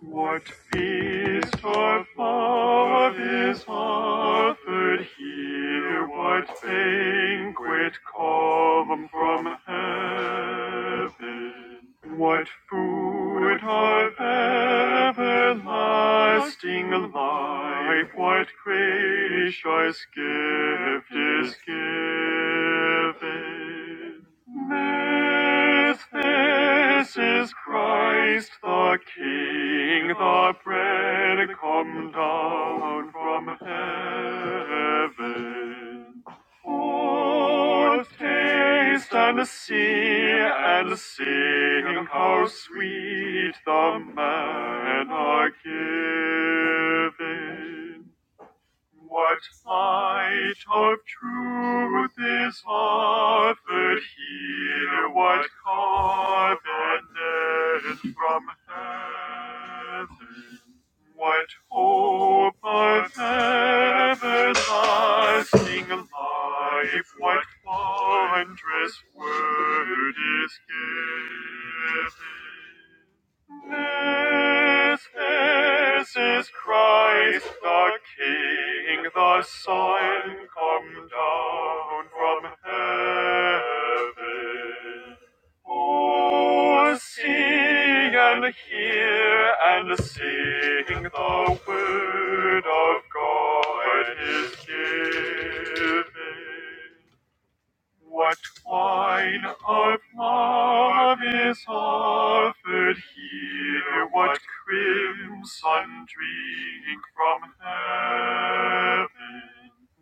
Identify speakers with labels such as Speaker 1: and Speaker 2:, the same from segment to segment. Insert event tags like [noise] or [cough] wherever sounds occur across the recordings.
Speaker 1: What feast or love is offered here? What banquet come from heaven? What food of everlasting life? What gracious gift is given? This, this is Christ the the King, the bread come down from heaven. Oh, taste and see and sing how sweet the manna giving. What light of truth is offered here? What covenant from heaven? What hope of everlasting life? What wondrous word is given? This, this is Christ the King, the Son, come down from heaven. Oh, see and hear and sing the word of God is given. What wine of love is offered here? What crimson drink from heaven?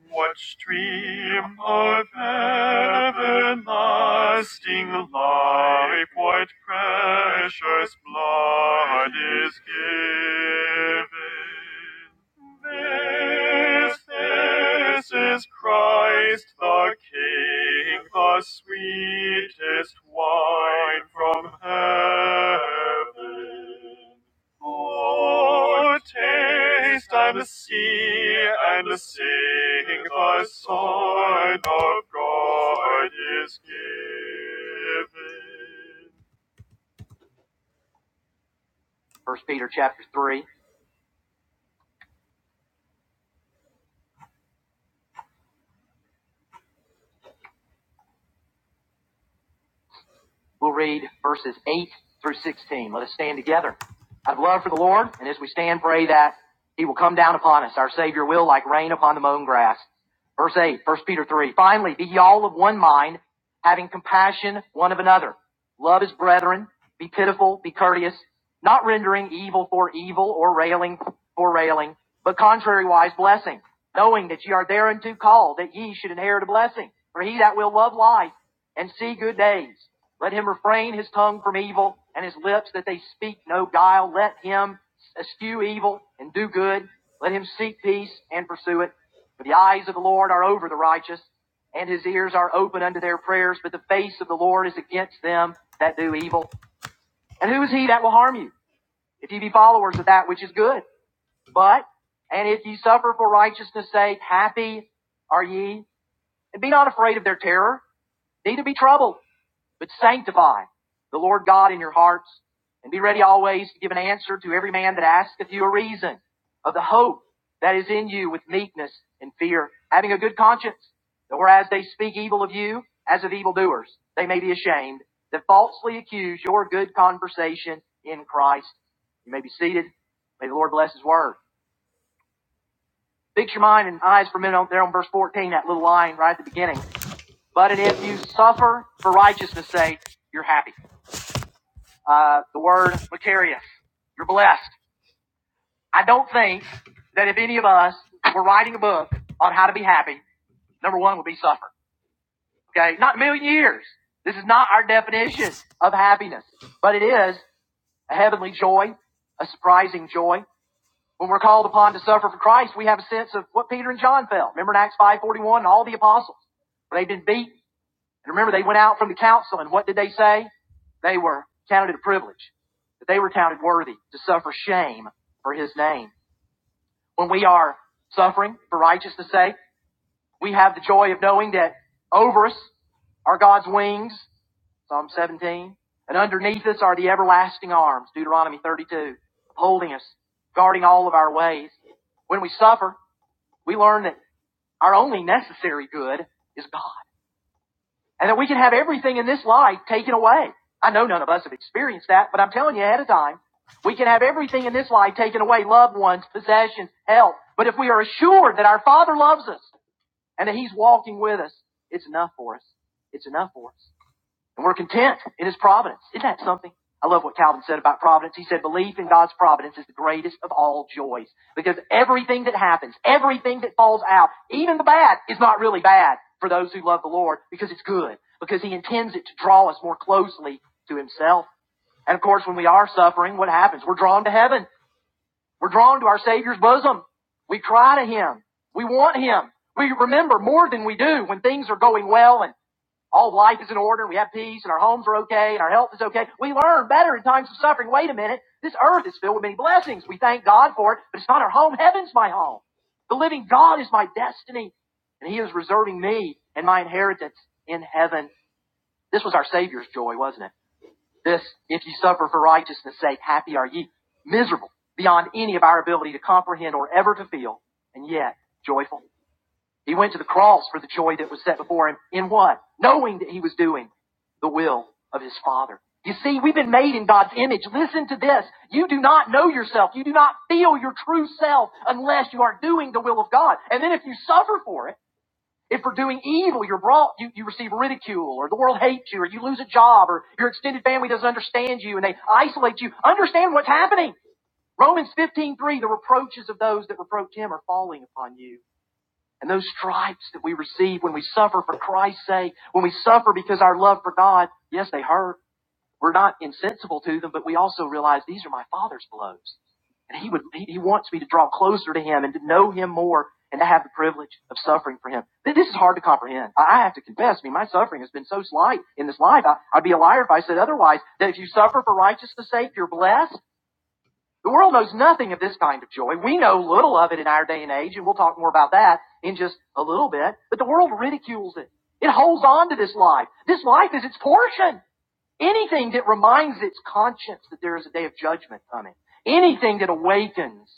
Speaker 1: What stream of everlasting life quite precious blood is given. This, this is Christ the King, the sweetest wine from heaven. Oh, taste and see and sing the Son of God is given. First Peter chapter three. We'll read verses 8 through 16. Let us stand together. Out of love for the Lord, and as we stand, pray that He will come down upon us. Our Savior will, like rain upon the mown grass. Verse 8, First Peter 3. Finally, be ye all of one mind, having compassion one of another. Love as brethren. Be pitiful, be courteous, not rendering evil for evil or railing for railing, but contrariwise blessing, knowing that ye are thereunto called, that ye should inherit a blessing. For he that will love life and see good days. Let him refrain his tongue from evil and his lips that they speak no guile. Let him eschew evil and do good. Let him seek peace and pursue it. For the eyes of the Lord are over the righteous and his ears are open unto their prayers, but the face of the Lord is against them that do evil. And who is he that will harm you if ye be followers of that which is good? But, and if ye suffer for righteousness sake, happy are ye, and be not afraid of their terror, neither be troubled but sanctify the Lord God in your hearts, and be ready always to give an answer to every man that asketh you a reason of the hope that is in you with meekness and fear, having a good conscience, that whereas they speak evil of you, as of evildoers, they may be ashamed, that falsely accuse your good conversation in Christ. You may be seated. May the Lord bless His word. Fix your mind and eyes for a minute there on verse 14, that little line right at the beginning. But if you suffer for righteousness' sake, you're happy. uh, the word vicarious. You're blessed. I don't think that if any of us were writing a book on how to be happy, number one would be suffer. Okay? Not a million years. This is not our definition of happiness, but it is a heavenly joy, a surprising joy. When we're called upon to suffer for Christ, we have a sense of what Peter and John felt. Remember in Acts 5.41 and all the apostles, where they've been beaten. And remember, they went out from the council, and what did they say? They were counted a privilege, that they were counted worthy to suffer shame for his name. When we are suffering for righteousness' sake, we have the joy of knowing that over us are God's wings, Psalm 17, and underneath us are the everlasting arms, Deuteronomy 32, holding us, guarding all of our ways. When we suffer, we learn that our only necessary good is God. And that we can have everything in this life taken away. I know none of us have experienced that, but I'm telling you ahead of time, we can have everything in this life taken away, loved ones, possessions, health. But if we are assured that our Father loves us and that He's walking with us, it's enough for us. It's enough for us. And we're content in his providence. Isn't that something? I love what Calvin said about providence. He said, belief in God's providence is the greatest of all joys because everything that happens, everything that falls out, even the bad is not really bad for those who love the Lord because it's good, because he intends it to draw us more closely to himself. And of course, when we are suffering, what happens? We're drawn to heaven. We're drawn to our Savior's bosom. We cry to him. We want him. We remember more than we do when things are going well and all life is in order. We have peace and our homes are okay and our health is okay. We learn better in times of suffering. Wait a minute. This earth is filled with many blessings. We thank God for it, but it's not our home. Heaven's my home. The living God is my destiny and he is reserving me and my inheritance in heaven. This was our Savior's joy, wasn't it? This, if ye suffer for righteousness sake, happy are ye. Miserable beyond any of our ability to comprehend or ever to feel, and yet joyful. He went to the cross for the joy that was set before him. In what? Knowing that he was doing the will of his Father. You see, we've been made in God's image. Listen to this. You do not know yourself. You do not feel your true self unless you are doing the will of God. And then if you suffer for it, if for doing evil you're brought, you, you receive ridicule or the world hates you or you lose a job or your extended family doesn't understand you and they isolate you, understand what's happening. Romans 15:3 the reproaches of those that reproach him are falling upon you. And those stripes that we receive when we suffer for Christ's sake, when we suffer because our love for God, yes, they hurt. We're not insensible to them, but we also realize these are my Father's blows. And he would, he, wants me to draw closer to him and to know him more and to have the privilege of suffering for him. This is hard to comprehend. I I have to confess, I mean, my suffering has been so slight in this life. I, I'd be a liar if I said otherwise, that if you suffer for righteousness sake, you're blessed. The world knows nothing of this kind of joy. We know little of it in our day and age, and we'll talk more about that in just a little bit. But the world ridicules it. It holds on to this life. This life is its portion. Anything that reminds its conscience that there is a day of judgment coming. Anything that awakens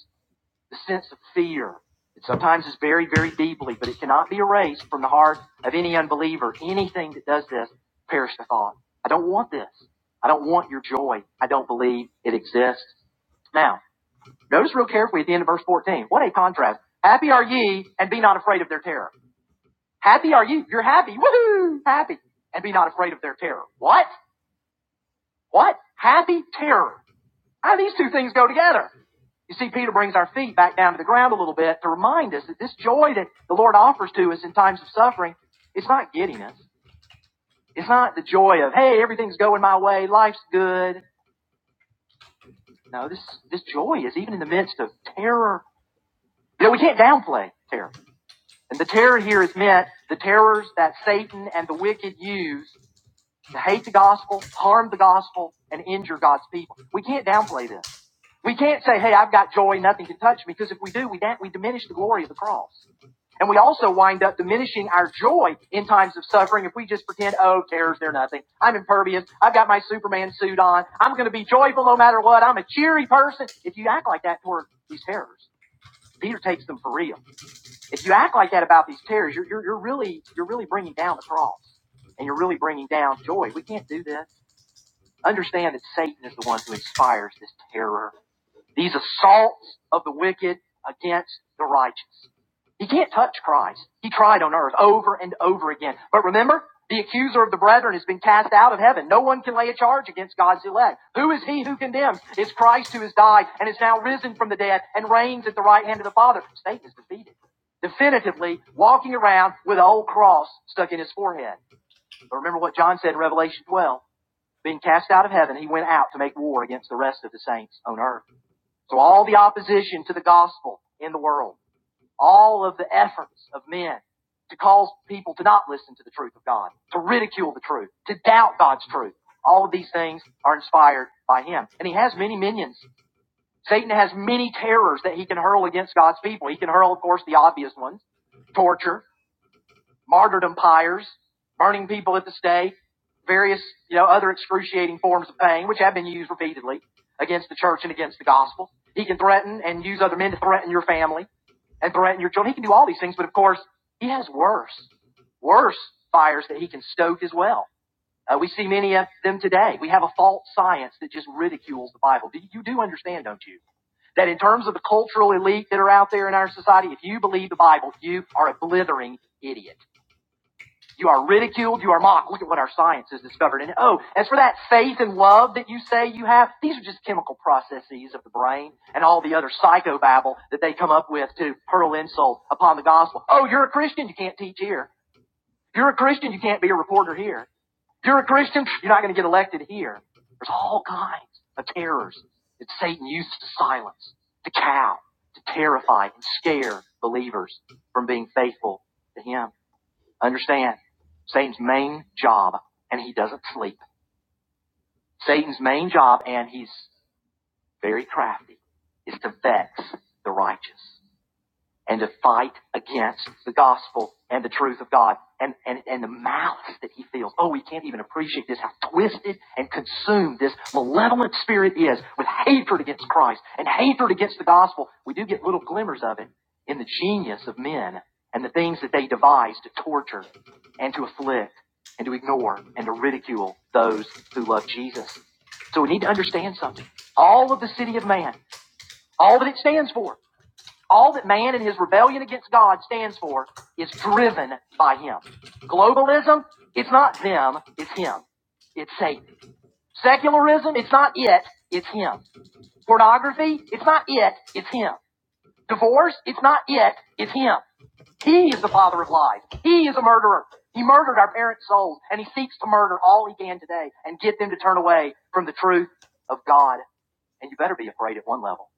Speaker 1: the sense of fear that sometimes is buried very deeply, but it cannot be erased from the heart of any unbeliever. Anything that does this, perish the thought. I don't want this. I don't want your joy. I don't believe it exists. Now, Notice real carefully at the end of verse 14. What a contrast. Happy are ye and be not afraid of their terror. Happy are ye. You're happy. Woohoo! Happy. And be not afraid of their terror. What? What? Happy terror. How do these two things go together? You see, Peter brings our feet back down to the ground a little bit to remind us that this joy that the Lord offers to us in times of suffering, it's not giddiness. It's not the joy of, hey, everything's going my way, life's good. No, this, this joy is even in the midst of terror. You know, we can't downplay terror. And the terror here is meant the terrors that Satan and the wicked use to hate the gospel, harm the gospel, and injure God's people. We can't downplay this. We can't say, hey, I've got joy, nothing can touch me, because if we do, we, da- we diminish the glory of the cross. And we also wind up diminishing our joy in times of suffering if we just pretend, oh, terrors they're nothing. I'm impervious. I've got my Superman suit on. I'm going to be joyful no matter what. I'm a cheery person. If you act like that toward these terrors, Peter takes them for real. If you act like that about these tears, you're, you're, you're really you're really bringing down the cross, and you're really bringing down joy. We can't do this. Understand that Satan is the one who inspires this terror, these assaults of the wicked against the righteous. He can't touch Christ. He tried on earth over and over again. But remember, the accuser of the brethren has been cast out of heaven. No one can lay a charge against God's elect. Who is he who condemns? It's Christ who has died and is now risen from the dead and reigns at the right hand of the Father. Satan is defeated. Definitively walking around with an old cross stuck in his forehead. But remember what John said in Revelation 12. Being cast out of heaven, he went out to make war against the rest of the saints on earth. So all the opposition to the gospel in the world all of the efforts of men to cause people to not listen to the truth of God, to ridicule the truth, to doubt God's truth. All of these things are inspired by him. And he has many minions. Satan has many terrors that he can hurl against God's people. He can hurl, of course, the obvious ones, torture, martyrdom pyres, burning people at the stake, various, you know, other excruciating forms of pain, which have been used repeatedly against the church and against the gospel. He can threaten and use other men to threaten your family and threaten your children. He can do all these things, but of course, he has worse, worse fires that he can stoke as well. Uh, we see many of them today. We have a false science that just ridicules the Bible. You do understand, don't you? that in terms of the cultural elite that are out there in our society, if you believe the Bible, you are a blithering idiot. You are ridiculed. You are mocked. Look at what our science has discovered. And oh, as for that faith and love that you say you have, these are just chemical processes of the brain and all the other psychobabble that they come up with to hurl insult upon the gospel. Oh, you're a Christian. You can't teach here. You're a Christian. You can't be a reporter here. You're a Christian. You're not going to get elected here. There's all kinds of terrors that Satan uses to silence, to cow, to terrify and scare believers from being faithful to him. Understand? Satan's main job, and he doesn't sleep. Satan's main job, and he's very crafty, is to vex the righteous and to fight against the gospel and the truth of God and, and, and the malice that he feels. Oh, we can't even appreciate this, how twisted and consumed this malevolent spirit is with hatred against Christ and hatred against the gospel. We do get little glimmers of it in the genius of men and the things that they devise to torture and to afflict and to ignore and to ridicule those who love Jesus. So we need to understand something. All of the city of man, all that it stands for, all that man in his rebellion against God stands for is driven by him. Globalism, it's not them, it's him. It's Satan. Secularism, it's not it, it's him. Pornography, it's not it, it's him. Divorce, it's not it, it's him. He is the father of lies. He is a murderer. He murdered our parents' souls, and he seeks to murder all he can today and get them to turn away from the truth of God. And you better be afraid at one level.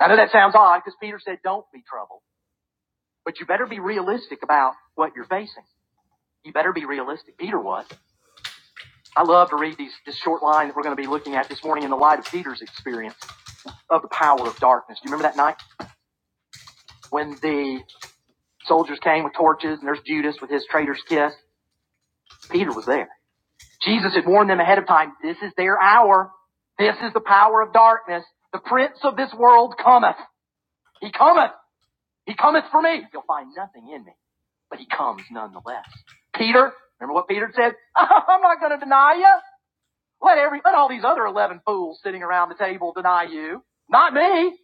Speaker 1: I know that sounds odd because Peter said, don't be troubled. But you better be realistic about what you're facing. You better be realistic. Peter was. I love to read these, this short line that we're going to be looking at this morning in the light of Peter's experience of the power of darkness. Do you remember that night when the soldiers came with torches and there's Judas with his traitor's kiss? Peter was there. Jesus had warned them ahead of time, this is their hour. This is the power of darkness. The prince of this world cometh. He cometh. He cometh for me. He'll find nothing in me, but he comes nonetheless. Peter, remember what Peter said? [laughs] I'm not going to deny you. Let every, let all these other 11 fools sitting around the table deny you. Not me.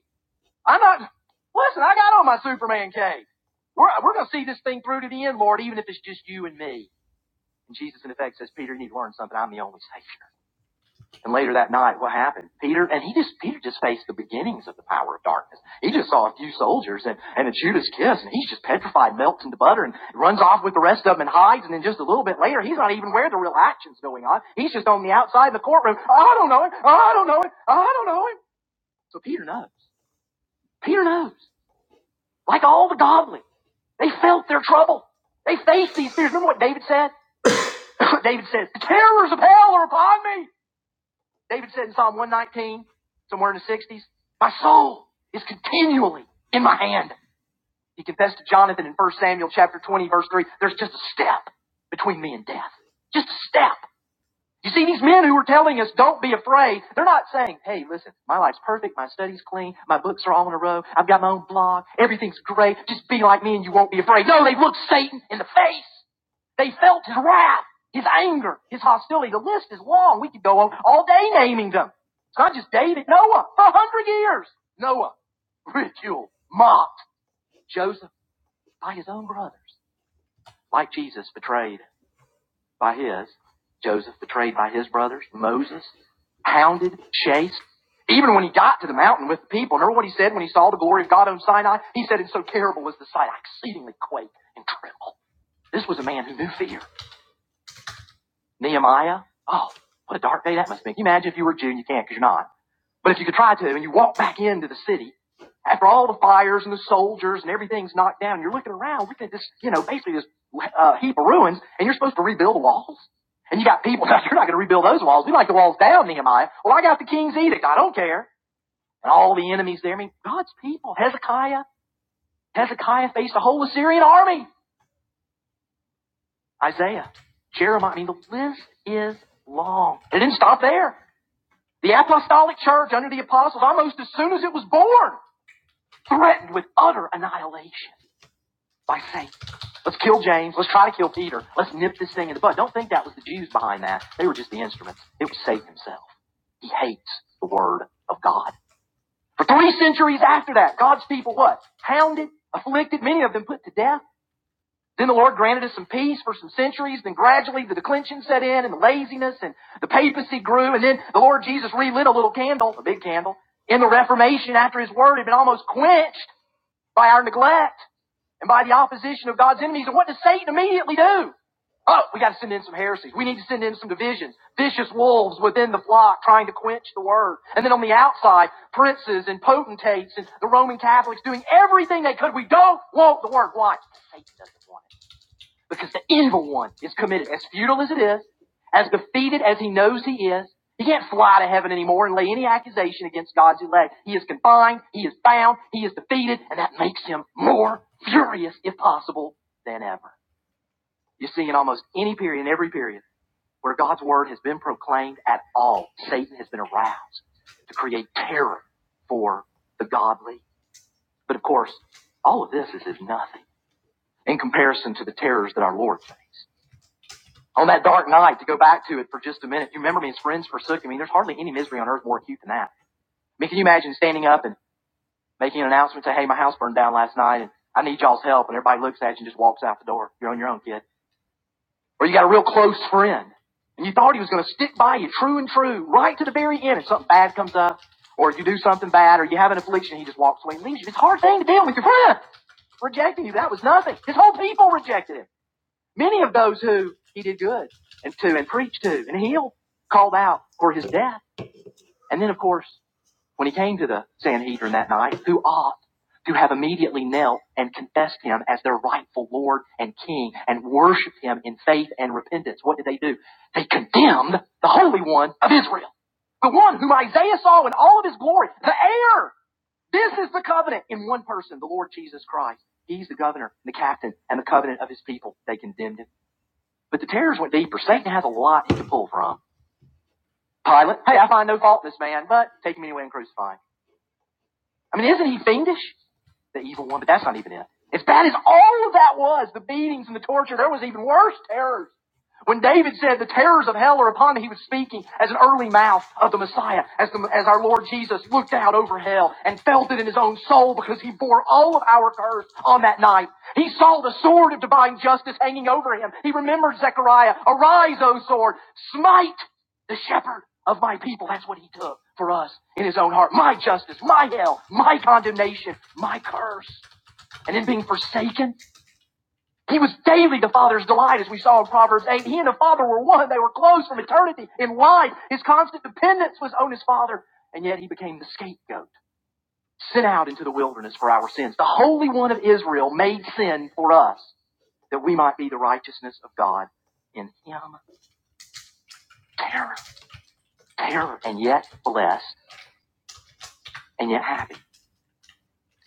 Speaker 1: I'm not, listen, I got on my Superman cape. We're, we're going to see this thing through to the end, Lord, even if it's just you and me. And Jesus, in effect, says, Peter, you need to learn something. I'm the only Savior. And later that night, what happened? Peter, and he just, Peter just faced the beginnings of the power of darkness. He just saw a few soldiers and, and a Judas kiss, and he's just petrified, melts into butter, and runs off with the rest of them and hides, and then just a little bit later, he's not even where the real action's going on. He's just on the outside of the courtroom. Oh, I don't know him. Oh, I don't know him. Oh, I don't know him. So Peter knows. Peter knows. Like all the godly, they felt their trouble. They faced these fears. Remember what David said? [laughs] David says, the terrors of hell are upon me. David said in Psalm 119, somewhere in the 60s, My soul is continually in my hand. He confessed to Jonathan in 1 Samuel chapter 20, verse 3, there's just a step between me and death. Just a step. You see, these men who were telling us, don't be afraid, they're not saying, hey, listen, my life's perfect, my study's clean, my books are all in a row, I've got my own blog, everything's great, just be like me and you won't be afraid. No, they looked Satan in the face. They felt his wrath, his anger, his hostility. The list is long. We could go on all day naming them. It's not just David. Noah, for a hundred years. Noah, ridiculed, mocked. Joseph, by his own brothers. Like Jesus, betrayed by his. Joseph, betrayed by his brothers. Moses, hounded, chased. Even when he got to the mountain with the people, remember what he said when he saw the glory of God on Sinai? He said, and so terrible was the sight, I exceedingly quake and tremble. This was a man who knew fear. Nehemiah. Oh, what a dark day that must be. Can you imagine if you were a Jew you can't because you're not? But if you could try to and you walk back into the city after all the fires and the soldiers and everything's knocked down, you're looking around, looking at this, you know, basically this uh, heap of ruins, and you're supposed to rebuild the walls. And you got people, [laughs] you're not going to rebuild those walls. We like the walls down, Nehemiah. Well, I got the king's edict. I don't care. And all the enemies there. I mean, God's people. Hezekiah. Hezekiah faced a whole Assyrian army. Isaiah. Jeremiah. I mean, the list is long. It didn't stop there. The apostolic church under the apostles, almost as soon as it was born, threatened with utter annihilation by Satan. Let's kill James. Let's try to kill Peter. Let's nip this thing in the bud. Don't think that was the Jews behind that. They were just the instruments. It was Satan himself. He hates the word of God. For three centuries after that, God's people what? Hounded, afflicted, many of them put to death then the Lord granted us some peace for some centuries. Then gradually the declension set in and the laziness and the papacy grew. And then the Lord Jesus relit a little candle, a big candle, in the Reformation after his word had been almost quenched by our neglect and by the opposition of God's enemies. And what does Satan immediately do? Oh, we got to send in some heresies. We need to send in some divisions. Vicious wolves within the flock trying to quench the word. And then on the outside, princes and potentates and the Roman Catholics doing everything they could. We don't want the word. Why? Satan doesn't want it. Because the evil one is committed, as futile as it is, as defeated as he knows he is. He can't fly to heaven anymore and lay any accusation against God's elect. He is confined, he is bound, he is defeated, and that makes him more furious, if possible, than ever. You see, in almost any period, in every period, where God's word has been proclaimed at all, Satan has been aroused to create terror for the godly. But of course, all of this is as nothing in comparison to the terrors that our Lord faced. on that dark night to go back to it for just a minute. You remember me, his friends forsook him. I mean, there's hardly any misery on earth more acute than that. I mean, can you imagine standing up and making an announcement, say, hey, my house burned down last night and I need y'all's help. And everybody looks at you and just walks out the door. You're on your own, kid. Or you got a real close friend and you thought he was going to stick by you true and true right to the very end and something bad comes up or you do something bad or you have an affliction, he just walks away and leaves you. It's a hard thing to deal with your friend rejecting you. That was nothing. His whole people rejected him. Many of those who he did good and to and preached to and healed called out for his death. And then, of course, when he came to the Sanhedrin that night, who ought to have immediately knelt and confessed him as their rightful Lord and King and worshiped him in faith and repentance? What did they do? They condemned the Holy One of Israel, the one whom Isaiah saw in all of his glory, the heir. This is the covenant in one person, the Lord Jesus Christ. He's the governor, the captain, and the covenant of his people. They condemned him. But the terrors went deeper. Satan has a lot he can pull from. Pilate, hey, I find no fault in this man, but take him anyway and crucify him. I mean, isn't he fiendish? The evil one, but that's not even it. As bad as all of that was, the beatings and the torture, there was even worse terrors. When David said the terrors of hell are upon me, he was speaking as an early mouth of the Messiah, as, the, as our Lord Jesus looked out over hell and felt it in his own soul because he bore all of our curse on that night. He saw the sword of divine justice hanging over him. He remembered Zechariah, arise, O sword, smite the shepherd of my people. That's what he took for us in his own heart. My justice, my hell, my condemnation, my curse. And in being forsaken, he was daily the Father's delight, as we saw in Proverbs 8. He and the Father were one. They were close from eternity in life. His constant dependence was on his Father. And yet he became the scapegoat, sent out into the wilderness for our sins. The Holy One of Israel made sin for us that we might be the righteousness of God in him. Terror, terror, and yet blessed, and yet happy.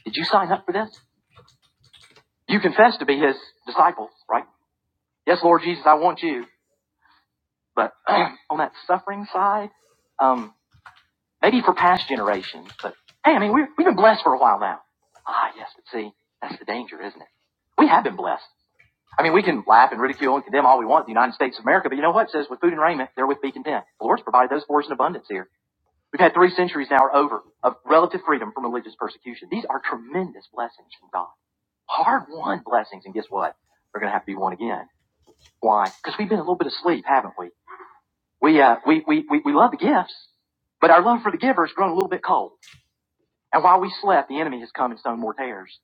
Speaker 1: Did you sign up for this? You confess to be his disciples, right? Yes, Lord Jesus, I want you. But [clears throat] on that suffering side, um. Maybe for past generations, but hey, I mean, we're, we've been blessed for a while now. Ah, yes, but see, that's the danger, isn't it? We have been blessed. I mean, we can laugh and ridicule and condemn all we want in the United States of America, but you know what? It says, with food and raiment, therewith be content. The Lord's provided those for us in abundance here. We've had three centuries now or over of relative freedom from religious persecution. These are tremendous blessings from God. Hard won blessings, and guess what? They're going to have to be won again. Why? Because we've been a little bit asleep, haven't we? We, uh, we, we, we, we love the gifts, but our love for the giver has grown a little bit cold. And while we slept, the enemy has come and sown more tares.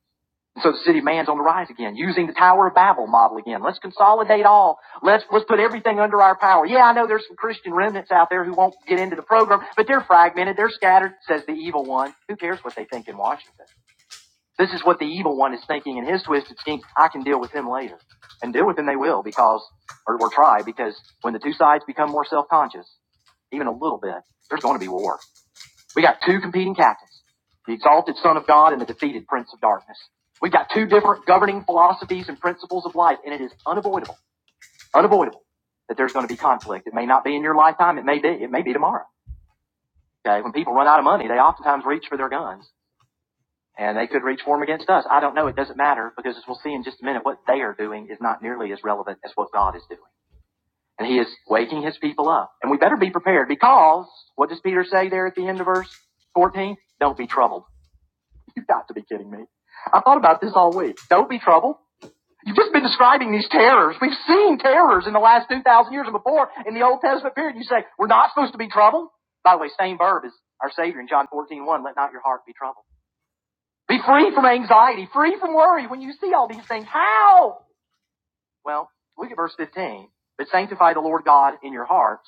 Speaker 1: And so the city of man's on the rise again, using the Tower of Babel model again. Let's consolidate all. Let's let's put everything under our power. Yeah, I know there's some Christian remnants out there who won't get into the program, but they're fragmented, they're scattered, says the evil one. Who cares what they think in Washington? This is what the evil one is thinking in his twisted scheme. I can deal with him later. And deal with him they will because or, or try, because when the two sides become more self conscious, even a little bit, there's going to be war. We got two competing captains, the exalted Son of God and the defeated Prince of Darkness. We've got two different governing philosophies and principles of life, and it is unavoidable, unavoidable that there's going to be conflict. It may not be in your lifetime. It may be. It may be tomorrow. Okay. When people run out of money, they oftentimes reach for their guns, and they could reach for them against us. I don't know. It doesn't matter because, as we'll see in just a minute, what they are doing is not nearly as relevant as what God is doing. And he is waking his people up. And we better be prepared because what does Peter say there at the end of verse 14? Don't be troubled. You've got to be kidding me. I thought about this all week. Don't be troubled. You've just been describing these terrors. We've seen terrors in the last 2,000 years and before in the Old Testament period. You say, we're not supposed to be troubled. By the way, same verb as our Savior in John fourteen one. let not your heart be troubled. Be free from anxiety, free from worry when you see all these things. How? Well, look at verse 15. But sanctify the Lord God in your hearts.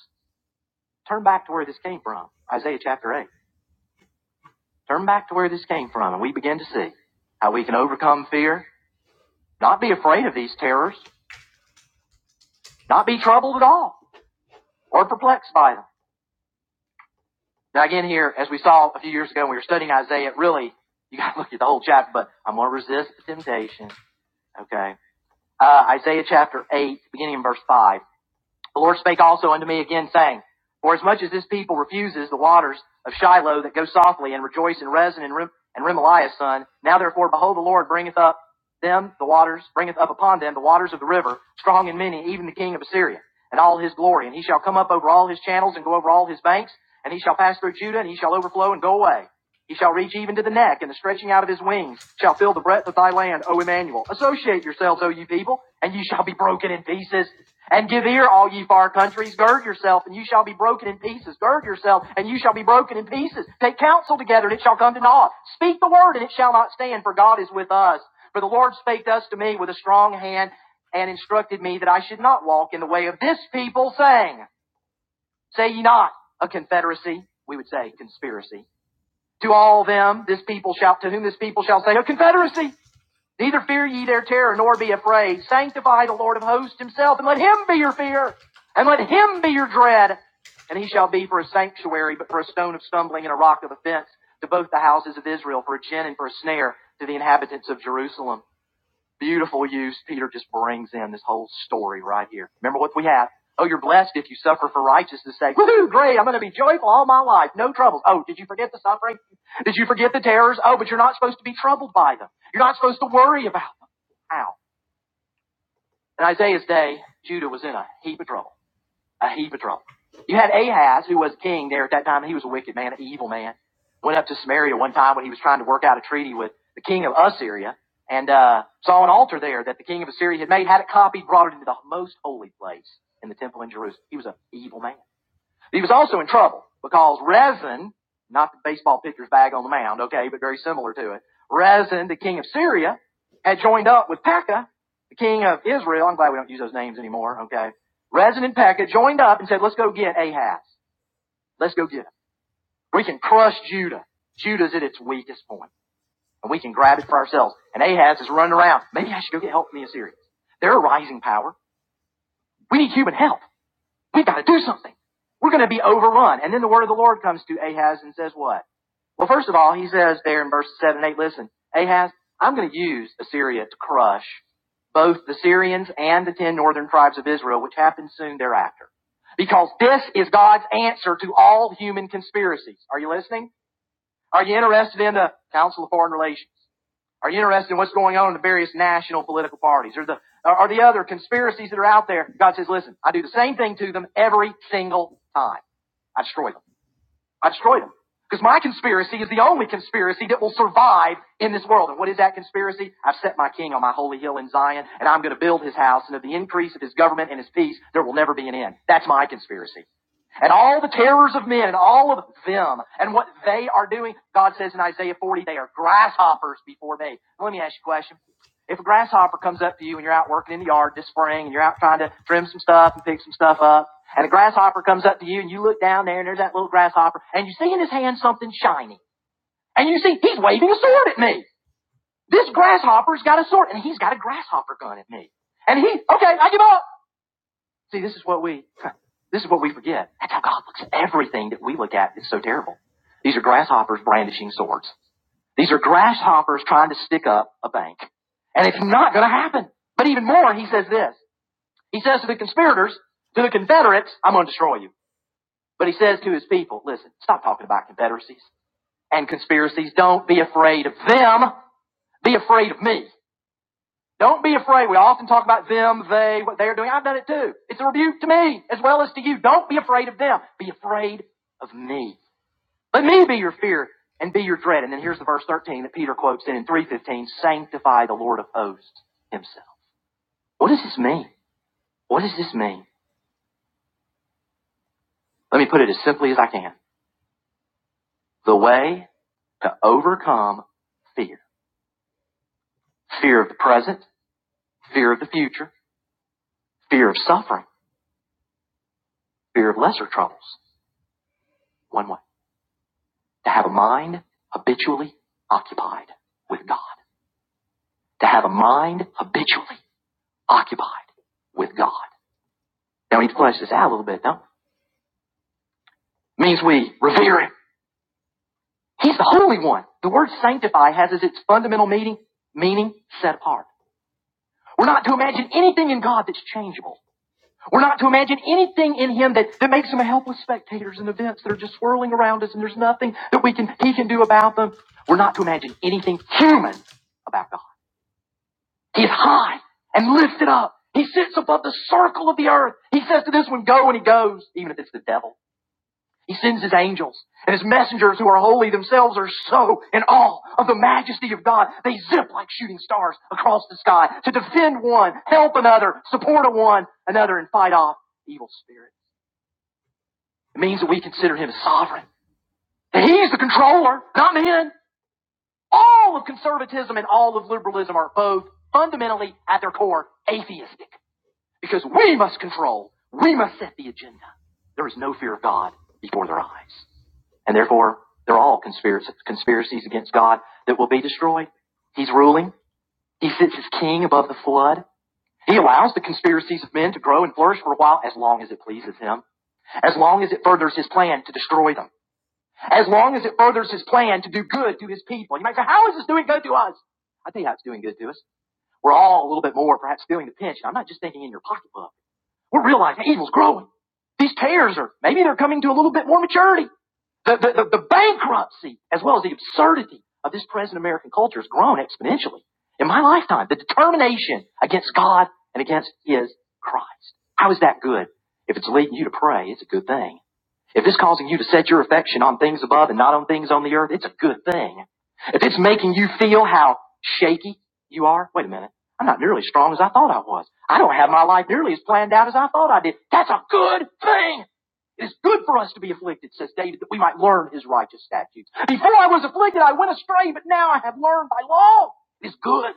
Speaker 1: Turn back to where this came from. Isaiah chapter 8. Turn back to where this came from and we begin to see how we can overcome fear Not be afraid of these terrors. Not be troubled at all or perplexed by them. Now again here, as we saw a few years ago when we were studying Isaiah, really, you gotta [laughs] look at the whole chapter, but I'm gonna resist the temptation. Okay. Uh, Isaiah chapter 8, beginning in verse 5. The Lord spake also unto me again, saying, Forasmuch as as this people refuses the waters of Shiloh that go softly, and rejoice in Rezin and, Rem- and Remaliah's son, now therefore, behold, the Lord bringeth up them the waters, bringeth up upon them the waters of the river, strong and many, even the king of Assyria, and all his glory. And he shall come up over all his channels, and go over all his banks, and he shall pass through Judah, and he shall overflow and go away. He shall reach even to the neck, and the stretching out of his wings shall fill the breadth of thy land, O Emmanuel. Associate yourselves, O ye people, and ye shall be broken in pieces. And give ear, all ye far countries. Gird yourself, and you shall be broken in pieces. Gird yourself, and you shall be broken in pieces. Take counsel together, and it shall come to naught. Speak the word, and it shall not stand, for God is with us. For the Lord spake thus to me with a strong hand, and instructed me that I should not walk in the way of this people, saying, Say ye not, a confederacy. We would say conspiracy to all them, this people shall, to whom this people shall say, a confederacy. Neither fear ye their terror, nor be afraid. Sanctify the Lord of hosts himself, and let him be your fear, and let him be your dread. And he shall be for a sanctuary, but for a stone of stumbling and a rock of offense to both the houses of Israel, for a gin and for a snare to the inhabitants of Jerusalem. Beautiful use. Peter just brings in this whole story right here. Remember what we have. Oh, you're blessed if you suffer for righteousness' sake. Woohoo, great. I'm going to be joyful all my life. No troubles. Oh, did you forget the suffering? Did you forget the terrors? Oh, but you're not supposed to be troubled by them. You're not supposed to worry about them. How? In Isaiah's day, Judah was in a heap of trouble a heap of trouble. You had Ahaz, who was king there at that time, he was a wicked man, an evil man. Went up to Samaria one time when he was trying to work out a treaty with the king of Assyria, and uh, saw an altar there that the king of Assyria had made, had it copied, brought it into the most holy place in the temple in Jerusalem. He was an evil man. He was also in trouble because resin, not the baseball pitcher's bag on the mound, okay, but very similar to it. Rezin, the king of Syria, had joined up with Pekah, the king of Israel. I'm glad we don't use those names anymore, okay. Rezin and Pekah joined up and said, let's go get Ahaz. Let's go get him. We can crush Judah. Judah's at its weakest point, and we can grab it for ourselves. And Ahaz is running around. Maybe I should go get help from the Assyrians. They're a rising power. We need human help. We've got to do something. We're going to be overrun. And then the word of the Lord comes to Ahaz and says what? Well, first of all, he says there in verses 7 and 8, listen, Ahaz, I'm going to use Assyria to crush both the Syrians and the ten northern tribes of Israel, which happened soon thereafter. Because this is God's answer to all human conspiracies. Are you listening? Are you interested in the Council of Foreign Relations? Are you interested in what's going on in the various national political parties or the, or the other conspiracies that are out there? God says, listen, I do the same thing to them every single time. I destroy them. I destroy them. Because my conspiracy is the only conspiracy that will survive in this world. And what is that conspiracy? I've set my king on my holy hill in Zion, and I'm going to build his house, and of the increase of his government and his peace, there will never be an end. That's my conspiracy and all the terrors of men and all of them and what they are doing. God says in Isaiah 40, they are grasshoppers before me. Let me ask you a question. If a grasshopper comes up to you and you're out working in the yard this spring and you're out trying to trim some stuff and pick some stuff up, and a grasshopper comes up to you and you look down there and there's that little grasshopper and you see in his hand something shiny and you see he's waving a sword at me. This grasshopper's got a sword and he's got a grasshopper gun at me. And he, okay, I give up. See, this is what we this is what we forget. That's how God looks. at Everything that we look at It's so terrible. These are grasshoppers brandishing swords. These are grasshoppers trying to stick up a bank. And it's not going to happen. But even more, he says this. He says to the conspirators, to the Confederates, I'm going to destroy you. But he says to his people, listen, stop talking about confederacies and conspiracies. Don't be afraid of them. Be afraid of me. Don't be afraid. We often talk about them, they, what they're doing. I've done it too. It's a rebuke to me as well as to you. Don't be afraid of them. Be afraid of me. Let me be your fear and be your dread. And then here's the verse 13 that Peter quotes in, in 315, sanctify the Lord of hosts himself. What does this mean? What does this mean? Let me put it as simply as I can. The way to overcome fear. Fear of the present, fear of the future, fear of suffering, fear of lesser troubles. One way. to have a mind habitually occupied with God. To have a mind habitually occupied with God. Now we need to flesh this out a little bit, no? It Means we revere Him. He's the Holy One. The word sanctify has as its fundamental meaning, meaning set apart. We're not to imagine anything in God that's changeable. We're not to imagine anything in Him that, that makes Him a helpless spectator in events that are just swirling around us and there's nothing that we can, He can do about them. We're not to imagine anything human about God. He's high and lifted up. He sits above the circle of the earth. He says to this one, go, and he goes, even if it's the devil. He sends his angels, and his messengers who are holy themselves are so in awe of the majesty of God, they zip like shooting stars across the sky to defend one, help another, support a one another, and fight off evil spirits. It means that we consider him as sovereign. That he's the controller, not men. All of conservatism and all of liberalism are both fundamentally at their core atheistic. Because we must control. We must set the agenda. There is no fear of God before their eyes. And therefore, they're all conspirac- conspiracies against God that will be destroyed. He's ruling. He sits as king above the flood. He allows the conspiracies of men to grow and flourish for a while as long as it pleases him, as long as it furthers his plan to destroy them, as long as it furthers his plan to do good to his people. You might say, how is this doing good to us? I tell you how it's doing good to us. We're all a little bit more perhaps feeling the pinch. I'm not just thinking in your pocketbook. We're realizing evil's growing. These tares are, maybe they're coming to a little bit more maturity. The, the, the, the bankruptcy, as well as the absurdity of this present American culture, has grown exponentially in my lifetime. The determination against God and against His Christ. How is that good? If it's leading you to pray, it's a good thing. If it's causing you to set your affection on things above and not on things on the earth, it's a good thing. If it's making you feel how shaky you are, wait a minute, I'm not nearly as strong as I thought I was. I don't have my life nearly as planned out as I thought I did. That's a good thing. It is good for us to be afflicted, says David, that we might learn his righteous statutes. Before I was afflicted, I went astray, but now I have learned thy law. It is good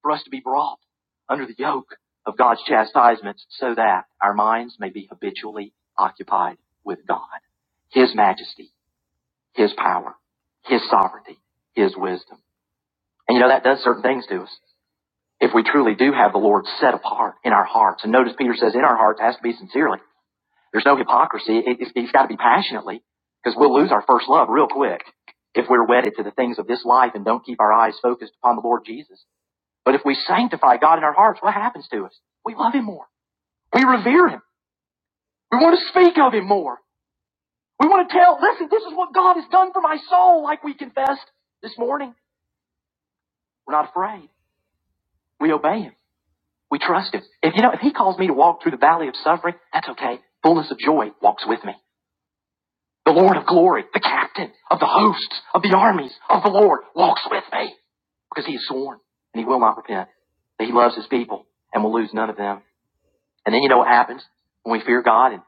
Speaker 1: for us to be brought under the yoke of God's chastisements so that our minds may be habitually occupied with God, his majesty, his power, his sovereignty, his wisdom. And you know, that does certain things to us. If we truly do have the Lord set apart in our hearts, and notice Peter says in our hearts has to be sincerely. There's no hypocrisy. It, it's, it's got to be passionately because we'll lose our first love real quick if we're wedded to the things of this life and don't keep our eyes focused upon the Lord Jesus. But if we sanctify God in our hearts, what happens to us? We love Him more. We revere Him. We want to speak of Him more. We want to tell, listen, this is what God has done for my soul, like we confessed this morning. We're not afraid. We obey Him. We trust Him. If you know, if He calls me to walk through the valley of suffering, that's okay. Fullness of joy walks with me. The Lord of glory, the captain of the hosts of the armies of the Lord walks with me because he has sworn and he will not repent. he loves his people and will lose none of them. And then you know what happens when we fear God and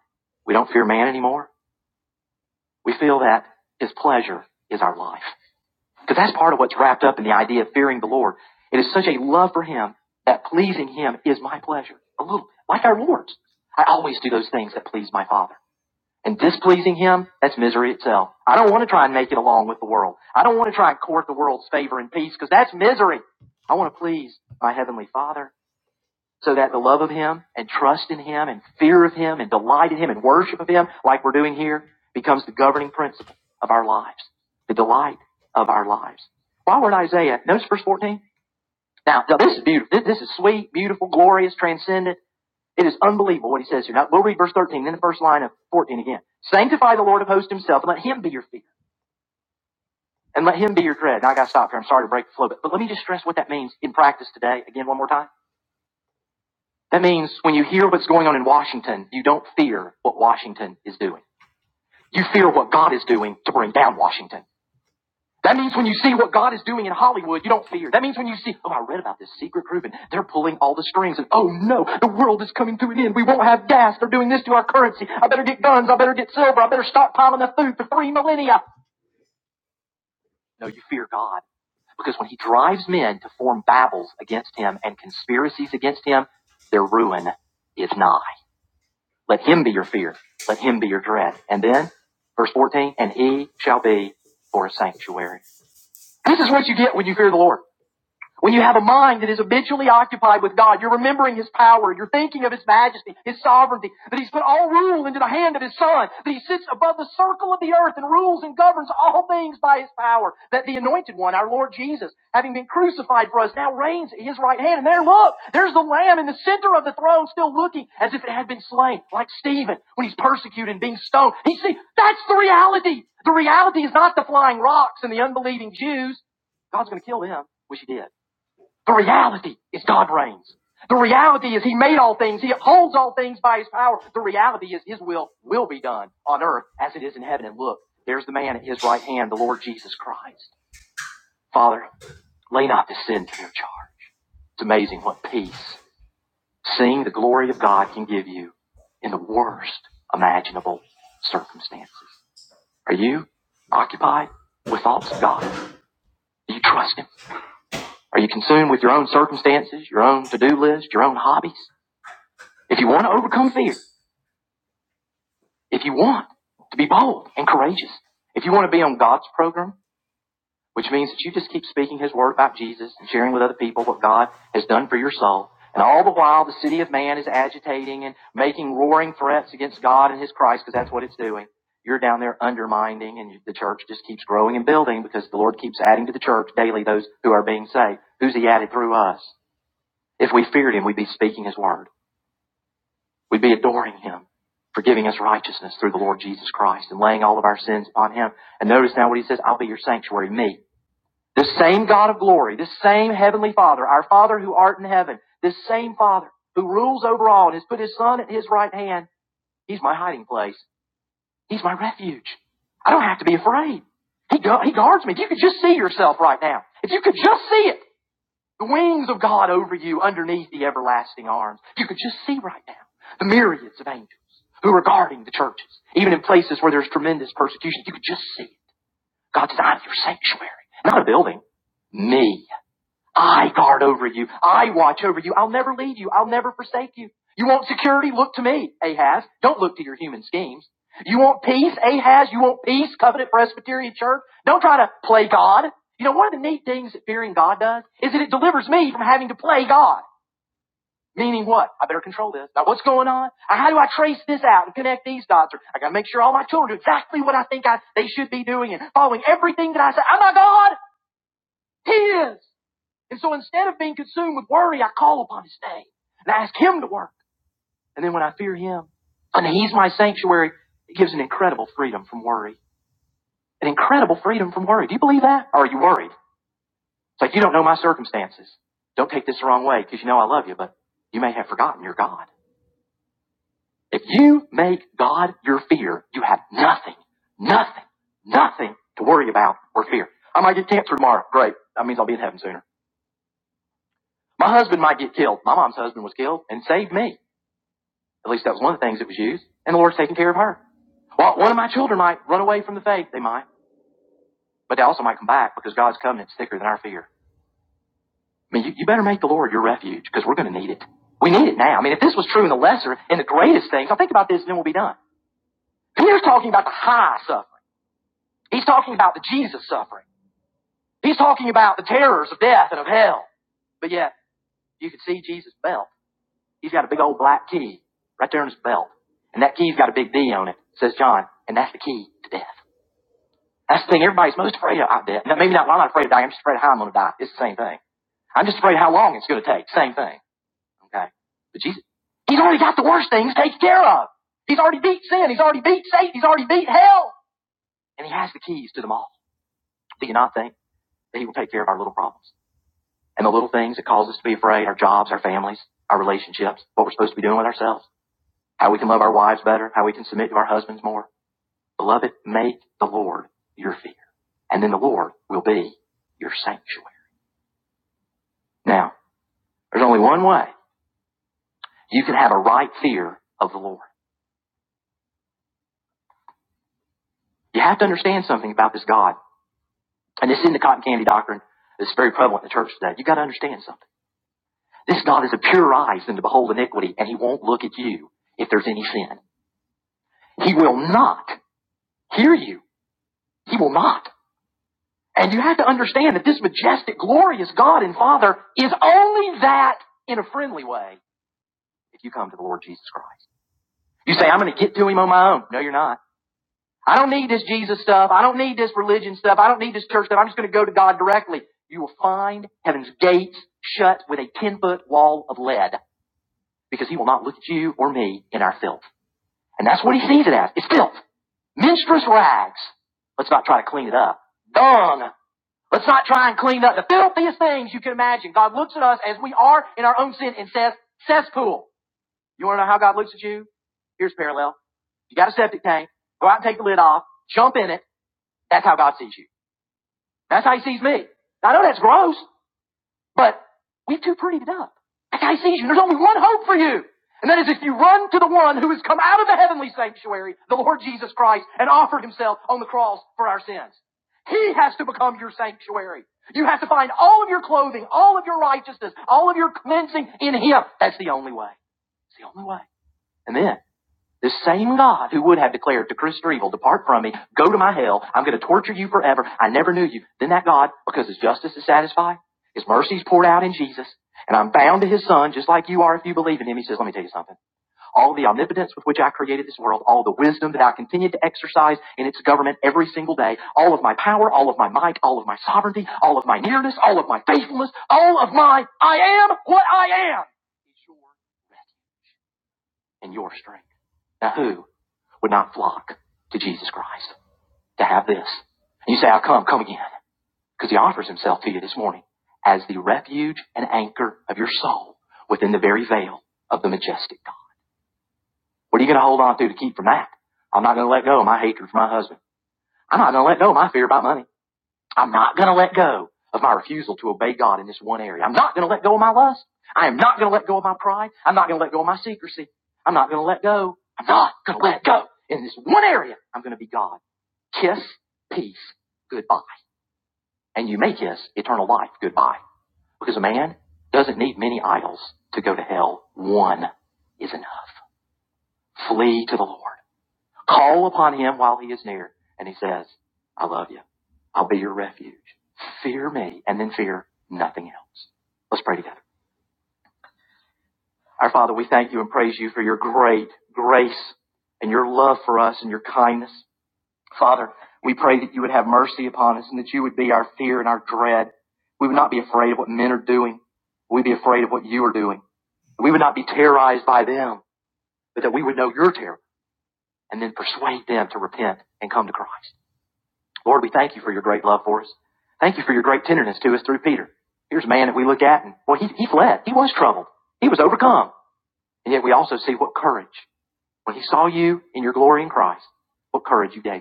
Speaker 1: we don't fear man anymore? We feel that his pleasure is our life. Because that's part of what's wrapped up in the idea of fearing the Lord. It is such a love for him that pleasing him is my pleasure. A little, bit like our Lord's. I always do those things that please my Father and displeasing him, that's misery itself. I don't want to try and make it along with the world. I don't want to try and court the world's favor and peace because that's misery. I want to please my heavenly father so that the love of him and trust in him and fear of him and delight in him and worship of him like we're doing here becomes the governing principle of our lives, the delight of our lives. While we're in Isaiah, notice verse 14. Now, this is beautiful. this is sweet, beautiful, glorious, transcendent. It is unbelievable what he says here. Now, we'll read verse 13, then the first line of 14 again. Sanctify the Lord of hosts himself, and let him be your fear, and let him be your dread. Now, I gotta stop here. I'm sorry to break the flow, but, but let me just stress what that means in practice today, again, one more time. That means when you hear what's going on in Washington, you don't fear what Washington is doing. You fear what God is doing to bring down Washington. That means when you see what God is doing in Hollywood, you don't fear. That means when you see, oh, I read about this secret group and they're pulling all the strings and oh no, the world is coming to an end. We won't have gas. They're doing this to our currency. I better get guns. I better get silver. I better stockpile enough food for three millennia. No, you fear God because when he drives men to form babbles against him and conspiracies against him, their ruin is nigh. Let him be your fear. Let him be your dread. And then verse 14, and he shall be for a sanctuary. This is what you get when you fear the Lord. When you have a mind that is habitually occupied with God, you're remembering His power, you're thinking of His majesty, His sovereignty, that He's put all rule into the hand of His Son, that He sits above the circle of the earth and rules and governs all things by His power, that the Anointed One, our Lord Jesus, having been crucified for us, now reigns at His right hand. And there, look, there's the Lamb in the center of the throne, still looking as if it had been slain, like Stephen when he's persecuted and being stoned. He see, that's the reality. The reality is not the flying rocks and the unbelieving Jews. God's going to kill them, which He did. The reality is God reigns. The reality is He made all things. He upholds all things by His power. The reality is His will will be done on earth as it is in heaven. And look, there's the man at His right hand, the Lord Jesus Christ. Father, lay not this sin to their charge. It's amazing what peace seeing the glory of God can give you in the worst imaginable circumstances. Are you occupied with thoughts of God? Do you trust Him? Are you consumed with your own circumstances, your own to-do list, your own hobbies? If you want to overcome fear, if you want to be bold and courageous, if you want to be on God's program, which means that you just keep speaking His word about Jesus and sharing with other people what God has done for your soul, and all the while the city of man is agitating and making roaring threats against God and His Christ because that's what it's doing. You're down there undermining, and you, the church just keeps growing and building because the Lord keeps adding to the church daily those who are being saved. Who's He added through us? If we feared Him, we'd be speaking His word. We'd be adoring him for giving us righteousness through the Lord Jesus Christ and laying all of our sins upon him. And notice now what he says, I'll be your sanctuary, me. This same God of glory, this same heavenly Father, our Father who art in heaven, this same Father who rules over all and has put his Son at his right hand, he's my hiding place. He's my refuge. I don't have to be afraid. He, gu- he guards me. If you could just see yourself right now, if you could just see it, the wings of God over you underneath the everlasting arms. You can just see right now the myriads of angels who are guarding the churches, even in places where there's tremendous persecution. You can just see it. God's not your sanctuary, not a building. Me. I guard over you. I watch over you. I'll never leave you. I'll never forsake you. You want security? Look to me, Ahaz. Don't look to your human schemes. You want peace, Ahaz? You want peace, Covenant Presbyterian Church? Don't try to play God. You know, one of the neat things that fearing God does is that it delivers me from having to play God. Meaning what? I better control this. Now what's going on? Uh, How do I trace this out and connect these dots? Or I gotta make sure all my children do exactly what I think I, they should be doing and following everything that I say. I'm not God! He is! And so instead of being consumed with worry, I call upon his name and I ask him to work. And then when I fear him and he's my sanctuary, it gives an incredible freedom from worry. An incredible freedom from worry. Do you believe that? Or are you worried? It's like you don't know my circumstances. Don't take this the wrong way because you know I love you, but you may have forgotten your God. If you make God your fear, you have nothing, nothing, nothing to worry about or fear. I might get cancer tomorrow. Great. That means I'll be in heaven sooner. My husband might get killed. My mom's husband was killed and saved me. At least that was one of the things that was used. And the Lord's taking care of her. Well, one of my children might run away from the faith. They might. But they also might come back because God's covenant's thicker than our fear. I mean, you, you better make the Lord your refuge because we're going to need it. We need it now. I mean, if this was true in the lesser and the greatest things, I'll think about this and then we'll be done. Peter's talking about the high suffering. He's talking about the Jesus suffering. He's talking about the terrors of death and of hell. But yet, you can see Jesus' belt. He's got a big old black key right there in his belt. And that key's got a big D on it, says John. And that's the key to death. That's the thing everybody's most afraid of, I bet. Now, maybe not, well, I'm not afraid of dying. I'm just afraid of how I'm going to die. It's the same thing. I'm just afraid of how long it's going to take. Same thing. Okay. But Jesus, He's already got the worst things taken care of. He's already beat sin. He's already beat Satan. He's already beat hell. And He has the keys to them all. Do you not think that He will take care of our little problems? And the little things that cause us to be afraid, our jobs, our families, our relationships, what we're supposed to be doing with ourselves, how we can love our wives better, how we can submit to our husbands more. Beloved, make the Lord your fear. And then the Lord will be your sanctuary. Now, there's only one way you can have a right fear of the Lord. You have to understand something about this God. And this isn't the cotton candy doctrine that's very prevalent in the church today. You've got to understand something. This God is a purer eyes than to behold iniquity, and he won't look at you if there's any sin. He will not hear you. He will not. And you have to understand that this majestic, glorious God and Father is only that in a friendly way if you come to the Lord Jesus Christ. You say, I'm going to get to him on my own. No, you're not. I don't need this Jesus stuff. I don't need this religion stuff. I don't need this church stuff. I'm just going to go to God directly. You will find heaven's gates shut with a 10 foot wall of lead because he will not look at you or me in our filth. And that's what he sees it as. It's filth. Menstruous rags. Let's not try to clean it up. Dung. Let's not try and clean up the filthiest things you can imagine. God looks at us as we are in our own sin and says, cesspool. You want to know how God looks at you? Here's parallel. You got a septic tank. Go out and take the lid off. Jump in it that's how God sees you. That's how He sees me. I know that's gross, but we've too prettied it up. That's how He sees you. There's only one hope for you. And that is if you run to the one who has come out of the heavenly sanctuary, the Lord Jesus Christ, and offered Himself on the cross for our sins. He has to become your sanctuary. You have to find all of your clothing, all of your righteousness, all of your cleansing in Him. That's the only way. It's the only way. And then the same God who would have declared to Christopher Evil, depart from me, go to my hell, I'm going to torture you forever, I never knew you. Then that God, because his justice is satisfied, his mercy is poured out in Jesus, and I'm bound to his son, just like you are if you believe in him, he says, let me tell you something. All the omnipotence with which I created this world, all the wisdom that I continue to exercise in its government every single day, all of my power, all of my might, all of my sovereignty, all of my nearness, all of my faithfulness, all of my I am what I am is your rest and your strength. Now who would not flock to Jesus Christ to have this. You say, I'll come, come again. Because he offers himself to you this morning as the refuge and anchor of your soul within the very veil of the majestic God. What are you going to hold on to to keep from that? I'm not going to let go of my hatred for my husband. I'm not going to let go of my fear about money. I'm not going to let go of my refusal to obey God in this one area. I'm not going to let go of my lust. I am not going to let go of my pride. I'm not going to let go of my secrecy. I'm not going to let go. I'm not going to let go. In this one area, I'm going to be God Kiss peace goodbye. And you may kiss eternal life goodbye. Because a man doesn't need many idols to go to hell. One is enough. Flee to the Lord. Call upon him while he is near. And he says, I love you. I'll be your refuge. Fear me and then fear nothing else. Let's pray together. Our Father, we thank you and praise you for your great grace and your love for us and your kindness. Father, we pray that you would have mercy upon us and that you would be our fear and our dread. We would not be afraid of what men are doing. We'd be afraid of what you are doing. We would not be terrorized by them, but that we would know your terror and then persuade them to repent and come to Christ. Lord, we thank you for your great love for us. Thank you for your great tenderness to us through Peter. Here's a man that we look at and, well, he, he fled. He was troubled. He was overcome. And yet we also see what courage. When he saw you in your glory in Christ, what courage you gave.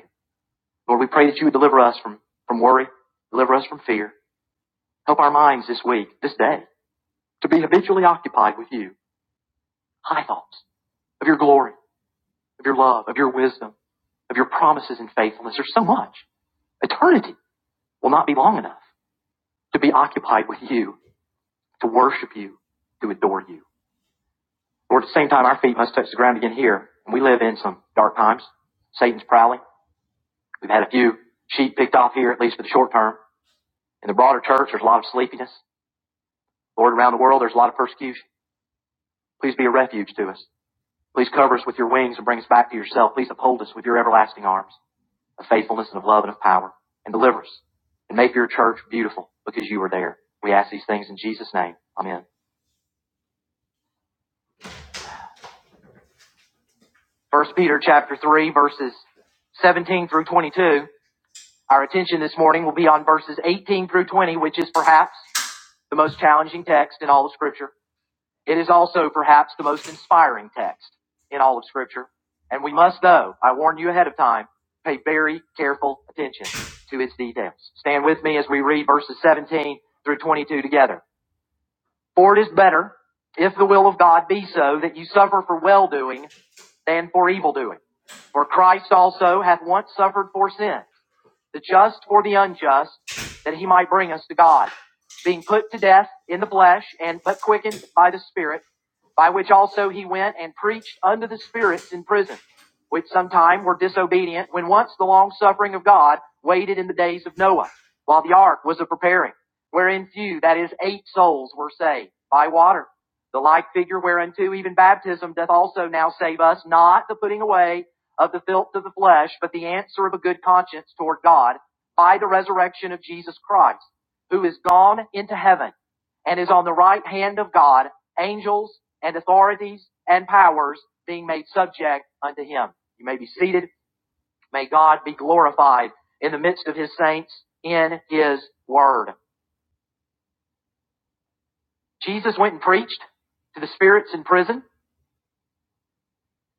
Speaker 1: Lord, we pray that you would deliver us from, from worry, deliver us from fear. Help our minds this week, this day, to be habitually occupied with you. High thoughts of your glory, of your love, of your wisdom, of your promises and faithfulness. There's so much. Eternity will not be long enough to be occupied with you, to worship you, to adore you. Lord, at the same time, our feet must touch the ground again here. And we live in some dark times. Satan's prowling. We've had a few sheep picked off here, at least for the short term. In the broader church, there's a lot of sleepiness. Lord, around the world there's a lot of persecution. Please be a refuge to us. Please cover us with your wings and bring us back to yourself. Please uphold us with your everlasting arms of faithfulness and of love and of power and deliver us and make your church beautiful because you were there. We ask these things in Jesus' name. Amen. First Peter chapter three, verses 17 through 22. Our attention this morning will be on verses 18 through 20, which is perhaps the most challenging text in all of scripture. It is also perhaps the most inspiring text in all of Scripture. And we must, though, I warn you ahead of time, pay very careful attention to its details. Stand with me as we read verses 17 through 22 together. For it is better, if the will of God be so, that you suffer for well doing than for evil doing. For Christ also hath once suffered for sin the just for the unjust, that he might bring us to God, being put to death in the flesh and but quickened by the Spirit, by which also he went and preached unto the spirits in prison, which sometime were disobedient when once the long suffering of God waited in the days of Noah, while the ark was a preparing, wherein few, that is eight souls were saved by water. The like figure whereunto even baptism doth also now save us, not the putting away of the filth of the flesh, but the answer of a good conscience toward God by the resurrection of Jesus Christ, who is gone into heaven and is on the right hand of God, angels and authorities and powers being made subject unto him. You may be seated. May God be glorified in the midst of his saints in his word. Jesus went and preached to the spirits in prison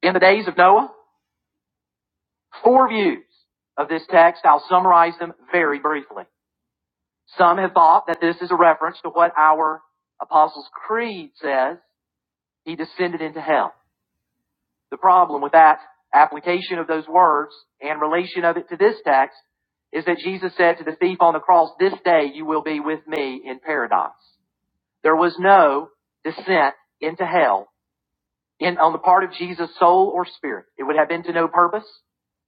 Speaker 1: in the days of Noah. Four views of this text. I'll summarize them very briefly. Some have thought that this is a reference to what our Apostles' Creed says, he descended into hell. The problem with that application of those words and relation of it to this text is that Jesus said to the thief on the cross, this day you will be with me in paradise. There was no descent into hell in, on the part of Jesus' soul or spirit. It would have been to no purpose.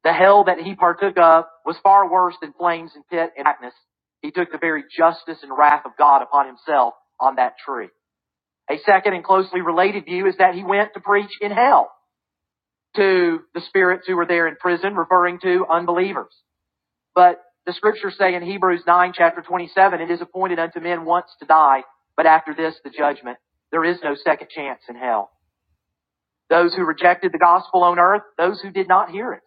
Speaker 1: The hell that he partook of was far worse than flames and pit and darkness. He took the very justice and wrath of God upon himself on that tree. A second and closely related view is that he went to preach in hell to the spirits who were there in prison, referring to unbelievers. But the scriptures say in Hebrews 9 chapter 27, it is appointed unto men once to die, but after this the judgment. There is no second chance in hell. Those who rejected the gospel on earth, those who did not hear it,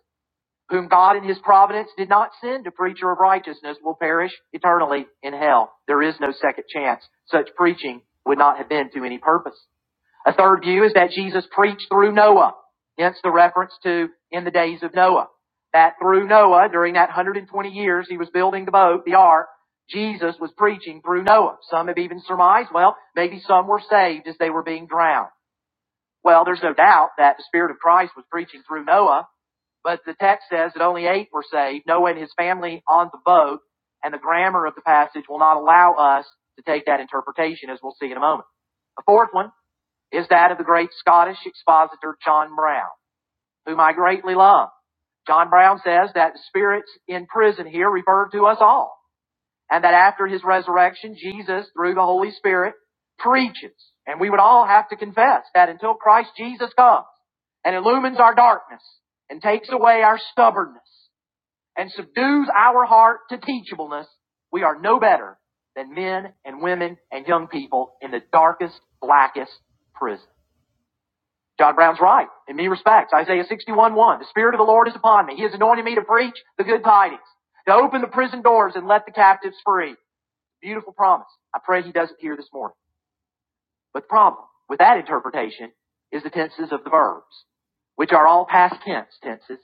Speaker 1: whom God in his providence did not send a preacher of righteousness will perish eternally in hell. There is no second chance. Such preaching would not have been to any purpose. A third view is that Jesus preached through Noah, hence the reference to in the days of Noah. That through Noah, during that 120 years he was building the boat, the ark, Jesus was preaching through Noah. Some have even surmised, well, maybe some were saved as they were being drowned. Well, there's no doubt that the Spirit of Christ was preaching through Noah, but the text says that only eight were saved, Noah and his family on the boat, and the grammar of the passage will not allow us to take that interpretation, as we'll see in a moment. The fourth one is that of the great Scottish expositor John Brown, whom I greatly love. John Brown says that the spirits in prison here refer to us all and that after his resurrection, Jesus, through the Holy Spirit, preaches. And we would all have to confess that until Christ Jesus comes and illumines our darkness and takes away our stubbornness and subdues our heart to teachableness, we are no better than men and women and young people in the darkest, blackest prison. John Brown's right in many respects. Isaiah 61, 1. The Spirit of the Lord is upon me. He has anointed me to preach the good tidings, to open the prison doors and let the captives free, Beautiful promise. I pray he does it here this morning. But the problem with that interpretation is the tenses of the verbs, which are all past tense tenses.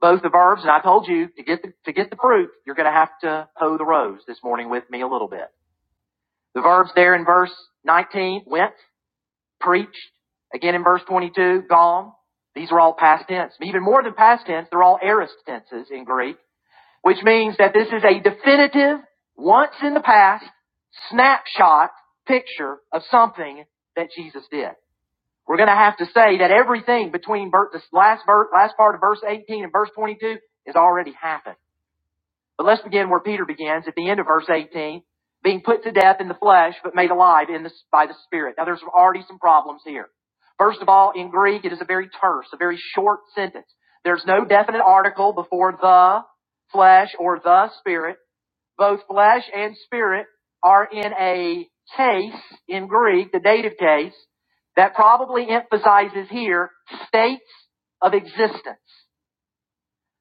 Speaker 1: Both the verbs, and I told you to get the, to get the fruit, you're going to have to hoe the rows this morning with me a little bit. The verbs there in verse 19, went, preached. Again in verse 22, gone. These are all past tense. Even more than past tense, they're all aorist tenses in Greek which means that this is a definitive, once in the past, snapshot picture of something that Jesus did. We're going to have to say that everything between ver- this last verse, last part of verse 18 and verse 22 has already happened. But let's begin where Peter begins at the end of verse 18, being put to death in the flesh, but made alive in the, by the Spirit. Now there's already some problems here. First of all, in Greek, it is a very terse, a very short sentence. There's no definite article before the flesh or the spirit. Both flesh and spirit are in a case in Greek, the dative case, that probably emphasizes here states of existence.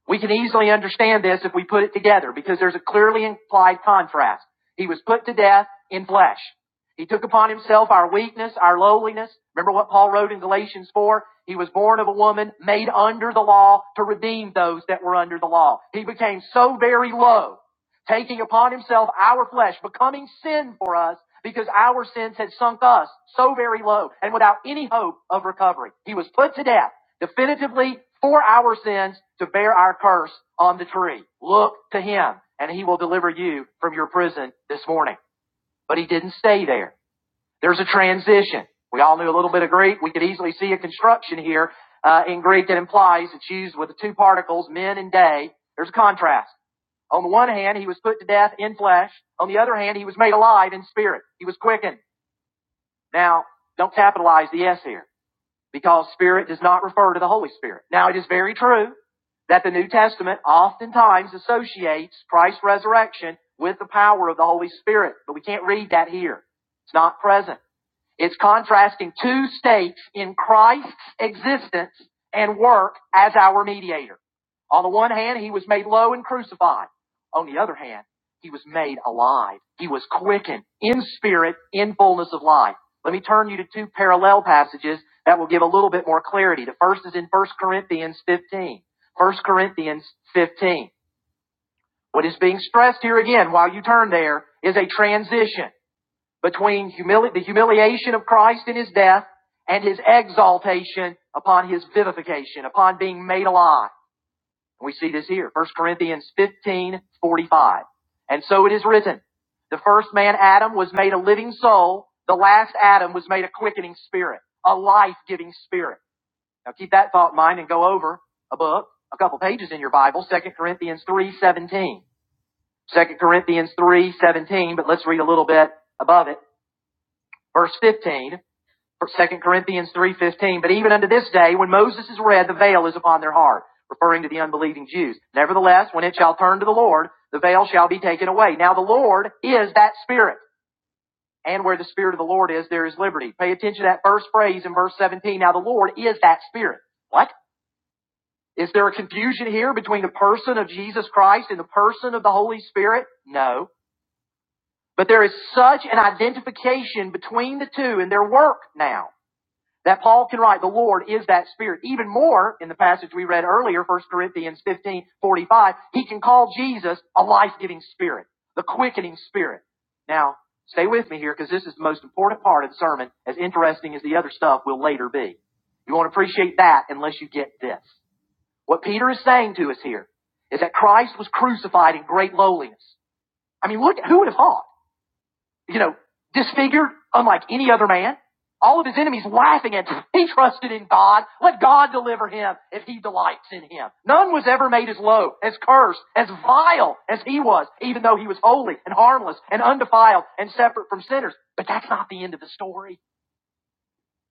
Speaker 1: We can easily understand this if we put it together because there's a clearly implied contrast. He was put to death in flesh. He took upon himself our weakness, our lowliness. Remember what Paul wrote in Galatians 4? He was born of a woman made under the law to redeem those that were under the law. He became so very low taking upon himself our flesh, becoming sin for us because our sins had sunk us so very low and without any hope of recovery. He was put to death definitively for our sins to bear our curse on the tree. Look to him and he will deliver you from your prison this morning. But he didn't stay there. There's a transition. We all knew a little bit of Greek. We could easily see a construction here uh, in Greek that implies it's used with the two particles, men and day. There's a contrast. On the one hand, he was put to death in flesh. On the other hand, he was made alive in spirit. He was quickened. Now, don't capitalize the S here because spirit does not refer to the Holy Spirit. Now, it is very true that the New Testament oftentimes associates Christ's resurrection with the power of the Holy Spirit, but we can't read that here. It's not present. It's contrasting two states in Christ's existence and work as our mediator. On the one hand, he was made low and crucified. On the other hand, he was made alive. He was quickened in spirit, in fullness of life. Let me turn you to two parallel passages that will give a little bit more clarity. The first is in First Corinthians 15. First Corinthians 15. What is being stressed here again while you turn there is a transition between humili- the humiliation of Christ in his death and his exaltation upon his vivification, upon being made alive. And we see this here, First Corinthians 15 45, And so it is written, the first man, Adam, was made a living soul. The last Adam was made a quickening spirit, a life-giving spirit. Now keep that thought in mind and go over a book, a couple pages in your Bible, Second Corinthians 3 17. Second Corinthians 3 17, but let's read a little bit above it. Verse 15. 2 Corinthians 3.15, but even unto this day, when Moses is read, the veil is upon their heart, referring to the unbelieving Jews. Nevertheless, when it shall turn to the Lord, the veil shall be taken away. Now the Lord is that Spirit, and where the Spirit of the Lord is, there is liberty. Pay attention to that first phrase in verse 17. Now the Lord is that Spirit. What? Is there a confusion here between the person of Jesus Christ and the person of the Holy Spirit? No. But there is such an identification between the two in their work now. that Paul can write, the Lord is that Spirit. Even more, in the passage we read earlier, First Corinthians 15 45, he can call Jesus a life-giving Spirit, the quickening Spirit. Now, stay with me here because this is the most important part of the sermon, as interesting as the other stuff will later be. You won't appreciate that unless you get this. What Peter is saying to us here is that Christ was crucified in great lowliness. I mean, look, who would have thought? you know, disfigured, unlike any other man. All of his enemies laughing at him. [laughs] He trusted in God. Let God deliver him if he delights in him. None was ever made as low, as cursed, as vile as he was, even though he was holy and harmless and undefiled and separate from sinners. But that's not the end of the story.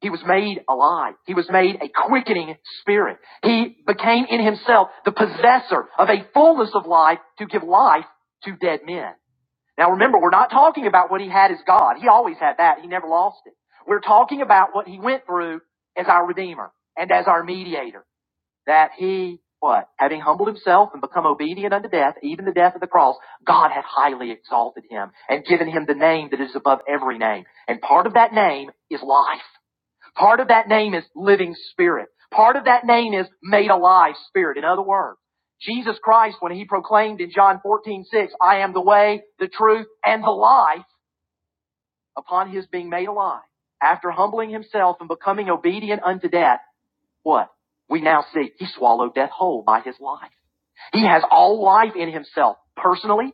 Speaker 1: He was made alive. He was made a quickening spirit. He became in himself the possessor of a fullness of life to give life to dead men. Now remember, we're not talking about what he had as God. He always had that. He never lost it. We're talking about what he went through as our Redeemer and as our mediator. That he, what? Having humbled himself and become obedient unto death, even the death of the cross, God hath highly exalted him and given him the name that is above every name. And part of that name is life. Part of that name is living spirit. Part of that name is made alive spirit. In other words, Jesus Christ, when he proclaimed in John 14 6, I am the way, the truth, and the life, upon his being made alive, after humbling himself and becoming obedient unto death, what? We now see he swallowed death whole by his life. He has all life in himself, personally,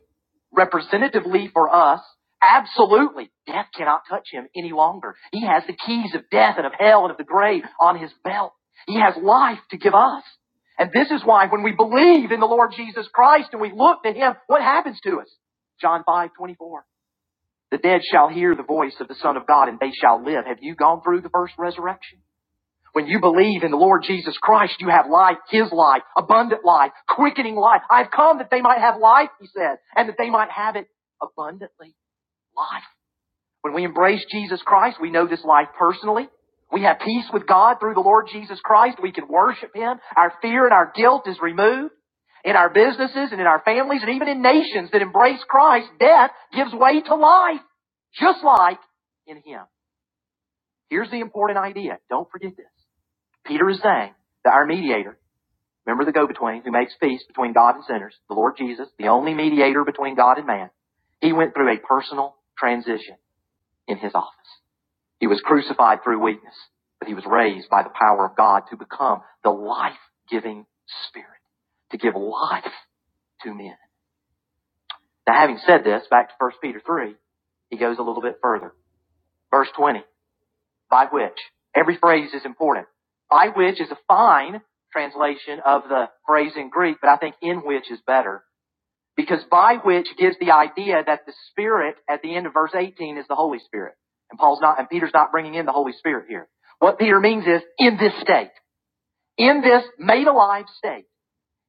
Speaker 1: representatively for us, absolutely. Death cannot touch him any longer. He has the keys of death and of hell and of the grave on his belt. He has life to give us. And this is why when we believe in the Lord Jesus Christ and we look to him, what happens to us? John five twenty four: The dead shall hear the voice of the Son of God and they shall live. Have you gone through the first resurrection? When you believe in the Lord Jesus Christ, you have life, His life, abundant life, quickening life. I've come that they might have life, He said, and that they might have it abundantly. Life. When we embrace Jesus Christ, we know this life personally. We have peace with God through the Lord Jesus Christ. We can worship Him. Our fear and our guilt is removed. In our businesses and in our families and even in nations that embrace Christ, death gives way to life, just like in Him. Here's the important idea. Don't forget this. Peter is saying that our mediator, remember the go-between who makes peace between God and sinners, the Lord Jesus, the only mediator between God and man, he went through a personal transition in his office. He was crucified through weakness, but he was raised by the power of God to become the life-giving spirit, to give life to men. Now having said this, back to First Peter 3, he goes a little bit further. Verse 20. by which. Every phrase is important. By which is a fine translation of the phrase in Greek, but I think in which is better. Because by which gives the idea that the Spirit at the end of verse 18 is the Holy Spirit. And Paul's not, and Peter's not bringing in the Holy Spirit here. What Peter means is in this state, in this made alive state,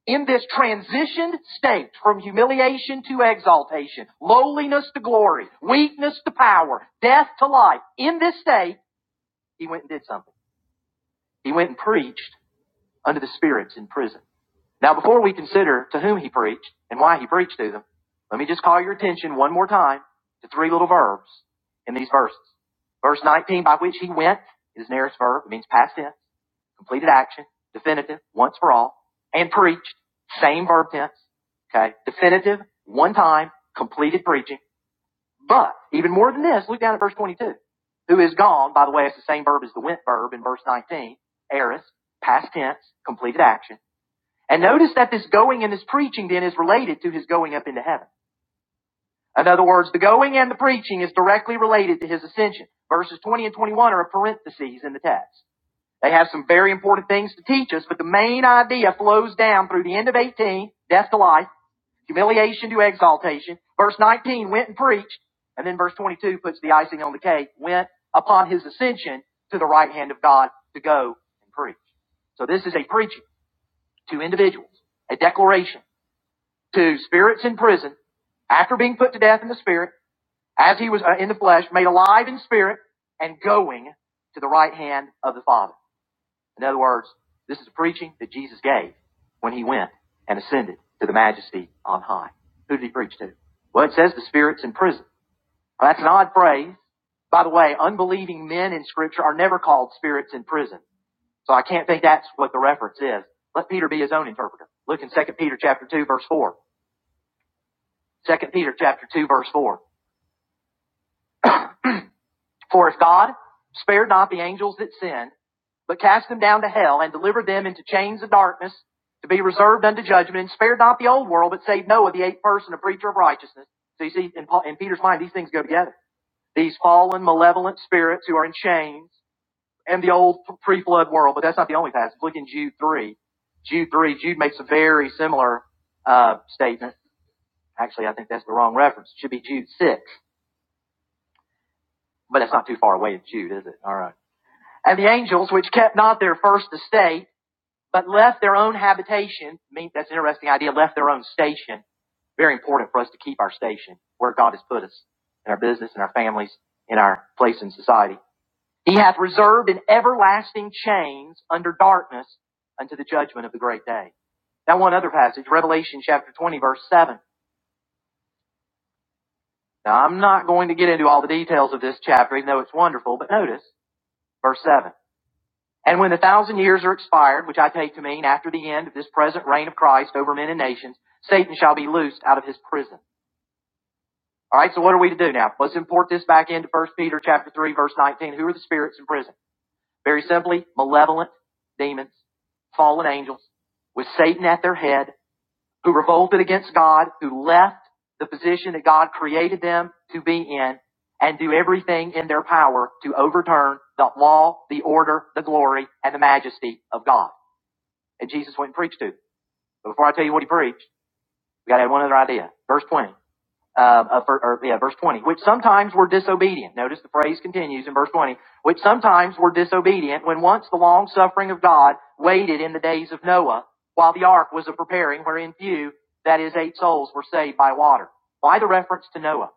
Speaker 1: in this transitioned state from humiliation to exaltation, lowliness to glory, weakness to power, death to life, in this state, he went and did something. He went and preached unto the spirits in prison. Now, before we consider to whom he preached and why he preached to them, let me just call your attention one more time to three little verbs in these verses. Verse 19, by which he went, is an aorist verb. It means past tense, completed action, definitive, once for all, and preached, same verb tense. Okay, definitive, one time, completed preaching. But even more than this, look down at verse 22. Who is gone, by the way, it's the same verb as the went verb in verse 19. Eris, past tense, completed action. And notice that this going and this preaching then is related to his going up into heaven. In other words, the going and the preaching is directly related to his ascension. Verses 20 and 21 are a parenthesis in the text. They have some very important things to teach us, but the main idea flows down through the end of 18, death to life, humiliation to exaltation. Verse 19 went and preached, and then verse 22 puts the icing on the cake, went upon his ascension to the right hand of God to go and preach. So this is a preaching to individuals, a declaration to spirits in prison after being put to death in the spirit, as he was uh, in the flesh, made alive in spirit, and going to the right hand of the Father. In other words, this is preaching that Jesus gave when he went and ascended to the majesty on high. Who did he preach to? Well, it says the spirits in prison. Now, that's an odd phrase. By the way, unbelieving men in scripture are never called spirits in prison. So I can't think that's what the reference is. Let Peter be his own interpreter. Look in Second Peter chapter 2 verse 4. Second Peter chapter 2 verse 4. For if God spared not the angels that sinned, but cast them down to hell and delivered them into chains of darkness to be reserved unto judgment, and spared not the old world, but saved Noah, the eighth person, a preacher of righteousness. So you see, in, Paul, in Peter's mind, these things go together. These fallen, malevolent spirits who are in chains and the old pre-flood world, but that's not the only passage. Look in Jude 3. Jude 3, Jude makes a very similar uh, statement. Actually, I think that's the wrong reference. It should be Jude 6, but that's not too far away in Jude, is it? All right. And the angels, which kept not their first estate, but left their own habitation, I mean, that's an interesting idea, left their own station. Very important for us to keep our station where God has put us in our business, in our families, in our place in society. He hath reserved in everlasting chains under darkness unto the judgment of the great day. Now one other passage, Revelation chapter 20 verse 7. Now I'm not going to get into all the details of this chapter, even though it's wonderful, but notice verse 7. And when the thousand years are expired, which I take to mean after the end of this present reign of Christ over men and nations, Satan shall be loosed out of his prison. All right, so what are we to do now? Let's import this back into 1 Peter chapter 3 verse 19. Who are the spirits in prison? Very simply, malevolent demons, fallen angels, with Satan at their head, who revolted against God, who left the position that God created them to be in, and do everything in their power to overturn the law, the order, the glory, and the majesty of God. And Jesus went and preached to. But before I tell you what he preached, we got to have one other idea. Verse 20. Uh, uh, for, or, yeah, verse 20. Which sometimes were disobedient. Notice the phrase continues in verse 20. Which sometimes were disobedient when once the long suffering of God waited in the days of Noah while the ark was a preparing wherein few, that is eight souls, were saved by water. Why the reference to Noah?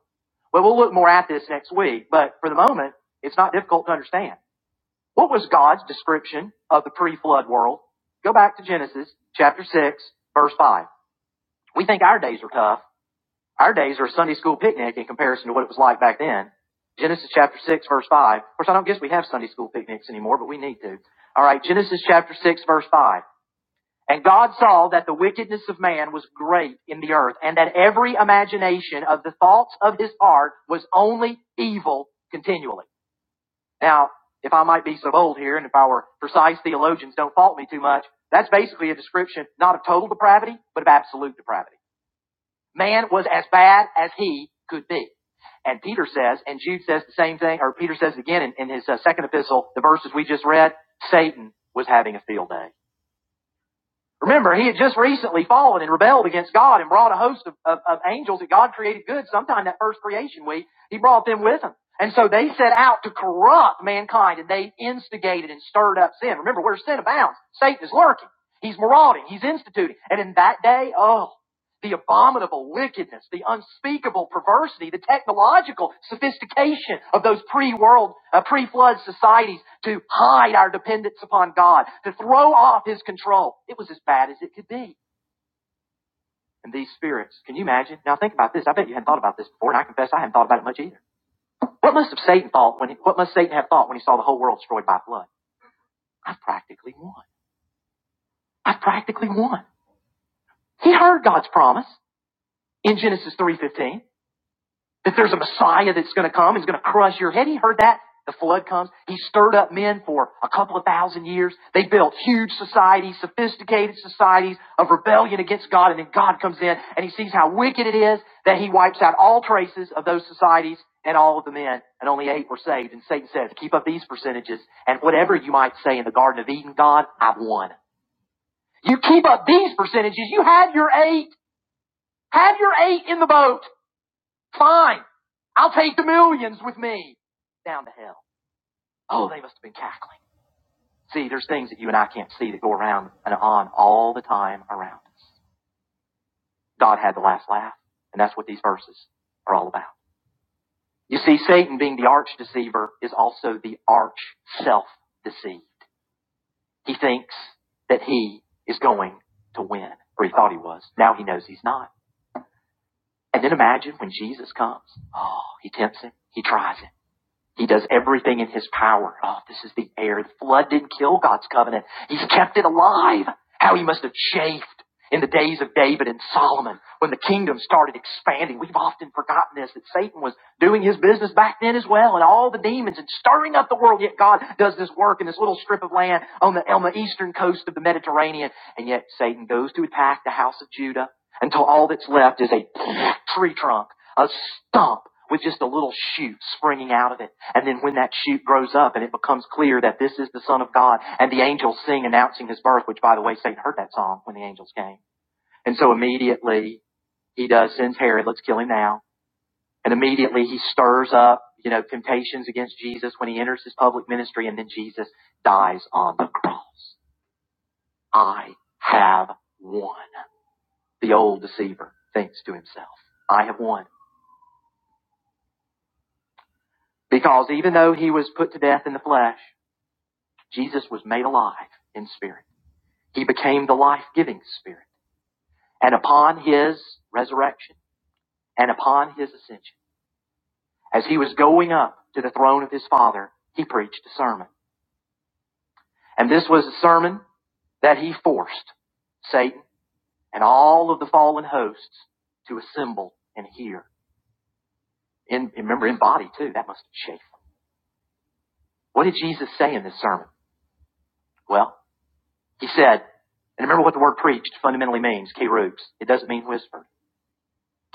Speaker 1: Well, we'll look more at this next week, but for the moment, it's not difficult to understand. What was God's description of the pre-flood world? Go back to Genesis chapter 6, verse 5. We think our days are tough. Our days are a Sunday school picnic in comparison to what it was like back then. Genesis chapter 6, verse 5. Of course, I don't guess we have Sunday school picnics anymore, but we need to. All right, Genesis chapter 6, verse 5. And God saw that the wickedness of man was great in the earth, and that every imagination of the thoughts of his heart was only evil continually. Now, if I might be so bold here, and if our precise theologians don't fault me too much, that's basically a description not of total depravity, but of absolute depravity. Man was as bad as he could be. And Peter says, and Jude says the same thing, or Peter says again in, in his uh, second epistle, the verses we just read, Satan was having a field day. Remember, he had just recently fallen and rebelled against God and brought a host of, of, of angels that God created good sometime that first creation week. He brought them with him. And so they set out to corrupt mankind and they instigated and stirred up sin. Remember, where sin abounds, Satan is lurking. He's marauding. He's instituting. And in that day, oh, the abominable wickedness, the unspeakable perversity, the technological sophistication of those pre-world, uh, pre-flood societies to hide our dependence upon God, to throw off His control. It was as bad as it could be. And these spirits, can you imagine? Now think about this. I bet you hadn't thought about this before, and I confess I hadn't thought about it much either. What must have Satan thought when? He, what must Satan have thought when he saw the whole world destroyed by a flood? I've practically won. I've practically won. He heard God's promise in Genesis three fifteen. that there's a Messiah that's going to come. He's going to crush your head. He heard that. The flood comes. He stirred up men for a couple of thousand years. They built huge societies, sophisticated societies of rebellion against God. And then God comes in and he sees how wicked it is that he wipes out all traces of those societies and all of the men. And only eight were saved. And Satan says, keep up these percentages. And whatever you might say in the Garden of Eden, God, I've won. You keep up these percentages. You have your eight. Have your eight in the boat. Fine. I'll take the millions with me. Down to hell. Oh, they must have been cackling. See, there's things that you and I can't see that go around and on all the time around us. God had the last laugh, and that's what these verses are all about. You see, Satan being the arch deceiver is also the arch self deceived. He thinks that he is going to win, or he thought he was. Now he knows he's not. And then imagine when Jesus comes. Oh, he tempts him. He tries him. He does everything in his power. Oh, this is the air. The flood didn't kill God's covenant. He's kept it alive. How he must have chafed in the days of David and Solomon when the kingdom started expanding. We've often forgotten this, that Satan was doing his business back then as well and all the demons and stirring up the world. Yet God does this work in this little strip of land on the, on the eastern coast of the Mediterranean. And yet Satan goes to attack the house of Judah until all that's left is a tree trunk, a stump with just a little shoot springing out of it. And then when that shoot grows up and it becomes clear that this is the Son of God and the angels sing announcing his birth, which by the way, Satan heard that song when the angels came. And so immediately he does sends Herod, let's kill him now. And immediately he stirs up, you know, temptations against Jesus when he enters his public ministry and then Jesus dies on the cross. I have won. The old deceiver thinks to himself, I have won. Because even though he was put to death in the flesh, Jesus was made alive in spirit. He became the life giving Spirit. And upon his resurrection and upon his ascension, as he was going up to the throne of his Father, he preached a sermon. And this was a sermon that he forced Satan and all of the fallen hosts to assemble and hear. In, remember, in body too. That must have shaken. What did Jesus say in this sermon? Well, he said, and remember what the word preached fundamentally means, kerubs. It doesn't mean whispered.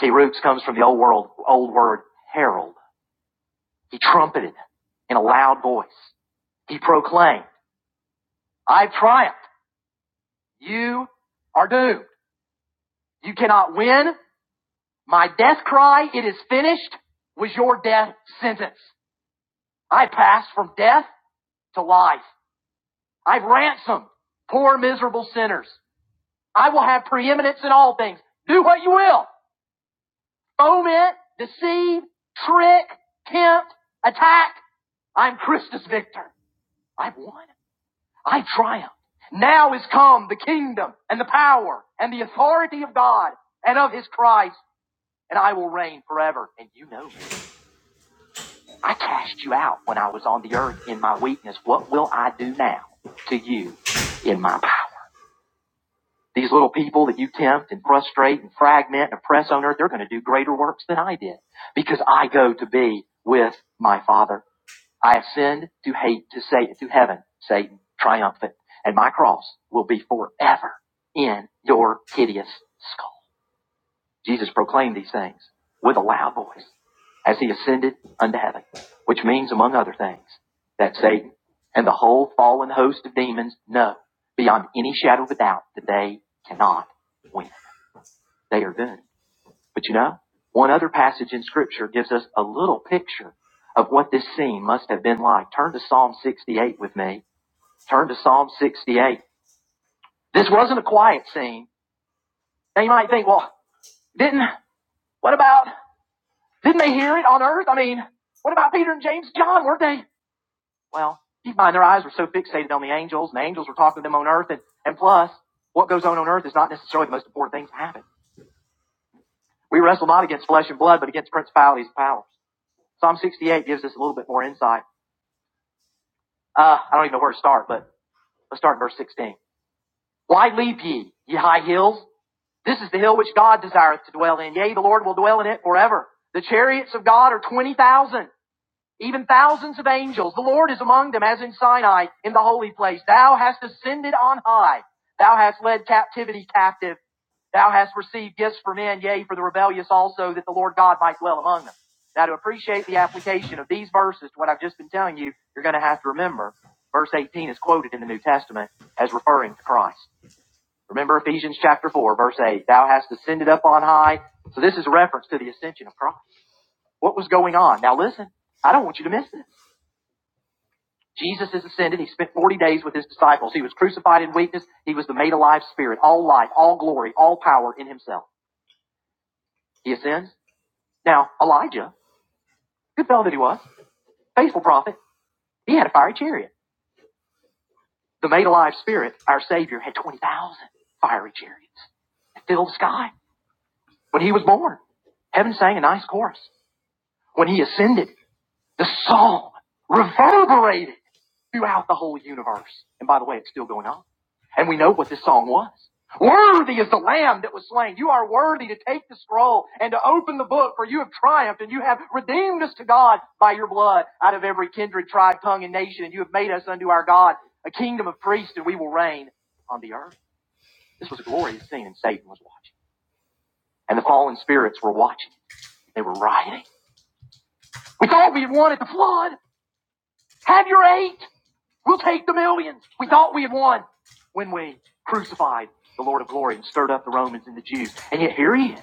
Speaker 1: Kerubs comes from the old world, old word herald. He trumpeted in a loud voice. He proclaimed, I've triumphed. You are doomed. You cannot win. My death cry, it is finished, was your death sentence. I passed from death to life. I've ransomed poor miserable sinners. I will have preeminence in all things. Do what you will. Foment, deceive, trick, tempt, attack. I'm Christus Victor. I've won. I triumphed. Now is come the kingdom and the power and the authority of God and of his Christ, and I will reign forever. And you know me. I cast you out when I was on the earth in my weakness. What will I do now to you in my power? These little people that you tempt and frustrate and fragment and oppress on earth, they're going to do greater works than I did because I go to be with my Father. I ascend to hate to Satan to heaven, Satan triumphant, and my cross will be forever in your hideous skull. Jesus proclaimed these things with a loud voice as he ascended unto heaven, which means, among other things, that Satan and the whole fallen host of demons know beyond any shadow of a doubt that they cannot win. They are doomed. But you know, one other passage in Scripture gives us a little picture of what this scene must have been like. Turn to Psalm 68 with me. Turn to Psalm 68. This wasn't a quiet scene. Now you might think, well, didn't, what about, didn't they hear it on earth? I mean, what about Peter and James and John? Weren't they? Well, keep in mind their eyes were so fixated on the angels and the angels were talking to them on earth. And, and plus, what goes on on earth is not necessarily the most important thing to happen. We wrestle not against flesh and blood, but against principalities and powers. Psalm 68 gives us a little bit more insight. Uh, I don't even know where to start, but let's start in verse 16. Why leap ye, ye high hills? This is the hill which God desireth to dwell in. Yea, the Lord will dwell in it forever. The chariots of God are 20,000 even thousands of angels. The Lord is among them as in Sinai in the holy place. Thou hast ascended on high. Thou hast led captivity captive. Thou hast received gifts for men, yea, for the rebellious also, that the Lord God might dwell among them. Now to appreciate the application of these verses to what I've just been telling you, you're going to have to remember verse 18 is quoted in the New Testament as referring to Christ. Remember Ephesians chapter 4, verse 8, thou hast ascended up on high. So this is a reference to the ascension of Christ. What was going on? Now listen, I don't want you to miss this. Jesus is ascended. He spent 40 days with his disciples. He was crucified in weakness. He was the made alive spirit, all life, all glory, all power in himself. He ascends. Now, Elijah, good fellow that he was, faithful prophet, he had a fiery chariot. The made alive spirit, our Savior, had 20,000 fiery chariots that filled the sky. When he was born, heaven sang a nice chorus. When he ascended, the song reverberated throughout the whole universe. And by the way, it's still going on. And we know what this song was. Worthy is the Lamb that was slain. You are worthy to take the scroll and to open the book, for you have triumphed and you have redeemed us to God by your blood out of every kindred, tribe, tongue, and nation. And you have made us unto our God a kingdom of priests, and we will reign on the earth. This was a glorious scene, and Satan was watching. And the fallen spirits were watching. They were rioting. We thought we had wanted the flood. Have your eight. We'll take the millions. We thought we had won when we crucified the Lord of glory and stirred up the Romans and the Jews. And yet here he is,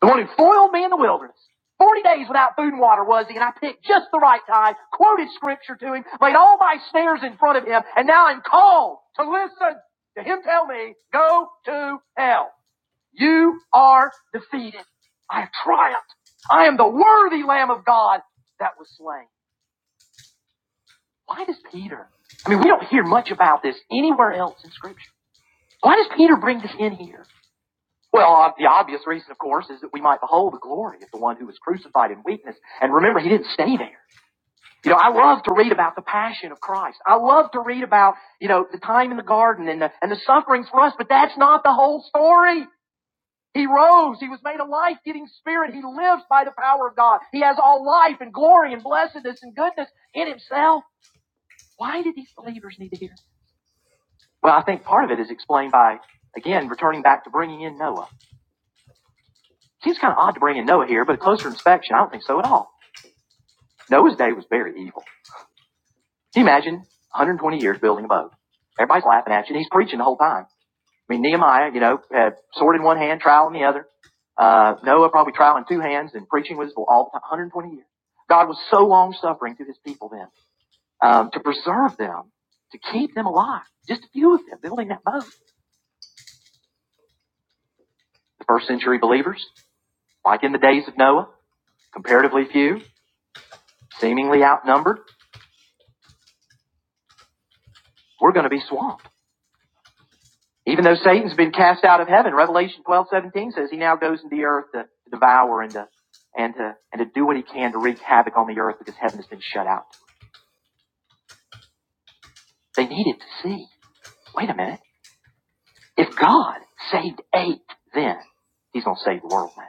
Speaker 1: the one who foiled me in the wilderness. 40 days without food and water was he, and I picked just the right time, quoted scripture to him, laid all my snares in front of him, and now I'm called to listen to him tell me, go to hell. You are defeated. I have triumphed. I am the worthy Lamb of God that was slain. Why does Peter? I mean, we don't hear much about this anywhere else in Scripture. Why does Peter bring this in here? Well, uh, the obvious reason, of course, is that we might behold the glory of the one who was crucified in weakness. And remember, he didn't stay there. You know, I love to read about the passion of Christ. I love to read about, you know, the time in the garden and the, and the sufferings for us, but that's not the whole story. He rose. He was made a life-giving spirit. He lives by the power of God. He has all life and glory and blessedness and goodness in himself. Why did these believers need to hear? Well, I think part of it is explained by, again, returning back to bringing in Noah. Seems kind of odd to bring in Noah here, but a closer inspection, I don't think so at all. Noah's day was very evil. Can you imagine 120 years building a boat? Everybody's laughing at you, and he's preaching the whole time. I mean, Nehemiah, you know, had sword in one hand, trowel in the other. Uh, Noah probably trowel in two hands and preaching with his all the time, 120 years. God was so long suffering to his people then um, to preserve them, to keep them alive. Just a few of them building that boat. The first century believers, like in the days of Noah, comparatively few, seemingly outnumbered, we're going to be swamped. Even though Satan's been cast out of heaven, Revelation twelve seventeen says he now goes into the earth to, to devour and to, and, to, and to do what he can to wreak havoc on the earth because heaven has been shut out. They needed to see. Wait a minute. If God saved eight then, he's going to save the world now.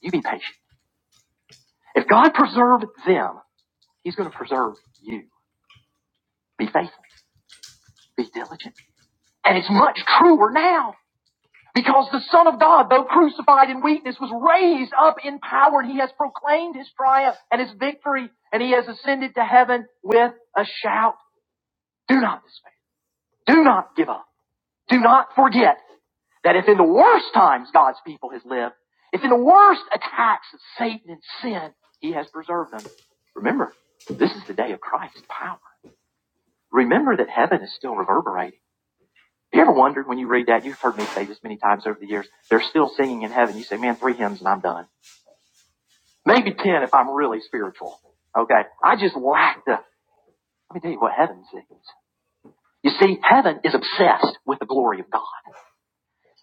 Speaker 1: You be patient. If God preserved them, he's going to preserve you. Be faithful. Be diligent. And it's much truer now. Because the Son of God, though crucified in weakness, was raised up in power, and he has proclaimed his triumph and his victory, and he has ascended to heaven with a shout. Do not despair. Do not give up. Do not forget that if in the worst times God's people has lived, if in the worst attacks of Satan and sin, he has preserved them. Remember, this is the day of Christ's power. Remember that heaven is still reverberating. You ever wondered when you read that? You've heard me say this many times over the years. They're still singing in heaven. You say, man, three hymns and I'm done. Maybe ten if I'm really spiritual. Okay. I just lack the, let me tell you what heaven sings. You see, heaven is obsessed with the glory of God.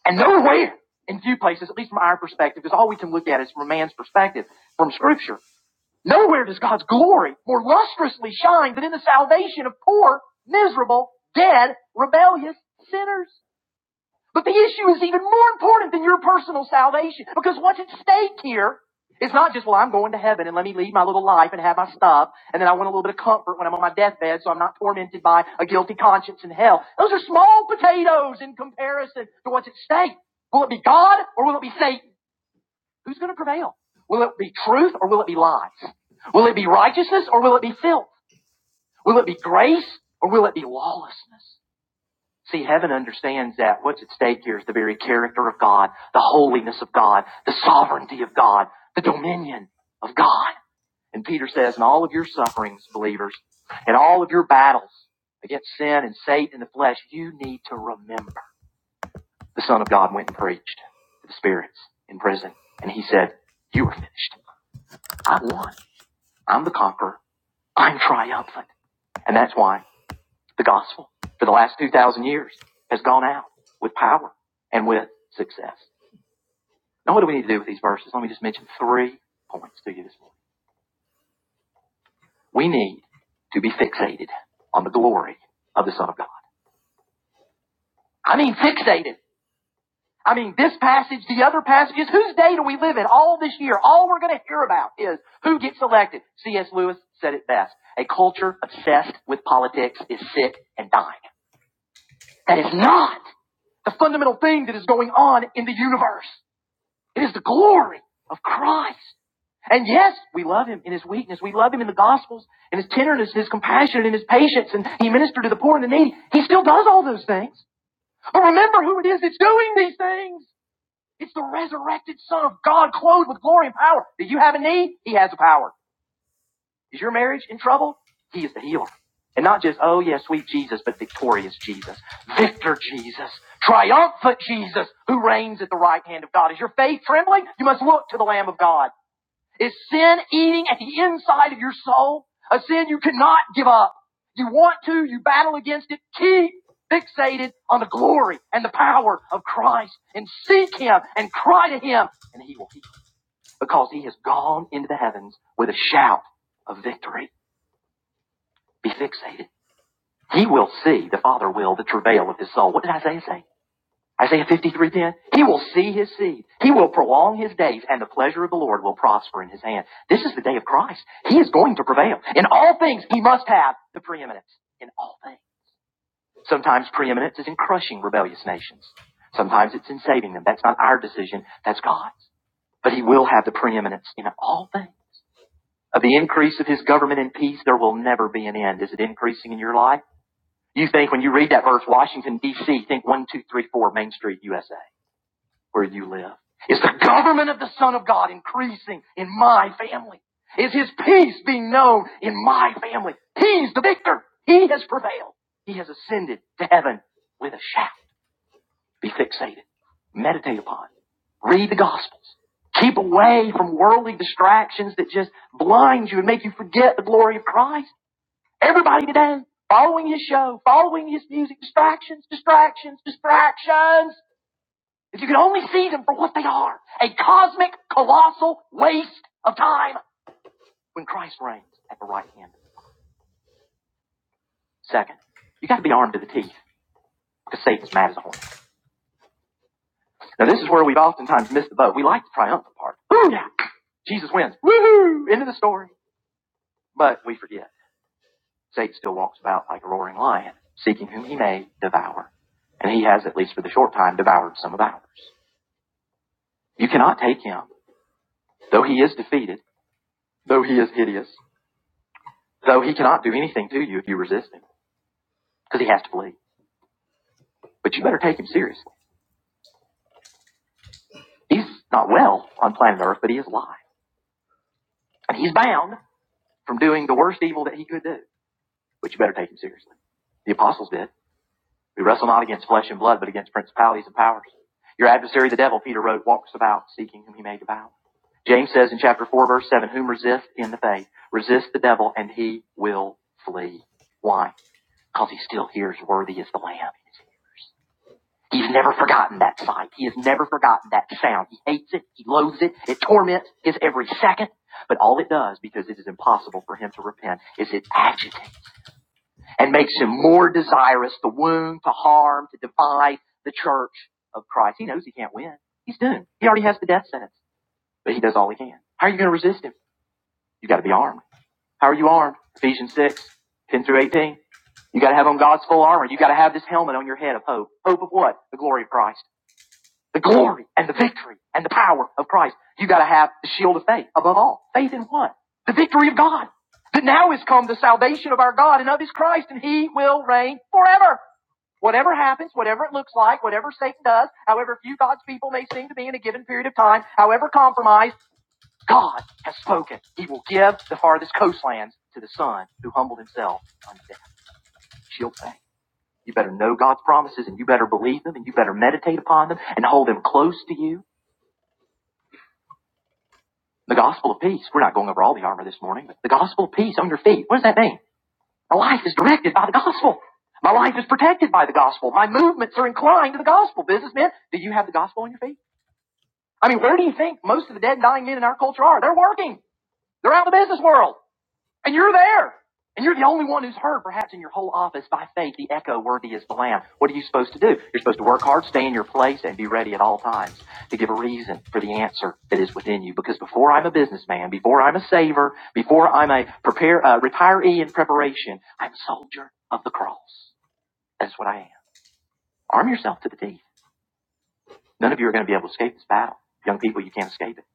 Speaker 1: And nowhere in few places, at least from our perspective, because all we can look at is from man's perspective, from scripture, nowhere does God's glory more lustrously shine than in the salvation of poor, miserable, dead, rebellious sinners. But the issue is even more important than your personal salvation. Because what's at stake here is not just, well, I'm going to heaven and let me lead my little life and have my stuff. And then I want a little bit of comfort when I'm on my deathbed so I'm not tormented by a guilty conscience in hell. Those are small potatoes in comparison to what's at stake. Will it be God or will it be Satan? Who's going to prevail? Will it be truth or will it be lies? Will it be righteousness or will it be filth? Will it be grace or will it be lawlessness? See, heaven understands that what's at stake here is the very character of God, the holiness of God, the sovereignty of God, the dominion of God. And Peter says, in all of your sufferings, believers, in all of your battles against sin and Satan and the flesh, you need to remember the Son of God went and preached to the spirits in prison. And he said, you are finished. I won. I'm the conqueror. I'm triumphant. And that's why the gospel for the last 2,000 years has gone out with power and with success. Now, what do we need to do with these verses? Let me just mention three points to you this morning. We need to be fixated on the glory of the Son of God. I mean, fixated. I mean, this passage, the other passages, whose day do we live in all this year? All we're going to hear about is who gets elected. C.S. Lewis said it best. A culture obsessed with politics is sick and dying. That is not the fundamental thing that is going on in the universe. It is the glory of Christ. And yes, we love him in his weakness. We love him in the gospels, in his tenderness, his compassion, and his patience, and he ministered to the poor and the needy. He still does all those things. But remember who it is that's doing these things. It's the resurrected Son of God, clothed with glory and power. Do you have a need? He has the power. Is your marriage in trouble? He is the healer. And not just, oh yeah, sweet Jesus, but victorious Jesus, victor Jesus, triumphant Jesus, who reigns at the right hand of God. Is your faith trembling? You must look to the Lamb of God. Is sin eating at the inside of your soul? A sin you cannot give up. You want to, you battle against it. Keep fixated on the glory and the power of Christ and seek Him and cry to Him and He will heal because He has gone into the heavens with a shout of victory. Be fixated. He will see, the Father will, the travail of his soul. What did Isaiah say? Isaiah 53:10. He will see his seed. He will prolong his days, and the pleasure of the Lord will prosper in his hand. This is the day of Christ. He is going to prevail. In all things, he must have the preeminence. In all things. Sometimes preeminence is in crushing rebellious nations. Sometimes it's in saving them. That's not our decision. That's God's. But he will have the preeminence in all things. Of the increase of his government and peace, there will never be an end. Is it increasing in your life? You think when you read that verse, Washington, D.C., think 1234 Main Street, USA, where you live. Is the government of the Son of God increasing in my family? Is His peace being known in my family? He's the victor. He has prevailed. He has ascended to heaven with a shout. Be fixated. Meditate upon. it. Read the Gospels. Keep away from worldly distractions that just blind you and make you forget the glory of Christ. Everybody today following his show, following his music, distractions, distractions, distractions. If you could only see them for what they are, a cosmic, colossal waste of time when Christ reigns at the right hand. Second, you got to be armed to the teeth because Satan's mad as a hornet. Now this is where we've oftentimes missed the boat. We like the triumphant part. Woo, yeah, Jesus wins. hoo! End of the story. But we forget Satan still walks about like a roaring lion, seeking whom he may devour. And he has, at least for the short time, devoured some of ours. You cannot take him, though he is defeated, though he is hideous, though he cannot do anything to you if you resist him, because he has to flee. But you better take him seriously. He's not well on planet Earth, but he is alive. And he's bound from doing the worst evil that he could do. But you better take him seriously. The apostles did. We wrestle not against flesh and blood, but against principalities and powers. Your adversary, the devil, Peter wrote, walks about seeking whom he may devour. James says in chapter 4, verse 7, whom resist in the faith, resist the devil and he will flee. Why? Because he still hears, worthy is the Lamb in his ears. He's never forgotten that sight. He has never forgotten that sound. He hates it. He loathes it. It torments his every second. But all it does, because it is impossible for him to repent, is it agitates and makes him more desirous to wound, to harm, to divide the church of Christ. He knows he can't win. He's doomed. He already has the death sentence, but he does all he can. How are you going to resist him? You've got to be armed. How are you armed? Ephesians 6, 10 through 18. You gotta have on God's full armor. You gotta have this helmet on your head of hope. Hope of what? The glory of Christ. The glory and the victory and the power of Christ. You gotta have the shield of faith above all. Faith in what? The victory of God. That now is come the salvation of our God and of his Christ and he will reign forever. Whatever happens, whatever it looks like, whatever Satan does, however few God's people may seem to be in a given period of time, however compromised, God has spoken. He will give the farthest coastlands to the son who humbled himself unto death. She'll pay. You better know God's promises and you better believe them and you better meditate upon them and hold them close to you. The gospel of peace. We're not going over all the armor this morning, but the gospel of peace on your feet. What does that mean? My life is directed by the gospel. My life is protected by the gospel. My movements are inclined to the gospel. Businessmen, do you have the gospel on your feet? I mean, where do you think most of the dead and dying men in our culture are? They're working. They're out in the business world. And you're there. And you're the only one who's heard, perhaps in your whole office, by faith, the echo worthy is the Lamb. What are you supposed to do? You're supposed to work hard, stay in your place, and be ready at all times to give a reason for the answer that is within you. Because before I'm a businessman, before I'm a saver, before I'm a prepare, uh, retiree in preparation, I'm a soldier of the cross. That's what I am. Arm yourself to the teeth. None of you are going to be able to escape this battle. Young people, you can't escape it.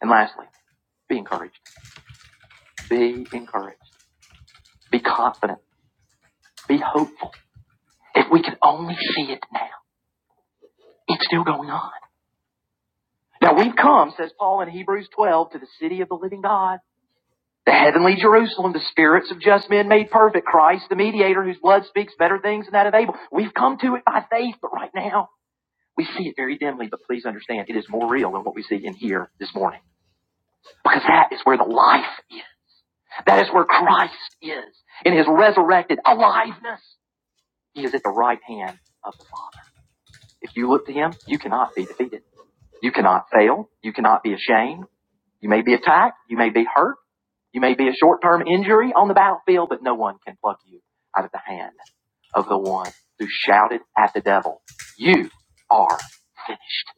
Speaker 1: And lastly, be encouraged. Be encouraged. Be confident. Be hopeful. If we could only see it now, it's still going on. Now we've come, says Paul in Hebrews 12, to the city of the living God, the heavenly Jerusalem, the spirits of just men made perfect, Christ, the mediator whose blood speaks better things than that of Abel. We've come to it by faith, but right now we see it very dimly, but please understand it is more real than what we see in here this morning. Because that is where the life is. That is where Christ is in his resurrected aliveness. He is at the right hand of the Father. If you look to him, you cannot be defeated. You cannot fail. You cannot be ashamed. You may be attacked. You may be hurt. You may be a short-term injury on the battlefield, but no one can pluck you out of the hand of the one who shouted at the devil, you are finished.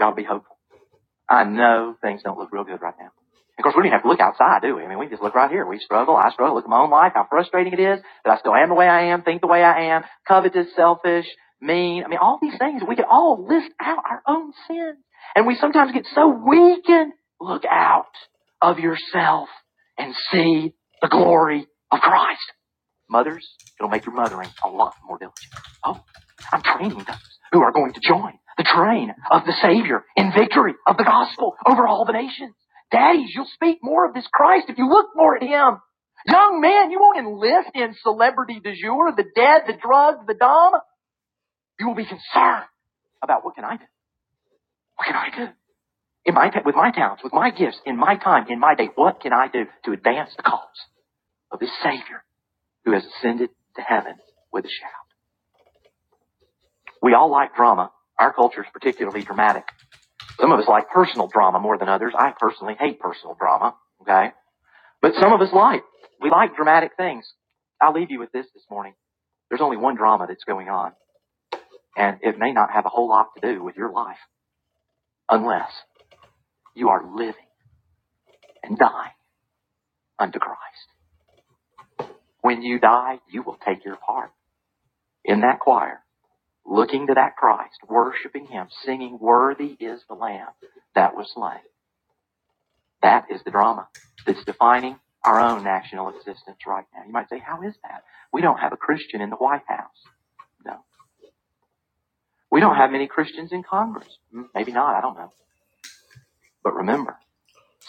Speaker 1: Y'all be hopeful. I know things don't look real good right now. Of course, we don't even have to look outside, do we? I mean, we can just look right here. We struggle. I struggle. Look at my own life, how frustrating it is that I still am the way I am, think the way I am, covetous, selfish, mean. I mean, all these things, we could all list out our own sins. And we sometimes get so weakened. Look out of yourself and see the glory of Christ. Mothers, it'll make your mothering a lot more diligent. Oh, I'm training those who are going to join the train of the Savior in victory of the gospel over all the nations. Daddies, you'll speak more of this Christ if you look more at Him. Young man, you won't enlist in celebrity du jour, the dead, the drugged, the dumb. You will be concerned about what can I do? What can I do? In my, with my talents, with my gifts, in my time, in my day, what can I do to advance the cause of this Savior who has ascended to heaven with a shout? We all like drama. Our culture is particularly dramatic. Some of us like personal drama more than others. I personally hate personal drama, okay? But some of us like. We like dramatic things. I'll leave you with this this morning. There's only one drama that's going on, and it may not have a whole lot to do with your life unless you are living and dying unto Christ. When you die, you will take your part in that choir, looking to that Christ, worshiping Him, singing, Worthy is the Lamb that was slain. That is the drama that's defining our own national existence right now. You might say, how is that? We don't have a Christian in the White House. No. We don't have many Christians in Congress. Hmm, Maybe not. I don't know. But remember,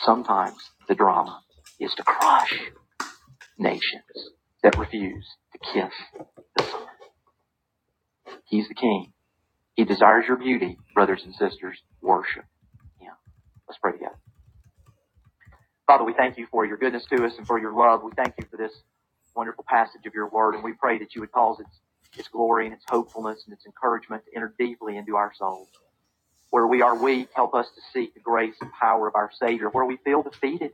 Speaker 1: sometimes the drama is to crush nations that refuse to kiss. He's the king. He desires your beauty, brothers and sisters. Worship him. Let's pray together. Father, we thank you for your goodness to us and for your love. We thank you for this wonderful passage of your word, and we pray that you would cause its, its glory and its hopefulness and its encouragement to enter deeply into our souls. Where we are weak, help us to seek the grace and power of our Savior. Where we feel defeated,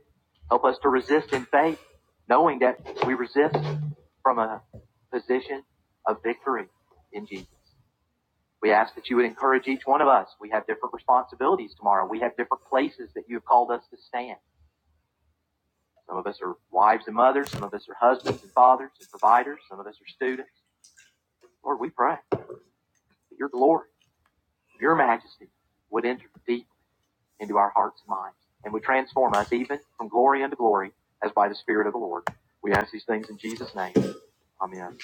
Speaker 1: help us to resist in faith, knowing that we resist from a position of victory in Jesus. We ask that you would encourage each one of us. We have different responsibilities tomorrow. We have different places that you have called us to stand. Some of us are wives and mothers. Some of us are husbands and fathers and providers. Some of us are students. Lord, we pray that your glory, your majesty would enter deep into our hearts and minds and would transform us even from glory unto glory as by the Spirit of the Lord. We ask these things in Jesus' name. Amen.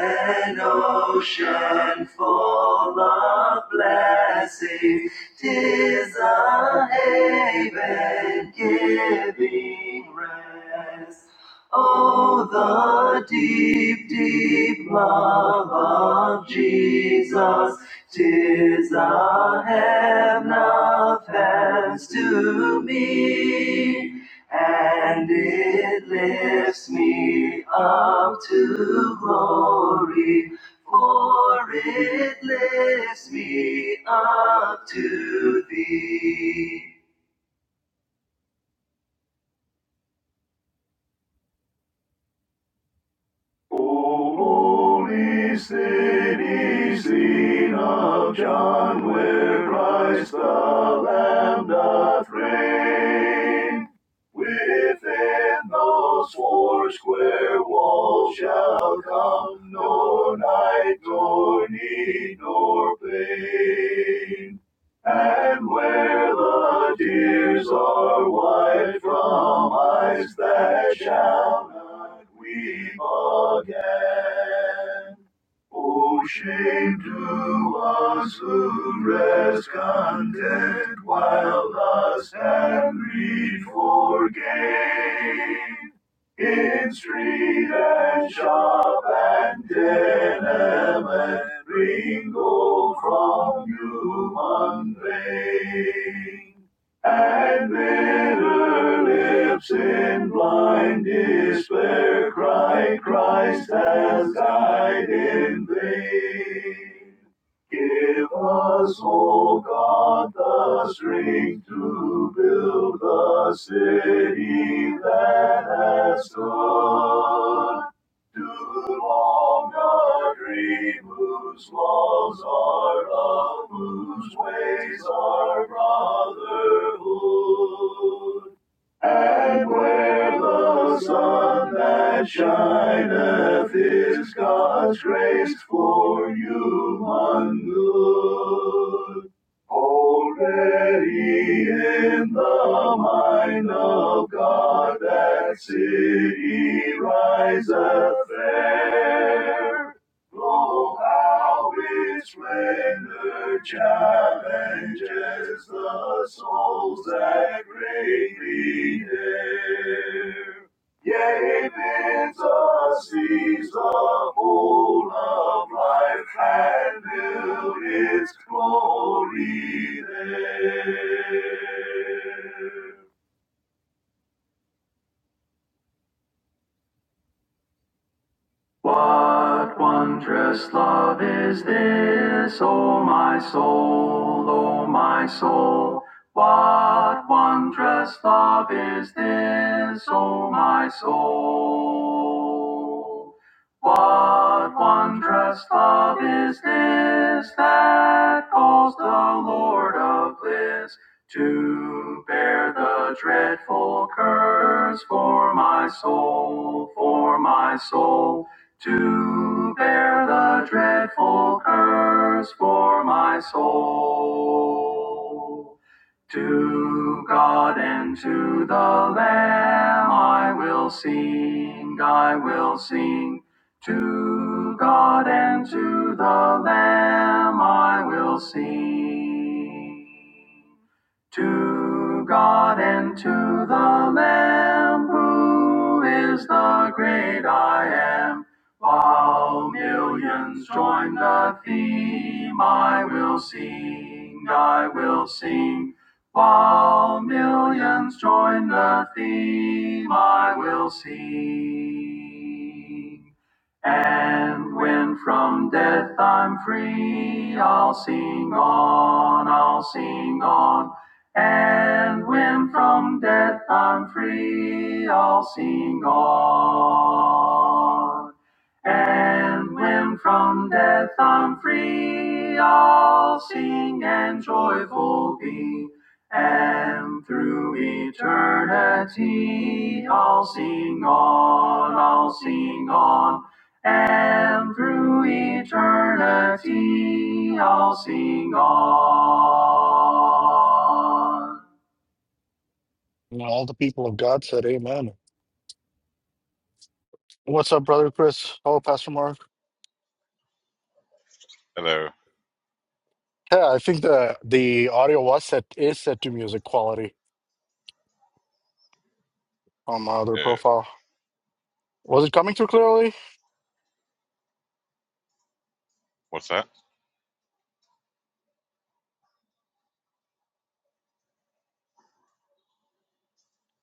Speaker 1: An ocean full of blessings, 'tis a haven giving rest. Oh, the deep, deep love of Jesus, 'tis a heaven of heavens to me. up to glory, for it lifts me up to thee. Holy city, seen of John, where Christ the Lamb doth reign. Within those four square walls shall come no night, nor need, nor pain. And where the tears are wiped from eyes that shall not weep again. O shame to us who rest content while lust and greed for gain in street and shop and denim and Ringo from human rain. And bitter lips in blind despair cry, Christ has died in vain. Give us, O God, the strength to build the city that has stood too long a dream, whose walls are love, whose ways are brotherhood. And where the sun that shines is God's grace for human good. Already in the mind of God that city riseth fair. Lo, how its splendor challenges the souls that greatly dare. Yea, bids us seize the whole of life and build its holy. What wondrous love is this, O my soul, O my soul? What wondrous love is this, O my soul? What wondrous love is this that calls the Lord of bliss to bear the dreadful curse for my soul, for my soul, to bear the dreadful curse for my soul. To God and to the Lamb I will sing, I will sing. To God and to the Lamb I will sing. To God and to the Lamb, who is the great I am, while millions join the theme, I will sing, I will sing. While millions join the theme, I will sing, I'll sing. on. I'll sing and joyful be, and through eternity I'll sing on, I'll sing on, and through eternity I'll sing on.
Speaker 2: And all the people of God said, Amen. What's up, brother Chris? Oh, Pastor Mark.
Speaker 3: Hello.
Speaker 2: Yeah, I think the the audio was set is set to music quality on my other
Speaker 3: Uh,
Speaker 2: profile. Was it coming through clearly?
Speaker 3: what's that?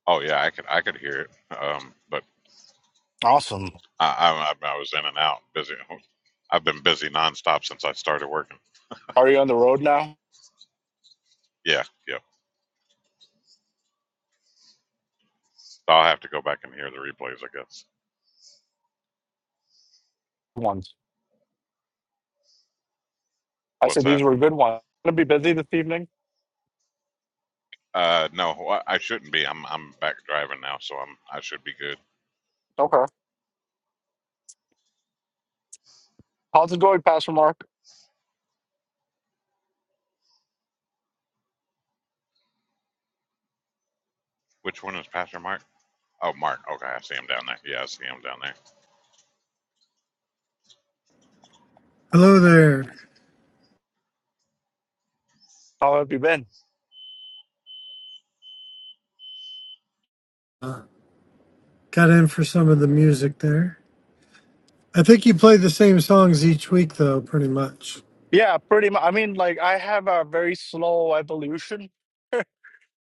Speaker 3: Oh yeah, I could I could hear it. Um, but
Speaker 2: Awesome.
Speaker 3: I, I I was in and out, busy. [laughs] I've been busy nonstop since I started working.
Speaker 2: Are you on the road now?
Speaker 3: Yeah, yeah. so I'll have to go back and hear the replays, I guess.
Speaker 2: Good Ones. I
Speaker 3: What's
Speaker 2: said these
Speaker 3: that?
Speaker 2: were good ones. Gonna be busy this evening.
Speaker 3: Uh, no, wh- I shouldn't be. I'm I'm back driving now, so I'm I should be good.
Speaker 2: Okay. How's it going, Pastor Mark?
Speaker 3: Which one is Pastor Mark? Oh, Mark. Okay, I see him down there. Yeah, I see him down there.
Speaker 4: Hello there.
Speaker 2: How have you been?
Speaker 4: Got in for some of the music there. I think you play the same songs each week, though, pretty much.
Speaker 2: Yeah, pretty much. I mean, like I have a very slow evolution.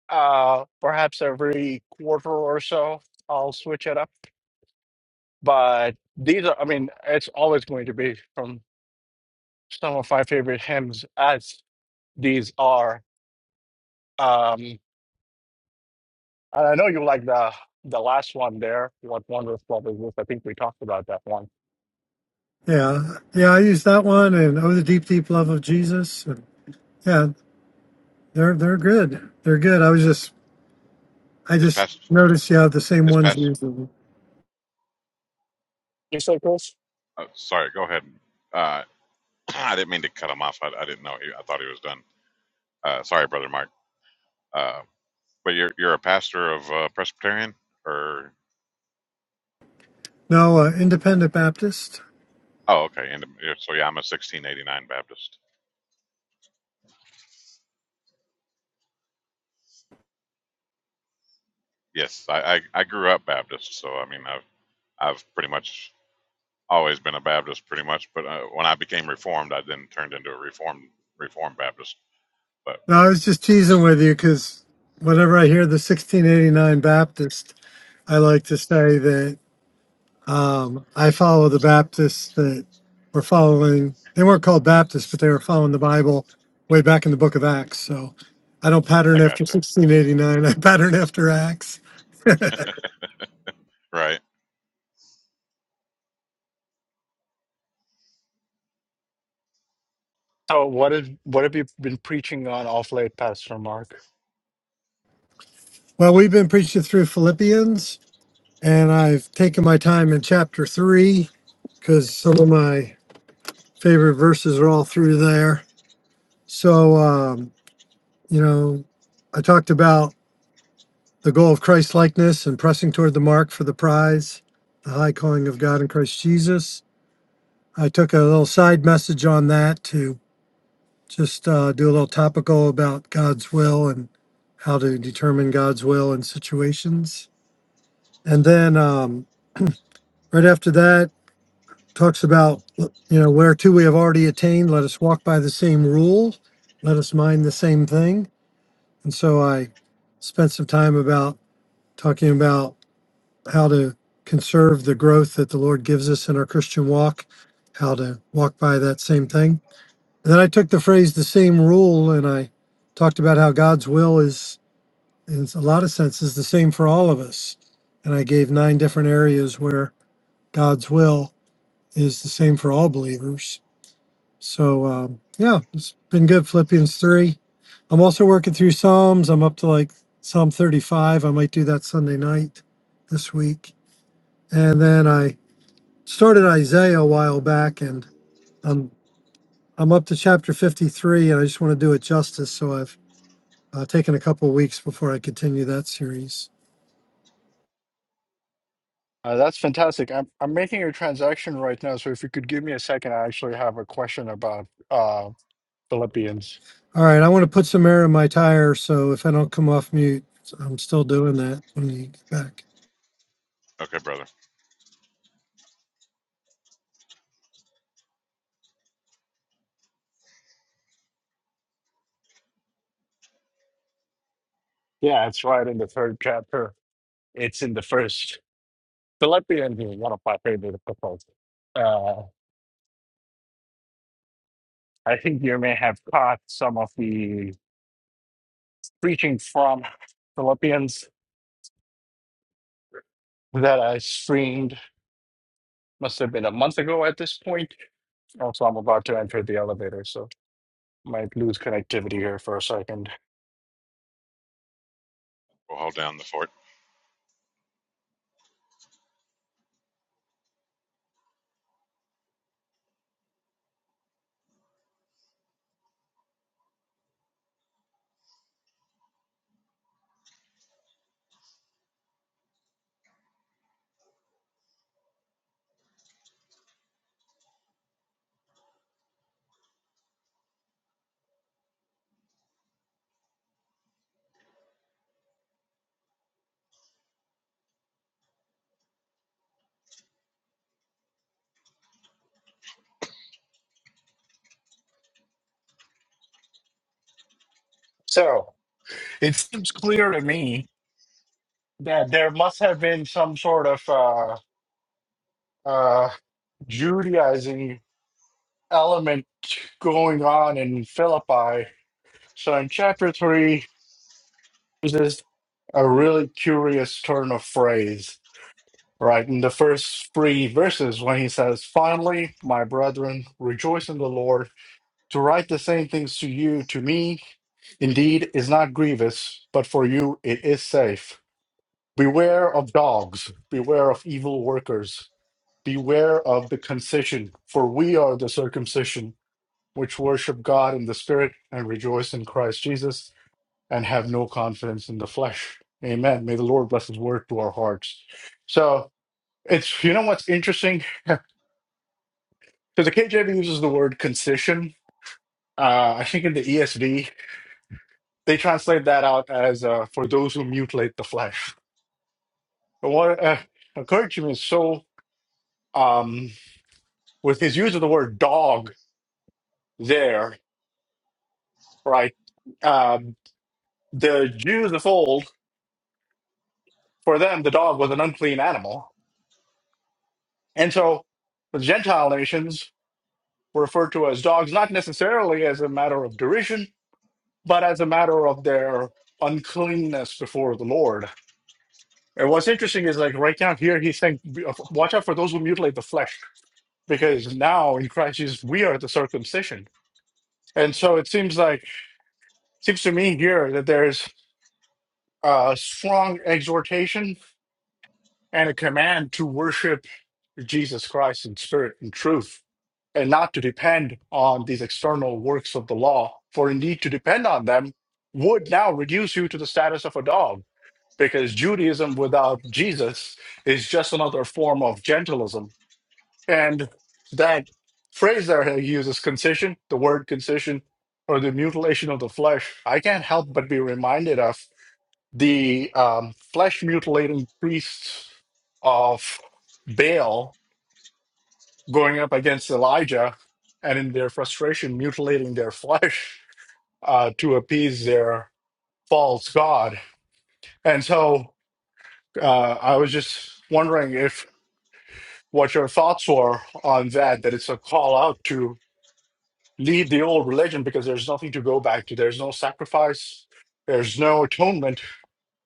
Speaker 2: Uh, perhaps every quarter or so, I'll switch it up. But these are, I mean, it's always going to be from some of my favorite hymns as these are. Um, and I know you like the the last one there, What Wondrous Love Is This. I think we talked about that one.
Speaker 4: Yeah, yeah. I use that one and "Oh, the Deep, Deep Love of Jesus." And yeah, they're they're good. They're good. I was just I
Speaker 3: Is
Speaker 4: just
Speaker 3: Pastor?
Speaker 4: noticed you have the same
Speaker 3: Is
Speaker 4: ones
Speaker 3: Pastor?
Speaker 4: usually.
Speaker 2: You said, Chris?
Speaker 3: Oh, sorry. Go ahead. Uh, [clears throat] I didn't mean to cut him off. I, I didn't know. He, I thought he was done. Uh, sorry, brother Mark. Uh. But you're you're a pastor of uh, Presbyterian, or
Speaker 4: No, uh, Independent Baptist.
Speaker 3: oh, okay. And yeah, so yeah, I'm a 1689 Baptist. Yes, I, I I grew up Baptist, so I mean I've I've pretty much always been a Baptist, pretty much. But uh, when I became Reformed, I then turned into a Reformed Reformed Baptist. But
Speaker 4: No, I was just teasing with you because whenever I hear the 1689 Baptist, I like to say that. Um, I follow the Baptists that were following, they weren't called Baptists, but they were following the Bible way back in the book of Acts. So I don't pattern
Speaker 3: I
Speaker 4: after
Speaker 3: got you
Speaker 4: 1689, I pattern after Acts.
Speaker 3: right.
Speaker 2: So what is what have you been preaching on off late, Pastor Mark?
Speaker 4: Well, we've been preaching through Philippians, and I've taken my time in chapter three because some of my favorite verses are all through there. So, um, you know, I talked about the goal of Christ likeness and pressing toward the mark for the prize, the high calling of God in Christ Jesus I took a little side message on that to just uh, do a little topical about God's will and how to determine God's will in situations. And then um, right after that, talks about, you know, where to we have already attained, let us walk by the same rule, let us mind the same thing. And so I spent some time about talking about how to conserve the growth that the Lord gives us in our Christian walk, how to walk by that same thing. And Then I took the phrase the same rule and I talked about how God's will is, in a lot of senses, the same for all of us. And I gave nine different areas where God's will is the same for all believers. So, um, yeah, it's been good. Philippians 3. I'm also working through Psalms. I'm up to like Psalm 35. I might do that Sunday night this week. And then I started Isaiah a while back and I'm I'm up to chapter 53 and I just want to do it justice. So I've Uh, taking a couple of weeks before I continue that series.
Speaker 2: Uh, that's fantastic. I'm I'm making a transaction right now, so if you could give me a second, I actually have a question about uh Philippians.
Speaker 4: All right, I want to put some air in my tire, so if I don't come off mute, I'm still doing that when you get back.
Speaker 3: Okay, brother.
Speaker 2: Yeah, it's right in the third chapter. It's in the first. Philippians is one of my favorite proposals. Uh, I think you may have caught some of the preaching from Philippians that I streamed, must have been a month ago at this point. Also, I'm about to enter the elevator, so might lose connectivity here for a second.
Speaker 3: We'll hold down the fort.
Speaker 2: So it seems clear to me that there must have been some sort of uh, uh, Judaizing element going on in Philippi. So in chapter 3, uses a really curious turn of phrase, right? In the first three verses, when he says, Finally, my brethren, rejoice in the Lord. To write the same things to you, to me, indeed, is not grievous, but for you it is safe. Beware of dogs, beware of evil workers, beware of the concision, for we are the circumcision, which worship God in the Spirit and rejoice in Christ Jesus and have no confidence in the flesh. Amen. May the Lord bless his word to our hearts. So it's, you know what's interesting? [laughs] so the KJV uses the word concision. Uh, I think in the ESV, they translate that out as uh, for those who mutilate the flesh. But what uh, occurred to me is so, um, with his use of the word dog there, right? Um, the Jews of old, for them, the dog was an unclean animal. And so the Gentile nations were referred to as dogs, not necessarily as a matter of derision, but as a matter of their uncleanness before the Lord. And what's interesting is like right now here, he's saying, "Be- uh, watch out for those who mutilate the flesh, because now in Christ Jesus, we are the circumcision. And so it seems like, seems to me here that there's a strong exhortation and a command to worship Jesus Christ in spirit and truth, and not to depend on these external works of the law. For indeed, to depend on them would now reduce you to the status of a dog, because Judaism without Jesus is just another form of gentilism. And that phrase there he uses, concision, the word concision, or the mutilation of the flesh, I can't help but be reminded of the um, flesh mutilating priests of Baal going up against Elijah and in their frustration mutilating their flesh uh, to appease their false god. And so uh, I was just wondering if what your thoughts were on that, that it's a call out to leave the old religion because there's nothing to go back to. There's no sacrifice, there's no atonement,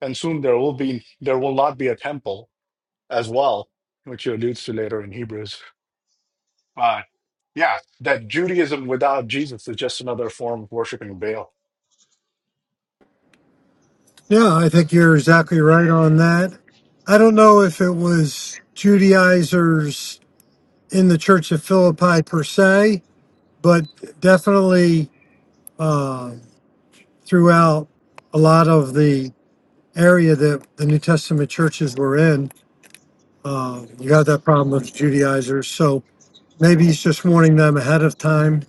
Speaker 2: and soon there will be there will not be a temple as well, which he alludes to later in Hebrews. But yeah, that Judaism without Jesus is just another form of worshiping Baal.
Speaker 4: Yeah, I think you're exactly right on that. I don't know if it was Judaizers in the Church of Philippi per se, but definitely uh, throughout a lot of the area that the New Testament churches were in, uh, you got that problem with Judaizers. So maybe he's just warning them ahead of time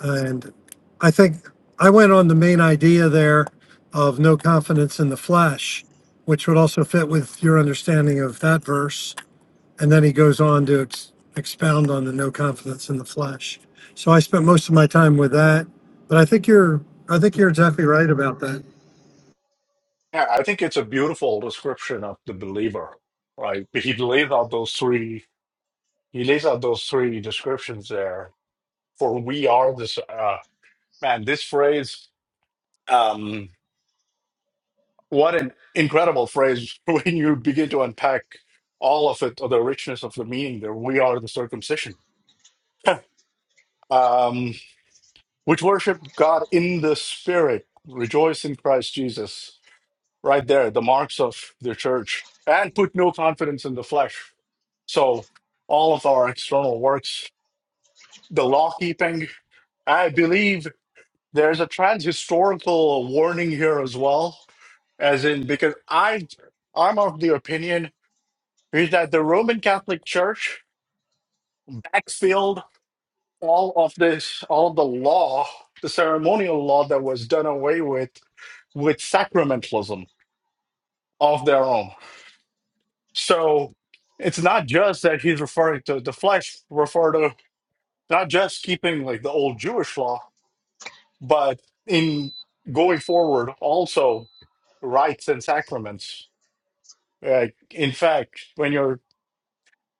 Speaker 4: And I think I went on the main idea there of no confidence in the flesh, which would also fit with your understanding of that verse. And then he goes on to ex- expound on the no confidence in the flesh. So I spent most of my time with that. But I think you're I think you're exactly right about that.
Speaker 2: Yeah, I think it's a beautiful description of the believer, right? But He lays out those three. He lays out those three descriptions there. For we are this uh, man. This phrase, um, what an incredible phrase [laughs] when you begin to unpack all of it, or the richness of the meaning there. We are the circumcision. [laughs] um, which worship God in the Spirit, rejoice in Christ Jesus. right there, the marks of the church, and put no confidence in the flesh. So, all of our external works, the law keeping, I believe there's a transhistorical warning here as well, as in because I, I'm of the opinion is that the Roman Catholic Church backfilled all of this, all of the law, the ceremonial law that was done away with, with sacramentalism of their own So it's not just that he's referring to the flesh, refer to not just keeping like the old Jewish law, but in going forward also rites and sacraments. Uh, in fact, when you're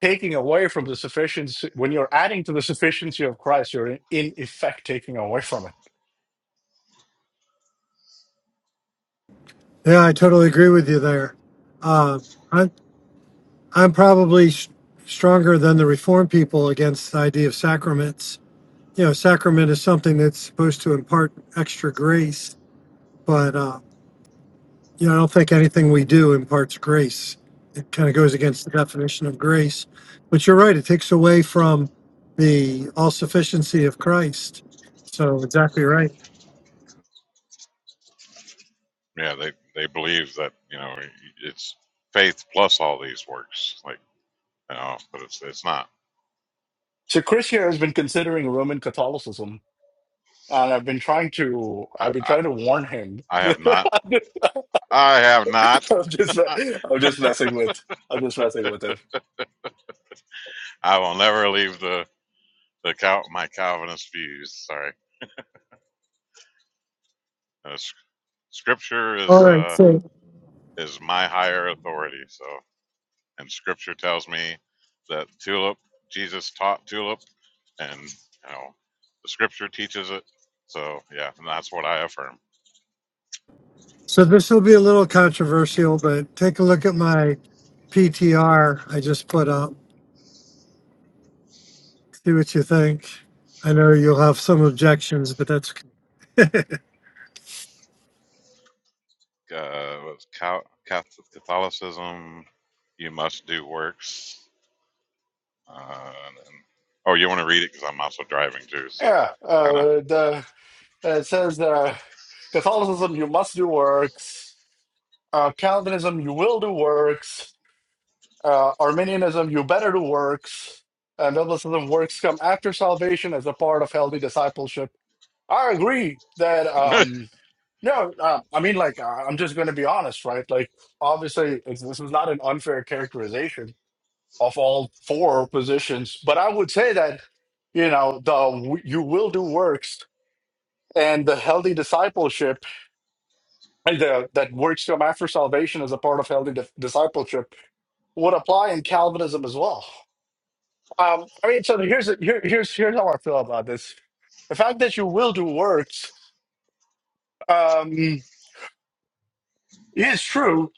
Speaker 2: taking away from the sufficiency, when you're adding to the sufficiency of Christ, you're in, in effect taking away from it.
Speaker 4: Yeah, I totally agree with you there. Uh, I'm I'm probably s stronger than the Reformed people against the idea of sacraments you know, sacrament is something that's supposed to impart extra grace, but, uh, you know, I don't think anything we do imparts grace. It kind of goes against the definition of grace. But you're right, it takes away from the all sufficiency of Christ. So, exactly right.
Speaker 3: Yeah, they they believe that you know it's faith plus all these works, like you know, but it's it's not.
Speaker 2: So Chris here has been considering Roman Catholicism. And I've been trying to,
Speaker 3: I
Speaker 2: I've been
Speaker 3: I,
Speaker 2: trying to warn him
Speaker 3: I have
Speaker 2: [laughs]
Speaker 3: not. I have not.
Speaker 2: I'm just
Speaker 3: [laughs]
Speaker 2: I'm just messing with I'm just messing with him.
Speaker 3: I will never leave the the Cal- my Calvinist views. Sorry, Uh, Scripture
Speaker 4: All
Speaker 3: is
Speaker 4: right.
Speaker 3: uh,
Speaker 4: So,
Speaker 3: is my higher authority. So, and Scripture tells me that tulip Jesus taught tulip, and you know the Scripture teaches it. So yeah, and that's what I affirm.
Speaker 4: so this will be a little controversial, but take a look at my PTR I just put up. See what you think. I know you'll have some objections, but that's okay.
Speaker 3: Uh, with Cal- Cath- Catholicism, you must do works. Uh, and, oh, you want to read it because I'm also driving too. So
Speaker 2: Yeah, uh,
Speaker 3: kind of.
Speaker 2: the uh, it says uh, Catholicism you must do works, uh, Calvinism you will do works, uh, Arminianism you better do works, and Biblicism works come after salvation as a part of healthy discipleship. I agree that
Speaker 3: [laughs]
Speaker 2: um, no, uh, I mean like I- I'm just going to be honest, right? Like obviously it's, this is not an unfair characterization of all four positions. But I would say that you know the you will do works and the healthy discipleship and the that works come after salvation as a part of healthy di- discipleship would apply in Calvinism as well. Um, I mean, so here's here, here's here's how I feel about this. The fact that you will do works um, is true.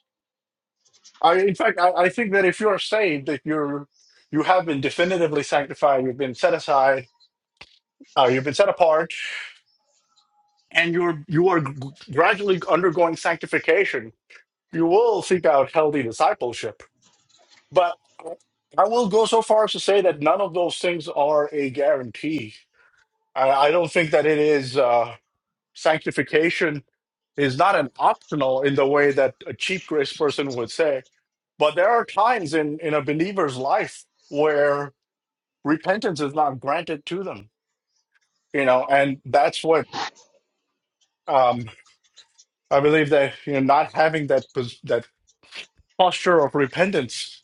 Speaker 2: I, in fact, I, I think that if you're saved, if you're you have been definitively sanctified, you've been set aside, uh, you've been set apart, and you're you are g- gradually undergoing sanctification you will seek out healthy discipleship but i will go so far as to say that none of those things are a guarantee i, I don't think that it is uh, sanctification is not an optional in the way that a cheap grace person would say but there are times in in a believer's life where repentance is not granted to them you know and that's what um I believe that you know not having that pos- that posture of repentance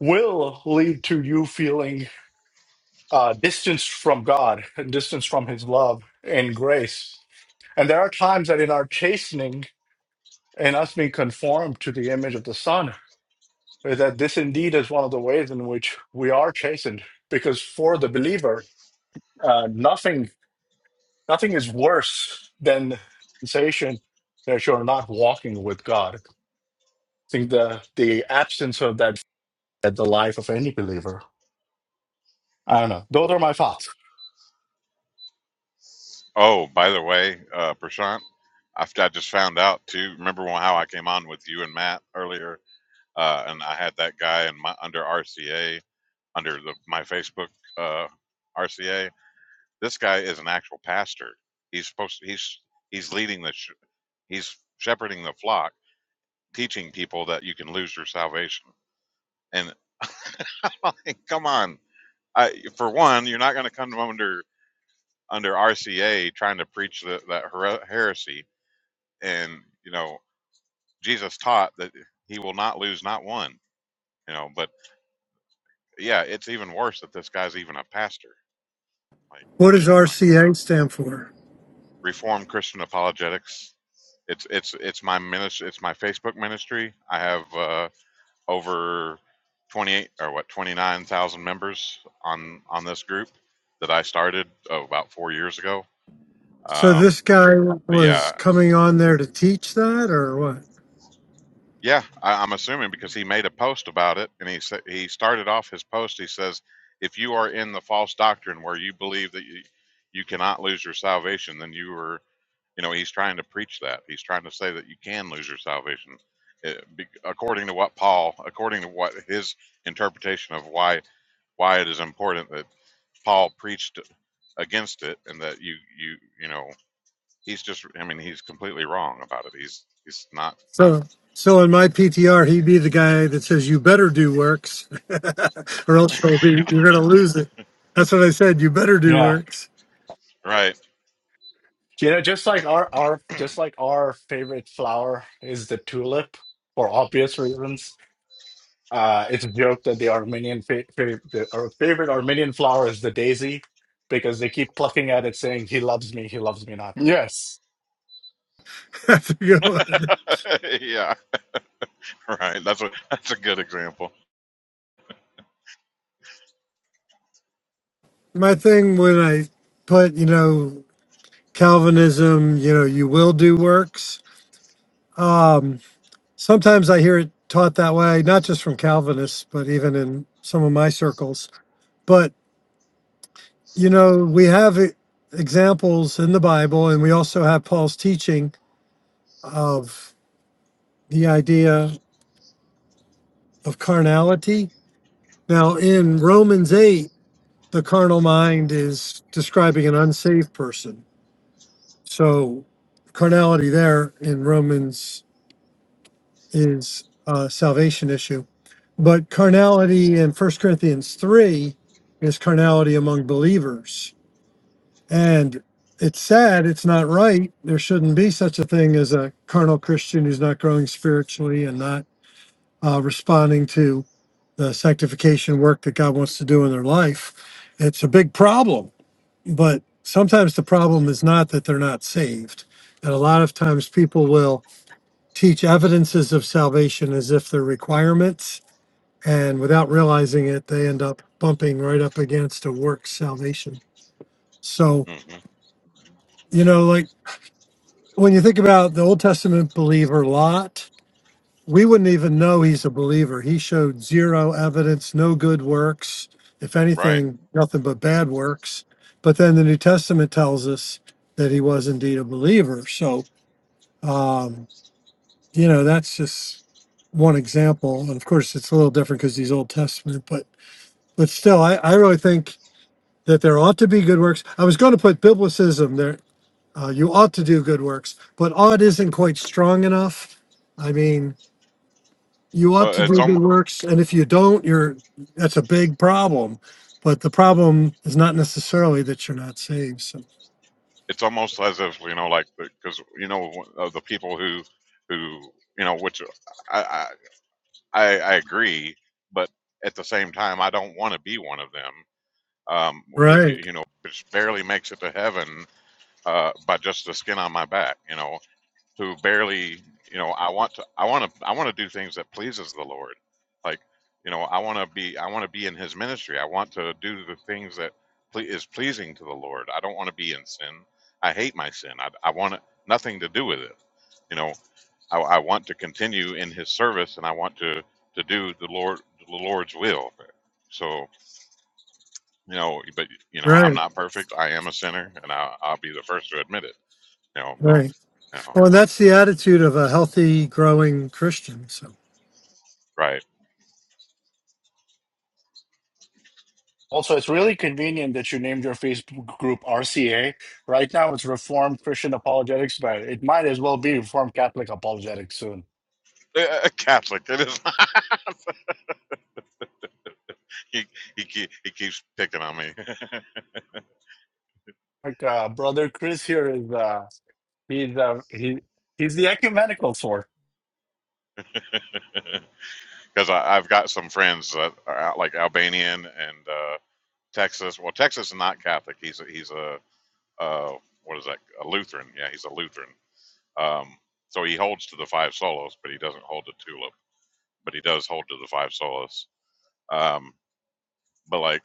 Speaker 2: will lead to you feeling uh, distanced from God, distanced from His love and grace. And there are times that in our chastening and us being conformed to the image of the Son, that this indeed is one of the ways in which we are chastened. Because for the believer, uh, nothing nothing is worse than the sensation that you're not walking with God. I think the the absence of that at the life of any believer. I don't know. Those are my thoughts.
Speaker 3: Oh, by the way, uh, Prashant, I, f- I just found out too. Remember when- how I came on with you and Matt earlier, uh, and I had that guy in my under RCA under the, my Facebook uh, RCA. This guy is an actual pastor. He's supposed. He's he's leading the. Sh- he's shepherding the flock, teaching people that you can lose your salvation. And [laughs] like, come on, I, for one, you're not going to come under under RCA trying to preach the, that here- heresy and you know Jesus taught that he will not lose not one, you know, but yeah, it's even worse that this guy's even a pastor. Like,
Speaker 4: what does
Speaker 3: I mean,
Speaker 4: RCA stand for?
Speaker 3: Reformed Christian Apologetics. It's it's it's my ministry. It's my Facebook ministry. I have uh, over twenty eight or what twenty nine thousand members on on this group that I started oh, about four years ago.
Speaker 4: So
Speaker 3: Um,
Speaker 4: this guy
Speaker 3: but yeah,
Speaker 4: was coming on there to teach that, or what?
Speaker 3: Yeah, I, I'm assuming because he made a post about it, and he said he started off his post. He says, "If you are in the false doctrine where you believe that you, you cannot lose your salvation, then you are, you know." He's trying to preach that. He's trying to say that you can lose your salvation, eh, be- according to what Paul, according to what his interpretation of why why it is important that Paul preached against it, and that you you you know he's just. I mean, he's completely wrong about it. He's he's not
Speaker 4: So, so in my PTR, he'd be the guy that says you better do works, [laughs] or else you'll be you're gonna lose it. That's what I said. You better do
Speaker 2: Yeah.
Speaker 4: works.
Speaker 3: right.
Speaker 2: You know, just like our our just like our favorite flower is the tulip for obvious reasons. Uh, it's a joke that the Armenian fa fa the, our favorite Armenian flower is the daisy because they keep plucking at it saying he loves me, he loves me not. Yes.
Speaker 4: [laughs] That's a good one.
Speaker 3: [laughs] yeah, [laughs] Right. That's a that's a good example.
Speaker 4: My thing when I put you know Calvinism, you know you will do works. Um, sometimes I hear it taught that way, not just from Calvinists, but even in some of my circles. but. You know, we have e- examples in the Bible, and we also have Paul's teaching of the idea of carnality. Now, in Romans 8, the carnal mind is describing an unsaved person. So, carnality there in Romans is a salvation issue. But carnality in First Corinthians 3 is carnality among believers. And it's sad, it's not right. There shouldn't be such a thing as a carnal Christian who's not growing spiritually and not uh, responding to the sanctification work that God wants to do in their life. It's a big problem, but sometimes the problem is not that they're not saved. And a lot of times people will teach evidences of salvation as if they're requirements. And without realizing it, they end up bumping right up against a work salvation. So,
Speaker 3: hmm
Speaker 4: you know, like when you think about the Old Testament believer Lot, we wouldn't even know he's a believer. He showed zero evidence, no good works. If
Speaker 3: Right.
Speaker 4: anything, nothing but bad works. But then the New Testament tells us that he was indeed a believer. So, um, you know, that's just one example. And of course, it's a little different because he's Old Testament, but but still, I, I really think that there ought to be good works. I was going to put biblicism there Uh, you ought to do good works, but ought isn't quite strong enough. I mean, you ought
Speaker 3: Well,
Speaker 4: to
Speaker 3: it's
Speaker 4: do good
Speaker 3: almost
Speaker 4: works, and if you don't, you're that's a big problem. But the problem is not necessarily that you're not saved. So
Speaker 3: it's almost as if you know, like because you know uh, the people who who you know, which I I I I agree, but at the same time, I don't want to be one of them. Um, who get,
Speaker 4: right,
Speaker 3: you know just barely makes it to heaven uh, by just the skin on my back. You know, who barely you know i want to i want to i want to do things that pleases the lord like you know i want to be i want to be in his ministry i want to do the things that ple- is pleasing to the lord i don't want to be in sin i hate my sin i, I want nothing to do with it you know I, I want to continue in his service and i want to to do the lord the lord's will so you know but you know i'm
Speaker 4: right,
Speaker 3: not perfect i am a sinner and I, i'll be the first to admit it you know but
Speaker 4: right.
Speaker 3: you know
Speaker 4: Well, and that's the attitude of a healthy, growing Christian. So
Speaker 3: right
Speaker 2: Also, it's really convenient that you named your Facebook group RCA. Right now, it's Reformed Christian Apologetics, but it might as well be Reformed Catholic Apologetics soon.
Speaker 3: [laughs] a Catholic. It is. [laughs] he he keep, he keeps picking on me [laughs]
Speaker 2: Like uh, brother Chris here is uh, he's uh, he he's the ecumenical source.
Speaker 3: because I've got some friends that are out, like Albanian and uh, Texas. Well, Texas is not Catholic. He's a, he's a uh, what is that? A Lutheran. Yeah, he's a Lutheran. Um, so he holds to the five solos, but he doesn't hold to tulip. But he does hold to the five solos. Um, but like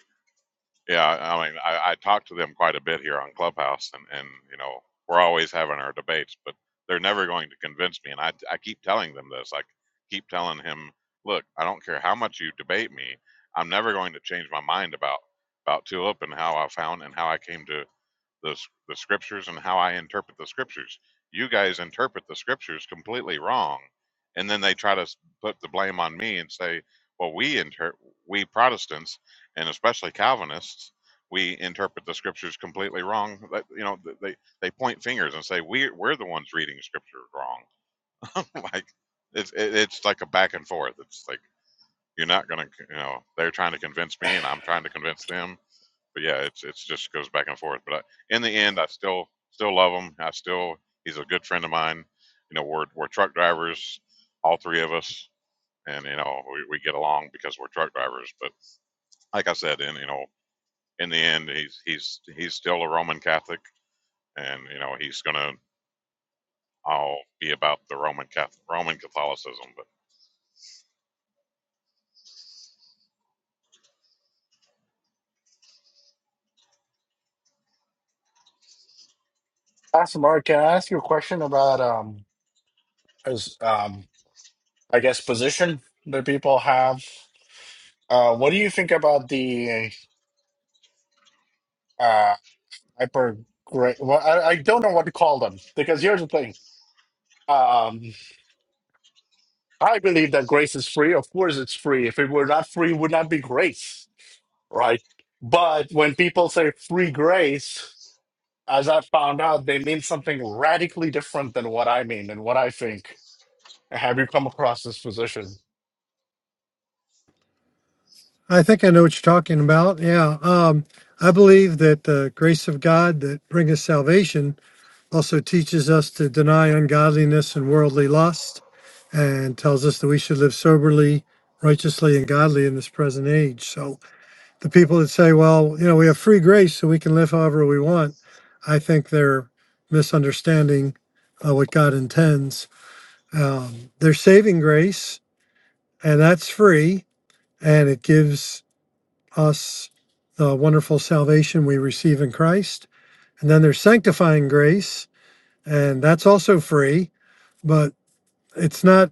Speaker 3: Yeah, I mean, I, I talk to them quite a bit here on Clubhouse, and and you know, we're always having our debates, but they're never going to convince me. And I I keep telling them this. I keep telling him, look, I don't care how much you debate me, I'm never going to change my mind about about Tulip and how I found and how I came to the the scriptures and how I interpret the scriptures. You guys interpret the scriptures completely wrong, and then they try to s- put the blame on me and say, "Well, we inter- we Protestants and especially Calvinists, we interpret the scriptures completely wrong." That, you know, th- they they point fingers and say we we're the ones reading scripture wrong. [laughs] like it's it, it's like a back and forth. It's like you're not gonna you know they're trying to convince me and I'm trying to convince them but yeah, it's it's just goes back and forth. But I, in the end, I still still love him. I still he's a good friend of mine. You know, we're we're truck drivers, all three of us, and you know we, we get along because we're truck drivers. But like I said, in you know in the end, he's he's he's still a Roman Catholic, and you know he's gonna all be about the Roman Catholic Roman Catholicism. But
Speaker 2: Awesome, Mark. Can I ask you a question about um, as um, I guess position that people have? Uh, what do you think about the uh hyper grace? Well, I, I don't know what to call them because here's the thing. Um, I believe that grace is free. Of course, it's free. If it were not free, it would not be grace, right? But when people say free grace, as I found out, they mean something radically different than what I mean and what I think. Have you come across this position?
Speaker 4: I think I know what you're talking about. Yeah, um, I believe that the grace of God that bringeth salvation also teaches us to deny ungodliness and worldly lust, and tells us that we should live soberly, righteously, and godly in this present age. So the people that say, well, you know, we have free grace, so we can live however we want, I think they're misunderstanding uh, what God intends. Um, they saving grace, and that's free, and it gives us the wonderful salvation we receive in Christ. And then there's sanctifying grace, and that's also free but it's not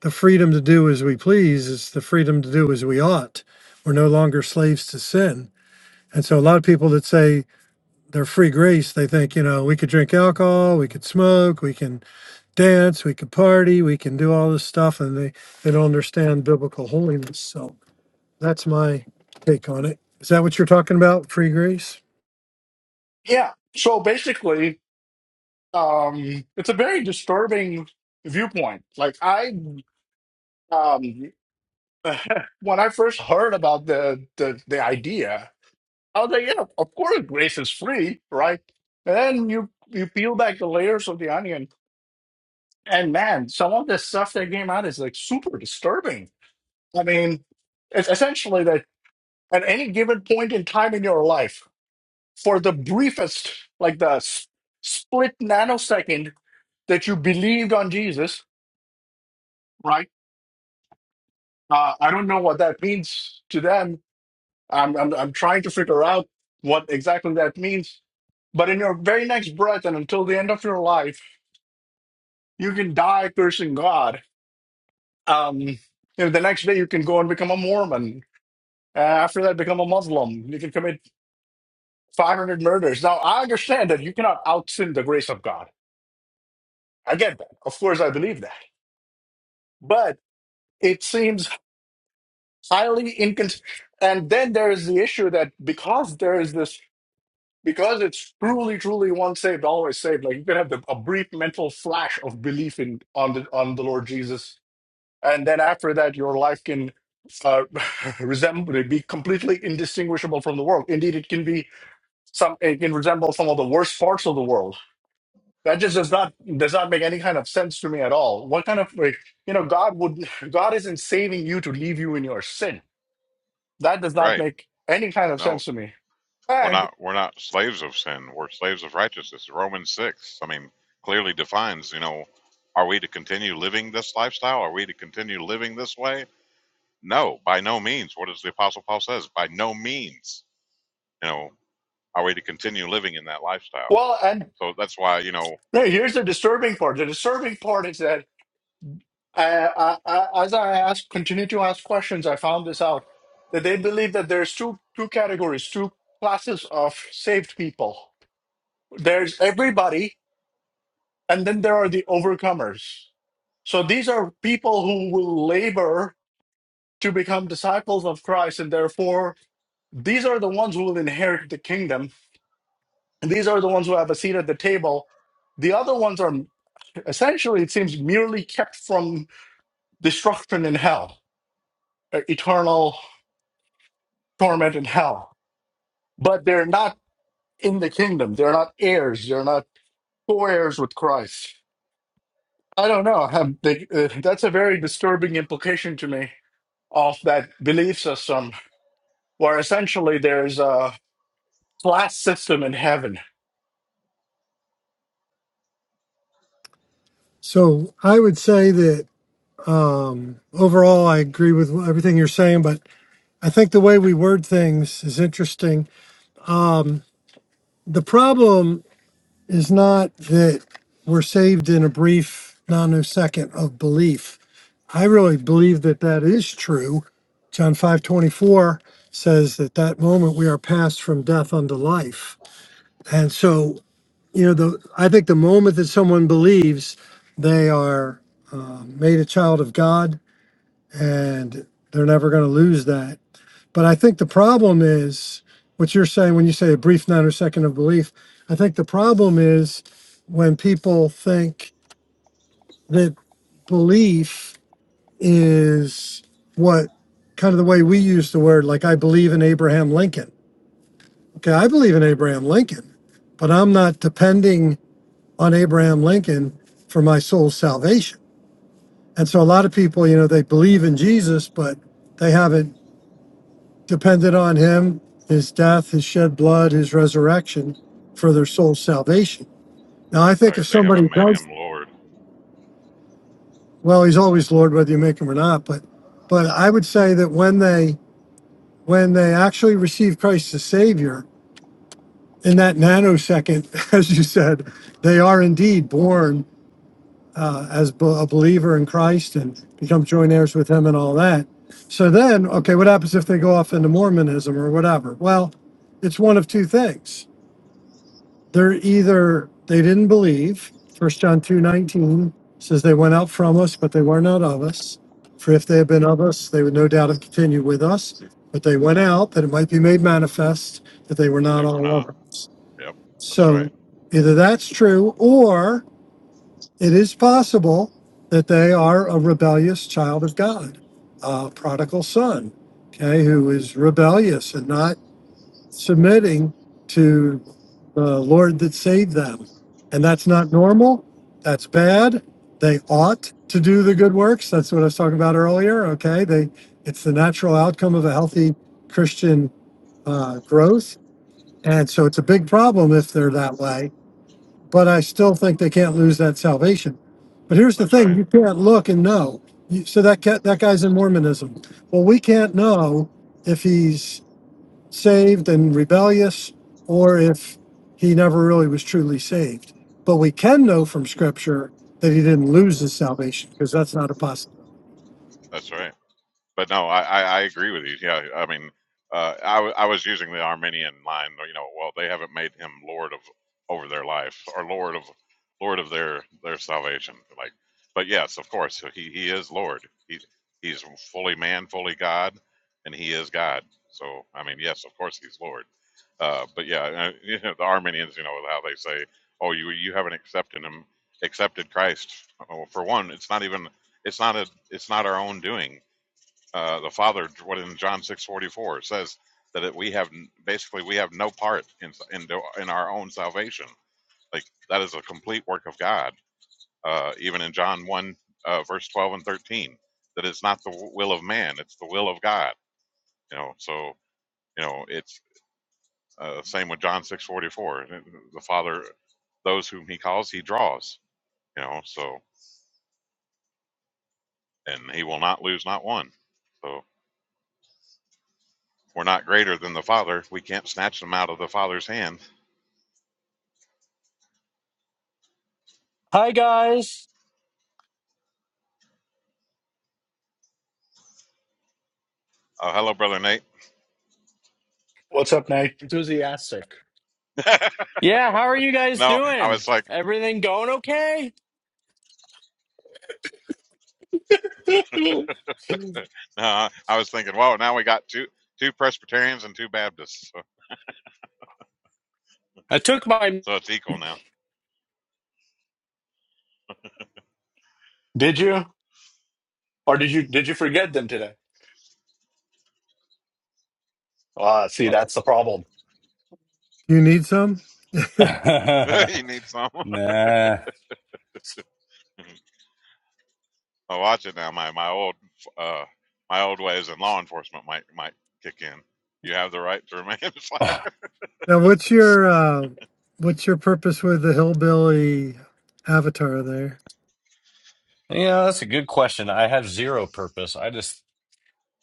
Speaker 4: the freedom to do as we please it's the freedom to do as we ought we're no longer slaves to sin and so a lot of people that say they're free grace they think you know we could drink alcohol we could smoke we can dance we could party we can do all this stuff and they they don't understand biblical holiness so that's my take on it is that what you're talking about free grace
Speaker 2: Yeah. So basically, um, it's a very disturbing viewpoint. Like I, um, [laughs] when I first heard about the, the the idea, I was like, yeah, of course, grace is free, right? And then you you peel back the layers of the onion, and man, some of the stuff that came out is like super disturbing. I mean, it's essentially that at any given point in time in your life, for the briefest, like the s- split nanosecond that you believed on Jesus, right? Uh, I don't know what that means to them. I'm, I'm, I'm trying to figure out what exactly that means. But in your very next breath and until the end of your life, you can die cursing God. Um, you know, the next day, you can go and become a Mormon. Uh, after that, become a Muslim. You can commit 500 murders. Now, I understand that you cannot out sin the grace of God. I get that. Of course, I believe that. But it seems highly incons. And then there is the issue that because there is this, because it's truly, truly once saved, always saved. Like you can have the, a brief mental flash of belief in on the on the Lord Jesus, and then after that, your life can uh, [laughs] resemble be completely indistinguishable from the world. Indeed, it can be some. It can resemble some of the worst parts of the world. That just does not does not make any kind of sense to me at all. What kind of like you know God would God isn't saving you to leave you in your sin that does not
Speaker 3: right,
Speaker 2: make any kind of
Speaker 3: no,
Speaker 2: sense to me.
Speaker 3: We're
Speaker 2: And
Speaker 3: not we're not slaves of sin. We're slaves of righteousness. Romans six. I mean, clearly defines. You know, are we to continue living this lifestyle? Are we to continue living this way? No, by no means. What does the apostle Paul says? By no means. You know, are we to continue living in that lifestyle?
Speaker 2: well, and
Speaker 3: So that's why you know,
Speaker 2: hey, here's the disturbing part. The disturbing part is that uh, I, I, as I ask, continue to ask questions, I found this out that they believe that there's two two categories, two classes of saved people. There's everybody, and then there are the overcomers. So these are people who will labor to become disciples of Christ, and therefore these are the ones who will inherit the kingdom And these are the ones who have a seat at the table. The other ones are essentially, it seems, merely kept from destruction in hell, uh, eternal torment in hell. But they're not in the kingdom. They're not heirs. They're not co heirs with Christ. I don't know. Um, they, uh, that's a very disturbing implication to me of that belief system, where essentially there's a class system in heaven.
Speaker 4: so i would say that um overall i agree with everything you're saying but I think the way we word things is interesting. The problem is not that we're saved in a brief nanosecond of belief. I really believe that that is true. John 5:24 says that that moment we are passed from death unto life. And so, you know, the I think the moment that someone believes they are made a child of God and they're never going to lose that But I think the problem is what you're saying when you say a brief noun or second of belief. I think the problem is when people think that belief is what kind of the way we use the word, like I believe in Abraham Lincoln. Okay, I believe in Abraham Lincoln, but I'm not depending on Abraham Lincoln for my soul's salvation. And so a lot of people, you know, they believe in Jesus, but they haven't depended on him, his death, his shed blood, his resurrection for their soul's salvation. Now, I think
Speaker 3: right?
Speaker 4: if
Speaker 3: They
Speaker 4: somebody
Speaker 3: haven't made
Speaker 4: does,
Speaker 3: him Lord,
Speaker 4: well, he's always Lord, whether you make him or not. But, but I would say that when they when they actually receive Christ as Savior, in that nanosecond, [laughs] as you said, they are indeed born uh, as be- a believer in Christ and become joint heirs with Him and all that. So then, okay, what happens if they go off into Mormonism or whatever? Well, it's one of two things they're either they didn't believe first john 2 19 says they went out from us but they were not of us for if they had been
Speaker 3: hmm
Speaker 4: of us they would no doubt have continued with us but they went out that it might be made manifest that they were
Speaker 3: but
Speaker 4: not
Speaker 3: they were
Speaker 4: all
Speaker 3: not.
Speaker 4: of us
Speaker 3: Yep, that's right.
Speaker 4: so either that's true or it is possible that they are a rebellious child of god a prodigal son okay who is rebellious and not submitting to the Lord that saved them. And that's not normal. That's bad. They ought to do the good works. That's what I was talking about earlier. Okay. They, it's the natural outcome of a healthy Christian uh, growth. And so it's a big problem if they're that way. But I still think they can't lose that salvation. But here's the
Speaker 3: That's
Speaker 4: thing
Speaker 3: right.
Speaker 4: you can't look and know. You, so that, cat, that guy's in Mormonism. Well, we can't know if he's saved and rebellious, or if he never really was truly saved. But we can know from Scripture that he didn't lose his salvation because that's not a possibility.
Speaker 3: That's right. but no, I, I, I agree with you. Yeah, I mean, uh, I, w- I was using the Arminian line. You know, well, they haven't made him Lord of over their life or Lord of Lord of their their salvation. Like, but yes, of course, so he he is Lord. He he's fully man, fully God, and he is God. So I mean, yes, of course, he's Lord. Uh, but yeah, uh, [laughs] you know, the Arminians, you know, how they say, "Oh, you you haven't accepted him, accepted Christ." Oh, for one, it's not even it's not a it's not our own doing uh, the Father, what in John six forty four says that it, we have basically we have no part in in in our own salvation. Like that is a complete work of God. Uh, even in John one uh, verse twelve and thirteen, that it's not the will of man; it's the will of God. You know, so you know it's uh, same with John six forty four. The Father, those whom He calls, He draws. You know, so and He will not lose not one. So we're not greater than the Father. We can't snatch them out of the Father's hand
Speaker 5: Hi guys.
Speaker 3: Oh, hello, brother Nate.
Speaker 2: What's up, Nate? Enthusiastic.
Speaker 5: Yeah, how are you guys
Speaker 3: No, I
Speaker 5: doing?
Speaker 3: was like,
Speaker 5: Everything going okay?
Speaker 2: [laughs] Did
Speaker 3: uh, I was thinking, whoa, now we got two two Presbyterians and two Baptists, so,
Speaker 5: I took my
Speaker 3: so it's equal now.
Speaker 2: you? Or did you did you forget them today? Ah, see,
Speaker 5: [laughs]
Speaker 2: that's the problem.
Speaker 4: You need some
Speaker 3: [laughs] you need someone.
Speaker 5: Nah.
Speaker 3: [laughs] I watch it now. My my old uh my old ways in law enforcement might might kick in. You have the right to remain. [laughs] silent.
Speaker 5: Ugh.
Speaker 4: now. What's your uh, what's your purpose with the hillbilly avatar there?
Speaker 5: You know, that's a good question. I have zero purpose. I just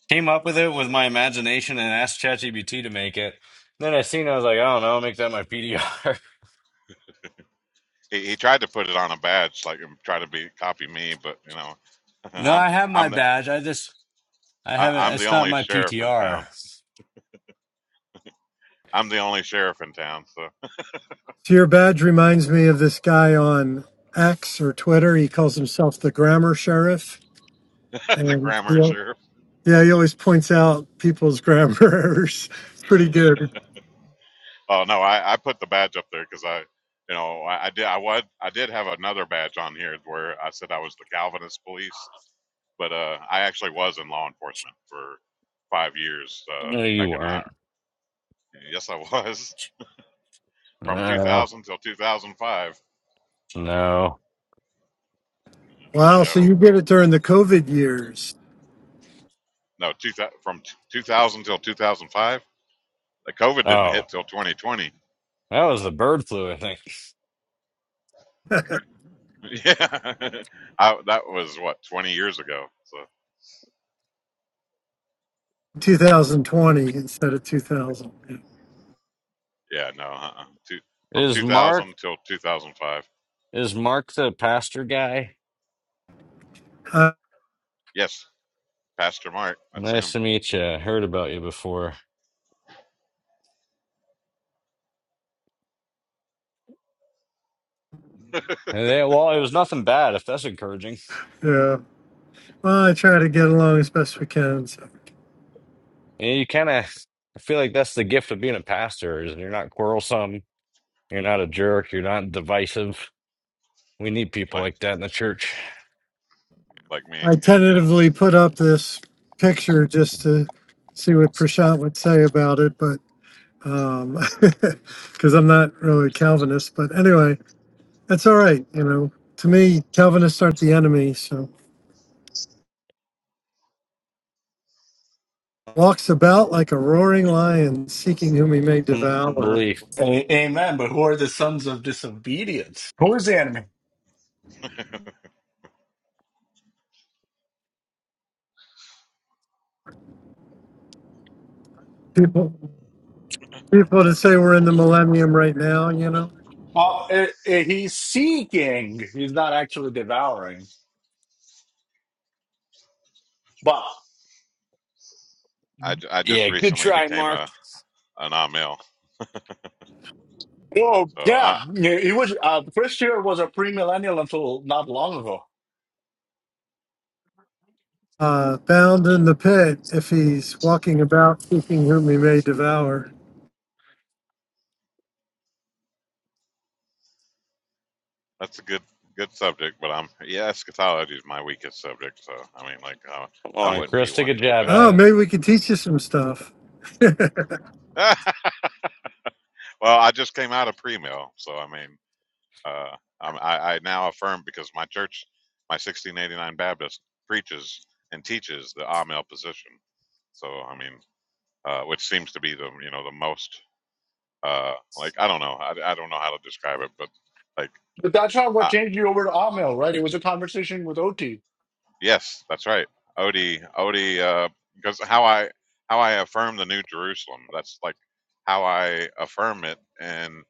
Speaker 5: came up with it with my imagination and asked ChatGPT to make it. Then I seen I was like, I don't know, make that my PDR.
Speaker 3: he, he tried to put it on a badge, like and try to be copy me, but you know,
Speaker 5: [laughs]
Speaker 3: [laughs]
Speaker 5: no,
Speaker 3: I'm
Speaker 5: I have my
Speaker 3: I'm the
Speaker 5: badge. I just I
Speaker 3: I,
Speaker 5: haven't
Speaker 3: I'm the
Speaker 5: it's not
Speaker 3: only
Speaker 5: my
Speaker 3: sheriff in
Speaker 5: PTR.
Speaker 3: town. I'm the only sheriff in town, so
Speaker 4: So your badge reminds me of this guy on X or Twitter. He calls himself the grammar sheriff,
Speaker 3: [laughs] the
Speaker 4: and you
Speaker 3: grammar
Speaker 4: know,
Speaker 3: sheriff.
Speaker 4: yeah, he always points out people's grammar errors. [laughs] Pretty good.
Speaker 3: Oh no, I, I put the badge up there because I, you know, I, I did I was I did have another badge on here where I said I was the Calvinist police, but uh, I actually was in law enforcement for five years uh,
Speaker 5: No, you
Speaker 3: back in my
Speaker 5: weren't.
Speaker 3: yes I was [laughs] from
Speaker 5: No.
Speaker 3: 2000 till 2005.
Speaker 5: No.
Speaker 4: Wow.
Speaker 3: No,
Speaker 4: So you did it during the COVID years,
Speaker 3: no, two, thou- from t- 2000 till 2005. The COVID didn't
Speaker 5: Oh.
Speaker 3: hit till 2020. [laughs]
Speaker 5: That was the bird flu, I think.
Speaker 3: Yeah, [laughs] I, that was what 20 years ago. So
Speaker 4: 2020 instead of 2000.
Speaker 3: yeah, no, uh-uh. two, from
Speaker 5: Is Mark
Speaker 3: 2000 till 2005.
Speaker 5: Is Mark the pastor guy?
Speaker 4: I,
Speaker 3: Yes, Pastor Mark. That's
Speaker 5: Nice
Speaker 3: him.
Speaker 5: to meet you. Heard about you before. And they, well, it was nothing bad, if that's encouraging.
Speaker 4: yeah. Well, I try to get along as best we can. So
Speaker 5: And you kind of, I feel like that's the gift of being a pastor is you're not quarrelsome, you're not a jerk, you're not divisive. We need people
Speaker 3: Like
Speaker 5: like that in the church.
Speaker 3: like me.
Speaker 4: I
Speaker 3: Yep. hmm
Speaker 4: tentatively put
Speaker 3: Yep.
Speaker 4: up this picture just to see what Prashant would say about it, but um [laughs] because I'm not really Calvinist. But anyway, that's all right. You know, to me, Calvinists aren't the enemy. So walks about like a roaring lion, seeking whom he may devour.
Speaker 5: Belief.
Speaker 2: A- amen. But who are the sons of disobedience? Who is the enemy?
Speaker 4: People. people to say we're in the millennium right now, you know.
Speaker 2: Well, eh, eh, he's seeking. He's not actually devouring. But
Speaker 3: I, ju- I just
Speaker 5: Yeah, good
Speaker 3: recently
Speaker 5: try,
Speaker 3: became
Speaker 5: Mark.
Speaker 3: a an Amel.
Speaker 2: oh
Speaker 3: So I
Speaker 2: yeah, eh, he was. Uh, Chris here was a premillennial until not long ago.
Speaker 4: Uh, bound in the pit if he's walking about seeking whom he may devour.
Speaker 3: that's a good good subject. But I'm yeah, eschatology is my weakest subject. So I mean, like uh,
Speaker 5: Come
Speaker 3: I
Speaker 5: on,
Speaker 3: wouldn't be
Speaker 5: Chris, take
Speaker 3: one
Speaker 5: a
Speaker 3: to
Speaker 5: jab
Speaker 3: debate
Speaker 5: at
Speaker 4: Oh,
Speaker 3: it.
Speaker 5: it.
Speaker 4: maybe we could teach you some stuff. [laughs] yeah.
Speaker 3: [laughs] well, I just came out of pre mill, so I mean, uh, I'm, I I now affirm because my church, my 1689 Baptist preaches and teaches the Amel position. So I mean, uh, which seems to be the you know the most Uh, like I don't know, I, I don't know how to describe it, but like
Speaker 2: But that's not what
Speaker 3: uh,
Speaker 2: changed you over to Amel, right? It was a conversation with Oti.
Speaker 3: yes, that's right, Odie, Odie, uh, because how I how I affirm the New Jerusalem, that's like how I affirm it, and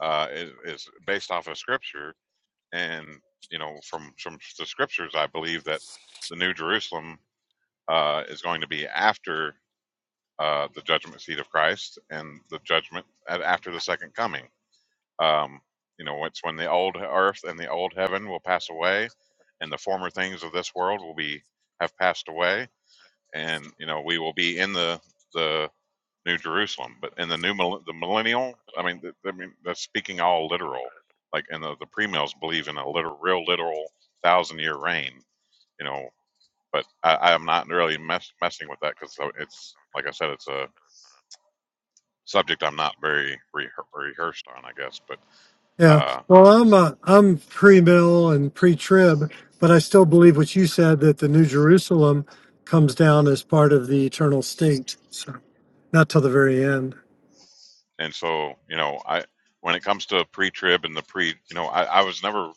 Speaker 3: uh, it is based off of Scripture, and you know from from the Scriptures, I believe that the New Jerusalem uh, is going to be after uh, the judgment seat of Christ and the judgment at, after the second coming Um, you know, it's when the old earth and the old heaven will pass away, and the former things of this world will be have passed away, and you know we will be in the the new Jerusalem. But in the new mil- the millennial, I mean, th- I mean that's speaking all literal. Like, and the the premills believe in a literal, real literal thousand year reign. You know, but I, I'm not really mess, messing with that because it's like I said, it's a subject I'm not very re- rehearsed on, I guess. But uh,
Speaker 4: Well, I'm uh, I'm pre-mill and pre-trib, but I still believe what you said that the New Jerusalem comes down as part of the eternal state. So not till the very end.
Speaker 3: And so, you know, I when it comes to pre-trib and the pre, you know, I, I was never,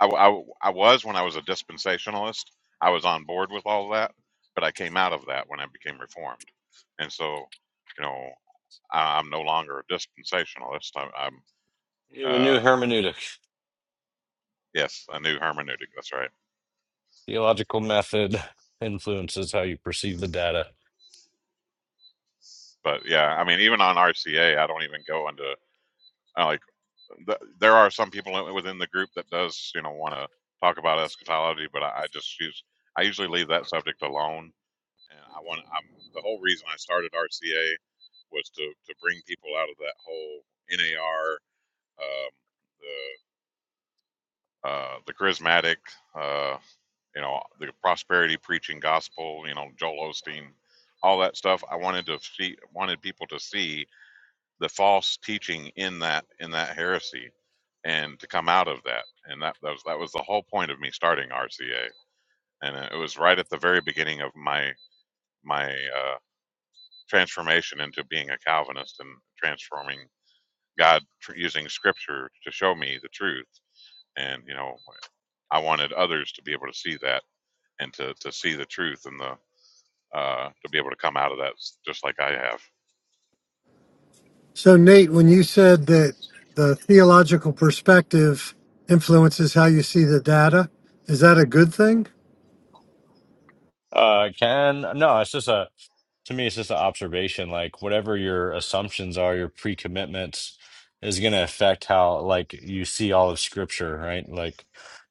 Speaker 3: I, I, I was when I was a dispensationalist. I was on board with all that, but I came out of that when I became reformed. And so, you know, I, I'm no longer a dispensationalist. I, I'm,
Speaker 5: You have a
Speaker 3: uh,
Speaker 5: new hermeneutic.
Speaker 3: yes, a new hermeneutic. That's right.
Speaker 5: Theological method influences how you perceive the data.
Speaker 3: But yeah, I mean, even on RCA, I don't even go into. I like th- there are some people within the group that does you know want to talk about eschatology, but I, I just use I usually leave that subject alone. And I want I'm, the whole reason I started RCA was to to bring people out of that whole NAR, um, the uh, the charismatic, uh, you know, the prosperity preaching gospel, you know, Joel Osteen, all that stuff. I wanted to see wanted people to see the false teaching in that in that heresy and to come out of that and that, that was that was the whole point of me starting RCA and it was right at the very beginning of my my uh, transformation into being a Calvinist and transforming God tr- using Scripture to show me the truth and you know I wanted others to be able to see that and to to see the truth and the uh, to be able to come out of that s- just like I have
Speaker 4: So Nate, when you said that the theological perspective influences how you see the data, is that a good thing?
Speaker 5: Uh, Ken, no, it's just a to me, it's just an observation. Like whatever your assumptions are, your pre-commitments is going to affect how like you see all of Scripture, right? Like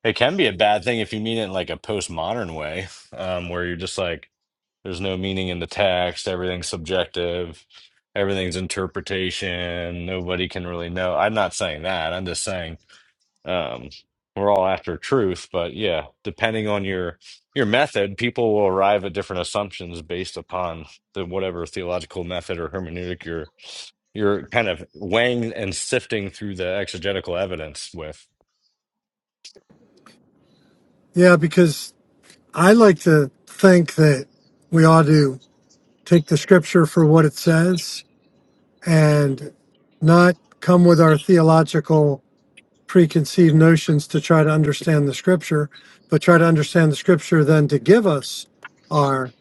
Speaker 5: it can be a bad thing if you mean it in like a postmodern way, um, where you're just like, there's no meaning in the text, everything's subjective, everything's interpretation, nobody can really know. I'm not saying that. I'm just saying um, we're all after truth, but yeah, depending on your your method, people will arrive at different assumptions based upon the whatever theological method or hermeneutic you're you're kind of weighing and sifting through the exegetical evidence with.
Speaker 4: Yeah, because I like to think that we ought to take the scripture for what it says and not come with our theological preconceived notions to try to understand the scripture, but try to understand the scripture then to give us our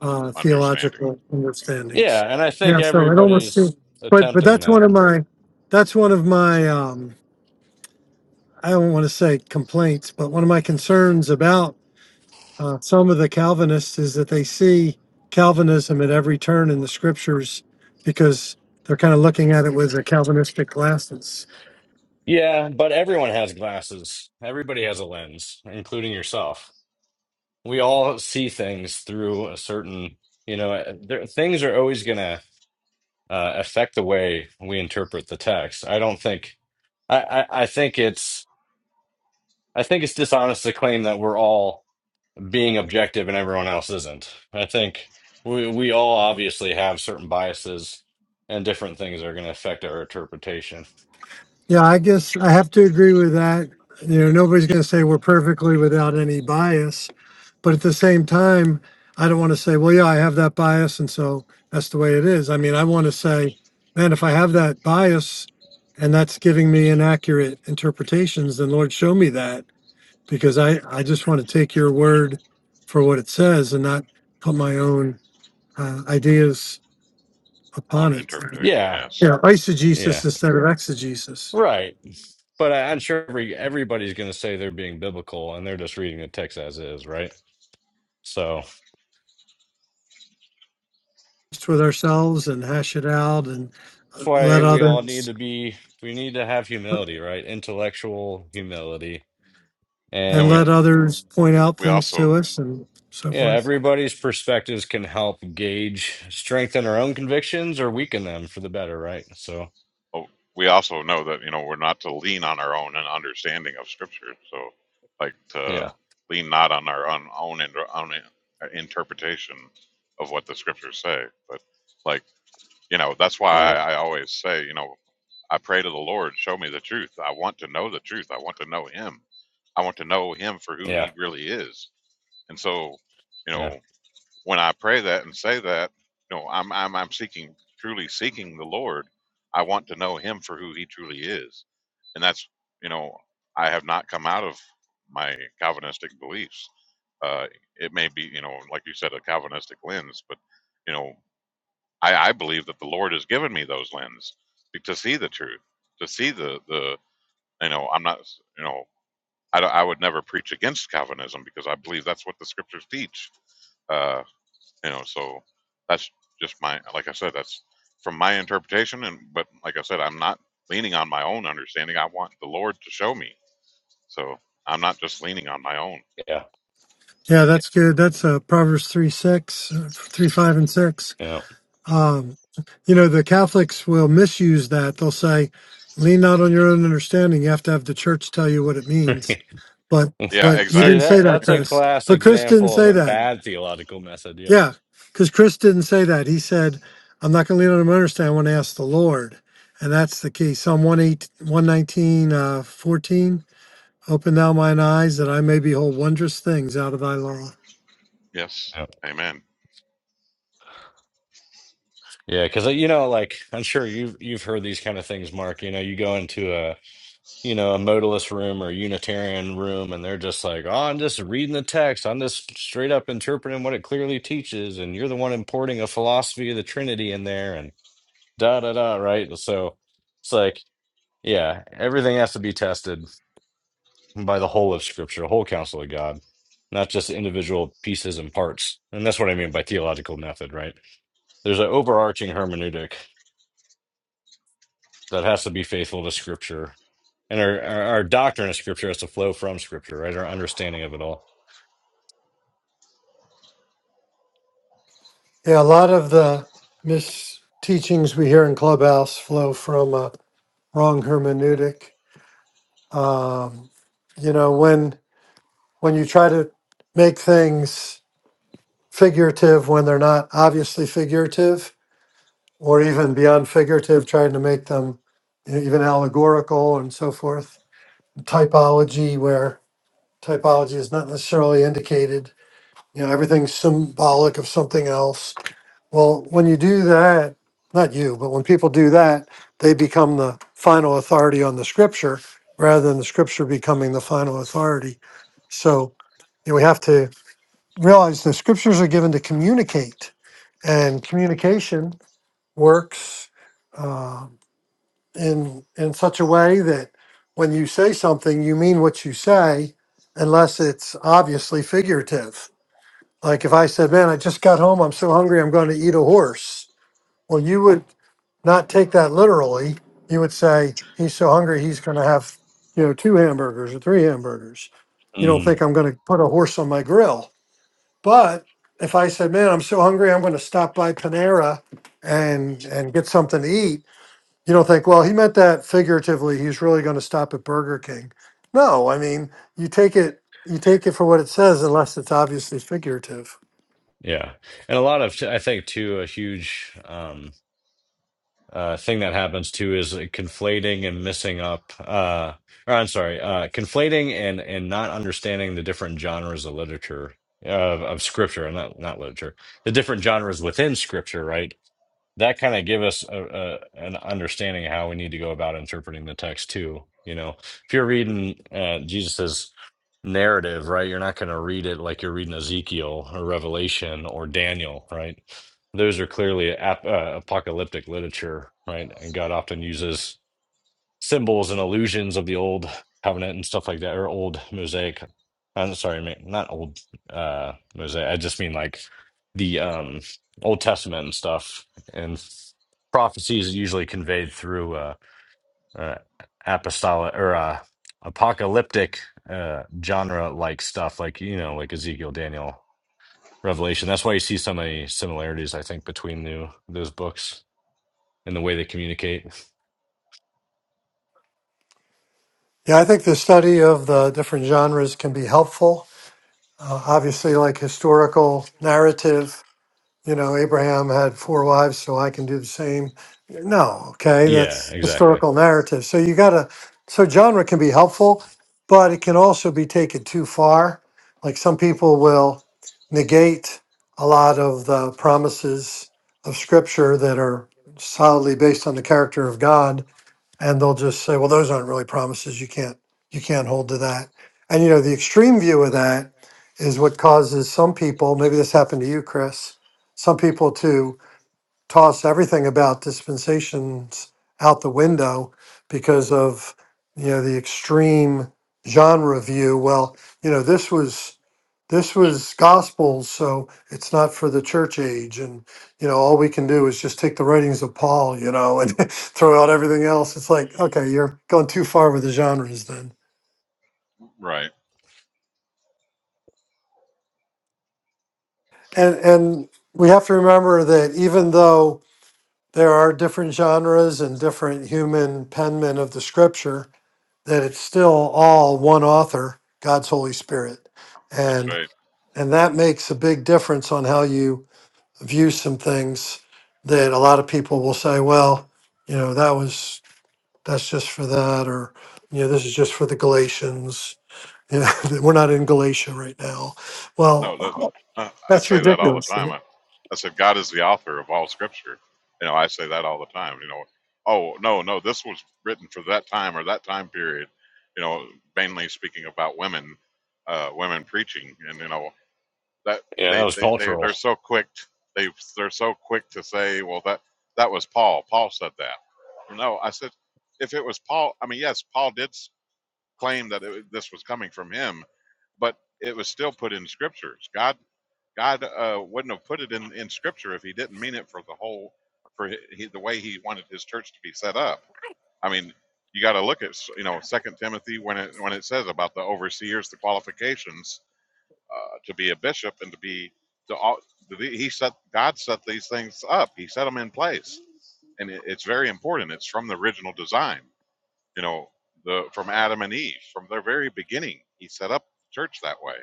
Speaker 4: uh,
Speaker 3: understanding
Speaker 4: theological understandings.
Speaker 5: Yeah, and I think
Speaker 4: Yeah, so it almost
Speaker 5: everybody's
Speaker 4: seems, but but
Speaker 5: attempting
Speaker 4: that's one
Speaker 5: that.
Speaker 4: of my that's one of my um, I don't want to say complaints, but one of my concerns about uh, some of the Calvinists is that they see Calvinism at every turn in the scriptures because they're kind of looking at it with the Calvinistic glasses.
Speaker 5: Yeah, but everyone has glasses. Everybody has a lens, including yourself. We all see things through a certain, you know, eh, there, things are always gonna uh, affect the way we interpret the text. I don't think I, I, I think it's I think it's dishonest to claim that we're all being objective and everyone else isn't. I think we we all obviously have certain biases and different things are going to affect our interpretation.
Speaker 4: Yeah, I guess I have to agree with that. You know, nobody's going to say we're perfectly without any bias, but at the same time, I don't want to say, well, yeah, I have that bias, and so that's the way it is. I mean, I want to say, man, if I have that bias and that's giving me inaccurate interpretations, then Lord, show me that because I, I just want to take your word for what it says and not put my own uh, ideas upon
Speaker 3: own
Speaker 4: it.
Speaker 3: interpretation
Speaker 5: Yeah,
Speaker 4: Yeah,
Speaker 3: yes
Speaker 4: know, eisegesis
Speaker 5: yeah,
Speaker 4: instead of exegesis,
Speaker 5: right. But I, I'm sure every everybody's going to say they're being biblical and they're just reading the text as is, right? So
Speaker 4: just with ourselves and hash it out and
Speaker 5: that's
Speaker 4: uh,
Speaker 5: why
Speaker 4: let
Speaker 5: we all need
Speaker 4: others
Speaker 5: to be we need to have humility, right? Intellectual humility
Speaker 3: and
Speaker 4: and let
Speaker 3: we
Speaker 5: And
Speaker 4: others point out
Speaker 3: we
Speaker 4: things
Speaker 3: also
Speaker 4: to us and so
Speaker 5: yeah,
Speaker 4: forth.
Speaker 5: everybody's perspectives can help gauge, strengthen our own convictions or weaken them for the better, right? So,
Speaker 3: Well, we also know that you know we're not to lean on our own and understanding of Scripture. So, like to
Speaker 5: yeah,
Speaker 3: lean not on our own own, in, own interpretation of what the Scriptures say, but like you know that's why
Speaker 5: right.
Speaker 3: I, I always say you know I pray to the Lord, show me the truth. I want to know the truth. I want to know Him. I want to know Him for who
Speaker 5: Yeah,
Speaker 3: He really is. And so, you know
Speaker 5: yeah,
Speaker 3: when I pray that and say that, you know, I'm I'm I'm seeking truly seeking the Lord. I want to know Him for who He truly is, and that's you know I have not come out of my Calvinistic beliefs. Uh, it may be you know like you said a Calvinistic lens, but you know I, I believe that the Lord has given me those lens to see the truth, to see the the you know I'm not you know I, don't- I would never preach against Calvinism because I believe that's what the Scriptures teach Uh, you know so that's just my like i said that's from my interpretation and but like i said i'm not leaning on my own understanding i want the lord to show me so i'm not just leaning on my own
Speaker 5: yeah,
Speaker 4: Yeah, that's good. That's uh, Proverbs three six, uh, three five and six.
Speaker 5: yeah.
Speaker 4: Um, you know, the Catholics will misuse that. They'll say, lean not on your own understanding. You have to have the church tell you what it means.
Speaker 5: [laughs]
Speaker 4: But,
Speaker 3: yeah
Speaker 4: but you
Speaker 5: See,
Speaker 4: didn't
Speaker 3: exactly
Speaker 4: say
Speaker 5: that
Speaker 4: that,
Speaker 5: that's a
Speaker 4: Chris.
Speaker 5: class
Speaker 4: But Chris didn't
Speaker 5: example of
Speaker 4: say
Speaker 5: a
Speaker 4: that.
Speaker 5: bad theological method. Yeah.
Speaker 4: Yeah. Because Chris didn't say that. He said, I'm not going to lean on my understanding. I want to ask the Lord. And that's the key. Psalm 118, 119, uh, 14. Open thou mine eyes that I may behold wondrous things out of thy law.
Speaker 3: [laughs] yes amen
Speaker 5: Yeah, because you know, like I'm sure you've you've heard these kind of things, Mark. You know, you go into a you know, a modalist room or Unitarian room, and they're just like, oh, I'm just reading the text. I'm just straight up interpreting what it clearly teaches. And you're the one importing a philosophy of the Trinity in there and da da da, right? So it's like, yeah, everything has to be tested by the whole of Scripture, the whole counsel of God, not just individual pieces and parts. And that's what I mean by theological method, right? There's an overarching hermeneutic that has to be faithful to scripture and our, our our doctrine of scripture has to flow from scripture right our understanding of it all
Speaker 4: Yeah. A lot of the mis teachings we hear in Clubhouse flow from, uh, wrong hermeneutic. Um, you know, when when you try to make things figurative when they're not obviously figurative, or even beyond figurative, trying to make them you know, even allegorical and so forth. Typology, where typology is not necessarily indicated. You know, everything's symbolic of something else Well, when you do that, not you, but when people do that, they become the final authority on the scripture rather than the scripture becoming the final authority. So you know, we have to realize the scriptures are given to communicate, and communication works uh, in in such a way that when you say something, you mean what you say, unless it's obviously figurative. Like if I said, "Man, I just got home. I'm so hungry. I'm going to eat a horse." Well, you would not take that literally. You would say, he's so hungry, he's going to have, you know, two hamburgers or three hamburgers. You don't
Speaker 5: Mhm.
Speaker 4: think I'm going to put a horse on my grill. But if I said, man, I'm so hungry, I'm going to stop by Panera and and get something to eat, you don't think, well, he meant that figuratively. He's really going to stop at Burger King. No, I mean, you take it you take it for what it says unless it's obviously figurative.
Speaker 5: yeah and a lot of i think too a huge um uh thing that happens too is uh, conflating and missing up uh or i'm sorry uh conflating and and not understanding the different genres of literature of, of scripture and not not literature the different genres within scripture right that kind of give us a, a an understanding of how we need to go about interpreting the text too. You know, if you're reading uh, Jesus's narrative, right, you're not going to read it like you're reading Ezekiel or Revelation or Daniel, right? Those are clearly ap- uh, apocalyptic literature, right? And God often uses symbols and illusions of the old covenant and stuff like that, or old mosaic. I'm sorry, ma- not old uh mosaic. I just mean like the um Old Testament and stuff. And prophecy is usually conveyed through uh, uh apostolic or uh apocalyptic uh genre like stuff, like you know, like Ezekiel, Daniel, Revelation. That's why you see so many similarities, I think, between the those books and the way they communicate.
Speaker 4: Yeah, I think the study of the different genres can be helpful Uh, obviously, like historical narrative, you know, Abraham had four wives, so I can do the same. No, okay,
Speaker 5: Yeah,
Speaker 4: that's
Speaker 5: exactly.
Speaker 4: historical narrative. So you gotta, so genre can be helpful, but it can also be taken too far. Like some people will negate a lot of the promises of scripture that are solidly based on the character of God and they'll just say, well, those aren't really promises. You can't you can't hold to that. And you know, the extreme view of that is what causes some people, maybe this happened to you, Chris, some people to toss everything about dispensations out the window because of you know the extreme genre view well you know this was this was gospels so it's not for the church age and you know all we can do is just take the writings of paul you know and [laughs] throw out everything else it's like okay you're going too far with the genres then
Speaker 3: right
Speaker 4: and and we have to remember that even though there are different genres and different human penmen of the scripture that it's still all one author, God's Holy Spirit.
Speaker 3: that's
Speaker 4: And
Speaker 3: right
Speaker 4: and that makes a big difference on how you view some things that a lot of people will say, well, you know, that was that's just for that or you know, this is just for the Galatians. You know, [laughs] we're not in Galatia right now.
Speaker 3: no that,
Speaker 4: Well,
Speaker 3: uh,
Speaker 4: [laughs]
Speaker 3: i
Speaker 4: that's
Speaker 3: say that all the
Speaker 4: ridiculous.
Speaker 3: time I, I said god is the author of all scripture you know i say that all the time you know oh no no this was written for that time or that time period you know mainly speaking about women uh, women preaching and you know that
Speaker 5: Yeah, that
Speaker 3: they
Speaker 5: was
Speaker 3: they, they they're
Speaker 5: cultural.
Speaker 3: so quick they they're so quick to say well that that was paul paul said that no i said if it was paul i mean yes paul did s- claim that it, this was coming from him but it was still put in scriptures god god uh, wouldn't have put it in in scripture if he didn't mean it for the whole for hi- he, the way he wanted his church to be set up i mean you got to look at you know second timothy when it when it says about the overseers the qualifications uh, to be a bishop and to be to all to be, he set god set these things up he set them in place and it, it's very important it's from the original design you know the from adam and eve from their very beginning he set up the church that way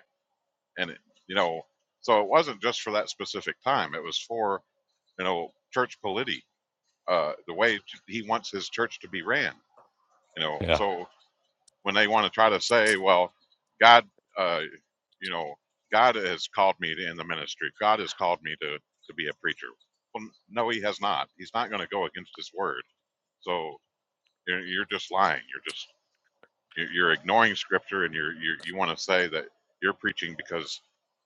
Speaker 3: and it, you know so it wasn't just for that specific time it was for you know church polity uh the way he wants his church to be ran you know
Speaker 5: Yeah.
Speaker 3: so when they want to try to say well god uh, you know, God has called me to, in the ministry. God has called me to to be a preacher. Well, no, He has not. He's not going to go against His word. So you're, you're just lying. You're just you're you're ignoring Scripture, and you're, you're you want to say that you're preaching because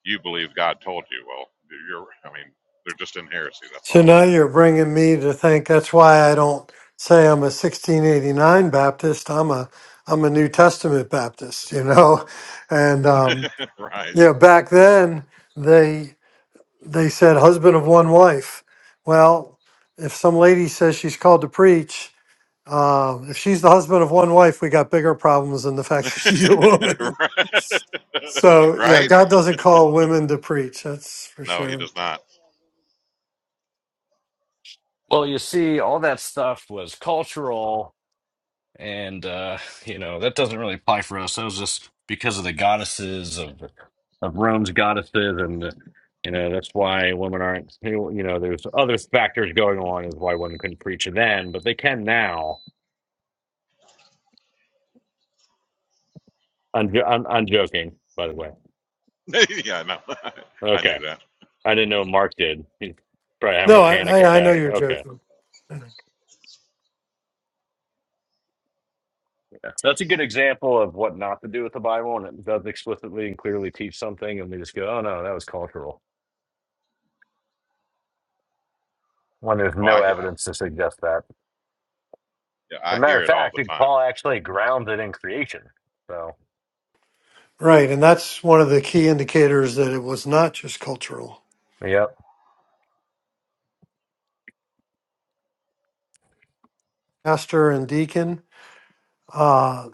Speaker 3: you believe God told you. Well, you're. I mean, they're just in heresy. That's
Speaker 4: So
Speaker 3: all.
Speaker 4: now you're bringing me to think that's why I don't say I'm a 1689 Baptist. I'm a I'm a New Testament Baptist, you know. [laughs] And um,
Speaker 3: [laughs] right.
Speaker 4: you know, back then they they said husband of one wife. Well, if some lady says she's called to preach, uh, if she's the husband of one wife, we got bigger problems than the fact [laughs] that she's a
Speaker 3: [laughs]
Speaker 4: woman.
Speaker 3: right.
Speaker 4: [laughs]
Speaker 3: [laughs]
Speaker 4: So yeah,
Speaker 3: Right?
Speaker 4: God doesn't call women to preach. That's for
Speaker 3: No, He
Speaker 4: sure.
Speaker 3: does not.
Speaker 5: Well, you see, all that stuff was cultural, and uh, you know that doesn't really apply for us. That was just because of the goddesses of of Rome's goddesses, and uh, you know that's why women aren't. You know, there's other factors going on is why women couldn't preach then, but they can now. I'm, jo- I'm, I'm joking, by the way.
Speaker 3: [laughs] yeah, no, [laughs] I knew
Speaker 5: Okay,
Speaker 3: that.
Speaker 5: I didn't know Mark did. He's probably having
Speaker 4: No,
Speaker 5: a
Speaker 4: I
Speaker 5: panic
Speaker 4: I, I know
Speaker 5: attack.
Speaker 4: you're
Speaker 5: Okay.
Speaker 4: joking.
Speaker 5: Yeah. So That's a good example of what not to do with the Bible, and it does explicitly and clearly teach something, and we just go, "Oh no, that was cultural," when there's
Speaker 3: Well, I
Speaker 5: no evidence to suggest that.
Speaker 3: yeah,
Speaker 5: As a
Speaker 3: I
Speaker 5: matter
Speaker 3: hear
Speaker 5: of
Speaker 3: it all
Speaker 5: fact,
Speaker 3: the
Speaker 5: it-
Speaker 3: time.
Speaker 5: Paul actually grounds it in creation. So,
Speaker 4: Right, and that's one of the key indicators that it was not just cultural.
Speaker 5: yep.
Speaker 4: Pastor and deacon, uh,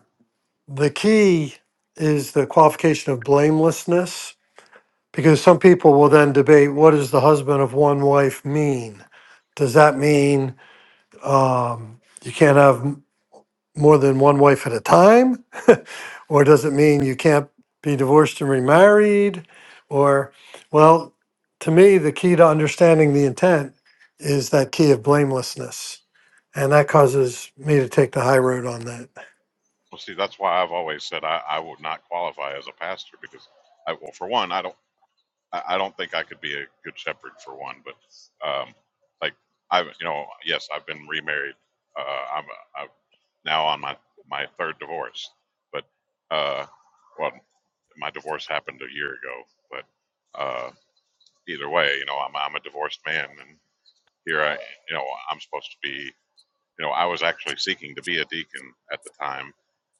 Speaker 4: the key is the qualification of blamelessness, because some people will then debate what does the husband of one wife mean? Does that mean um, you can't have? more than one wife at a time? [laughs] or does it mean you can't be divorced and remarried? Or, well, to me, the key to understanding the intent is that key of blamelessness. And that causes me to take the high road on that.
Speaker 3: Well, see, that's why I've always said I, I would not qualify as a pastor because, I, well, for one, I don't, I I don't think I could be a good shepherd for one. But, um, like, I, you know, yes, I've been remarried. Uh, I'm, I'm now on my my third divorce, but, uh, well, my divorce happened a year ago. But uh, either way, you know, I'm I'm a divorced man, and here I, you know, I'm supposed to be. You know, I was actually seeking to be a deacon at the time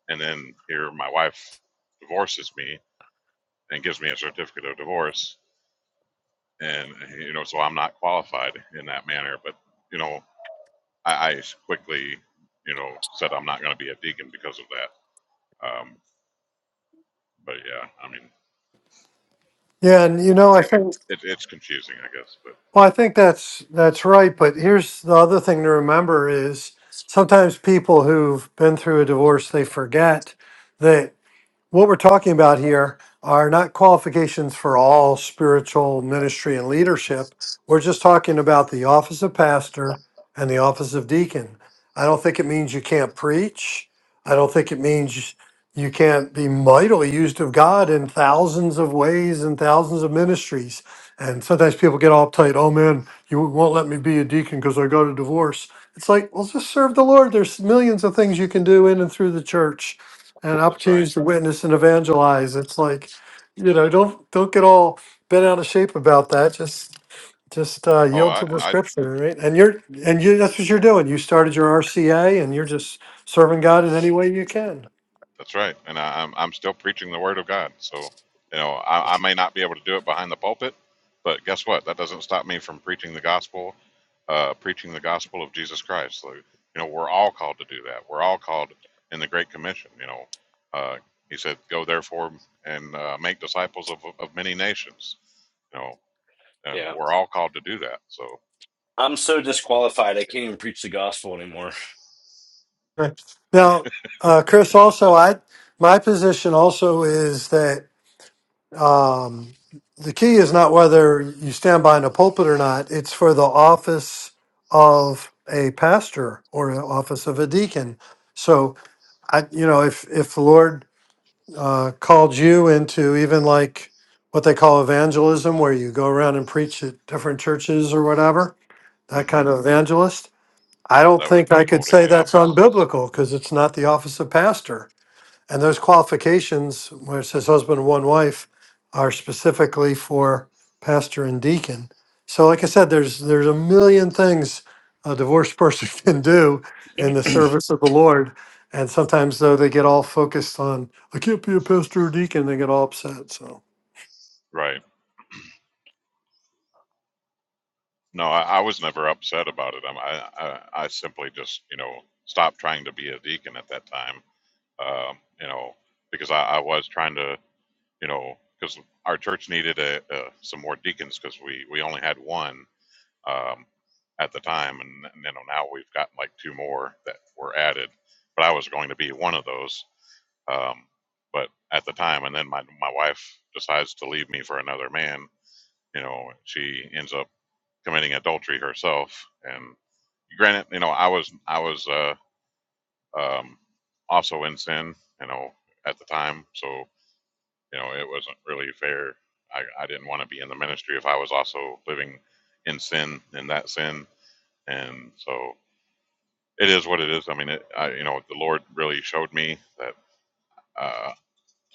Speaker 3: and then here my wife divorces me and gives me a certificate of divorce. And, you know, so I'm not qualified in that manner. But, you know, I, I quickly, you know, said I'm not going to be a deacon because of that. Um, but yeah, I mean,
Speaker 4: Yeah, and you know, I think
Speaker 3: it, it's confusing, I guess. But
Speaker 4: well, I think that's that's right. But here's the other thing to remember is sometimes people who've been through a divorce they forget that. what we're talking about here are not qualifications for all spiritual ministry and leadership. We're just talking about the office of pastor and the office of deacon. I don't think it means you can't preach. I don't think it means you can't be mightily used of God in thousands of ways and thousands of ministries. And sometimes people get all uptight, oh man, you won't let me be a deacon because I got a divorce. It's like, well, just serve the Lord. There's millions of things you can do in and through the church and
Speaker 3: that's right.
Speaker 4: opportunities to witness and evangelize. It's like, you know, don't don't get all bent out of shape about that. Just just uh,
Speaker 3: Oh,
Speaker 4: yield to
Speaker 3: I,
Speaker 4: the
Speaker 3: I
Speaker 4: scripture, right? And you're and you that's what you're doing. You started your RCA, and you're just serving God in any way you can.
Speaker 3: that's right. And I, I'm, I'm still preaching the word of God. So, you know, I, I may not be able to do it behind the pulpit, but guess what? That doesn't stop me from preaching the gospel uh, preaching the gospel of Jesus Christ. So, you know, we're all called to do that. We're all called in the Great Commission. You know, uh, he said, "Go therefore and uh, make disciples of of many nations." You know, and
Speaker 5: Yeah.
Speaker 3: we're all called to do that. So
Speaker 5: I'm so disqualified. I can't even preach the gospel anymore.
Speaker 4: Right. Now, uh, Chris, also, I my position also is that um, the key is not whether you stand behind a pulpit or not. It's for the office of a pastor or the office of a deacon. So I, you know, if if the Lord uh, called you into even like what they call evangelism, where you go around and preach at different churches or whatever, that
Speaker 3: hmm
Speaker 4: kind of evangelist, I don't
Speaker 3: that
Speaker 4: think
Speaker 3: wouldn't
Speaker 4: I
Speaker 3: be
Speaker 4: could
Speaker 3: holding
Speaker 4: say
Speaker 3: the
Speaker 4: that's
Speaker 3: office,
Speaker 4: unbiblical because it's not the office of pastor. And those qualifications, where it says husband and one wife, are specifically for pastor and deacon. So, like I said, there's there's a million things a divorced person [laughs] can do in the service of the Lord. And sometimes, though, they get all focused on I can't be a pastor or deacon. They get all upset. So,
Speaker 3: right? No, I, I was never upset about it. i I, I I simply just you know stopped trying to be a deacon at that time. Um, you know, because I, I was trying to you know, because our church needed a, a, some more deacons because we, we only had one um, at the time. And, and, you know, now we've got like two more that were added. But I was going to be one of those. Um, but at the time, and then my, my wife decides to leave me for another man, you know, she ends up committing adultery herself. And granted, you know, I was, I was uh, um, also in sin, you know, at the time. So, you know, it wasn't really fair. I, I didn't want to be in the ministry if I was also living in sin, in that sin. And so it is what it is. I mean, it, I, you know, the Lord really showed me that uh,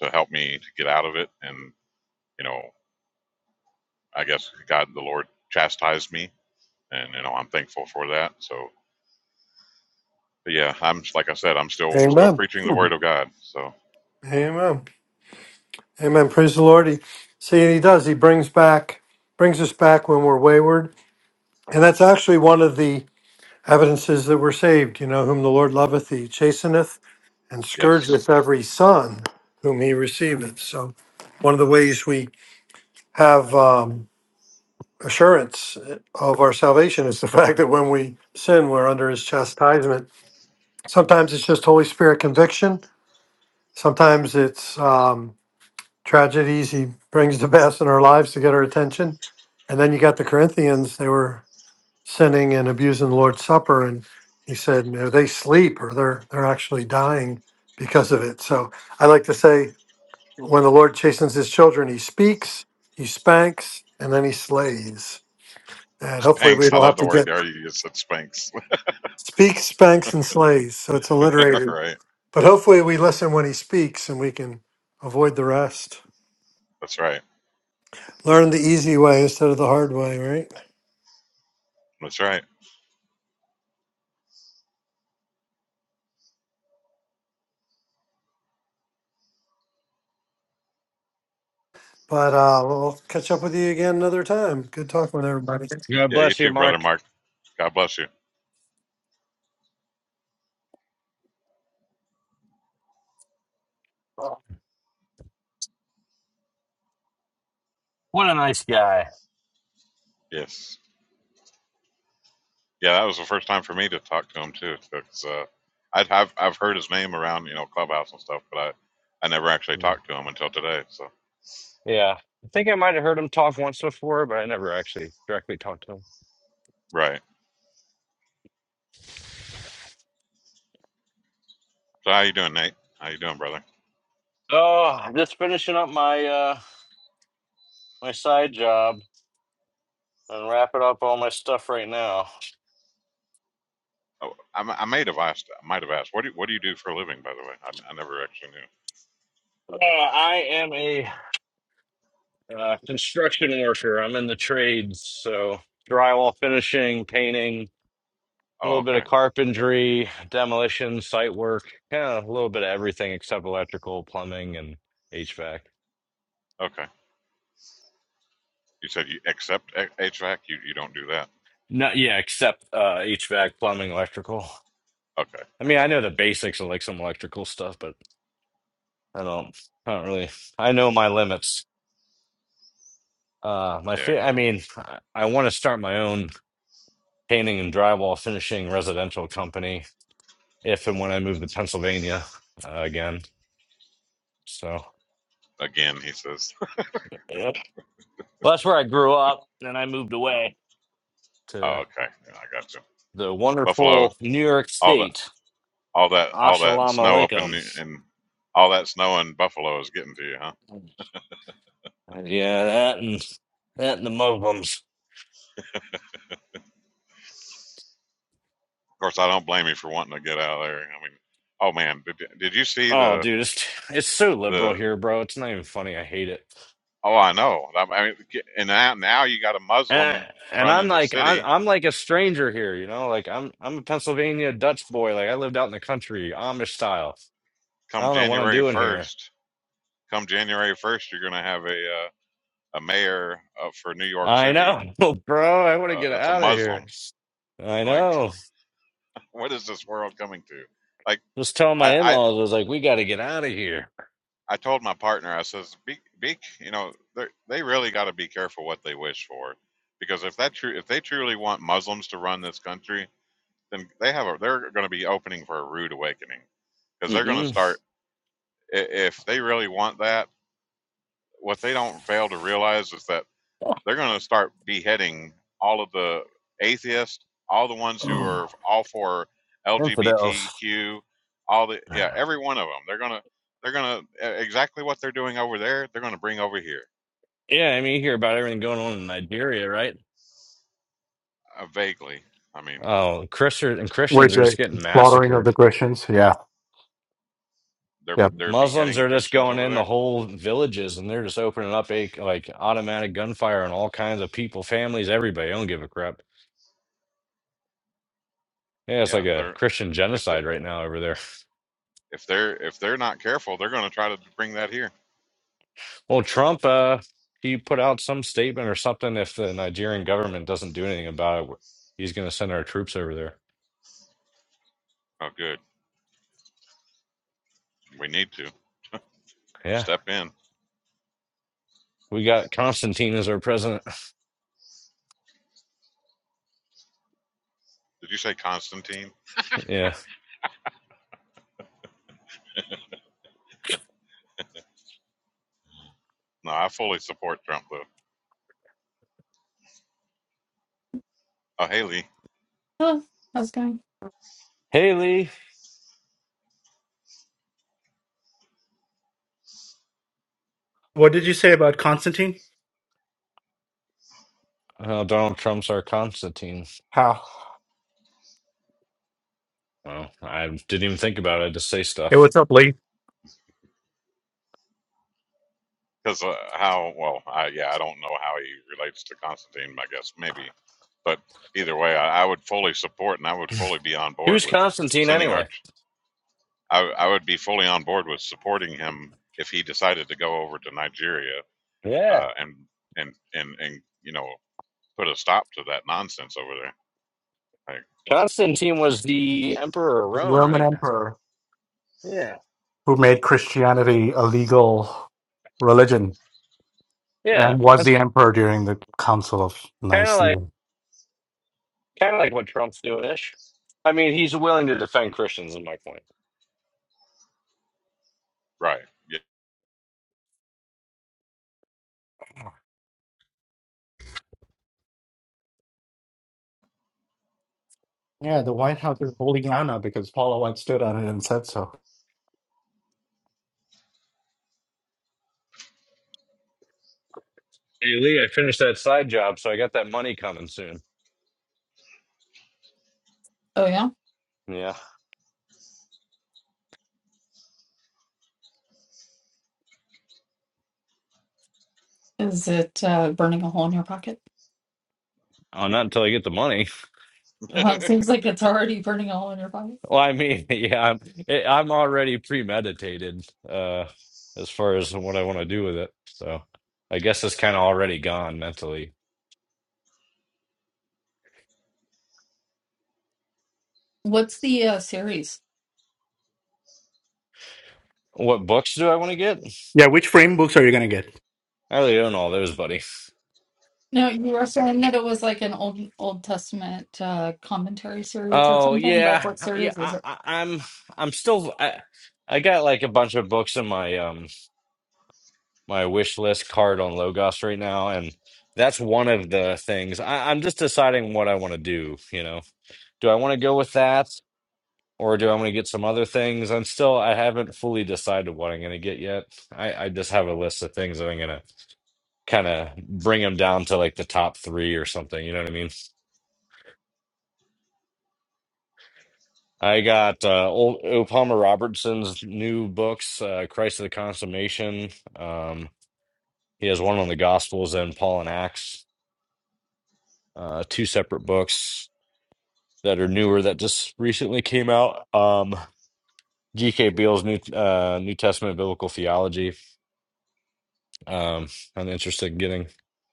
Speaker 3: to help me to get out of it. And, you know, I guess God, the Lord chastised me. And, you know, I'm thankful for that. So, but yeah, I'm, like I said, I'm still, still
Speaker 4: amen,
Speaker 3: preaching the word of God. So,
Speaker 4: amen, amen. Praise the Lord. He, see, he does. He brings back brings us back when we're wayward, and that's actually one of the Evidences that we're saved, you know, whom the Lord loveth, he chasteneth and
Speaker 3: yes.
Speaker 4: scourgeth every son whom he receiveth. So, one of the ways we have um, assurance of our salvation is the [laughs] fact that when we sin, we're under his chastisement. Sometimes it's just Holy Spirit conviction, sometimes it's um, tragedies he brings to [laughs] pass in our lives to get our attention. And then you got the Corinthians, they were sinning and abusing the Lord's Supper, and he said, "No, they sleep, or they're they're actually dying because of it." So I like to say, when the Lord chastens His children, He speaks, He spanks, and then He slays.
Speaker 3: [laughs]
Speaker 4: And hopefully, we
Speaker 3: Spanx. I
Speaker 4: don't
Speaker 3: love
Speaker 4: have
Speaker 3: the
Speaker 4: to
Speaker 3: word
Speaker 4: get
Speaker 3: there. You just said Spanx.
Speaker 4: speaks, spanks, and slays. So it's
Speaker 3: [laughs]
Speaker 4: alliterated.
Speaker 3: right.
Speaker 4: But hopefully, we listen when He speaks, and we can avoid the rest.
Speaker 3: That's right.
Speaker 4: Learn the easy way instead of the hard way, right?
Speaker 3: That's right.
Speaker 4: But uh, we'll catch up with you again another time. Good talking with everybody.
Speaker 5: God
Speaker 3: Yeah, you
Speaker 5: bless you,
Speaker 3: too, brother
Speaker 5: Mark.
Speaker 3: Mark. God bless you.
Speaker 5: What a nice guy.
Speaker 3: Yes. Yeah, that was the first time for me to talk to him too. Because uh, I'd have I've heard his name around you know clubhouse and stuff, but I I never actually talked to him until today. So
Speaker 5: Yeah. I think I might have heard him talk once before, but I never actually directly talked to him.
Speaker 3: right. So how you doing, Nate? How you doing, brother?
Speaker 5: Oh, I'm just finishing up my uh my side job. I'm wrapping up all my stuff right now.
Speaker 3: Oh, I, I may have asked. I might have asked. What do you, What do you do for a living, by the way? I, I never actually knew.
Speaker 5: Uh, I am a uh, construction worker. I'm in the trades, so drywall finishing, painting, a
Speaker 3: Oh,
Speaker 5: little bit
Speaker 3: okay.
Speaker 5: of carpentry, demolition, site work, kind of a little bit of everything except electrical, plumbing, and HVAC.
Speaker 3: Okay. You said you accept H- HVAC. You you don't do that.
Speaker 5: No, yeah, except uh, HVAC, plumbing, electrical.
Speaker 3: Okay,
Speaker 5: I
Speaker 3: I
Speaker 5: mean, I
Speaker 3: got
Speaker 5: know the basics of like some electrical stuff, but I don't, I don't really. I know my limits. Uh, my,
Speaker 3: you. Yeah.
Speaker 5: fa- I mean, I, I want to start my own painting and drywall finishing residential company if and when I moved to Pennsylvania uh, again. So
Speaker 3: Again, he says. [laughs]
Speaker 5: yep. well, that's where I grew up. Then I moved away
Speaker 3: Oh,
Speaker 5: to
Speaker 3: okay. Yeah, I got you.
Speaker 5: the
Speaker 3: Buffalo.
Speaker 5: wonderful New York
Speaker 3: All the
Speaker 5: State.
Speaker 3: all that all that
Speaker 5: Assalamu
Speaker 3: snow up in
Speaker 5: alaikum.
Speaker 3: and all that snow in Buffalo is getting to you, huh?
Speaker 5: Yeah, that and that and the Muslims.
Speaker 3: Of course, I don't blame you for wanting to get out of there. I mean, oh man, did, did you see
Speaker 5: Oh,
Speaker 3: the
Speaker 5: dude, it's it's so liberal
Speaker 3: the?
Speaker 5: here, bro. It's not even funny. I hate it.
Speaker 3: Oh, I know. I mean, and now now you got a
Speaker 5: And
Speaker 3: Muslim
Speaker 5: and I'm
Speaker 3: running the
Speaker 5: like I'm
Speaker 3: city.
Speaker 5: I'm like a stranger here, you know. Like I'm I'm a Pennsylvania Dutch boy. Like I lived out in the country, Amish style. I
Speaker 3: Come
Speaker 5: don't know what I'm
Speaker 3: January
Speaker 5: doing here.
Speaker 3: first, come January first, you're gonna have a uh, a mayor uh, for New York
Speaker 5: I
Speaker 3: City
Speaker 5: know, [laughs] bro. I want to
Speaker 3: uh,
Speaker 5: get
Speaker 3: that's a
Speaker 5: out of here.
Speaker 3: Muslim.
Speaker 5: I
Speaker 3: Like,
Speaker 5: know.
Speaker 3: [laughs] what is this world coming to? Like,
Speaker 5: Just telling my in
Speaker 3: I
Speaker 5: laws, I was like, we got to get out of here.
Speaker 3: I told my partner, I says, be, be, you know, they they really got to be careful what they wish for, because if that true, if they truly want Muslims to run this country, then they have a, they're going to be opening for a rude awakening, because they're going to
Speaker 5: hmm [sighs]
Speaker 3: start if they really want that. What they don't fail to realize is that they're going to start beheading all of the atheists, all the ones who
Speaker 5: [clears throat]
Speaker 3: are all for
Speaker 5: Infidels.
Speaker 3: LGBTQ, all the yeah,
Speaker 5: Yeah,
Speaker 3: every one of them. They're going to they're going to exactly what they're doing over there. They're going to bring over here
Speaker 5: I mean, you hear about everything going on in Nigeria, right?
Speaker 3: uh, vaguely. I mean,
Speaker 5: Oh, Christians and Christians
Speaker 2: Which
Speaker 5: are just getting
Speaker 2: slaughtering of
Speaker 5: massacred.
Speaker 2: the Christians? Yeah,
Speaker 3: they're
Speaker 2: yeah.
Speaker 3: they're
Speaker 5: Muslims
Speaker 3: beheading
Speaker 5: are just
Speaker 3: Christians
Speaker 5: going
Speaker 3: over
Speaker 5: in the
Speaker 3: there.
Speaker 5: whole villages and they're just opening up a like automatic gunfire on all kinds of people, families, everybody. I don't give a crap. Yeah, it's
Speaker 3: Yeah,
Speaker 5: like a
Speaker 3: they're
Speaker 5: Christian
Speaker 3: if they are
Speaker 5: genocide right now over there.
Speaker 3: if they're if they're not careful, they're going to try to bring that here.
Speaker 5: Well, Trump, uh, he put out some statement or something. If the Nigerian government doesn't do anything about it, he's going to send our troops over there.
Speaker 3: Oh, good. We need to
Speaker 5: Yeah,
Speaker 3: step in.
Speaker 5: we got Constantine as our president. [laughs]
Speaker 3: Did you say Constantine?
Speaker 5: Yeah,
Speaker 3: No, I fully support Trump though. Oh, Haley.
Speaker 6: Oh, how's it going?
Speaker 5: Haley,
Speaker 2: But Constantine,
Speaker 5: uh, Donald Trump's our Constantine.
Speaker 2: how
Speaker 5: Well, I didn't even think about it. I just say
Speaker 2: it
Speaker 5: stuff.
Speaker 2: was up late.
Speaker 3: because uh, how well I, yeah i don't know how he relates to constantine i guess maybe but either way I, I would fully support and i would fully be on board
Speaker 5: Who's
Speaker 3: with
Speaker 5: Constantine
Speaker 3: sending our
Speaker 5: anyway?
Speaker 3: I, I would be fully on board with supporting him if he decided to go over to nigeria
Speaker 5: Yeah,
Speaker 3: uh, and and and and you know put a stop to that nonsense over there like
Speaker 5: Constantine was the emperor of Rome,
Speaker 2: Roman
Speaker 5: right?
Speaker 2: emperor
Speaker 5: Yeah,
Speaker 2: who made Christianity a legal religion
Speaker 5: yeah.
Speaker 2: and was
Speaker 5: That's
Speaker 2: the emperor during the Council of
Speaker 5: kind of like
Speaker 2: Nicaea.
Speaker 5: kind of like what Trump's doing ish. I mean, he's willing to defend Christians, in my point.
Speaker 3: right
Speaker 2: Yeah, the White House is holding Anna because Paula White stood on it and said so.
Speaker 5: Hey Lee, I finished that side job, so I got that money coming soon.
Speaker 6: Oh, yeah.
Speaker 5: Yeah.
Speaker 6: Is it uh, burning a hole in your pocket?
Speaker 5: Oh, not until I get the money. [laughs]
Speaker 6: Well, it
Speaker 3: yeah [laughs]
Speaker 6: seems like it's already burning a hole in your pocket.
Speaker 5: Well, I mean, [laughs] yeah, I'm it, I'm already premeditated uh as far as what I want to do with it. So I guess it's kind of already gone mentally.
Speaker 6: What's the uh, series?
Speaker 5: What books do I want to get?
Speaker 2: Yeah, which frame books are you going to get?
Speaker 5: I really own all those, buddy.
Speaker 6: No, you were saying that it was like an old Old Testament uh, commentary series or
Speaker 5: Oh
Speaker 6: something. Like
Speaker 5: yeah,
Speaker 6: what
Speaker 5: yeah.
Speaker 6: series was
Speaker 5: I,
Speaker 6: it?
Speaker 5: I, I'm I'm still I, I got like a bunch of books in my um my wish list card on Logos right now, and that's one of the things. I, I'm just deciding what I want to do. You know, do I want to go with that, or do I want to get some other things? I'm still, I haven't fully decided what I'm going to get yet. I, I just have a list of things that I'm going to kind of bring them down to like the top three or something. You know what I mean? I got uh, old O. Palmer Robertson's new books, uh, Christ of the Consummation. Um, he has one on the Gospels and Paul and Acts. Uh, two separate books that are newer that just recently came out. Um, G.K. Beale's New uh, New Testament Biblical Theology. Um, I'm interested in getting.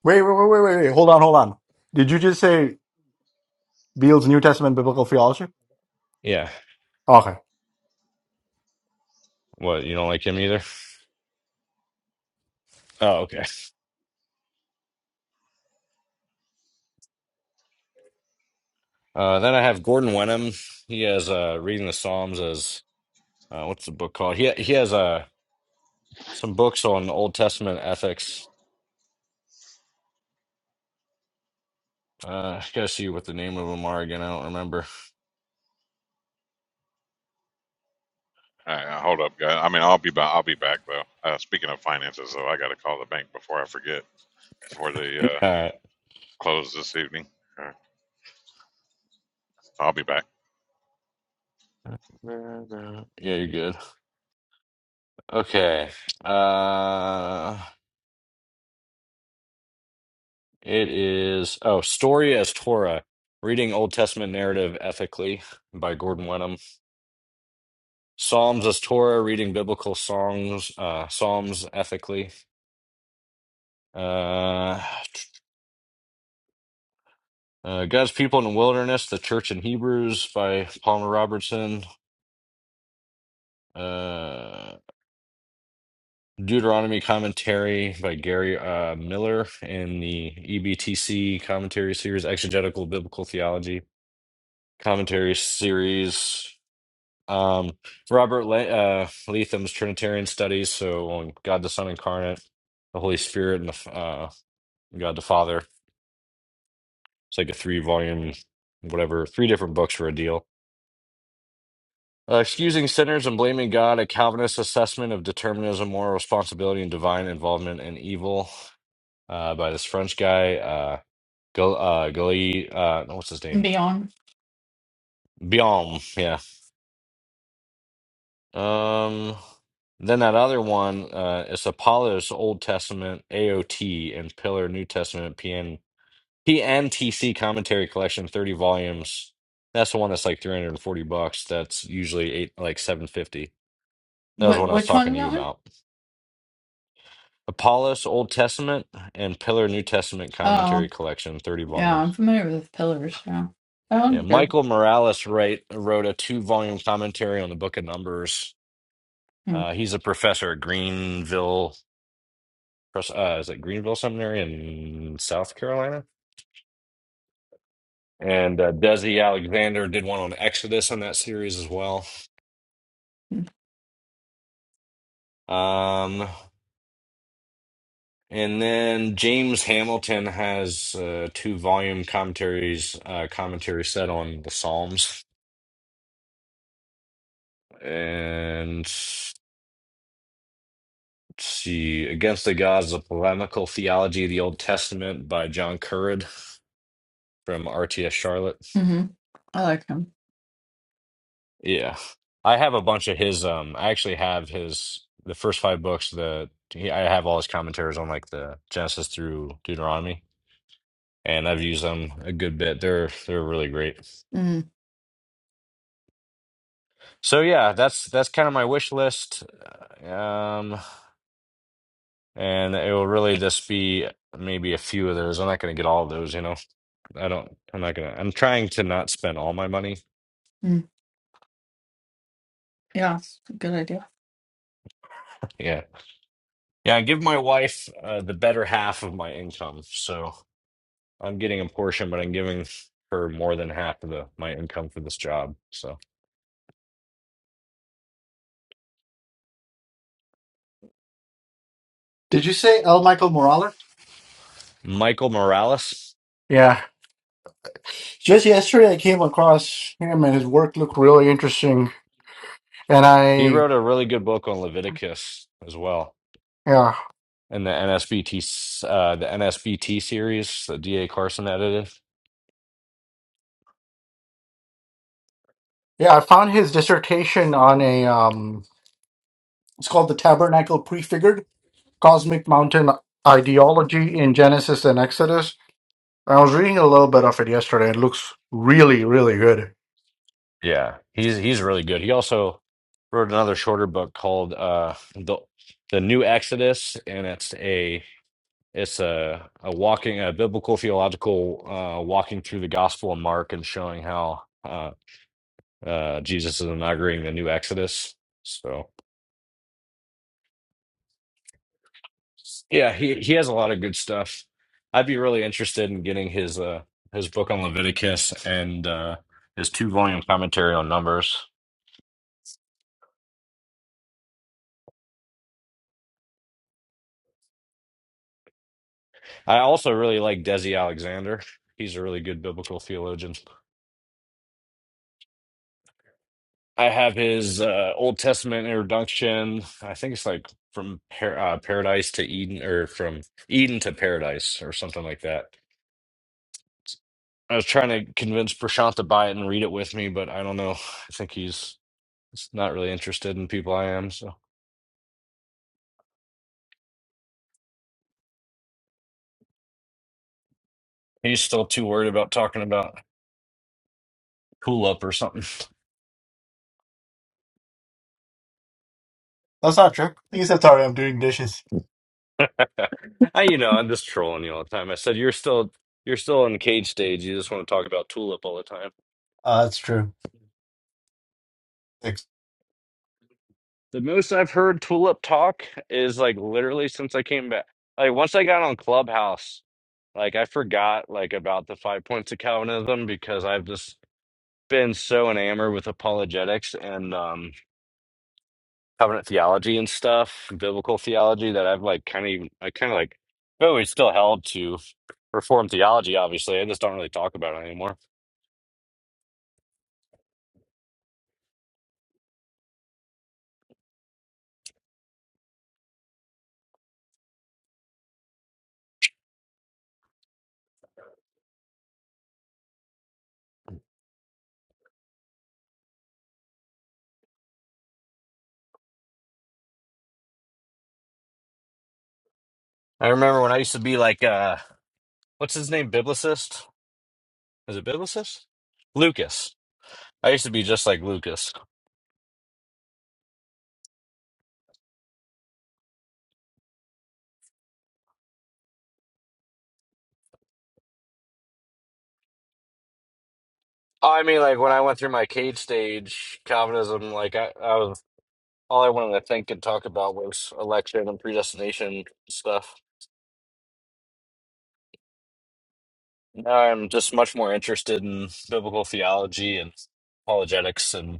Speaker 2: Wait, wait, wait, wait, wait. wait. Hold on, hold on. Did you just say Beale's New Testament Biblical Theology?
Speaker 5: Yeah.
Speaker 2: Okay.
Speaker 5: What, you don't like him either? Oh, okay. Uh, then I have Gordon Wenham. He has uh, Reading the Psalms as uh, what's the book called? He he has uh, some books on Old Testament ethics. Uh, I gotta see what the name of them are again. I don't remember.
Speaker 3: Uh, hold up guy i mean i'll be back i'll be back though uh, speaking of finances though i gotta call the bank before i forget before they uh,
Speaker 5: [laughs] All right.
Speaker 3: close this evening I'll be back.
Speaker 5: Yeah, you're good. Okay. Uh, It is, oh, Story as Torah, Reading Old Testament Narrative Ethically by Gordon Wenham. Psalms as Torah, Reading Biblical Songs, uh, Psalms Ethically. Uh, uh, God's People in the Wilderness, The Church in Hebrews by Palmer Robertson. Uh, Deuteronomy Commentary by Gary uh, Miller in the EBTC Commentary Series, Exegetical Biblical Theology Commentary Series. Um, Robert Le uh, Leatham's Trinitarian Studies, so on God the Son incarnate, the Holy Spirit, and the F- uh, God the Father. It's like a three-volume, whatever, three different books for a deal. Uh, Excusing Sinners and Blaming God, a Calvinist assessment of determinism, moral responsibility, and divine involvement in evil uh, by this French guy, uh, Gal uh, Gali, uh, what's his name?
Speaker 6: Beyond.
Speaker 5: Biom, yeah. Um, then that other one, uh, it's Apollos Old Testament AOT and Pillar New Testament PN PNTC Commentary Collection, 30 volumes. That's the one that's like 340 bucks. That's usually eight, like 750. That was the
Speaker 6: Wh-
Speaker 5: one I was
Speaker 6: which one
Speaker 5: talking
Speaker 6: is
Speaker 5: to you
Speaker 6: that one?
Speaker 5: about. Apollos Old Testament and Pillar New Testament Commentary
Speaker 6: Oh,
Speaker 5: Collection, 30
Speaker 6: yeah, I'm
Speaker 5: volumes.
Speaker 6: familiar with Pillars. Yeah, that
Speaker 5: Yeah,
Speaker 6: one's good.
Speaker 5: Michael Morales write, wrote a two volume commentary on the Book of Numbers. Uh, he's a professor at Greenville Pres- uh, is it Greenville Seminary in South Carolina? And uh, Desi Alexander did one on Exodus in that series as well.
Speaker 6: Mm-hmm.
Speaker 5: Um, and then James Hamilton has uh, two volume commentaries, uh, commentary set on the Psalms. And let's see, Against the Gods, a polemical theology of the Old Testament by John Currid from RTS Charlotte.
Speaker 6: I like him.
Speaker 5: Yeah. I have a bunch of his um I actually have his the first five books the he, I have all his commentaries on like the Genesis through Deuteronomy and I've used them a good bit. They're they're really great.
Speaker 6: Mm-hmm.
Speaker 5: So yeah, that's that's kind of my wish list. Um and it will really just be maybe a few of those. I'm not going to get all of those, you know. I don't I'm not going to I'm trying to not spend all my money.
Speaker 6: Yeah, it's a good idea.
Speaker 5: Yeah. Yeah, I give my wife uh, the better half of my income. So I'm getting a portion, but I'm giving her more than half of the my income for this job. So
Speaker 2: Did you say L. Michael Morales?
Speaker 5: Michael Morales,
Speaker 2: Yeah. Just yesterday, I came across him, and his work looked really interesting. And
Speaker 5: he
Speaker 2: I,
Speaker 5: wrote a really good book on Leviticus as well,
Speaker 2: yeah,
Speaker 5: and the NSBT uh, the NSBT series that D.A. Carson edited.
Speaker 2: yeah, I found his dissertation on a. Um, it's called the Tabernacle Prefigured. cosmic mountain ideology in Genesis and Exodus. I was reading a little bit of it yesterday. It looks really, really good.
Speaker 5: Yeah, he's he's really good. He also wrote another shorter book called uh, the the New Exodus, and it's a it's a, a walking a biblical theological uh, walking through the Gospel of Mark and showing how. Uh, Uh, Jesus is inaugurating the new Exodus. So yeah, he he has a lot of good stuff. I'd be really interested in getting his uh his book on Leviticus and uh his two volume commentary on Numbers. I also really like Desi Alexander. He's a really good biblical theologian. I have his uh, Old Testament introduction. I think it's like from par- uh, paradise to Eden, or from Eden to paradise, or something like that I was trying to convince Prashant to buy it and read it with me, but I don't know. I think he's he's not really interested in people I am, so he's still too worried about talking about cool up or something.
Speaker 2: That's not true. Except sorry, I'm doing dishes.
Speaker 5: [laughs] I, you know, I'm just trolling you all the time. I said you're still you're still in the cage stage. You just want to talk about Tulip all the time.
Speaker 2: Uh, that's true. Thanks.
Speaker 5: The most I've heard Tulip talk is like literally since I came back. Like once I got on Clubhouse, like I forgot like about the five points of Calvinism because I've just been so enamored with apologetics and um covenant theology and stuff, biblical theology that I've like kind of I kind of like I've always still held to reformed theology, obviously. I just don't really talk about it anymore. I remember when I used to be like uh what's his name? Biblicist? Is it Biblicist? Lucas. I used to be just like Lucas. Oh, I mean like when I went through my cage stage Calvinism, like I, I was all I wanted to think and talk about was election and predestination stuff. Now I'm just much more interested in biblical theology and apologetics and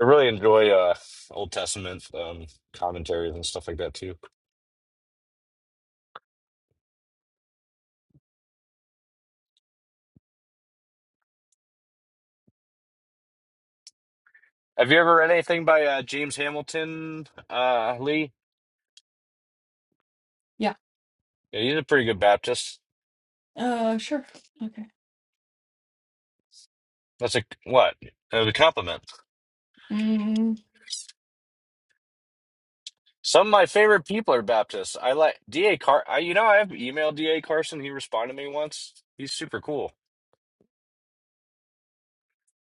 Speaker 5: I really enjoy uh, Old Testament um, commentaries and stuff like that too. Have you ever read anything by uh, James Hamilton uh, Lee?
Speaker 6: Yeah.
Speaker 5: Yeah, he's a pretty good Baptist.
Speaker 6: Uh, sure. Okay.
Speaker 5: That's a what? That was a compliment.
Speaker 6: Mm,
Speaker 5: Some of my favorite people are Baptists. I like D.A. Car. I, you know, I've emailed D.A. Carson. He responded to me once. He's super cool.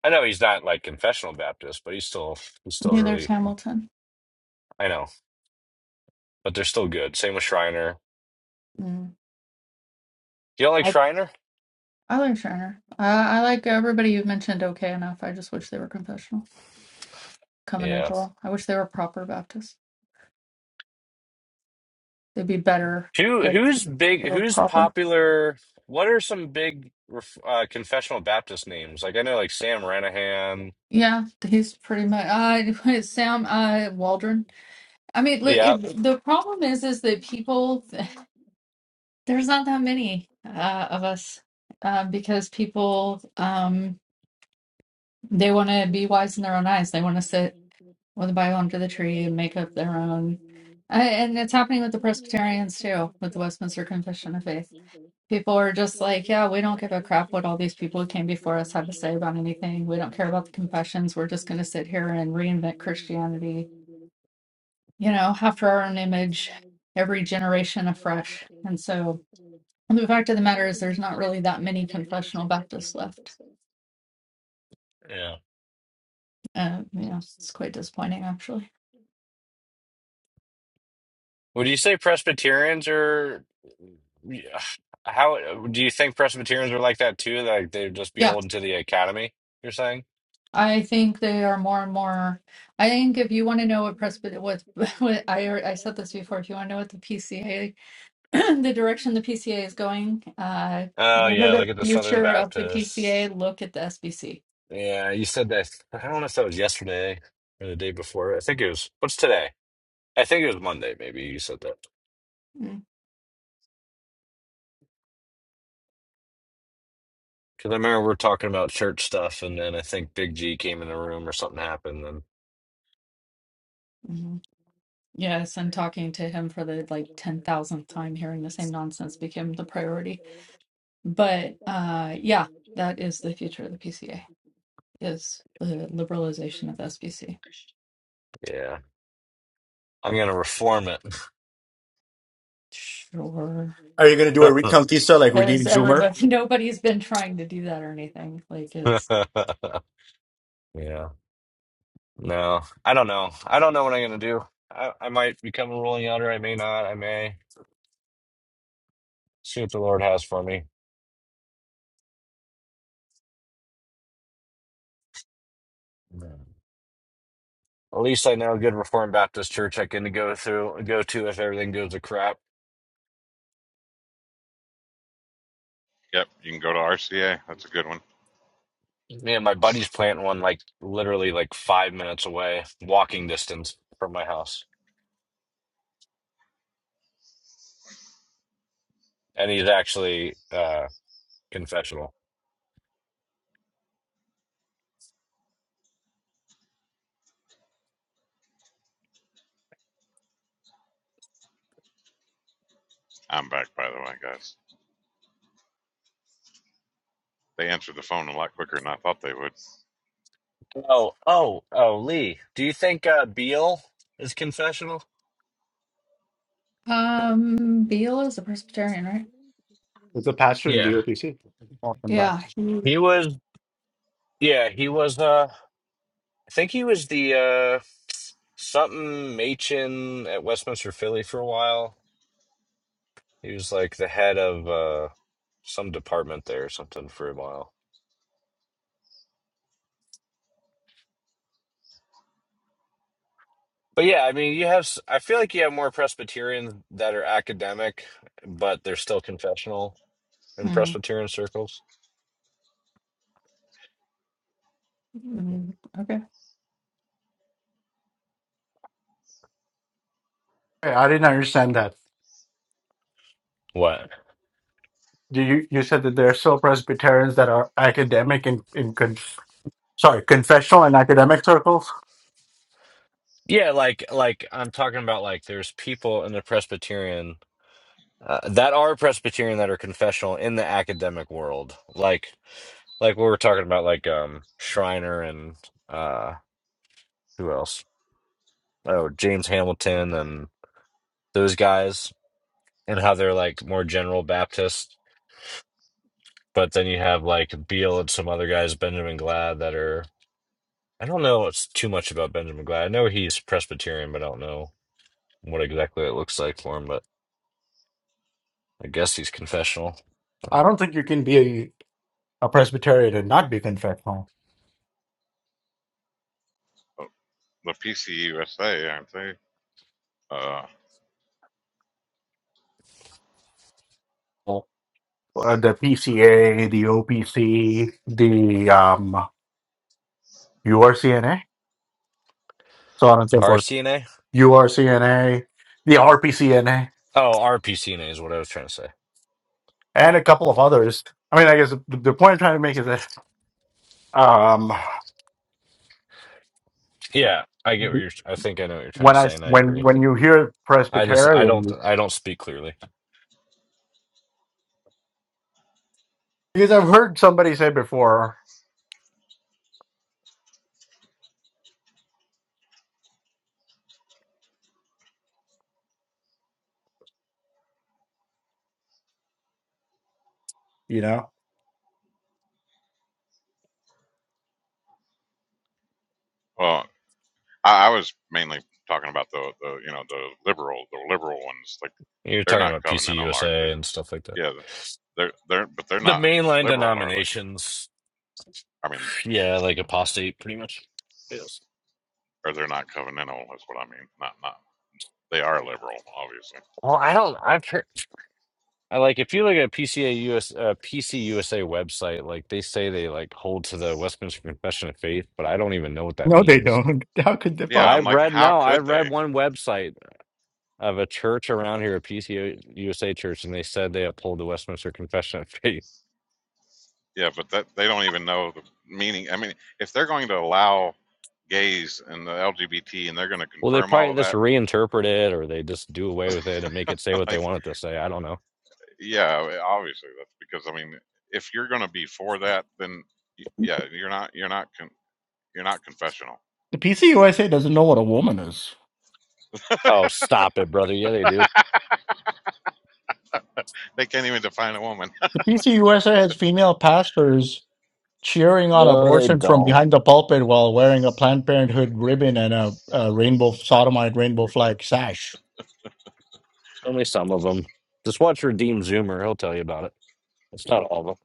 Speaker 5: I know he's not like confessional Baptist, but he's still he's still
Speaker 6: neither is
Speaker 5: really
Speaker 6: Hamilton.
Speaker 5: I know, but they're still good. Same with Shriner. You don't like
Speaker 6: I
Speaker 5: Shriner?
Speaker 6: I like Shiner. I I like everybody you've mentioned okay enough. I just wish they were confessional,
Speaker 5: Yeah.
Speaker 6: covenantal. I wish they were proper Baptist. They'd be better
Speaker 5: Who
Speaker 6: if
Speaker 5: who's
Speaker 6: they
Speaker 5: big?
Speaker 6: were
Speaker 5: Who's
Speaker 6: proper.
Speaker 5: popular? What are some big ref- uh, confessional Baptist names? Like I know, like Sam Ranahan.
Speaker 6: Yeah, he's pretty much uh, [laughs] Sam uh, Waldron. I mean, look,
Speaker 5: Yeah,
Speaker 6: it, the problem is, is that people there's not that many uh, of us uh, because people um, they want to be wise in their own eyes. They want to with a Bible under the tree and make up their own. I, and it's happening with the Presbyterians too, with the Westminster Confession of Faith. People are just like, yeah, we don't give a crap what all these people who came before us had to say about anything. We don't care about the confessions. We're just going to sit here and reinvent Christianity, you know, after our own image, every generation afresh. And so the fact of the matter is, there's not really that many confessional Baptists left.
Speaker 5: yeah.
Speaker 6: Uh, yeah, it's quite disappointing, actually.
Speaker 5: Would you say Presbyterians are? Yeah. How do you think Presbyterians are like that too? Like they'd just be
Speaker 6: Yeah.
Speaker 5: holding to the academy? You're saying?
Speaker 6: I think they are more and more. I think if you want to know what Presbyterian, what, [laughs] what I alre- I said this before, if you want to know what the PCA, [clears throat] the direction the PCA is going, uh,
Speaker 5: Oh
Speaker 6: what are
Speaker 5: yeah, look
Speaker 6: the
Speaker 5: at the Southern
Speaker 6: future of the
Speaker 5: Baptists.
Speaker 6: PCA? Look at the SBC.
Speaker 5: Yeah, you said that. I don't know if that was yesterday or the day before. I think it was. What's today? I think it was Monday. Maybe you said that. Because I remember we are talking about church stuff, and then I think Big G came in the room or something happened. And
Speaker 6: Mm-hmm. Yes, and talking to him for the like ten thousandth time, hearing the same nonsense became the priority. But uh, yeah, that is the future of the PCA is the liberalization of the SBC.
Speaker 5: yeah, I'm gonna reform
Speaker 6: Sure.
Speaker 2: Are you going to do a
Speaker 5: it.
Speaker 2: recontista like we
Speaker 6: Because
Speaker 2: Zoomer?
Speaker 6: everybody, [laughs] nobody's been trying to do that or anything. Like it's
Speaker 5: [laughs] Yeah, no, I don't know. I don't know what I'm gonna do. I, I might become a ruling elder. I may not. I may see what the Lord has for me. Yeah. At least I know a good Reformed Baptist church I can go through, go to if everything goes to crap.
Speaker 3: Yep, you can go to RCA. That's a good one.
Speaker 5: Man, my buddy's planting one like literally like five minutes away, walking distance from my house. And he's actually uh confessional.
Speaker 3: I'm back, by the way, guys. They answered the phone a lot quicker than I thought they would.
Speaker 5: Oh, oh, oh, Lee. Do you think uh Beal is confessional?
Speaker 6: um, Beale is a Presbyterian, right?
Speaker 2: It's a pastor in
Speaker 5: Yeah.
Speaker 2: the OPC. Welcome back.
Speaker 6: Yeah, he's
Speaker 5: He was yeah, he was uh I think he was the uh something Machin at Westminster Philly for a while. He was like the head of uh some department there or something for a while. But yeah, I mean, you have s- I feel like you have more Presbyterians that are academic, but they're still confessional in
Speaker 6: mm,
Speaker 5: Presbyterian circles.
Speaker 6: mm, okay.
Speaker 2: Hey, I didn't understand that.
Speaker 5: What?
Speaker 2: Do You, you said that there are still Presbyterians that are academic in, in con, sorry, confessional and academic circles.
Speaker 5: Yeah, like like I'm talking about like there's people in the Presbyterian uh, that are Presbyterian that are confessional in the academic world. Like like we were talking about like um Schreiner and uh who else? Oh, James Hamilton and those guys and how they're like more general Baptist. But then you have like Beale and some other guys, Benjamin Glad that are I don't know it's too much about Benjamin Glad. I know he's Presbyterian, but I don't know what exactly it looks like for him, but I guess he's confessional.
Speaker 2: I don't think you can be a, a Presbyterian and not be confessional.
Speaker 3: Oh, The PCUSA, aren't they? Uh,
Speaker 2: uh, the PCA, the OPC, the um, URCNA, so on and so forth.
Speaker 5: RCNA?
Speaker 2: URCNA, the RPCNA,
Speaker 5: Oh, RPCNA is what I was trying to say.
Speaker 2: and a couple of others. I mean, I guess the, the point I'm trying to make is that um,
Speaker 5: Yeah, I get what you're. I think I know what you're trying
Speaker 2: when
Speaker 5: to
Speaker 2: I
Speaker 5: say, and I
Speaker 2: when
Speaker 5: agree.
Speaker 2: when you hear
Speaker 5: I just I don't
Speaker 2: Presbyterian,
Speaker 5: I don't speak clearly.
Speaker 2: because I've heard somebody say before, you know,
Speaker 3: well, I, I was mainly talking about the, the, you know, the liberal, the liberal ones. Like
Speaker 5: You're
Speaker 3: they're
Speaker 5: talking
Speaker 3: not
Speaker 5: about P C U
Speaker 3: covenantal,
Speaker 5: S A
Speaker 3: aren't they?
Speaker 5: and stuff like that.
Speaker 3: Yeah, they're they're, but they're
Speaker 5: The
Speaker 3: not
Speaker 5: mainline
Speaker 3: liberal, are they?
Speaker 5: denominations,
Speaker 3: I mean,
Speaker 5: yeah, like apostate, pretty much. Yes.
Speaker 3: or they're not covenantal is what I mean. Not not they are liberal, obviously.
Speaker 5: Well, I don't. I've heard. I like if you look at PCA uh, PC website, like they say they like hold to the Westminster Confession of Faith, but I don't even know what that
Speaker 2: no, they
Speaker 5: means.
Speaker 2: don't. [laughs] How could they
Speaker 3: Yeah, I'm
Speaker 2: possibly?
Speaker 5: I've
Speaker 3: like,
Speaker 5: read
Speaker 3: how
Speaker 5: no,
Speaker 3: could
Speaker 5: I've
Speaker 3: they?
Speaker 5: read one website of a church around here, a PCO USA church, and they said they uphold the Westminster Confession of Faith. [laughs]
Speaker 3: Yeah, but that they don't even know the meaning. I mean, if they're going to allow gays and the LGBT and they're going to
Speaker 5: Well, they
Speaker 3: confirm all
Speaker 5: probably
Speaker 3: of
Speaker 5: just
Speaker 3: that,
Speaker 5: reinterpret it or they just do away with it and make it say
Speaker 3: [laughs]
Speaker 5: what they
Speaker 3: like,
Speaker 5: want it to say. I don't know.
Speaker 3: yeah, obviously that's because I mean, if you're going to be for that, then y- yeah, you're not you're not con- you're not confessional.
Speaker 2: The PCUSA doesn't know what a woman is.
Speaker 5: Oh, stop it, brother. Yeah, they do.
Speaker 3: They can't even define a woman. [laughs]
Speaker 2: The PCUSA has female pastors cheering on
Speaker 5: No, they
Speaker 2: abortion from
Speaker 5: don't.
Speaker 2: behind the pulpit while wearing a Planned Parenthood ribbon and a, a rainbow sodomite rainbow flag sash.
Speaker 5: Only some of them. Just watch Redeem Zoomer. He'll tell you about it. It's not all of them.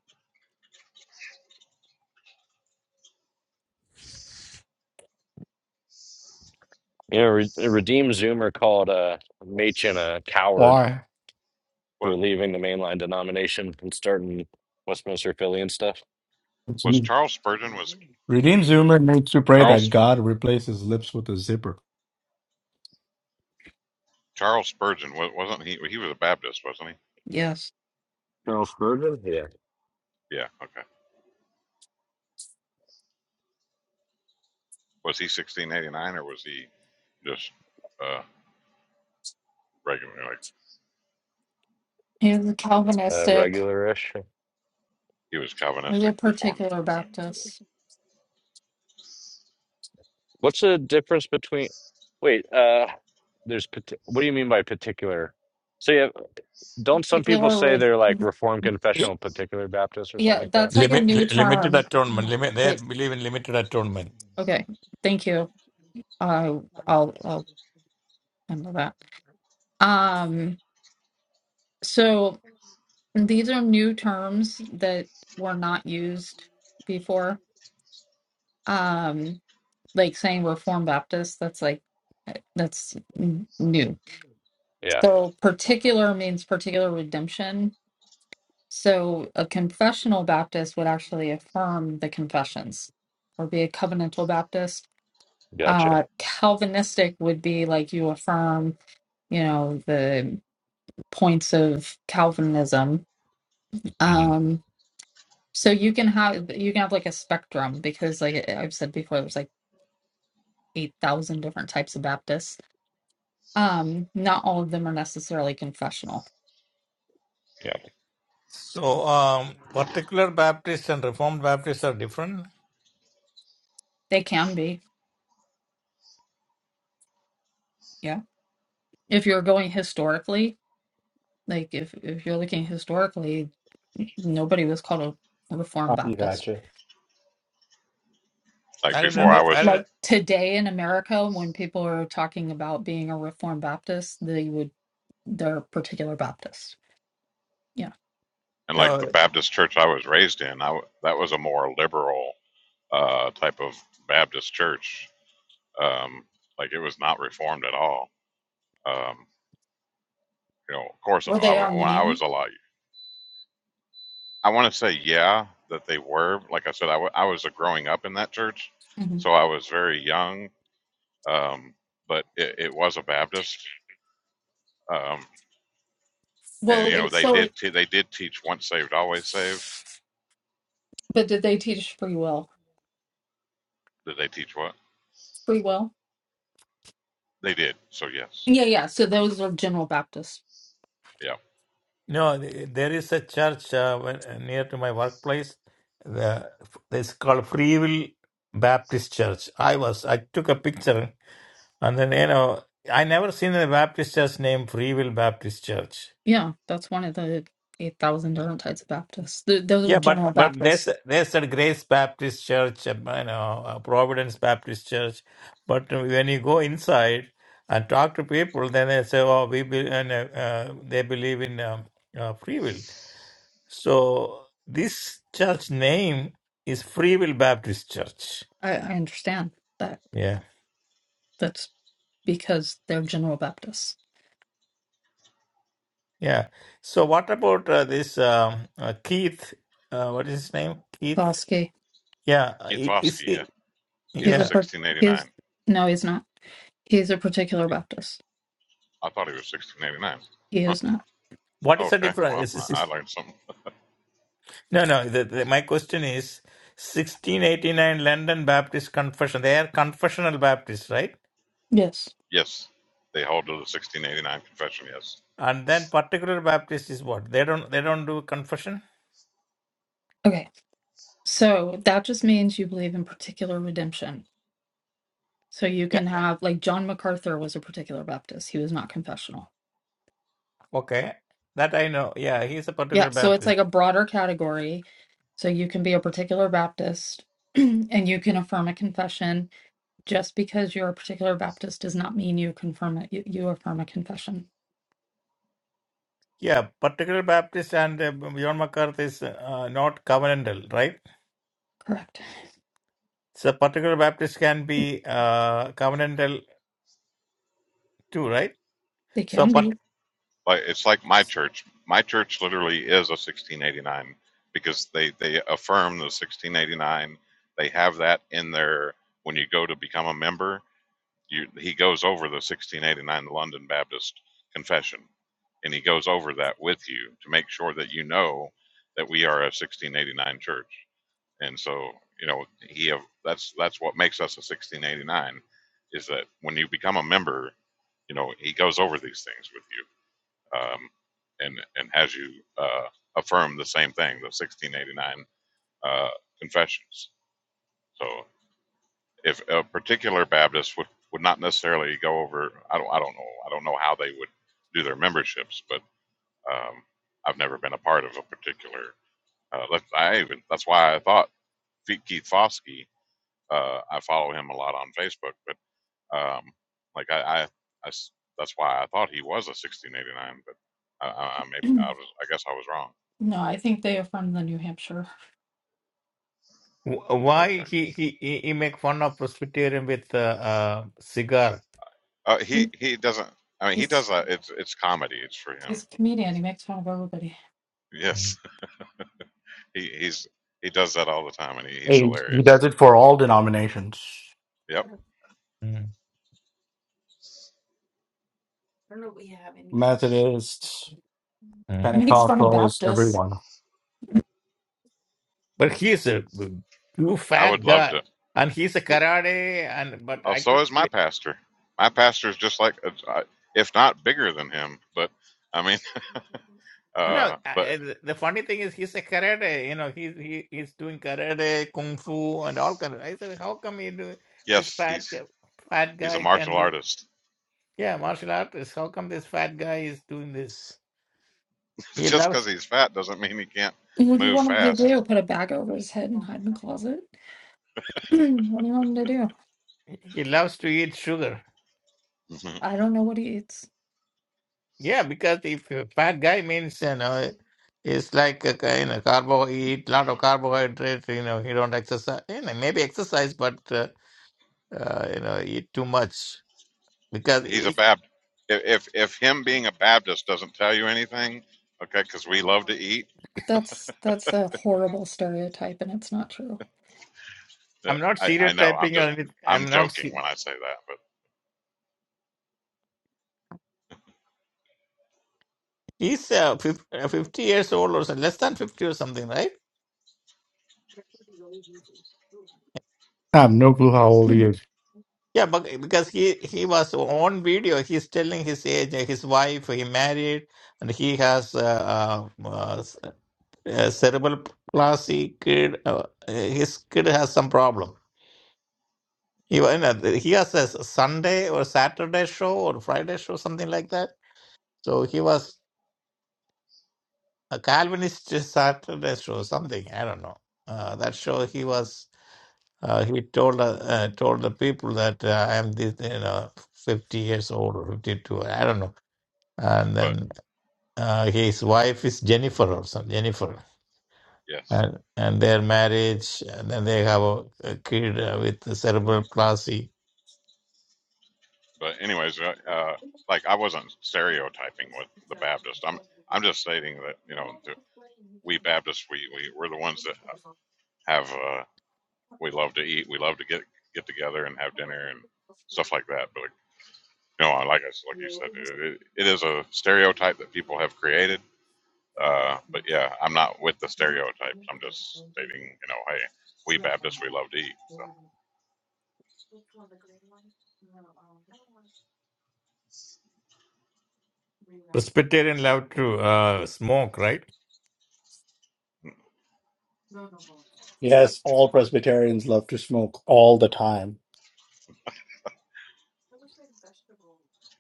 Speaker 5: You know, Re- Redeem Zoomer called uh, Machen a coward
Speaker 2: Why?
Speaker 3: was
Speaker 5: for leaving the mainline denomination and starting Westminster Philly and stuff.
Speaker 3: was
Speaker 2: Redeemed
Speaker 3: Charles Spurgeon was
Speaker 2: Zoomer needs to pray
Speaker 5: Huh?
Speaker 2: that
Speaker 3: Charles
Speaker 2: God replaces lips with a zipper.
Speaker 3: Charles Spurgeon wa- wasn't he he was a Baptist, wasn't he?
Speaker 6: Yes,
Speaker 5: Charles Spurgeon? Yeah.
Speaker 3: Yeah, okay. Was he 1689 or was he just uh regular like
Speaker 6: he was a
Speaker 5: Uh,
Speaker 6: Calvinistic.
Speaker 5: regular ish.
Speaker 3: he was
Speaker 6: He's
Speaker 3: Calvinistic
Speaker 6: a
Speaker 3: reformed?
Speaker 6: particular
Speaker 3: Okay.
Speaker 6: Baptist.
Speaker 5: What's the difference between? Wait, uh, there's parti- what do you mean by particular? So yeah, don't some people
Speaker 6: Particular
Speaker 5: say
Speaker 6: with
Speaker 5: they're like Reformed Confessional Particular Baptist or something
Speaker 6: yeah,
Speaker 5: like that?
Speaker 6: that's like a
Speaker 7: Limit,
Speaker 6: new
Speaker 7: li- limited
Speaker 6: term.
Speaker 7: atonement.
Speaker 6: Oh,
Speaker 7: Limit, they
Speaker 6: Wait,
Speaker 7: believe in limited atonement.
Speaker 6: okay, thank you. Uh, I'll I'll handle that. Um, so these are new terms that were not used before. Um, like saying Reformed Baptist, that's like eh, that's n- new.
Speaker 5: Yeah,
Speaker 6: So particular means particular redemption. So a confessional Baptist would actually affirm the confessions or be a covenantal Baptist.
Speaker 5: gotcha.
Speaker 6: Uh, Calvinistic would be like you affirm, you know, the points of Calvinism.
Speaker 5: hmm
Speaker 6: Um, so you can have you can have like a spectrum because like I've said before, there's like eight thousand different types of Baptists Um, not all of them are necessarily confessional.
Speaker 5: Yeah.
Speaker 7: So, um, particular Baptists and Reformed Baptists are different.
Speaker 6: They can be, yeah. If you're going historically, like if if you're looking historically, nobody was called a
Speaker 2: Uh,
Speaker 6: Reformed
Speaker 2: you
Speaker 6: Baptist.
Speaker 2: gotcha.
Speaker 3: Like
Speaker 7: I didn't,
Speaker 3: before
Speaker 6: Mhm.
Speaker 3: I
Speaker 7: under- I
Speaker 3: was,
Speaker 7: didn't,
Speaker 6: Like today in America, when people are talking about being a Reformed Baptist, they would they're particular Baptist. Yeah.
Speaker 3: and like the
Speaker 7: no,
Speaker 3: Baptist church I was raised in, I that was a more liberal uh, type of Baptist church. Um, like it was not reformed at all. Um, you know, of course,
Speaker 6: Were
Speaker 3: I,
Speaker 6: they
Speaker 3: w- when I was
Speaker 6: Arminian?
Speaker 3: a lot, I want to say yeah that they were. Like I said, I, w- I was growing up in that church,
Speaker 6: hmm
Speaker 3: so I was very young. Um, but it, it was a Baptist, um,
Speaker 6: Well,
Speaker 3: and you know
Speaker 6: it's
Speaker 3: they
Speaker 6: so.
Speaker 3: did te- they did teach once saved always saved.
Speaker 6: But did they teach free will?
Speaker 3: Did they teach what
Speaker 6: Free will?
Speaker 3: they did? So yes,
Speaker 6: Yeah, yeah. So those are general Baptists.
Speaker 3: yeah.
Speaker 7: no, there is a church uh, when- near to my workplace. The, it's called Free Will Baptist Church. I was, I took a picture and then, you know, I never seen a Baptist church named Free Will Baptist Church.
Speaker 6: Yeah, that's one of the 8,000 different types of Baptists. Th those are
Speaker 7: Yeah, but
Speaker 6: General
Speaker 7: but there's
Speaker 6: Baptists.
Speaker 7: there's a Grace Baptist Church, um, you know, uh, Providence Baptist Church. But uh, when you go inside and talk to people, then they say, "Oh, we be, and, uh, uh, they believe in um, uh, free will." So this church name is Free Will Baptist Church.
Speaker 6: I, I understand that.
Speaker 7: Yeah,
Speaker 6: That's because they're General Baptists.
Speaker 7: yeah. So what about uh, this um, uh, Keith? Uh, what is his name? Keith.
Speaker 6: Bosky,
Speaker 7: Yeah, uh,
Speaker 3: Keith
Speaker 7: i- is
Speaker 3: Foskey, yeah.
Speaker 7: he?
Speaker 3: He's a
Speaker 6: he's a,
Speaker 7: Yeah.
Speaker 6: par- he's,
Speaker 3: 1689.
Speaker 6: no, he's not. He's a particular Baptist.
Speaker 3: I thought he was 1689.
Speaker 6: He is not.
Speaker 7: What is the
Speaker 3: Okay, well,
Speaker 7: difference?
Speaker 3: I, I learned something.
Speaker 7: No, no. The, the, my question is 1689 London Baptist Confession. They are confessional Baptists, right?
Speaker 6: Yes.
Speaker 3: Yes, they hold to the 1689 confession. Yes,
Speaker 7: And then particular Baptist is what? They don't they don't do confession?
Speaker 6: Okay. So that just means you believe in particular redemption. So you
Speaker 7: Yeah.
Speaker 6: can have, like, John MacArthur was a particular Baptist. He was not confessional.
Speaker 7: Okay. That I know. Yeah, he's a
Speaker 6: Yeah,
Speaker 7: particular
Speaker 6: so it's
Speaker 7: Baptist.
Speaker 6: like a broader category. So you can be a particular Baptist [clears throat] and you can affirm a confession. Just because you're a particular Baptist does not mean you confirm it. You, you affirm a confession.
Speaker 7: Yeah, particular Baptist and uh, John MacArthur is uh, not covenantal, right?
Speaker 6: Correct.
Speaker 7: So particular Baptist can be uh, covenantal too, right?
Speaker 6: They
Speaker 7: So,
Speaker 6: can
Speaker 7: but
Speaker 6: be.
Speaker 3: like it's like my church. My church literally is a 1689 because they they affirm the 1689. They have that in their when you go to become a member. You he goes over the 1689 London Baptist Confession, and he goes over that with you to make sure that you know that we are a 1689 church. And so, you know, he have, that's that's what makes us a 1689 is that when you become a member, you know, he goes over these things with you, um, and and has you uh, affirm the same thing, the 1689 uh, confessions. So, if a particular Baptist would would not necessarily go over, I don't I don't know I don't know how they would do their memberships, but um, I've never been a part of a particular. Uh, I even that's why I thought Keith Foskey Uh, I follow him a lot on Facebook, but um, like I, I, I, that's why I thought he was a 1689, but I, I, I maybe I
Speaker 6: [clears throat]
Speaker 3: was, I guess I was wrong.
Speaker 6: No, I think they affirm the New Hampshire.
Speaker 7: wh-
Speaker 3: Okay.
Speaker 7: why he he he he make fun of Presbyterian with uh, uh, cigar?
Speaker 3: Uh, he he doesn't. I mean, he does
Speaker 6: He's
Speaker 3: that. It's it's comedy. It's for him. [laughs]
Speaker 6: he's a comedian. He makes fun of everybody.
Speaker 7: Mm,
Speaker 3: Yes. He he's he does that all the time, and he, he's
Speaker 2: Hey, he
Speaker 3: hilarious.
Speaker 2: does it for all denominations
Speaker 3: Yep.
Speaker 7: mm,
Speaker 2: Methodists,
Speaker 7: mm.
Speaker 6: He makes fun of
Speaker 2: Pentecostals,
Speaker 6: Baptists.
Speaker 2: everyone.
Speaker 7: But he's a too
Speaker 3: I
Speaker 7: fat
Speaker 3: would love
Speaker 7: guy,
Speaker 3: to.
Speaker 7: and he's a
Speaker 3: He,
Speaker 7: karate. And but
Speaker 3: oh,
Speaker 7: I
Speaker 3: so
Speaker 7: couldn't
Speaker 3: is my
Speaker 7: really.
Speaker 3: pastor. My pastor is just like, uh, uh, if not bigger than him, but I mean, [laughs]
Speaker 7: No,
Speaker 3: uh, but
Speaker 7: I, the funny thing is he's a karate. You know, he's he, he's doing karate, kung fu, and all kind of. I said, how come he do this
Speaker 3: yes,
Speaker 7: fat
Speaker 3: he's
Speaker 7: guy- fat
Speaker 3: he's a
Speaker 7: guy can
Speaker 3: martial
Speaker 7: do?
Speaker 3: artist.
Speaker 7: Yeah, martial artist. How come this fat guy is doing this?
Speaker 3: [laughs]
Speaker 7: He
Speaker 3: Just
Speaker 7: loves
Speaker 3: because he's fat doesn't mean he can't
Speaker 6: What do you
Speaker 3: move
Speaker 6: want him to
Speaker 3: fast.
Speaker 6: do? Put a bag over his head and hide in the closet? [clears throat] what do you want him to do?
Speaker 7: he loves to eat sugar.
Speaker 3: [laughs]
Speaker 6: I don't know what he eats.
Speaker 7: Yeah, because if a fat guy means, you know, it's like a kind of carbo, he eat lot of carbohydrate, you know, he don't exercise, you know, maybe exercise, but, uh, uh, you know, eat too much. Because
Speaker 3: he's a
Speaker 7: he,
Speaker 3: Bab. If, if if him being a Baptist doesn't tell you anything, okay, because we love to eat.
Speaker 6: That's that's a horrible stereotype, and it's not true.
Speaker 3: uh,
Speaker 7: I'm not
Speaker 3: I I know. I'm
Speaker 7: stereotyping or
Speaker 3: just
Speaker 7: anything.
Speaker 3: I'm
Speaker 7: I'm not.
Speaker 3: joking
Speaker 7: se-
Speaker 3: when I say that, but
Speaker 7: He's uh, fif- uh, 50 years old or so, less than 50 or something, right?
Speaker 2: I have no clue how old he
Speaker 6: You
Speaker 2: is.
Speaker 7: Yeah, but because he he was on video, he's telling his age, uh, his wife, he married, and he has uh, uh, uh, uh, cerebral palsy kid, uh, his kid has some problem. He, wa- you know, he has a Sunday or Saturday show or Friday show, something like that. So he was a Calvinist [laughs] Saturday show, something I don't know. Uh, that show he was. Uh, he told uh, uh, told the people that uh, I am this, you know, fifty years old or fifty two. I don't know. And
Speaker 3: but
Speaker 7: then uh, his wife is Jennifer or something. Jennifer.
Speaker 3: yes.
Speaker 7: and, and their marriage, and then they have a, a kid uh, with cerebral palsy.
Speaker 3: But anyways, uh, uh, like I wasn't stereotyping with the Baptist. I'm I'm just stating that you know the, we Baptists we we we're the ones that have uh, we love to eat. We love to get get together and have dinner and stuff like that. But No, I like us, like you said, it, it, it is a stereotype that people have created. Uh, but yeah, I'm not with the stereotypes. I'm just stating, you know, hey, we Baptists, we love to eat. So
Speaker 7: Presbyterian love to uh, smoke, right?
Speaker 2: Yes, all Presbyterians love to smoke all the time.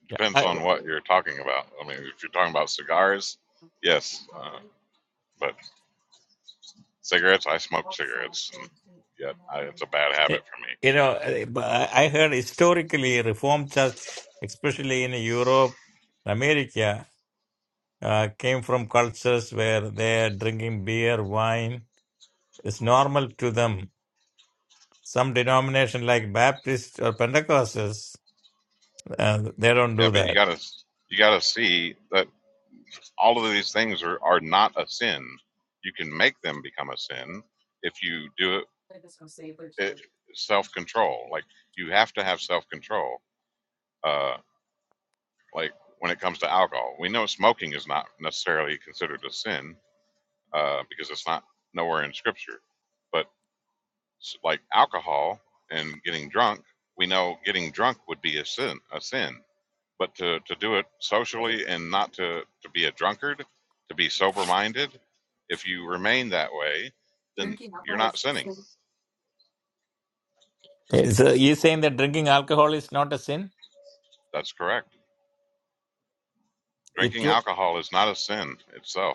Speaker 3: it
Speaker 7: Yeah.
Speaker 3: depends
Speaker 7: I,
Speaker 3: on what you're talking about. I mean, if you're talking about cigars, yes, uh, but cigarettes, I smoke cigarettes, and yet I, it's a bad habit for me.
Speaker 7: you know, I I heard historically Reformed Church, especially in Europe, America, uh, came from cultures where they're drinking beer, wine. It's normal to them. Some denomination like Baptist or Pentecostals, uh, they don't do
Speaker 3: Yeah, but you
Speaker 7: that.
Speaker 3: gotta you gotta see that all of these things are are not a sin. You can make them become a sin if you do it it, self-control. Like you have to have self-control. Uh, like when it comes to alcohol, we know smoking is not necessarily considered a sin uh, because it's not nowhere in scripture. But like alcohol and getting drunk, we know getting drunk would be a sin. A sin. But to, to do it socially and not to, to be a drunkard, to be sober minded, if you remain that way, then you're not sinning.
Speaker 7: So you're saying that drinking alcohol is not a sin?
Speaker 3: That's correct.
Speaker 7: It
Speaker 3: Drinking
Speaker 7: you
Speaker 3: alcohol is not a sin itself.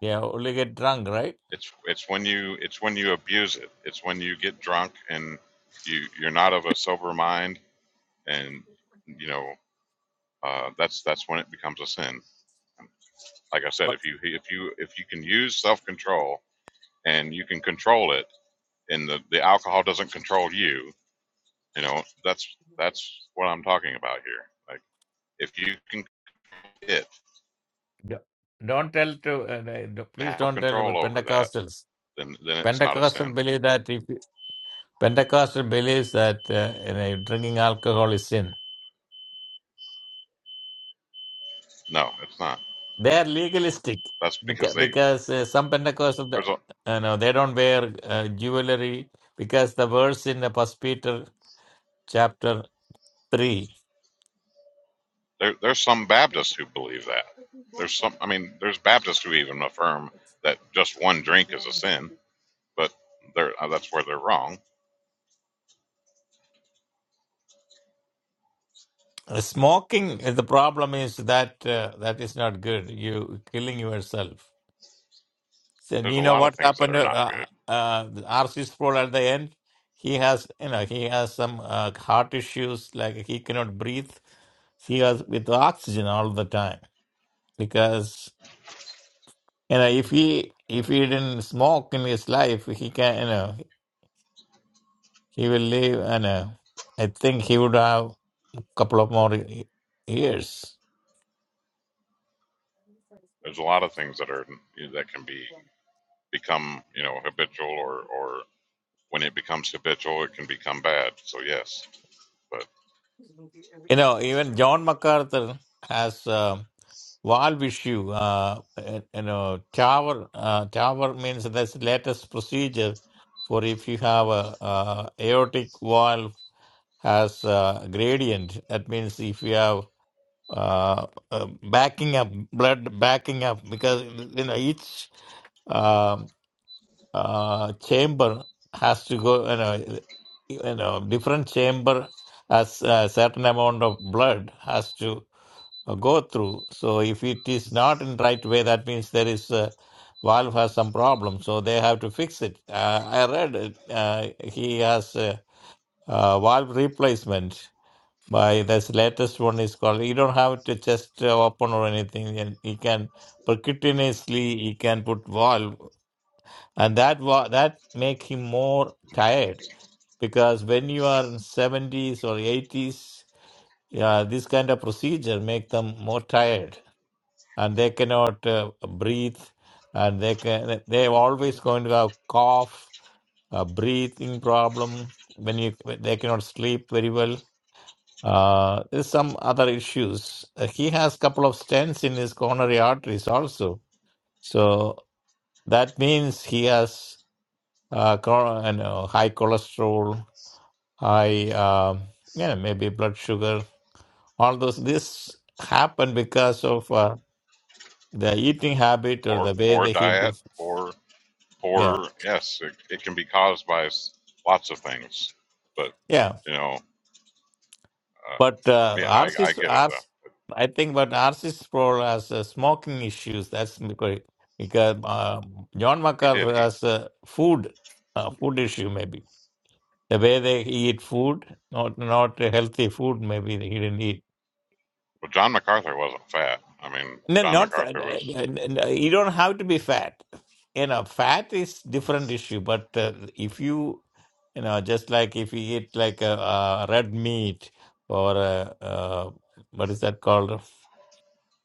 Speaker 7: yeah only get drunk, right?
Speaker 3: It's it's when you it's when you abuse it. It's when you get drunk and you you're not of a sober mind, and you know uh, that's that's when it becomes a sin. Like I said,
Speaker 7: But
Speaker 3: if you if you if you can use self control and you can control it, and the the alcohol doesn't control you, you know that's that's what I'm talking about here. Like if you can it
Speaker 7: Yeah. don't tell to uh, uh, no,
Speaker 3: and
Speaker 7: please
Speaker 3: have
Speaker 7: don't tell the
Speaker 3: control over that,
Speaker 7: Pentecostals.
Speaker 3: then then it's not a
Speaker 7: Pentecostal
Speaker 3: sin.
Speaker 7: believe that if you- Pentecostal believes that uh, you know, drinking alcohol is sin.
Speaker 3: No, it's not.
Speaker 7: They are legalistic
Speaker 3: That's
Speaker 7: because,
Speaker 3: because they
Speaker 7: because uh, some Pentecostal uh,
Speaker 3: there's a
Speaker 7: you know they don't wear uh, jewelry because the verse in the First Peter chapter three.
Speaker 3: There, there's some Baptists who believe that. There's some. I mean, there's Baptists who even affirm that just one drink is a sin, but they're, uh, that's where they're wrong.
Speaker 7: uh, Smoking, uh, the problem is that uh, that is not good. You killing yourself So
Speaker 3: There's
Speaker 7: you
Speaker 3: a
Speaker 7: know
Speaker 3: lot
Speaker 7: what
Speaker 3: of things that
Speaker 7: happened
Speaker 3: are
Speaker 7: to
Speaker 3: not
Speaker 7: uh,
Speaker 3: good.
Speaker 7: uh, R.C. Sproul at the end? He has, you know, he has some uh, heart issues, like he cannot breathe. He was with oxygen all the time because, you know, if he if he didn't smoke in his life, he can, you know, he will live, and uh, I think he would have a couple of more y- years.
Speaker 3: There's a lot of things that are that can be become you know habitual or or when it becomes habitual, it can become bad. So yes, but
Speaker 7: You know, even John MacArthur has. um Valve issue, uh, uh, you know, tower, uh, tower means that's the latest procedure for if you have a, uh aortic valve has a gradient. That means if you have uh, uh, backing up, blood backing up, because you know each um uh, chamber has to go, you know, you know, different chamber has a certain amount of blood has to uh, go through. So if it is not in right way, that means there is a valve has some problem. So they have to fix it. Uh, I read it. Uh, he has a, uh valve replacement. By this latest one is called. You don't have to just uh, open or anything. And he can percutaneously he can put valve, and that wa- that make him more tired because when you are in seventies or eighties, yeah, this kind of procedure make them more tired and they cannot uh, breathe and they can they are always going to have cough a breathing problem when you they cannot sleep very well uh there's some other issues Uh, he has couple of stents in his coronary arteries also so that means he has uh chron- you know, high cholesterol high um yeah maybe blood sugar all those this happened because of uh, the eating habit or
Speaker 3: poor
Speaker 7: the way
Speaker 3: poor
Speaker 7: they
Speaker 3: diet,
Speaker 7: eat
Speaker 3: poor poor yes, it, it can be caused by s- lots of things. But
Speaker 7: Yeah,
Speaker 3: you know, uh,
Speaker 7: but uh,
Speaker 3: yeah, I,
Speaker 7: ours
Speaker 3: I
Speaker 7: is
Speaker 3: get it though.
Speaker 7: ours. I think, but ours is for as uh, smoking issues. That's because because uh, John
Speaker 3: He did.
Speaker 7: MacArthur
Speaker 3: he.
Speaker 7: has a food uh, food issue maybe the way they eat food, not not healthy food. Maybe he didn't eat.
Speaker 3: Well, John MacArthur wasn't fat. I mean,
Speaker 7: No,
Speaker 3: John
Speaker 7: not fat.
Speaker 3: MacArthur was
Speaker 7: You don't have to be fat. You know, fat is different issue. But uh, if you you know, just like if you eat like a, uh uh, red meat or uh uh what is that called?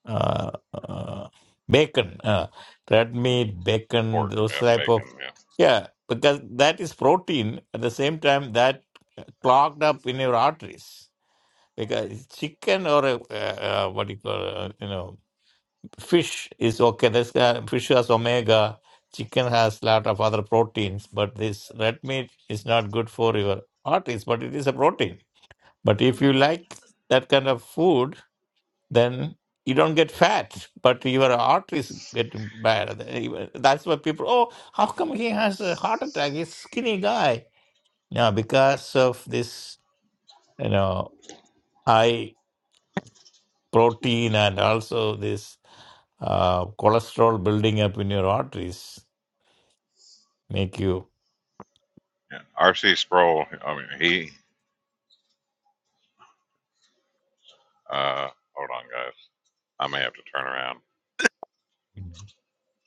Speaker 7: uh, uh, bacon, uh, red meat, bacon,
Speaker 3: pork,
Speaker 7: those
Speaker 3: yeah,
Speaker 7: type of
Speaker 3: bacon, yeah.
Speaker 7: yeah, because that is protein. At the same time, that clogged up in your arteries. Because chicken or a, uh, uh, what do you call uh, you know fish is okay. This uh, fish has omega. Chicken has lot of other proteins, but this red meat is not good for your arteries. But it is a protein. But if you like that kind of food, then you don't get fat, but your arteries get bad. That's why people, oh, how come he has a heart attack? He's skinny guy. No, because of this, you know, high protein and also this uh, cholesterol building up in your arteries make you.
Speaker 3: yeah. R.C. Sproul, I mean, he, uh, hold on, guys. I may have to turn around.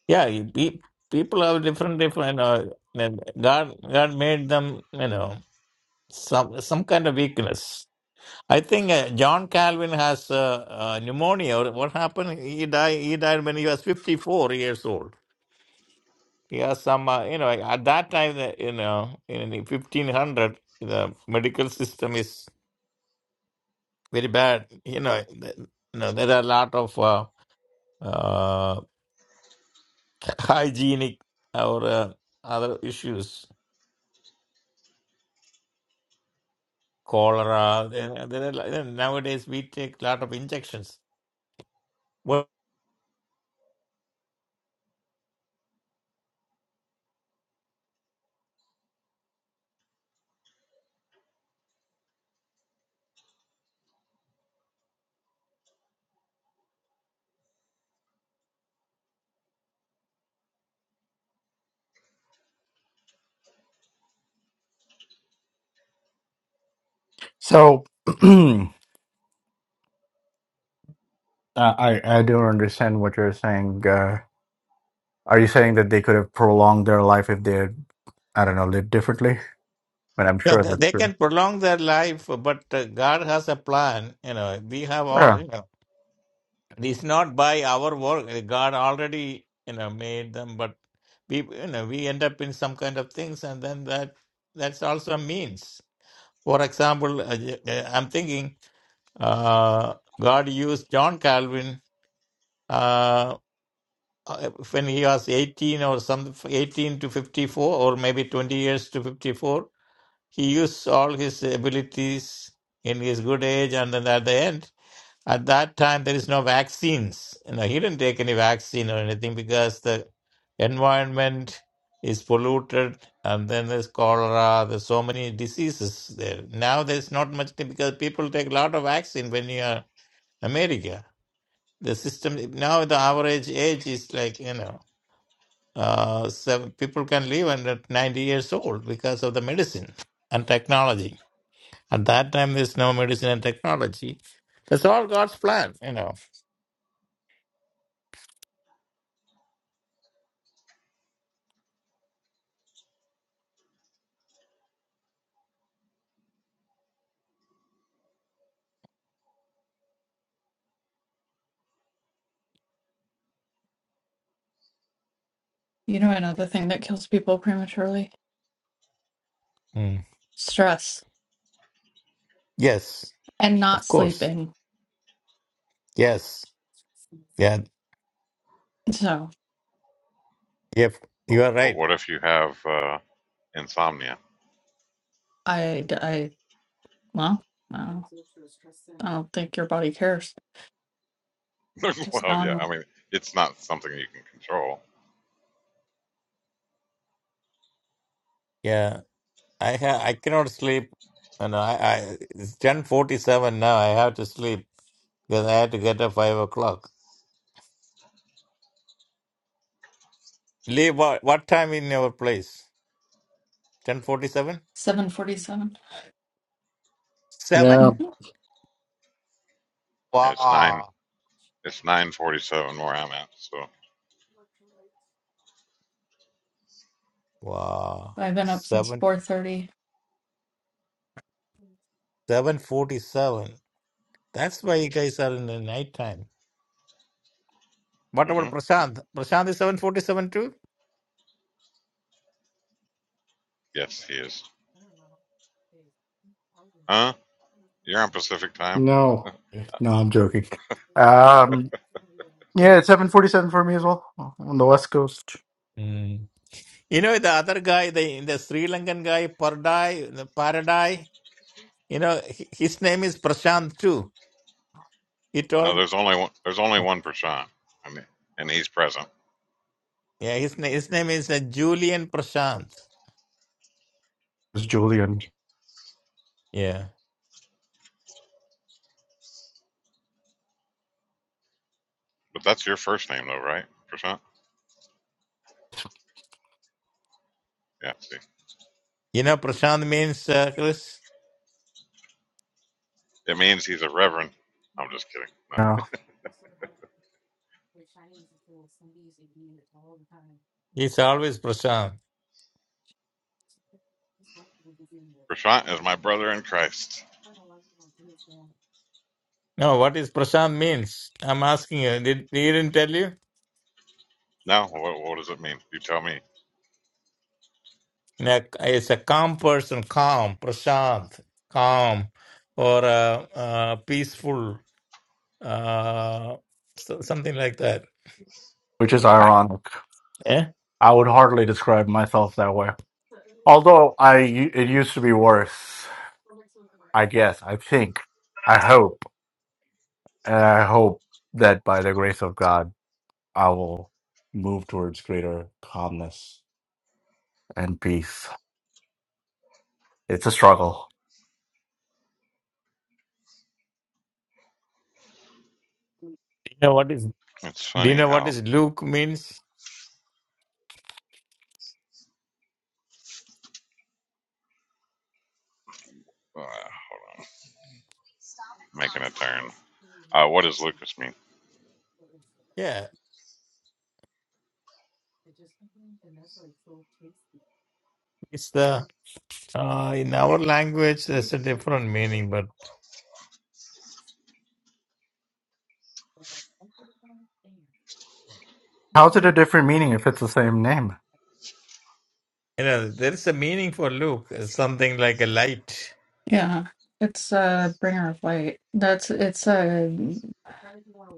Speaker 7: Yeah, you, pe- people have different, different. Uh, and God, God made them, you know, some some kind of weakness. I think uh, John Calvin has uh, uh, pneumonia. Or What happened? He died. He died when he was fifty-four years old. He has some, uh, you know, at that time, the- you know, in the fifteen hundred, the medical system is very bad. You know, the, you know, there are a lot of uh, uh, [laughs] hygienic or uh, other issues, cholera. There, there are, nowadays, we take a lot of injections. Well,
Speaker 2: So [clears throat] I, I I don't understand what you're saying. Uh, Are you saying that they could have prolonged their life if they had, I don't know, lived differently? But I'm
Speaker 7: Yeah,
Speaker 2: sure
Speaker 7: they
Speaker 2: that's
Speaker 7: they
Speaker 2: true.
Speaker 7: can prolong their life, but uh, God has a plan. You know, we have all.
Speaker 2: Yeah.
Speaker 7: You know, it's not by our work. eh, God already, you know, made them, but we, you know, we end up in some kind of things, and then that that's also a means. For example, uh, y- uh, I'm thinking uh, God used John Calvin uh, uh, when he was 18 or some 18 to 54, or maybe 20 years to 54 He used all his abilities in his good age, and then at the end, at that time, there is no vaccines. You know, he didn't take any vaccine or anything because the environment is polluted, and then there's cholera. There's so many diseases there. Now there's not much thing because people take a lot of vaccine when you are America. The system now the average age is like you know uh, seven, people can live under 90 years old because of the medicine and technology. At that time, there's no medicine and technology. That's all God's plan, you know.
Speaker 6: know, another thing that kills people prematurely?
Speaker 7: Mm.
Speaker 6: Stress
Speaker 7: Yes,
Speaker 6: and not
Speaker 7: of course.
Speaker 6: sleeping.
Speaker 7: Yes. Yeah.
Speaker 6: So
Speaker 7: Yep.
Speaker 3: But,
Speaker 7: You are
Speaker 3: but
Speaker 7: right.
Speaker 3: what if you have uh, insomnia?
Speaker 6: I, I, well, I don't, I don't think your body cares.
Speaker 3: [laughs]
Speaker 6: Just
Speaker 3: well,
Speaker 6: telling
Speaker 3: yeah, I
Speaker 6: you.
Speaker 3: mean, it's not something you can control.
Speaker 7: Yeah. I ha- I cannot sleep. You know, I, I it's ten forty seven now. I have to sleep because I had to get up five o'clock. Leave what, what time in your place? Ten forty seven.
Speaker 6: 7:47.
Speaker 7: Seven.
Speaker 2: Yeah.
Speaker 6: Mhm.
Speaker 3: And It's nine.
Speaker 7: Wow.
Speaker 3: It's 9:47 where I'm at. So,
Speaker 7: Wow.
Speaker 6: I've been up since
Speaker 7: Seven.
Speaker 6: 4:30.
Speaker 7: Seven forty seven. That's why you guys are in the night time. What about
Speaker 3: hmm
Speaker 7: Prashant? Prashant is 747 too?
Speaker 3: yes, he is. Huh? You're on Pacific time?
Speaker 2: No. No, I'm joking. Um. Yeah, it's 7:47 for me as well on the West Coast.
Speaker 7: Mm. You know, the other guy, the, the Sri Lankan guy, Pardai, the Paradai, you know, hi- his name is Prashant too. He
Speaker 3: No,
Speaker 7: told,
Speaker 3: there's only one. There's only one Prashant, I mean, and he's present.
Speaker 7: yeah, his, name his name is uh, Julian Prashant.
Speaker 2: It's Julian.
Speaker 7: Yeah.
Speaker 3: But that's your first name, though, right, Prashant? Yeah. See.
Speaker 7: You know, Prashant means, uh, Chris,
Speaker 3: It means he's a reverend. I'm just kidding. No.
Speaker 2: Yeah,
Speaker 7: he's always Prashant.
Speaker 3: [laughs] Prashant is my brother in Christ.
Speaker 7: No, what is prashant means? I'm asking you. Did he didn't tell you?
Speaker 3: Now, what, what does it mean? You tell me.
Speaker 7: Na- It's a calm person, calm, prashant, calm, or uh, uh, peaceful, uh, so, something like that.
Speaker 2: which is
Speaker 7: Ah.
Speaker 2: ironic.
Speaker 7: Yeah.
Speaker 2: I would hardly describe myself that way. Although I, it used to be worse. I guess. I think. I hope. And I hope that by the grace of God, I will move towards greater calmness and beef. It's a struggle.
Speaker 7: Do you know what is?
Speaker 3: It's
Speaker 7: Do you
Speaker 3: funny
Speaker 7: know what
Speaker 3: how.
Speaker 7: is Luke means?
Speaker 3: Uh, hold on. Making a turn. Uh, what does Lucas mean?
Speaker 7: Yeah, it's the uh, in our language. There's a different meaning, but
Speaker 2: How's it a different meaning if it's the same name?
Speaker 7: you know there is a meaning for Luke. It's something like a light.
Speaker 6: Yeah, it's a bringer of light. That's it's a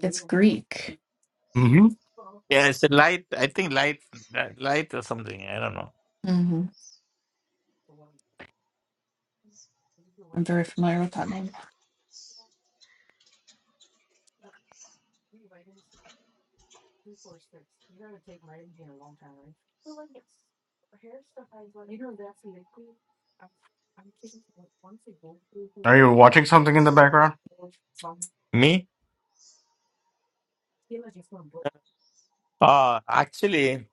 Speaker 6: it's Greek.
Speaker 2: hmm
Speaker 7: Yeah, it's a light. I think light, uh, light or something. I don't know.
Speaker 6: hmm I'm very familiar with that name.
Speaker 2: Are you watching something in the background?
Speaker 7: Me? Uh actually,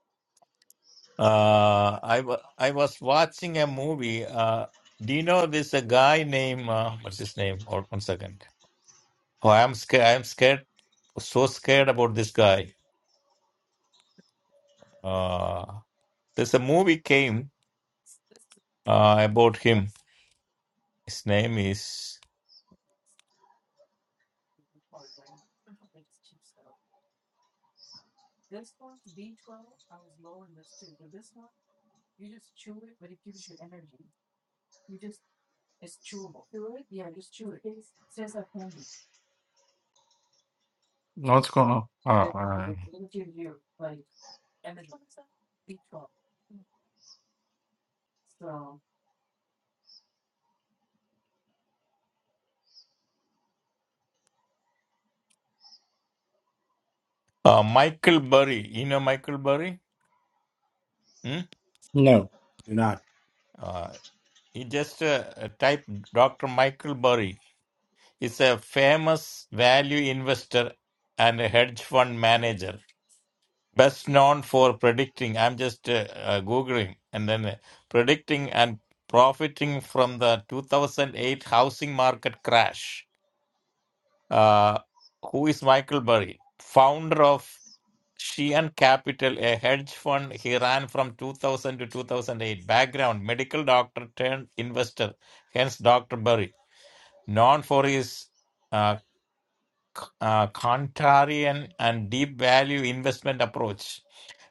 Speaker 7: uh, I wa I was watching a movie. Uh, do you know this a guy named uh, what's his name? Hold one second. Oh, I'm scared. I'm scared. So scared about this guy. Uh, there's a movie came uh about him. His name is
Speaker 2: No, What's going on? Oh, all right.
Speaker 7: uh Michael Burry. You know Michael Burry? Hmm?
Speaker 2: No, you're not.
Speaker 7: Uh, he just uh, type Dr. Michael Burry. is a famous value investor and a hedge fund manager, best known for predicting. I'm just uh, uh, Googling and then uh, predicting and profiting from the 2008 housing market crash. Uh, who is Michael Burry? Founder of Sheehan Capital, a hedge fund he ran from 2000 to 2008. Background medical doctor turned investor, hence Dr. Burry. Known for his uh, uh, contrarian and deep value investment approach.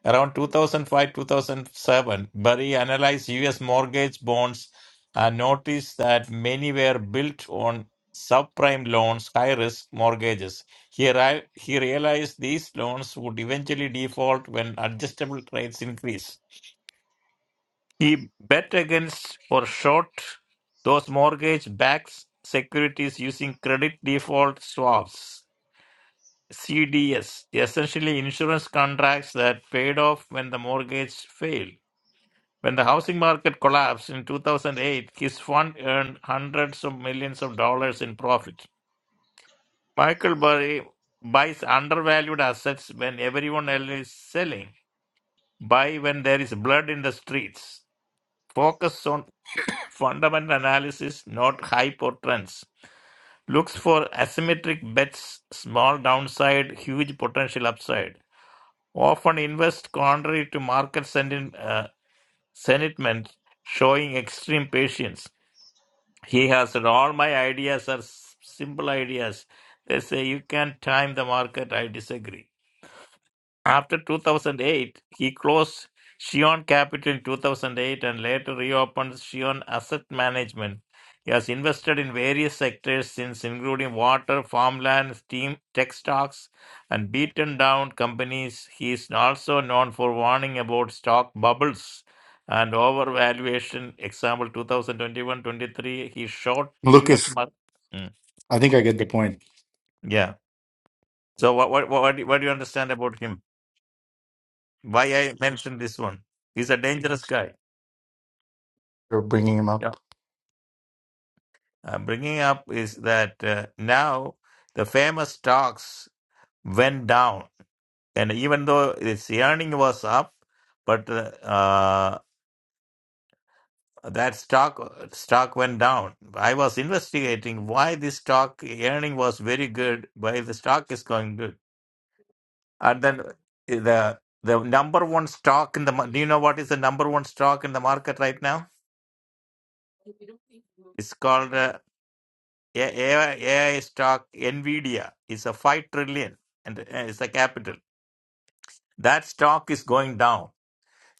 Speaker 7: Around 2005 2007, Burry analyzed US mortgage bonds and noticed that many were built on subprime loans, high risk mortgages. He, arri- he realized these loans would eventually default when adjustable rates increase. He bet against or short those mortgage backed securities using credit default swaps CDS, essentially insurance contracts that paid off when the mortgage failed. When the housing market collapsed in 2008, his fund earned hundreds of millions of dollars in profit. Michael Burry buys undervalued assets when everyone else is selling. Buy when there is blood in the streets. Focus on fundamental analysis, not hype or trends. Looks for asymmetric bets, small downside, huge potential upside often invest contrary to market senti- uh, sentiment, showing extreme patience. He has said, All my ideas are s- simple ideas. They say, You can't time the market. I disagree. After 2008, he closed Shion Capital in 2008 and later reopened Shion Asset Management. He has invested in various sectors since, including water, farmland, steam, tech stocks, and beaten down companies. He is also known for warning about stock bubbles and overvaluation. Example 2021 23, he short US.
Speaker 2: Lucas,
Speaker 7: market.
Speaker 2: I think I get the point.
Speaker 7: Yeah. So, what, what, what, do you- what do you understand about him? why I mentioned this one. He's a dangerous guy.
Speaker 2: You're bringing him
Speaker 7: Yeah.
Speaker 2: up.
Speaker 7: I'm bringing up is that uh, now the famous stocks went down, and even though its earning was up, but uh, uh, that stock stock went down. I was investigating why this stock earning was very good, why the stock is going good, and then the the number one stock in the mar- do you know what is the number one stock in the market right now? It's called uh, A- AI, AI stock, Nvidia, is a 5 trillion and uh, it's a capital. That stock is going down.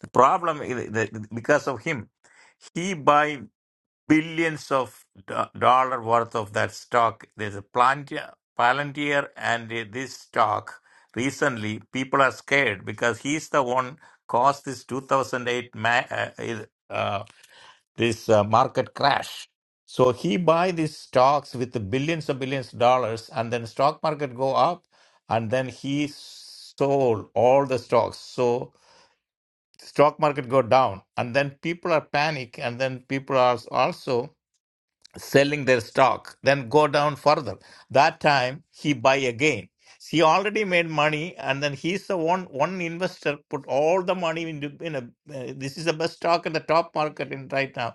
Speaker 7: The problem is that because of him, he buy billions of do- dollar worth of that stock. There's a Palantir, Palantir and uh, this stock. Recently, people are scared because he's the one caused this 2008 ma- uh, this uh, market crash. So he buy these stocks with the billions and billions of dollars, and then stock market go up, and then he sold all the stocks. So stock market go down, and then people are panic, and then people are also selling their stock. Then go down further. That time he buy again. He already made money, and then he's the one one investor put all the money into. You know, uh, this is the best stock in the top market in right now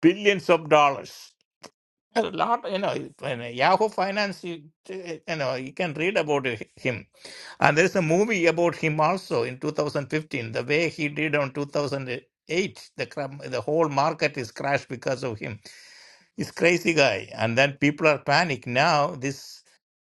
Speaker 7: billions of dollars. A lot, you know, in Yahoo Finance, you, eh, you know, you can read about him. And there's a movie about him also in 2015, the way he did on 2008. The, cram- the whole market is crashed because of him. He's crazy guy. And then people are panic now. This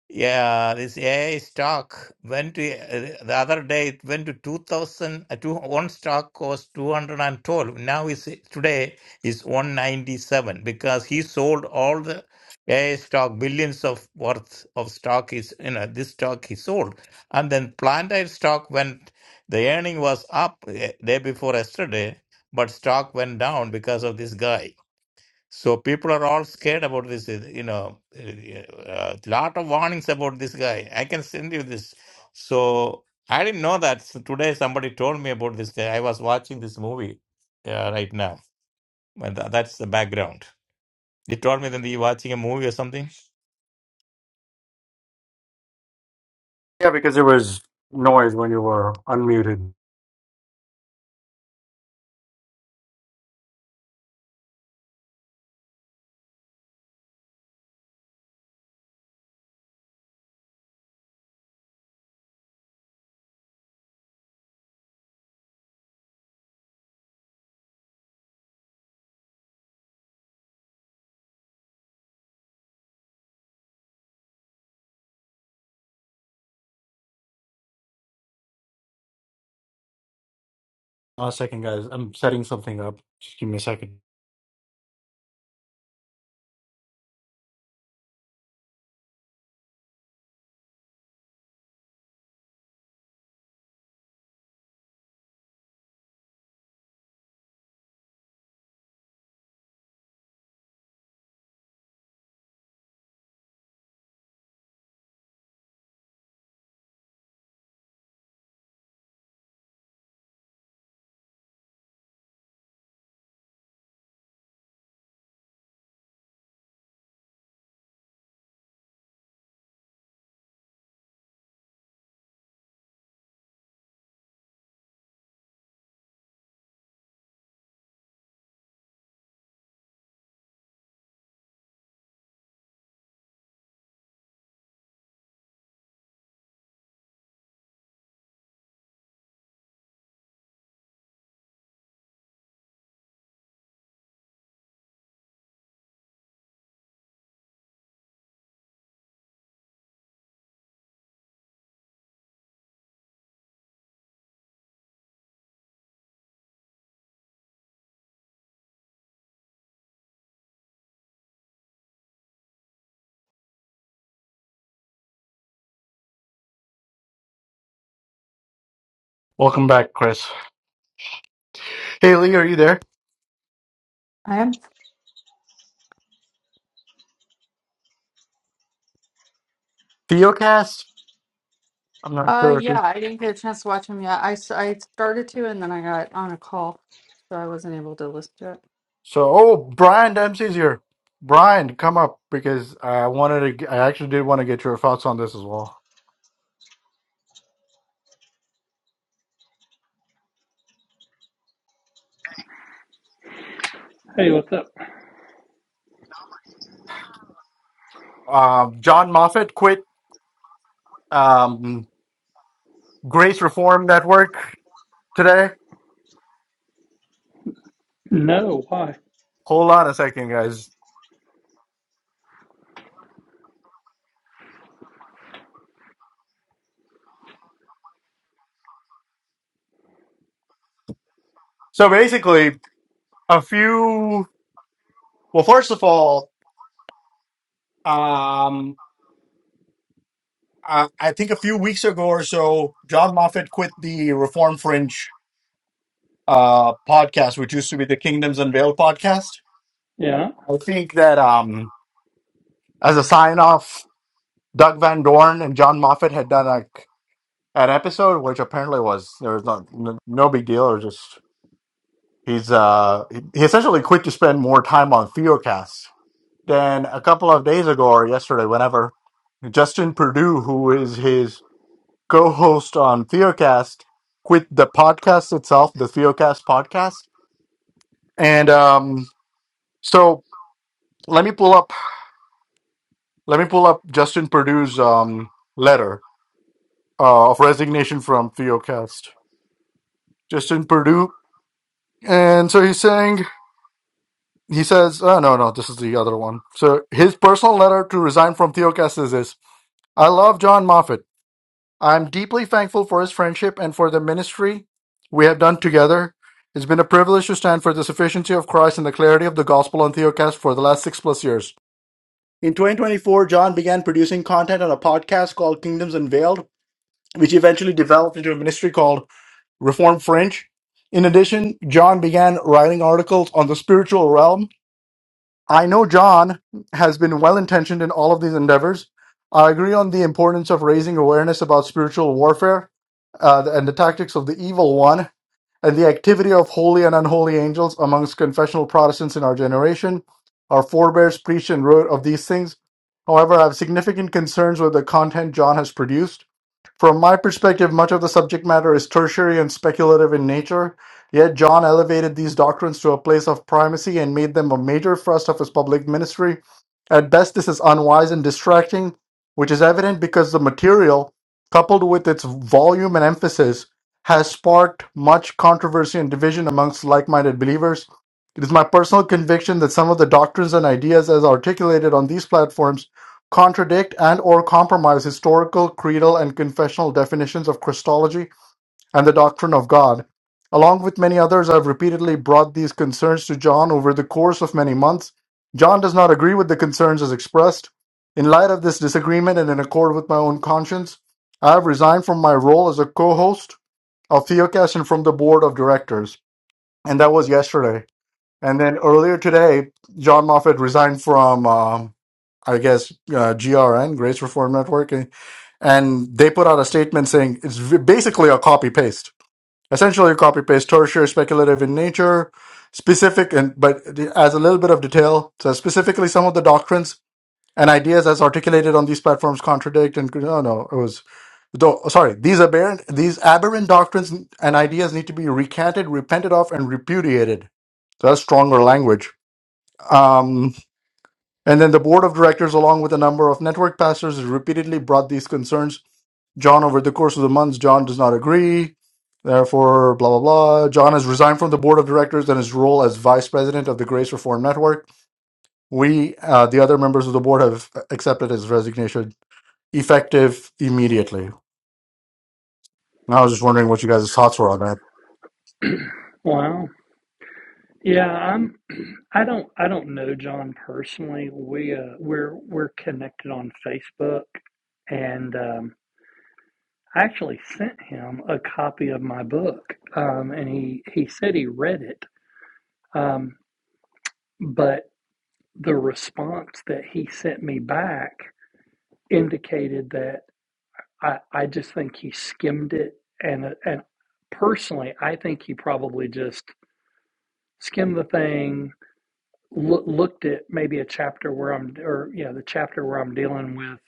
Speaker 7: yeah, this AI stock went to uh, the other day. It went to two thousand. Uh, two one stock cost two hundred and twelve. Now is today is one ninety seven because he sold all the AI stock, billions of worth of stock is you know this stock he sold, and then Plantair stock went. The earning was up uh, day before yesterday, but stock went down because of this guy. So people are all scared about this. uh, You know, uh, a lot of warnings about this guy. I can send you this. So I didn't know that. So today somebody told me about this guy. I was watching this movie uh, right now, and tha- that's the background. He told me that you're watching a movie or something.
Speaker 2: Yeah, because there was noise when you were unmuted. Uh, second, guys. I'm setting something up. Just give me a second. Welcome back, Chris. Haley, are you there?
Speaker 6: I am.
Speaker 2: Theocast? I'm not
Speaker 6: Uh,
Speaker 2: sure.
Speaker 6: yeah, I didn't get a chance to watch him yet. I s- I started to, and then I got on a call, so I wasn't able to listen to it.
Speaker 2: So, oh, Brian Dempsey's here. Brian, come up because I wanted to. I actually did want to get your thoughts on this as well.
Speaker 8: Hey, what's up?
Speaker 2: Um, John Moffat quit um, Grace Reform Network today.
Speaker 8: No, why?
Speaker 2: Hold on a second, guys. So basically, a few. Well, first of all, um, I, I think a few weeks ago or so, John Moffat quit the Reform Fringe uh, podcast, which used to be the Kingdoms Unveiled podcast.
Speaker 8: Yeah.
Speaker 2: I think that um, as a sign off Doug Van Dorn and John Moffat had done like an episode, which apparently was there was not no, no big deal, or just he's uh he, he essentially quit to spend more time on Theocast. Then a couple of days ago or yesterday, whenever Justin Purdue, who is his co-host on Theocast, quit the podcast itself, the Theocast podcast, and um so let me pull up let me pull up Justin Purdue's um letter uh, of resignation from Theocast. Justin Purdue. And so he's saying, he says, oh, no, no, this is the other one. So his personal letter to resign from Theocast is this I love John Moffat. I'm deeply thankful for his friendship and for the ministry we have done together. It's been a privilege to stand for the sufficiency of Christ and the clarity of the gospel on Theocast for the last six plus years. In 2024, John began producing content on a podcast called Kingdoms Unveiled, which eventually developed into a ministry called Reformed French. In addition, John began writing articles on the spiritual realm. I know John has been well intentioned in all of these endeavors. I agree on the importance of raising awareness about spiritual warfare uh, and the tactics of the evil one and the activity of holy and unholy angels amongst confessional Protestants in our generation. Our forebears preached and wrote of these things. However, I have significant concerns with the content John has produced. From my perspective, much of the subject matter is tertiary and speculative in nature, yet John elevated these doctrines to a place of primacy and made them a major thrust of his public ministry. At best, this is unwise and distracting, which is evident because the material, coupled with its volume and emphasis, has sparked much controversy and division amongst like minded believers. It is my personal conviction that some of the doctrines and ideas as articulated on these platforms Contradict and/or compromise historical, creedal, and confessional definitions of Christology and the doctrine of God. Along with many others, I've repeatedly brought these concerns to John over the course of many months. John does not agree with the concerns as expressed. In light of this disagreement and in accord with my own conscience, I have resigned from my role as a co host of Theocast and from the board of directors. And that was yesterday. And then earlier today, John Moffat resigned from. um, I guess uh, GRN, Grace Reform Network, eh, and they put out a statement saying it's v- basically a copy paste, essentially a copy paste, tertiary speculative in nature, specific and but it adds a little bit of detail. So specifically, some of the doctrines and ideas as articulated on these platforms contradict and no, no, it was. Though, sorry, these aberrant, these aberrant doctrines and ideas need to be recanted, repented of, and repudiated. So that's stronger language. Um, and then the board of directors, along with a number of network pastors, has repeatedly brought these concerns. John, over the course of the months, John does not agree. Therefore, blah, blah, blah. John has resigned from the board of directors and his role as vice president of the Grace Reform Network. We, uh, the other members of the board, have accepted his resignation effective immediately. And I was just wondering what you guys' thoughts were on that.
Speaker 8: Wow. Yeah, I'm I don't I don't know John personally. We uh we're we're connected on Facebook and um I actually sent him a copy of my book. Um and he he said he read it. Um but the response that he sent me back indicated that I I just think he skimmed it and and personally I think he probably just skimmed the thing loo- looked at maybe a chapter where I'm, or yeah, the chapter where I'm dealing with,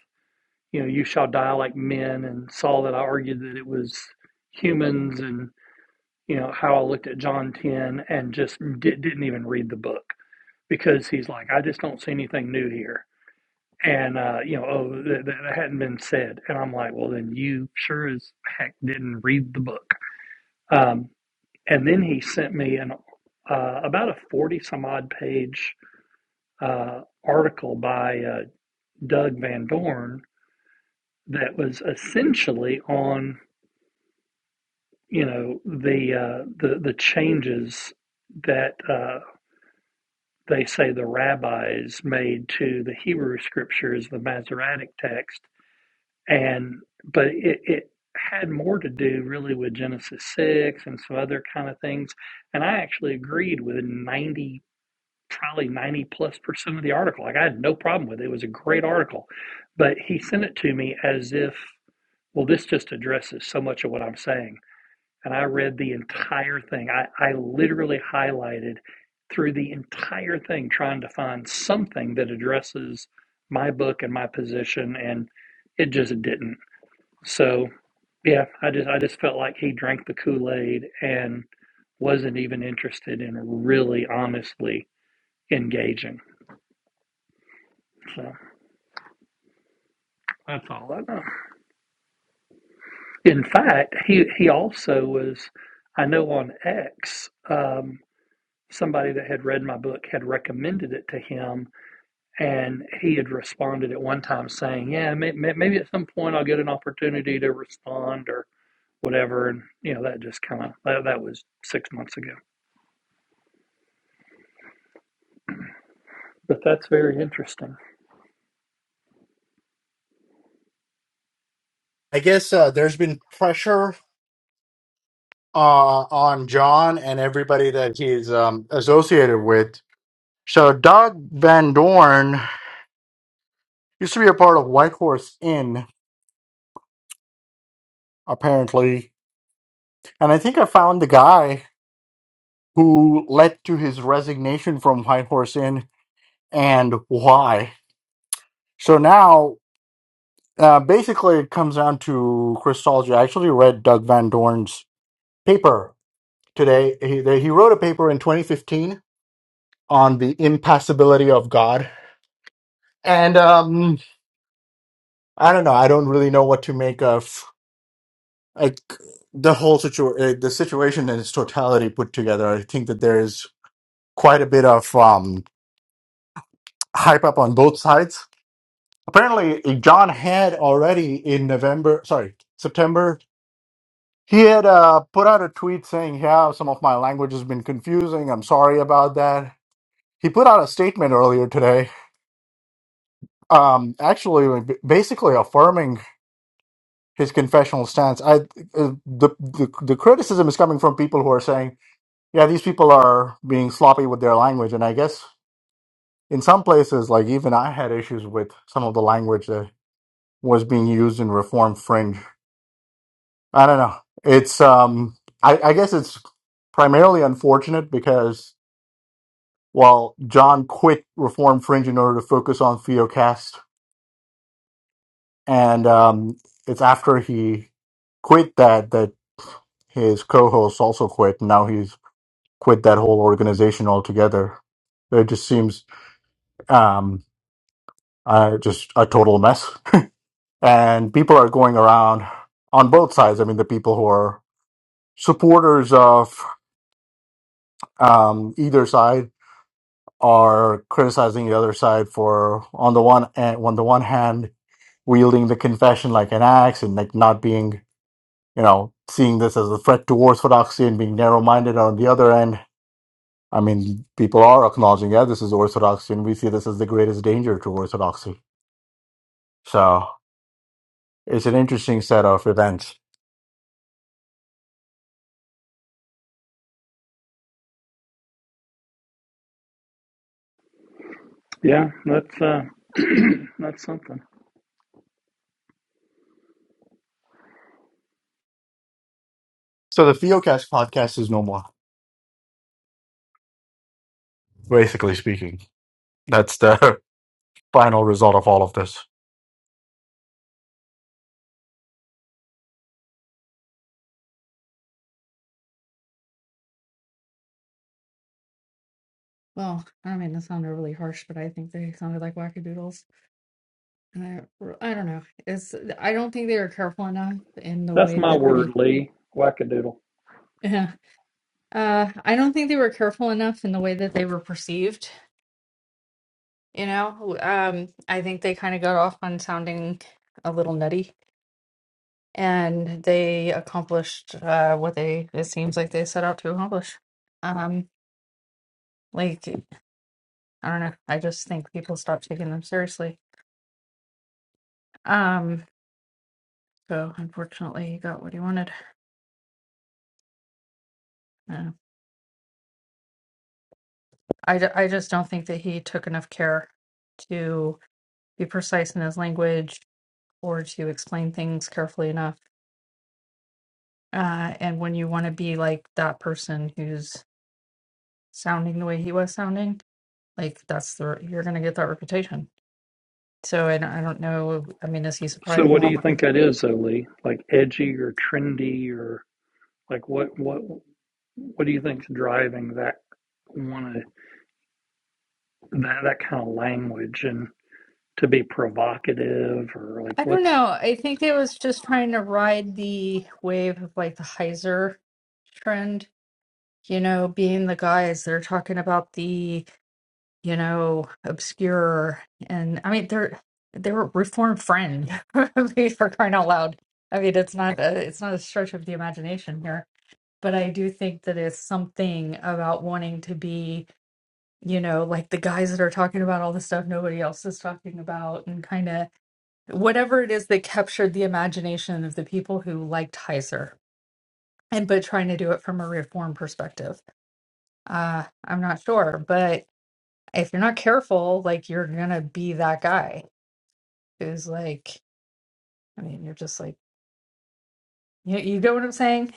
Speaker 8: you know, you shall die like men, and saw that I argued that it was humans, and you know how I looked at John ten and just di- didn't even read the book because he's like, I just don't see anything new here, and uh, you know, oh, that, that hadn't been said, and I'm like, well, then you sure as heck didn't read the book. Um, and then he sent me an uh, about a forty some odd page uh, article by uh, Doug Van Dorn that was essentially on you know the uh, the the changes that uh, they say the rabbis made to the Hebrew scriptures, the Masoretic text, and but it, it had more to do really with Genesis six and some other kind of things, and I actually agreed with ninety. Probably 90 plus percent of the article. Like, I had no problem with it. It was a great article. But he sent it to me as if Well, this just addresses so much of what I'm saying. And I read the entire thing. I, I literally highlighted through the entire thing trying to find something that addresses my book and my position and it just didn't. So yeah, I just I just felt like he drank the Kool-Aid and wasn't even interested in really honestly engaging. So that's all I know. In fact, he he also was I know on X. um, somebody that had read my book had recommended it to him, and he had responded at one time saying, "Yeah, may, may, maybe at some point I'll get an opportunity to respond or whatever." And you know, that just kind of that, that was six months ago. But that's very interesting.
Speaker 2: I guess uh, there's been pressure uh, on John and everybody that he's um, associated with. So, Doug Van Dorn used to be a part of Whitehorse Inn, apparently. And I think I found the guy who led to his resignation from Whitehorse Inn and why. So now, uh, basically, it comes down to Christology. I actually read Doug Van Dorn's paper today. He, they- he wrote a paper in 2015 on the impassibility of God. And um, I don't know. I don't really know what to make of like the whole situ- uh, the situation in its totality put together. I think that there is. quite a bit of um, hype up on both sides. Apparently, John had already in November, sorry, September, he had uh, put out a tweet saying, Yeah, some of my language has been confusing. I'm sorry about that. He put out a statement earlier today, um, actually, b- basically affirming his confessional stance. I, uh, the, the, the criticism is coming from people who are saying, Yeah, these people are being sloppy with their language. And I guess in some places, like even I had issues with some of the language was being used in reform fringe. I don't know. It's um I, I guess it's primarily unfortunate because well John quit reform fringe in order to focus on Theocast and um it's after he quit that that his co-hosts also quit and now he's quit that whole organization altogether. It just seems um uh, just a total mess. And people are going around on both sides. I mean the people who are supporters of um, either side are criticizing the other side for on the one and on the one hand wielding the confession like an axe and like not being you know seeing this as a threat to orthodoxy and being narrow-minded on the other end i mean people are acknowledging yeah this is orthodoxy and we see this as the greatest danger to orthodoxy so it's an interesting set of events
Speaker 8: Yeah, that's uh, [clears throat] that's something.
Speaker 2: so the theocast podcast is no more basically speaking that's the [laughs] final result of all of this
Speaker 6: Well, I mean, that sounded really harsh, but I think they sounded like wackadoodles. And I, I don't know. It's I don't think they were careful enough in the
Speaker 8: That's
Speaker 6: way
Speaker 8: my
Speaker 6: that they.
Speaker 8: word,
Speaker 6: [laughs]
Speaker 8: Lee. Wackadoodle.
Speaker 6: Yeah. Uh, I don't think they were careful enough in the way that they were perceived. You know, um, I think they kind of got off on sounding a little nutty, and they accomplished uh, what they it seems like they set out to accomplish. Um, like I don't know. I just think people stopped taking them seriously. Um, so unfortunately, he got what he wanted. Yeah. I, d- I just don't think that he took enough care to be precise in his language or to explain things carefully enough. Uh, and when you want to be like that person who's sounding the way he was sounding, like that's the you're gonna get that reputation. So I don't, I don't know. I mean, is he
Speaker 8: So,
Speaker 6: surprised?
Speaker 8: what do
Speaker 6: No.
Speaker 8: you think that is, though, Lee? Like edgy or trendy or like what what what do you think's driving that? Want to? that that kind of language and to be provocative or like
Speaker 6: I don't
Speaker 8: what's
Speaker 6: know. I think it was just trying to ride the wave of like the Heiser trend, you know, being the guys that are talking about the you know, obscure. And I mean, they're they were reformed friend [laughs] I mean, for crying out loud. I mean, it's not a, it's not a stretch of the imagination here, but I do think that it's something about wanting to be, you know, like the guys that are talking about all the stuff nobody else is talking about, and kind of whatever it is that captured the imagination of the people who liked Heiser, and but trying to do it from a reform perspective. Uh, I'm not sure, but if you're not careful, like you're gonna be that guy who's like, I mean, you're just like, you, you get what I'm saying?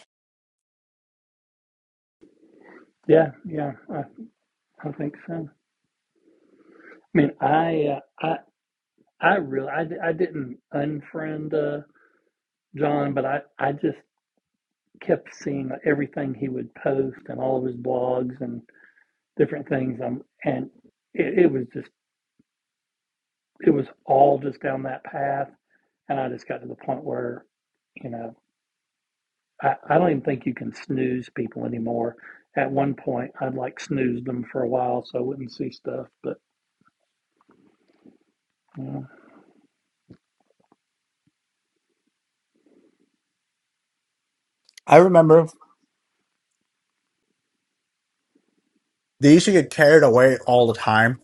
Speaker 8: yeah yeah I, I think so. I mean I uh, I I really I, I didn't unfriend uh, John, but I I just kept seeing everything he would post and all of his blogs and different things. Um, and it, it was just it was all just down that path, and I just got to the point where you know I, I don't even think you can snooze people anymore. At one point, I'd like snoozed them for a while so I wouldn't see stuff. But you know.
Speaker 2: i remember they used to get carried away all the time.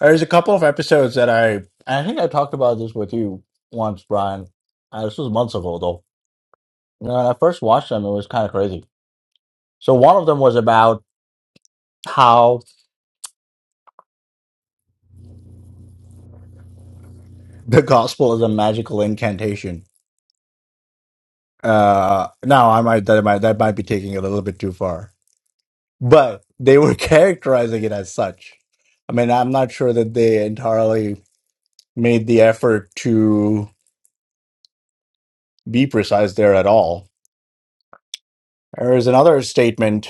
Speaker 2: There's a couple of episodes that I I think I talked about this with you once, Brian. Uh, this was months ago though. when I first watched them, it was kind of crazy. So one of them was about how the gospel is a magical incantation. Uh, now I might that might that might be taking it a little bit too far, but they were [laughs] characterizing it as such. I mean, I'm not sure that they entirely made the effort to be precise there at all. There is another statement.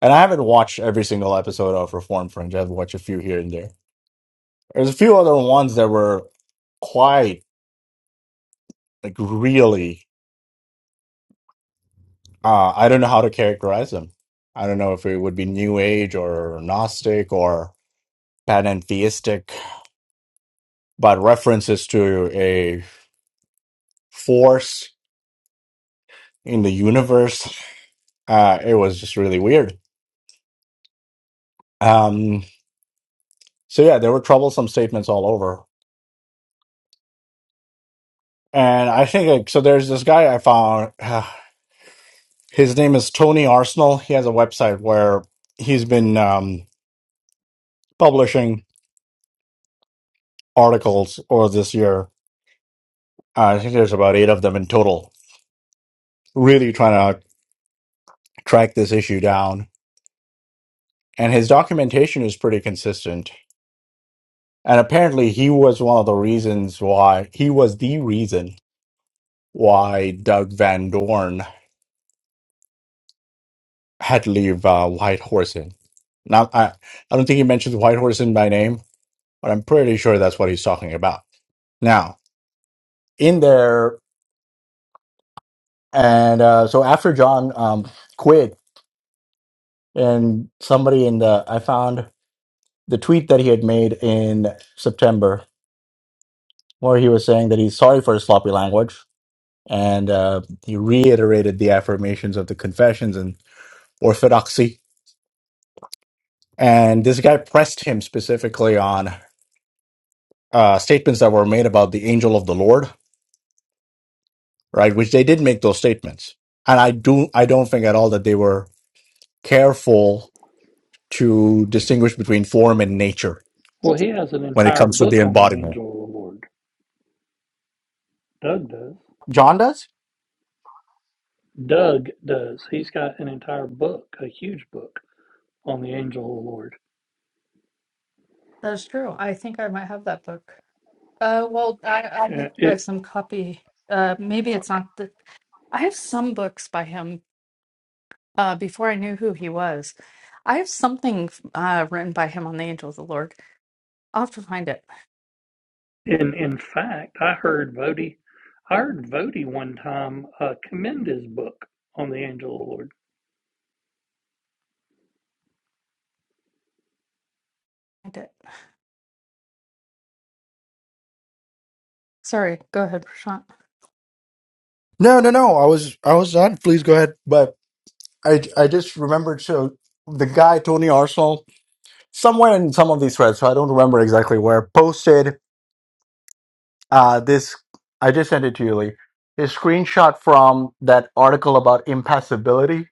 Speaker 2: And I haven't watched every single episode of Reform Fringe. I've watched a few here and there. There's a few other ones that were quite like really uh I don't know how to characterize them. I don't know if it would be new age or gnostic or panentheistic, but references to a force in the universe. Uh it was just really weird. Um so yeah, there were troublesome statements all over. And I think like so there's this guy I found [sighs] His name is Tony Arsenal. He has a website where he's been um, publishing articles over this year. Uh, I think there's about eight of them in total, really trying to track this issue down. And his documentation is pretty consistent. And apparently, he was one of the reasons why he was the reason why Doug Van Dorn had to leave uh, White Horse in. Now, I, I don't think he mentions White Horse in by name, but I'm pretty sure that's what he's talking about. Now, in there. And uh, so after John um, quit, and somebody in the, I found the tweet that he had made in September where he was saying that he's sorry for his sloppy language. And uh, he reiterated the affirmations of the confessions and orthodoxy. And this guy pressed him specifically on uh, statements that were made about the angel of the Lord, right? Which they did make those statements. And I do, I don't think at all that they were careful to distinguish between form and nature
Speaker 8: well, he has an
Speaker 2: when it
Speaker 8: entire
Speaker 2: comes to the
Speaker 8: book on the
Speaker 2: embodiment.
Speaker 8: angel reward. Doug does.
Speaker 2: John does?
Speaker 8: Doug does. He's got an entire book, a huge book on the angel reward.
Speaker 6: That's true. I think I might have that book. Uh, well, I,
Speaker 8: Uh,
Speaker 6: I, I have
Speaker 8: It,
Speaker 6: some copy. Uh, maybe it's not the. I have some books by him. Uh, before I knew who he was, I have something uh written by him on the Angel of the Lord. I'll have to find it.
Speaker 8: in in fact, I heard Vody, I heard Vody one time uh, commend his book on the angel reward.
Speaker 6: Find it. Sorry. Go ahead, Prashant.
Speaker 2: No, no, no. I was I was done. Please go ahead. But I, I just remembered so the guy, Tony Arsenal, somewhere in some of these threads, so I don't remember exactly where, posted uh, this. I just sent it to you, Lee. This screenshot from that article about impassibility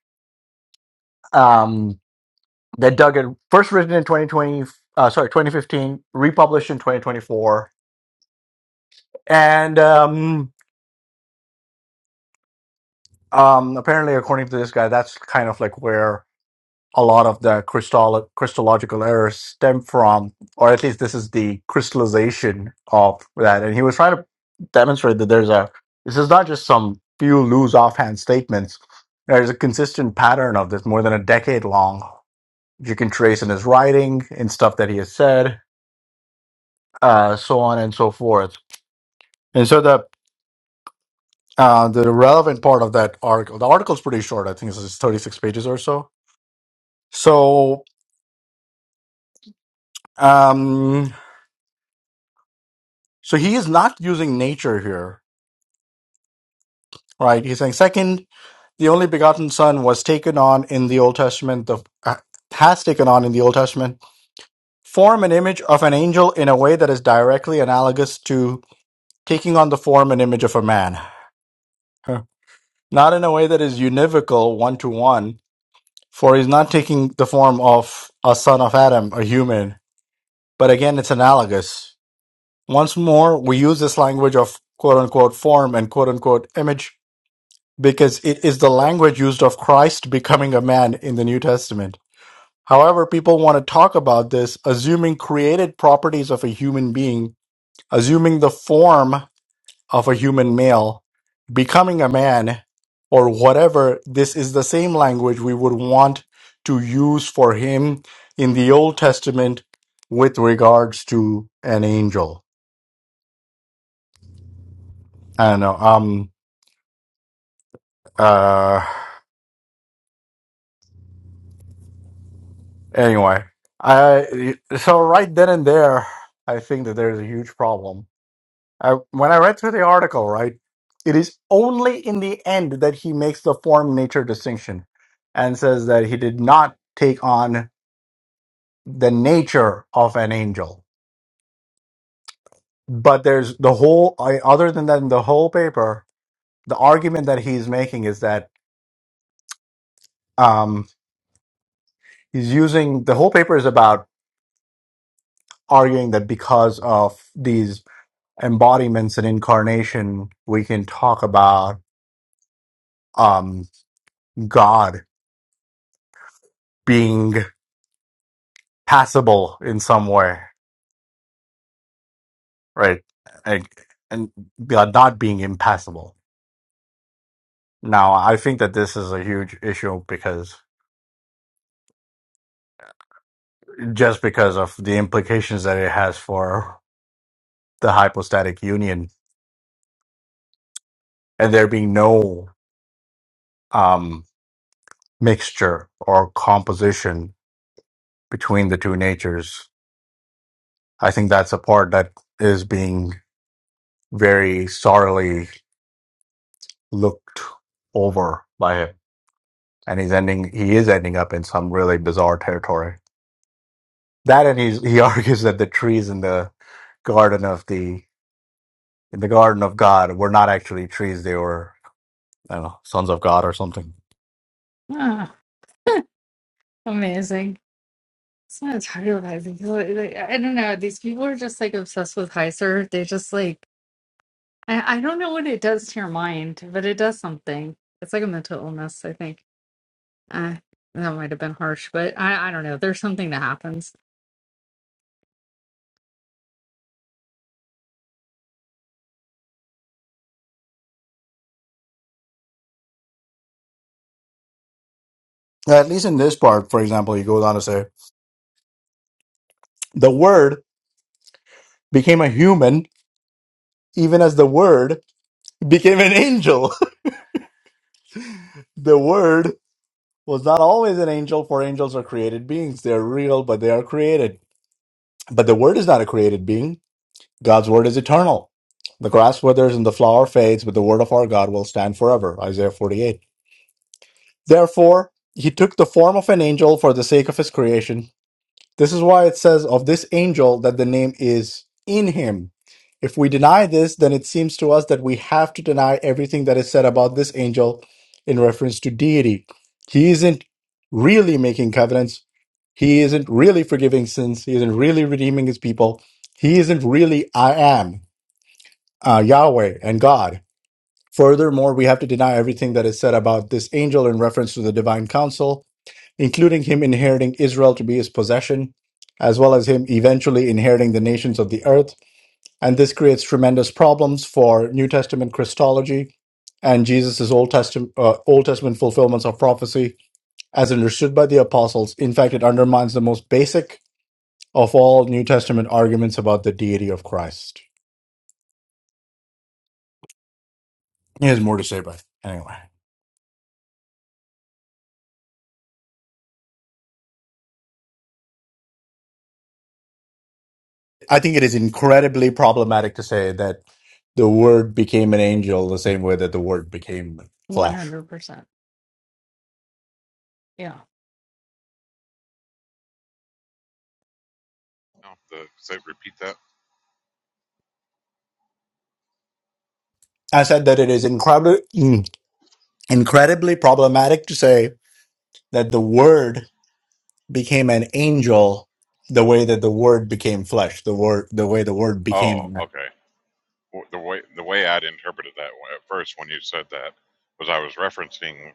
Speaker 2: um, that Doug had first written in 2020, uh, sorry, 2015, republished in 2024. And um, um, apparently, according to this guy, that's kind of like where. a lot of the crystal crystallological errors stem from, or at least this is the crystallization of that. And he was trying to demonstrate that there's a this is not just some few loose offhand statements. There's a consistent pattern of this more than a decade long. You can trace in his writing, in stuff that he has said, uh, so on and so forth. And so the uh, the relevant part of that article, the article's pretty short. I think it's 36 pages or so. So um So he is not using nature here, right? He's saying, second, the only begotten Son was taken on in the Old Testament, the, uh, has taken on in the Old Testament, form and image of an angel in a way that is directly analogous to taking on the form and image of a man. Huh. Not in a way that is univocal, one to one, for he's not taking the form of a son of Adam, a human, but again, it's analogous. Once more, we use this language of quote unquote form and quote unquote image because it is the language used of Christ becoming a man in the New Testament. However, people want to talk about this assuming created properties of a human being, assuming the form of a human male, becoming a man, or whatever. This is the same language we would want to use for him in the Old Testament with regards to an angel. I don't know. Um, Uh. Anyway, I so right then and there, I think that there's a huge problem. I, when I read through the article, right, it is only in the end that he makes the form nature distinction and says that he did not take on the nature of an angel. But there's the whole, I, other than that, in the whole paper, the argument that he's making is that um, he's using the whole paper is about arguing that because of these embodiments and incarnation, we can talk about um, God being passable in some way, right? Like, and God not being impassable. Now, I think that this is a huge issue because just because of the implications that it has for the hypostatic union and there being no um, mixture or composition between the two natures, I think that's a part that is being very sorely looked over by him, and he's ending. He is ending up in some really bizarre territory. That, and he's, he [laughs] argues that the trees in the garden of the in the garden of God were not actually trees; they were I don't know sons of God or something.
Speaker 6: Ah, amazing. That's what I'm tired of [laughs] Like, like, I don't know. These people are just like obsessed with Heiser. They just like I, I don't know what it does to your mind, but it does something. It's like a mental illness, I think. Uh, that might have been harsh, but I, I don't know. There's something that happens.
Speaker 2: Now, At least in this part, for example, he goes on to say the Word became a human, even as the Word became an angel. [laughs] the Word was not always an angel, for angels are created beings; they are real, but they are created. But the Word is not a created being God's word is eternal. The grass withers and the flower fades, but the word of our God will stand forever. Isaiah 48. Therefore, he took the form of an angel for the sake of his creation. This is why it says of this angel that the name is in him. If we deny this, then it seems to us that we have to deny everything that is said about this angel in reference to deity. He isn't really making covenants. He isn't really forgiving sins. He isn't really redeeming his people. He isn't really I am uh, Yahweh and God. Furthermore, we have to deny everything that is said about this angel in reference to the divine council, including him inheriting Israel to be his possession, as well as him eventually inheriting the nations of the earth. And this creates tremendous problems for New Testament Christology and Jesus' Old Testament, uh, Old Testament fulfillments of prophecy as understood by the apostles. In fact, it undermines the most basic of all New Testament arguments about the deity of Christ. He has more to say, but anyway. I think it is incredibly problematic to say that the word became an angel the same way that the word became
Speaker 6: One
Speaker 2: flesh.
Speaker 6: hundred percent. Yeah.
Speaker 3: No, the, say, repeat that.
Speaker 2: I said that it is incredibly incredibly problematic to say that the word became an angel the way that the word became flesh, the word the way the word became a
Speaker 3: Oh,
Speaker 2: man.
Speaker 3: okay. The way the way I'd interpreted that at first when you said that was I was referencing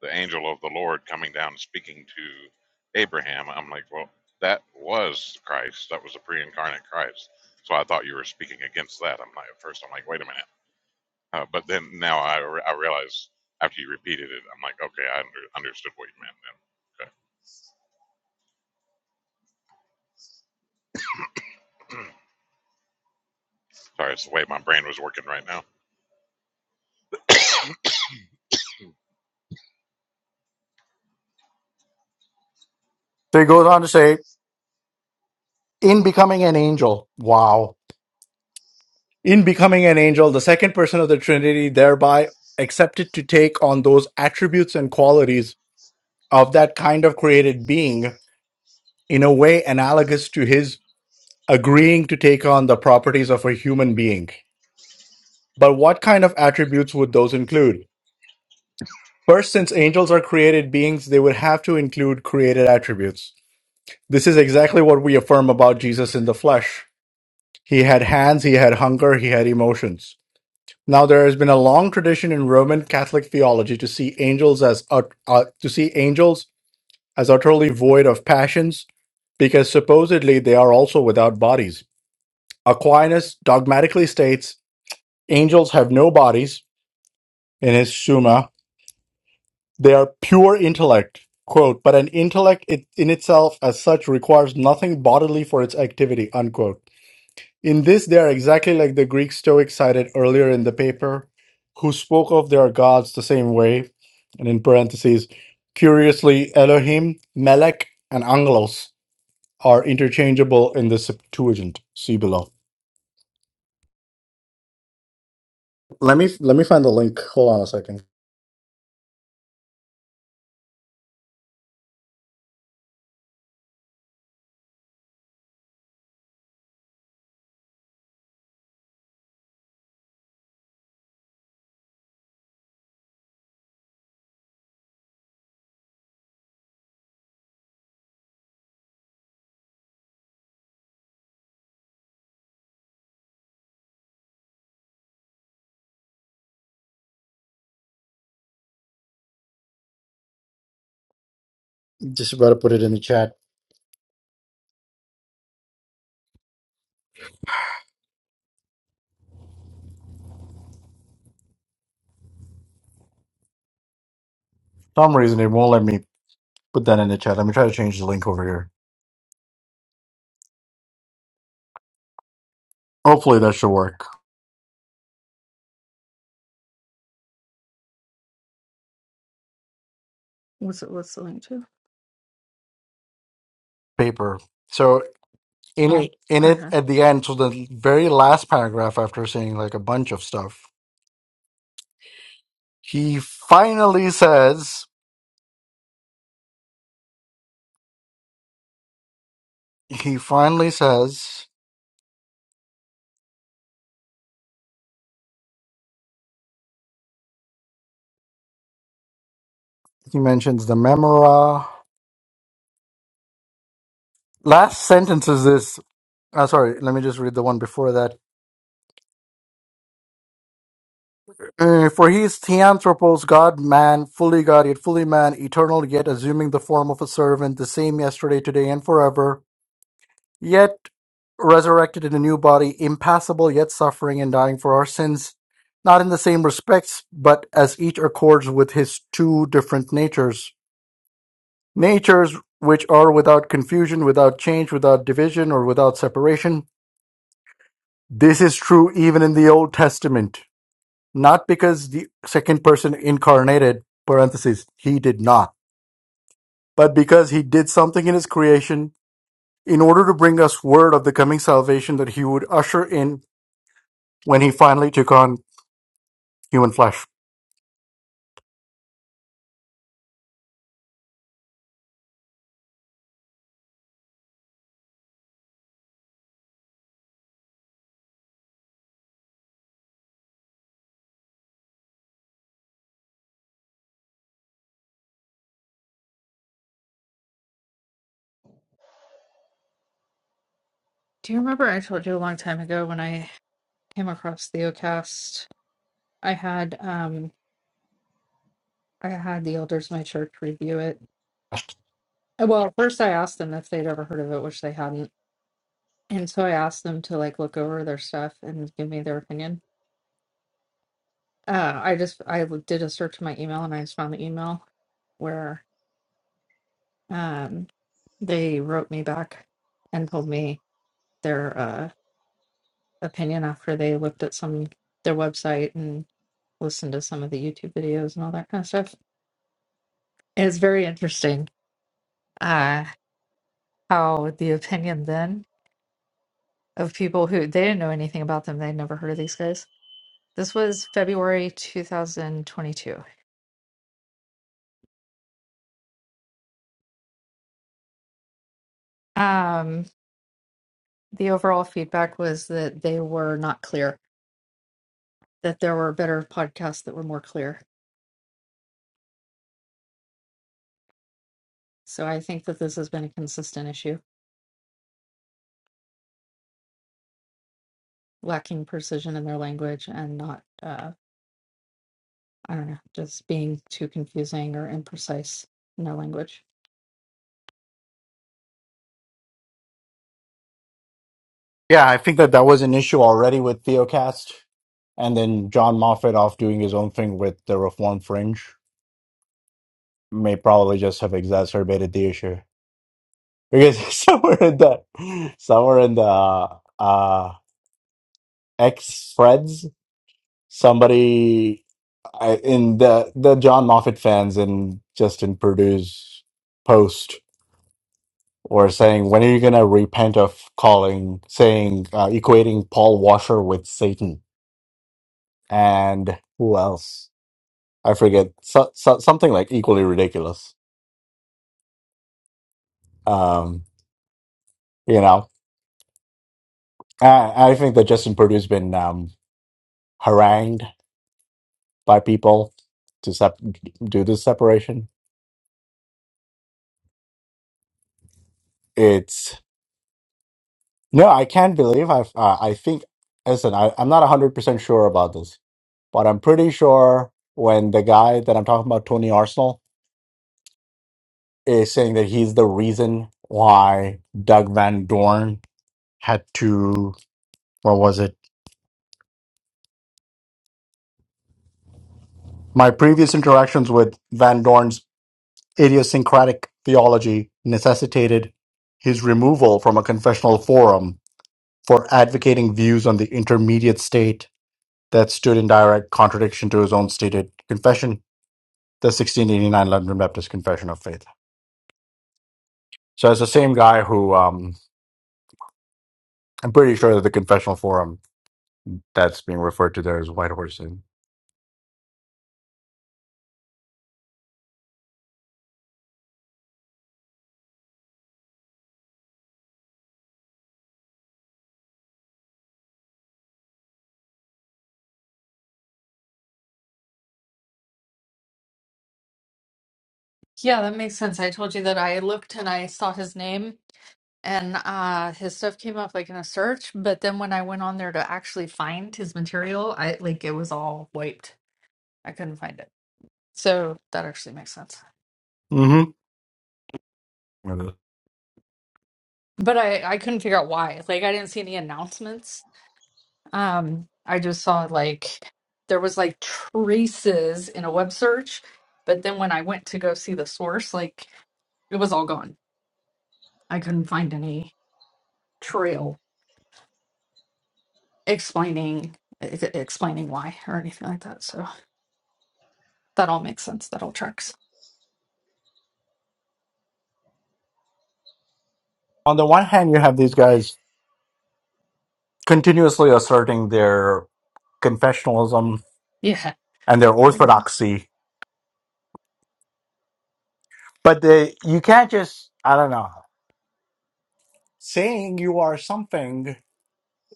Speaker 3: the angel of the Lord coming down and speaking to Abraham. I'm like, well, that was Christ. That was the pre-incarnate Christ. So I thought you were speaking against that. I'm like, at first, I'm like, wait a minute Uh, but then now I, re- I realize after you repeated it, I'm like, okay, I under, understood what you meant then. Okay. [clears throat] Sorry, it's the way my brain was working right now.
Speaker 2: So he goes on to say, in becoming an angel, wow. In becoming an angel, the second person of the Trinity thereby accepted to take on those attributes and qualities of that kind of created being in a way analogous to his agreeing to take on the properties of a human being. But what kind of attributes would those include? First, since angels are created beings, they would have to include created attributes. This is exactly what we affirm about Jesus in the flesh. He had hands, he had hunger, he had emotions. Now there has been a long tradition in Roman Catholic theology to see angels as ut- uh, to see angels as utterly void of passions because supposedly they are also without bodies. Aquinas dogmatically states angels have no bodies in his Summa. They are pure intellect. Quote, but an intellect it, in itself as such requires nothing bodily for its activity, unquote. In this, they are exactly like the Greek Stoics cited earlier in the paper, who spoke of their gods the same way, and in parentheses, curiously, Elohim, Melech, and Angelos are interchangeable in the Septuagint. See below. Let me let me find the link. Hold on a second. Just about to put it in the chat. some reason, it won't let me put that in the chat. Let me try to change the link over here. Hopefully, that should work.
Speaker 6: What's it what's the link to?
Speaker 2: Paper. So in
Speaker 6: Oh,
Speaker 2: it, in it
Speaker 6: okay.
Speaker 2: at the end, so the very last paragraph after saying like a bunch of stuff, he finally says. He finally says. He mentions the memora. Last sentence is this. Uh, sorry, let me just read the one before that. Uh, for he is theanthropos, God, man, fully God, yet fully man, eternal, yet assuming the form of a servant, the same yesterday, today, and forever, yet resurrected in a new body, impassible, yet suffering and dying for our sins, not in the same respects, but as each accords with his two different natures. Natures which are without confusion, without change, without division, or without separation. This is true even in the Old Testament. not because the second person incarnated parentheses he did not but because he did something in his creation in order to bring us word of the coming salvation that he would usher in when he finally took on human flesh
Speaker 6: Do you remember I told you a long time ago when I came across Theocast? I had um I had the elders of my church review it. Uh, Well, first I asked them if they'd ever heard of it, which they hadn't. And so I asked them to like look over their stuff and give me their opinion. Uh, I just I did a search in my email and I just found the email where um, they wrote me back and told me their uh, opinion after they looked at some their website and listened to some of the YouTube videos and all that kind of stuff. It's very interesting uh, how the opinion then of people who they didn't know anything about them, they'd never heard of these guys. This was February 2022. Um, The overall feedback was that they were not clear, that there were better podcasts that were more clear. So I think that this has been a consistent issue, lacking precision in their language and not, uh, I don't know, just being too confusing or imprecise in their language.
Speaker 2: yeah i think that that was an issue already with theocast and then john moffat off doing his own thing with the reform fringe may probably just have exacerbated the issue because [laughs] somewhere in the somewhere in the uh, uh, X threads somebody I, in the the John Moffat fans in Justin Purdue's post were saying, "When are you going to repent of calling saying uh, equating Paul Washer with Satan?" And who else? I forget. So, so, something like equally ridiculous. Um, you know, I, and um, harangued by people to s- do it. It's no, I can't believe. Uh, I think. Listen, I, I'm not a hundred sure about this But I'm pretty sure when the guy that I'm talking about, Tony Arsenal, is saying that he's the reason why Doug Van Dorn had to, what was it? My previous interactions with Van Dorn's idiosyncratic theology necessitated his removal from a confessional forum for advocating views on the intermediate state that stood in direct contradiction to his own stated confession, the 1689 London Baptist Confession of Faith. So it's the same guy who um, I'm pretty sure that the confessional forum that's being referred to there is White Horse Inn.
Speaker 6: Yeah, that makes sense. I told you that I looked and I saw his name and uh, his stuff came up like in a search, but then when I went on there to actually find his material, I like it was all wiped. I couldn't find it. So that actually makes sense.
Speaker 2: hmm Mhm.
Speaker 6: but I I couldn't figure out why. Like I didn't see any announcements. Um, I just saw like there was like traces in a web search, but then when I went to go see the source, like it was all gone. I couldn't find any trail explaining e- e, explaining why or anything like that. So that all makes sense. That all tracks.
Speaker 2: On the one hand, you have these guys continuously asserting their confessionalism
Speaker 6: Yeah.
Speaker 2: and their orthodoxy, but they you can't just I don't know saying you are something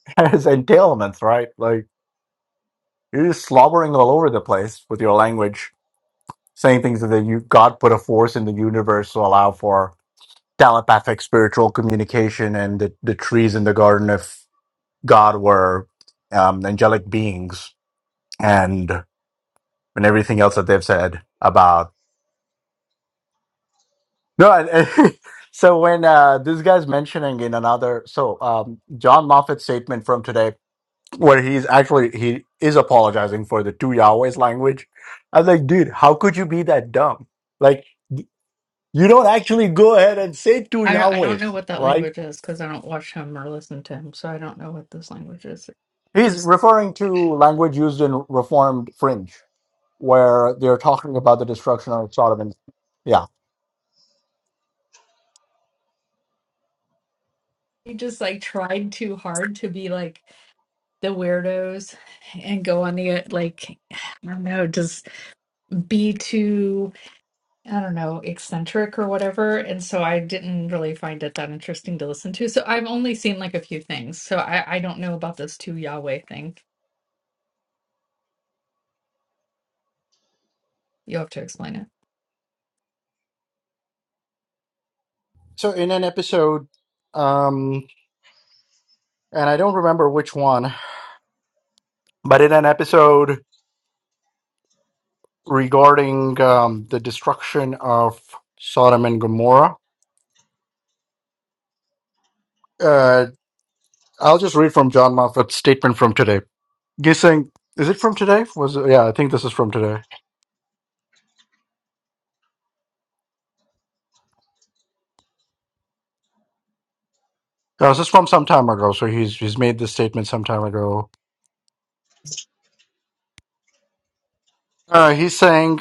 Speaker 2: [laughs] has entailments, right? Like you're just slobbering all over the place with your language, saying things that you, God put a force in the universe to allow for telepathic spiritual communication and the, the trees in the garden. of. God were um, angelic beings and and everything else that they've said about no. And, and [laughs] so when uh, this guy's mentioning in another, so um, John Moffat's statement from today, where he's actually he is apologizing for the two Yahwehs language. I was like, dude, how could you be that dumb? Like, you don't actually go ahead and say two
Speaker 6: I, I don't know
Speaker 2: Yahwehs,
Speaker 6: what that
Speaker 2: right?
Speaker 6: language is because I don't watch him or listen to him, so I don't know what this language is.
Speaker 2: He's referring to language used in Reformed fringe where they're talking about the destruction of Sodom and yeah.
Speaker 6: He just like tried too hard to be like the weirdos and go on the uh, like I don't know, just be too I don't know, eccentric or whatever. And so I didn't really find it that interesting to listen to. So I've only seen like a few things. So I, I don't know about this two Yahweh thing. You'll have to explain it.
Speaker 2: So in an episode, um, and I don't remember which one, but in an episode regarding um, the destruction of Sodom and Gomorrah, uh, I'll just read from John Moffat's statement from today. Guessing is it from today? Was it, yeah, I think this is from today. No, this is from some time ago. So he's he's made this statement some time ago. Uh, he's saying.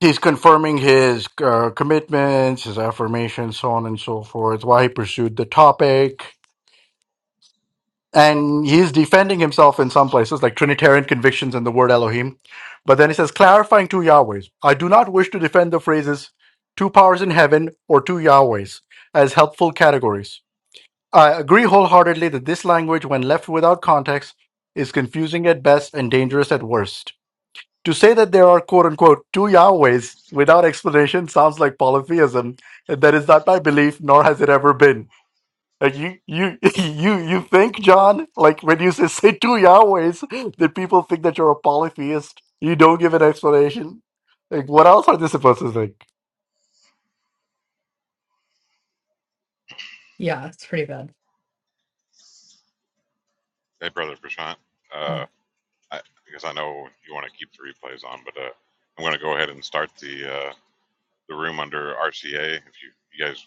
Speaker 2: He's confirming his uh, commitments, his affirmations, so on and so forth, why he pursued the topic. And he's defending himself in some places, like Trinitarian convictions and the word Elohim. But then he says, clarifying two Yahwehs. I do not wish to defend the phrases two powers in heaven or two Yahwehs as helpful categories. I agree wholeheartedly that this language, when left without context, is confusing at best and dangerous at worst. To say that there are quote unquote two Yahwehs without explanation sounds like polytheism, and that is not my belief, nor has it ever been. Like you, you, [laughs] you, you think, John? Like when you say, say two Yahwehs, that people think that you're a polytheist. You don't give an explanation. Like what else are they supposed to think?
Speaker 6: Yeah, it's pretty bad.
Speaker 3: Hey, brother Prashant, uh,
Speaker 6: Mm.
Speaker 3: I, because I know you want to keep the replays on, but uh, I'm going to go ahead and start the uh, the room under RCA. If you, you guys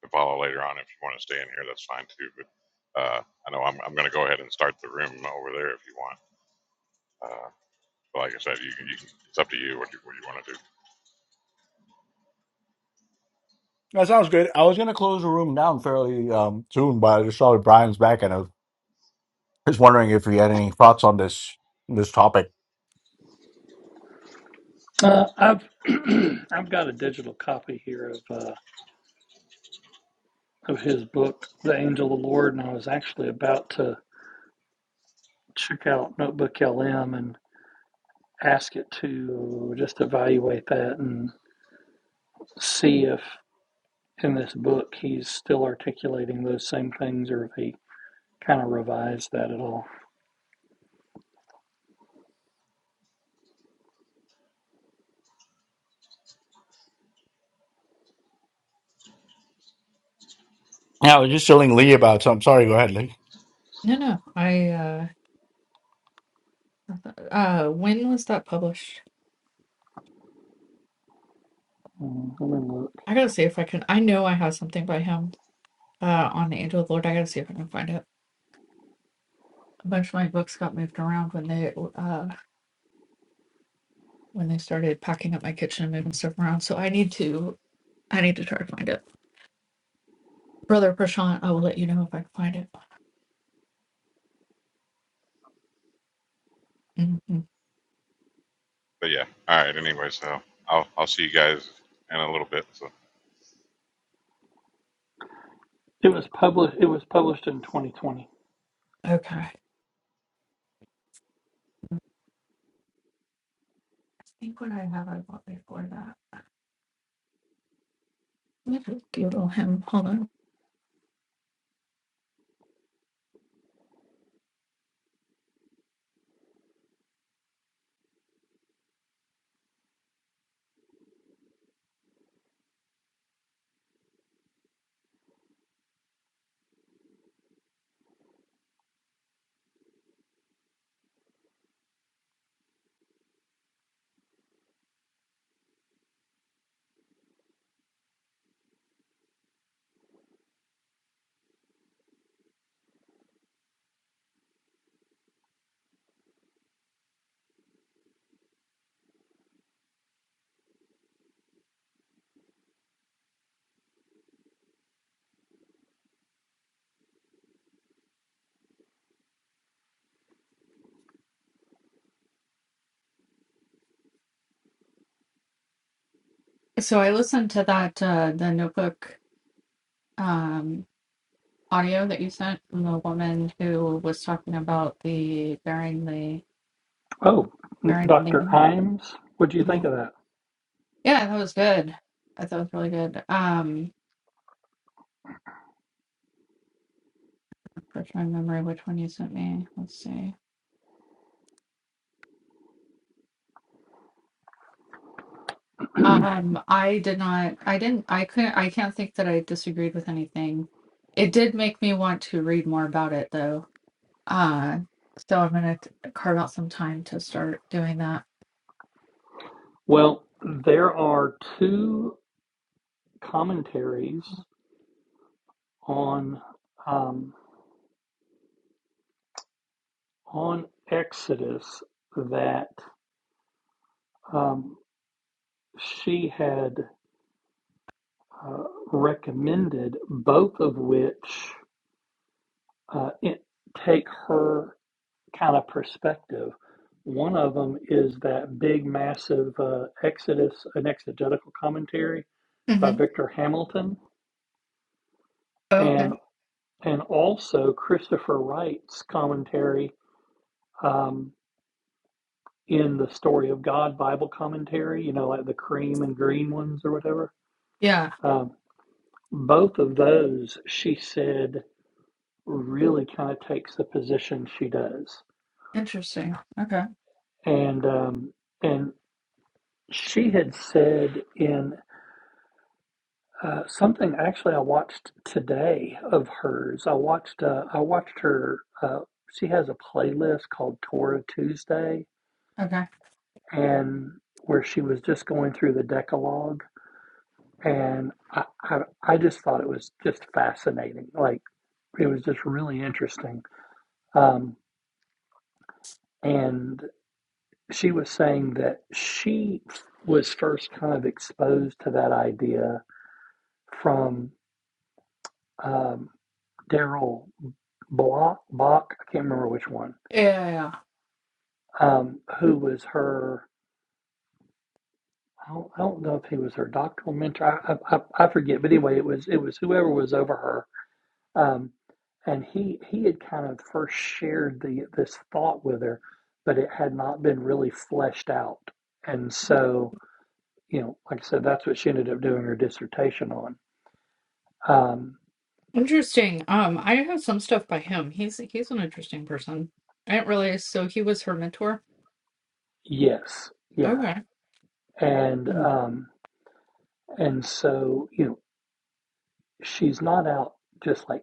Speaker 3: can follow later on, if you want to stay in here, that's fine too. But uh, I know I'm, I'm going to go ahead and start the room over there if you want. Uh, but like I said, you, can- you can, it's up to you what you, what you want to do.
Speaker 2: That sounds good. I was gonna close the room down fairly um, soon, but I just saw that Brian's back, and I was just wondering if he had any thoughts on this this topic.
Speaker 8: Uh, I've [clears throat] I've got a digital copy here of. Uh, of his book, The Angel of the Lord, and I was actually about to check out Notebook LM and ask it to just evaluate that and see if in this book he's still articulating those same things or if he kind of revised that at all.
Speaker 2: Yeah, I was just telling Lee about. So sorry. Go ahead, Lee.
Speaker 6: No, no. I uh uh when was that published?
Speaker 8: Mm, Let me look.
Speaker 6: I gotta see if I can I know I have something by him uh on the Angel of the Lord. I gotta see if I can find it. A bunch of my books got moved around when they uh when they started packing up my kitchen and moving stuff around. So I need to I need to try to find it. Brother Prashant, I will let you know if I can find it. Mhm.
Speaker 3: But yeah. All right. Anyway, so I'll I'll see you guys in a little bit. So.
Speaker 8: It was published. It was published in 2020.
Speaker 6: Okay. I think what I have I bought before that. Let me just Google him. Hold on. So I listened to that uh the notebook um audio that you sent from the woman who was talking about the bearing the
Speaker 8: Oh,
Speaker 6: bearing the
Speaker 8: Dr.
Speaker 6: name.
Speaker 8: Imes, what do you think
Speaker 6: Mhm.
Speaker 8: of that?
Speaker 6: Yeah, that was good. I thought it was really good. Um refresh my memory which one you sent me. Let's see. Um, I did not, I didn't, I couldn't, I can't think that I disagreed with anything. It did make me want to read more about it though. Uh, so I'm gonna t- carve out some time to start doing that.
Speaker 8: Well, there are two commentaries on. um, on Exodus that um, she had uh, recommended, both of which uh, it, take her kind of perspective. One of them is that big, massive uh, Exodus, an exegetical commentary by
Speaker 6: Mm-hmm.
Speaker 8: Victor Hamilton,
Speaker 6: Okay.
Speaker 8: and and also Christopher Wright's commentary um, in the Story of God Bible commentary. You know, like the cream and green ones or whatever.
Speaker 6: Yeah.
Speaker 8: Um, Both of those, she said, really kind of takes the position she does.
Speaker 6: Interesting. Okay.
Speaker 8: And um, and she had said in uh, something actually I watched today of hers. I watched uh, I watched her. Uh, she has a playlist called Torah Tuesday,
Speaker 6: Okay.
Speaker 8: and where she was just going through the Decalogue, and I I, I just thought it was just fascinating. Like it was just really interesting. Um, and she was saying that she was first kind of exposed to that idea from um, Daryl Block, Bach, I can't remember which one,
Speaker 6: Yeah, yeah. yeah.
Speaker 8: um, who was her. I don't, I don't know if he was her doctoral mentor. I, I, I forget, but anyway, it was it was whoever was over her, um, and he he had kind of first shared the this thought with her, but it had not been really fleshed out, and so you know, like I said, that's what she ended up doing her dissertation on. Um,
Speaker 6: Interesting. Um, I have some stuff by him. He's he's an interesting person. I didn't realize. So he was her mentor.
Speaker 8: yes, yeah,
Speaker 6: Okay.
Speaker 8: and um, and so you know, she's not out just like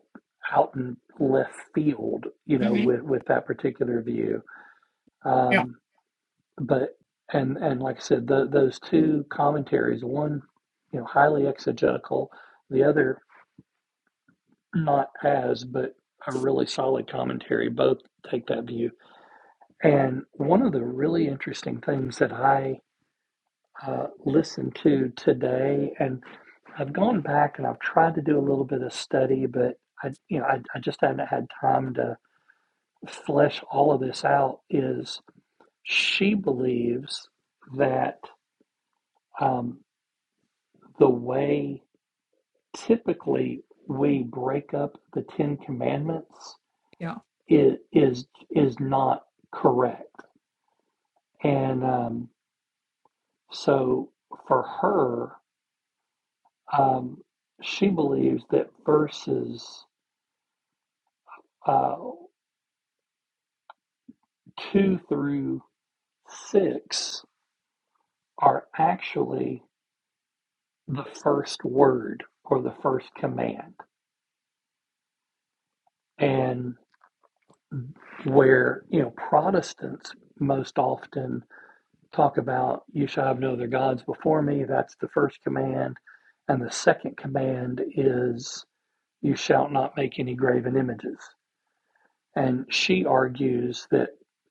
Speaker 8: out in left field, you know,
Speaker 6: Mm-hmm.
Speaker 8: with with that particular view.
Speaker 6: Yeah.
Speaker 8: Um, but and and like I said, tho- those two commentaries, one you know highly exegetical, the other not as, but a really solid commentary. Both take that view. And one of the really interesting things that I uh, listened to today, and I've gone back and I've tried to do a little bit of study, but I, you know, I, I just haven't had time to flesh all of this out. Is she believes that um, the way typically we break up the Ten Commandments
Speaker 6: Yeah.
Speaker 8: is is is not correct, and um, so for her, um, she believes that verses. uh, two through six are actually the first word or the first command. And where, you know, Protestants most often talk about, you shall have no other gods before me, that's the first command. And the second command is, you shall not make any graven images. And she argues that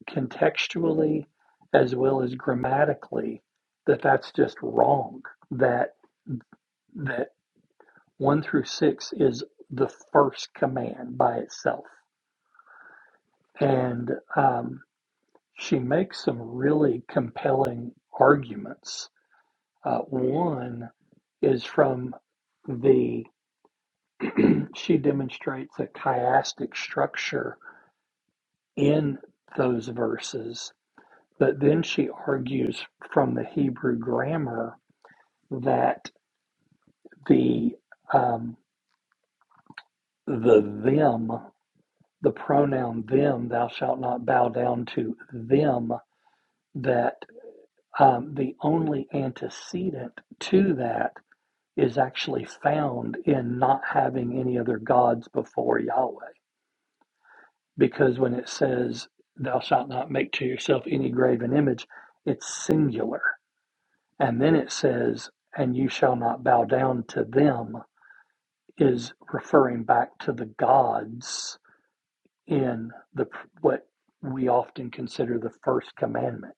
Speaker 8: contextually as well as grammatically that that's just wrong that that 1 through 6 is the first command by itself and um, she makes some really compelling arguments uh, one is from the [clears throat] she demonstrates a chiastic structure in those verses But then she argues from the Hebrew grammar that the um, the them, the pronoun them, thou shalt not bow down to them. That um, the only antecedent to that is actually found in not having any other gods before Yahweh. Because when it says, "Thou shalt not make to yourself any graven image," it's singular And then it says, and you shall not bow down to them, is referring back to the gods in the what we often consider the first commandment.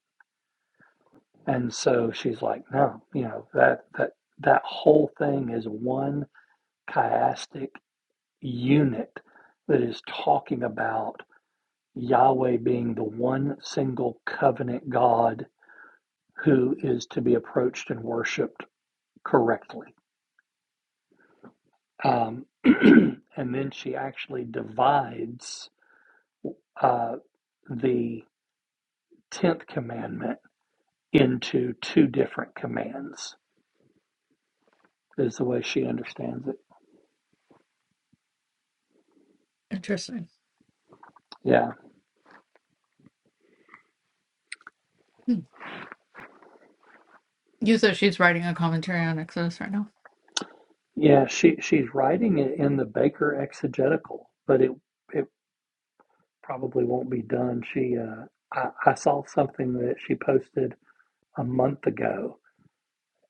Speaker 8: And so she's like, no, you know, that that that whole thing is one chiastic unit that is talking about Yahweh being the one single covenant God who is to be approached and worshiped correctly Um, [clears throat] and then she actually divides uh, the 10th commandment into two different commands, is the way she understands it.
Speaker 6: Interesting.
Speaker 8: Yeah.
Speaker 6: Hmm. You said she's writing a commentary on Exodus right now.
Speaker 8: Yeah, she, she's writing it in the Baker exegetical, but it, it probably won't be done. She, uh, I, I saw something that she posted a month ago,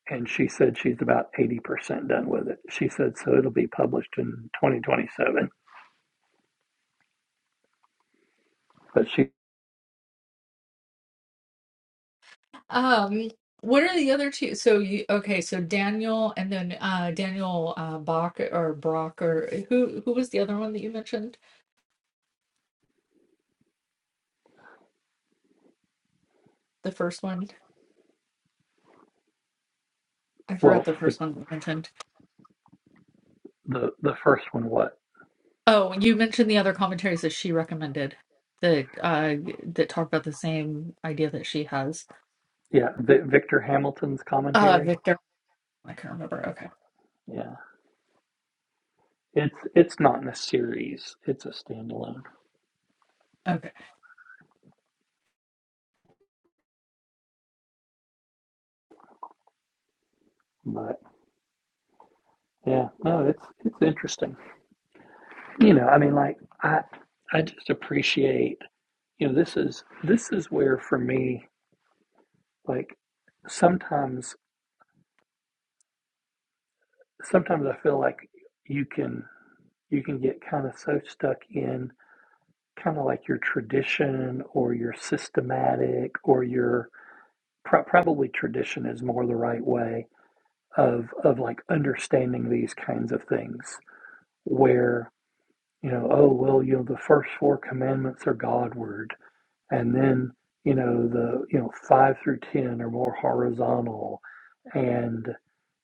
Speaker 8: and she said she's about 80% done with it. She said, so it'll be published in 2027. But she,
Speaker 6: Um, what are the other two? So you okay? So Daniel and then uh Daniel uh Bach or Brock or who who was the other one that you mentioned? The first one. I forgot
Speaker 8: well,
Speaker 6: the
Speaker 8: the
Speaker 6: first one you mentioned.
Speaker 8: the the first one what
Speaker 6: Oh, you mentioned the other commentaries that she recommended that uh that talk about the same idea that she has.
Speaker 8: yeah v- victor hamilton's
Speaker 6: Uh
Speaker 8: commentary
Speaker 6: Victor, I can't remember. Okay.
Speaker 8: yeah it's it's not in a series it's a standalone
Speaker 6: Okay.
Speaker 8: but yeah no it's it's interesting you know i mean like i i just appreciate you know this is this is where for me like sometimes sometimes i feel like you can you can get kind of so stuck in kind of like your tradition or your systematic or your pro- probably tradition is more the right way of of like understanding these kinds of things where you know oh well you know the first four commandments are godward and then you know the you know 5 through 10 are more horizontal and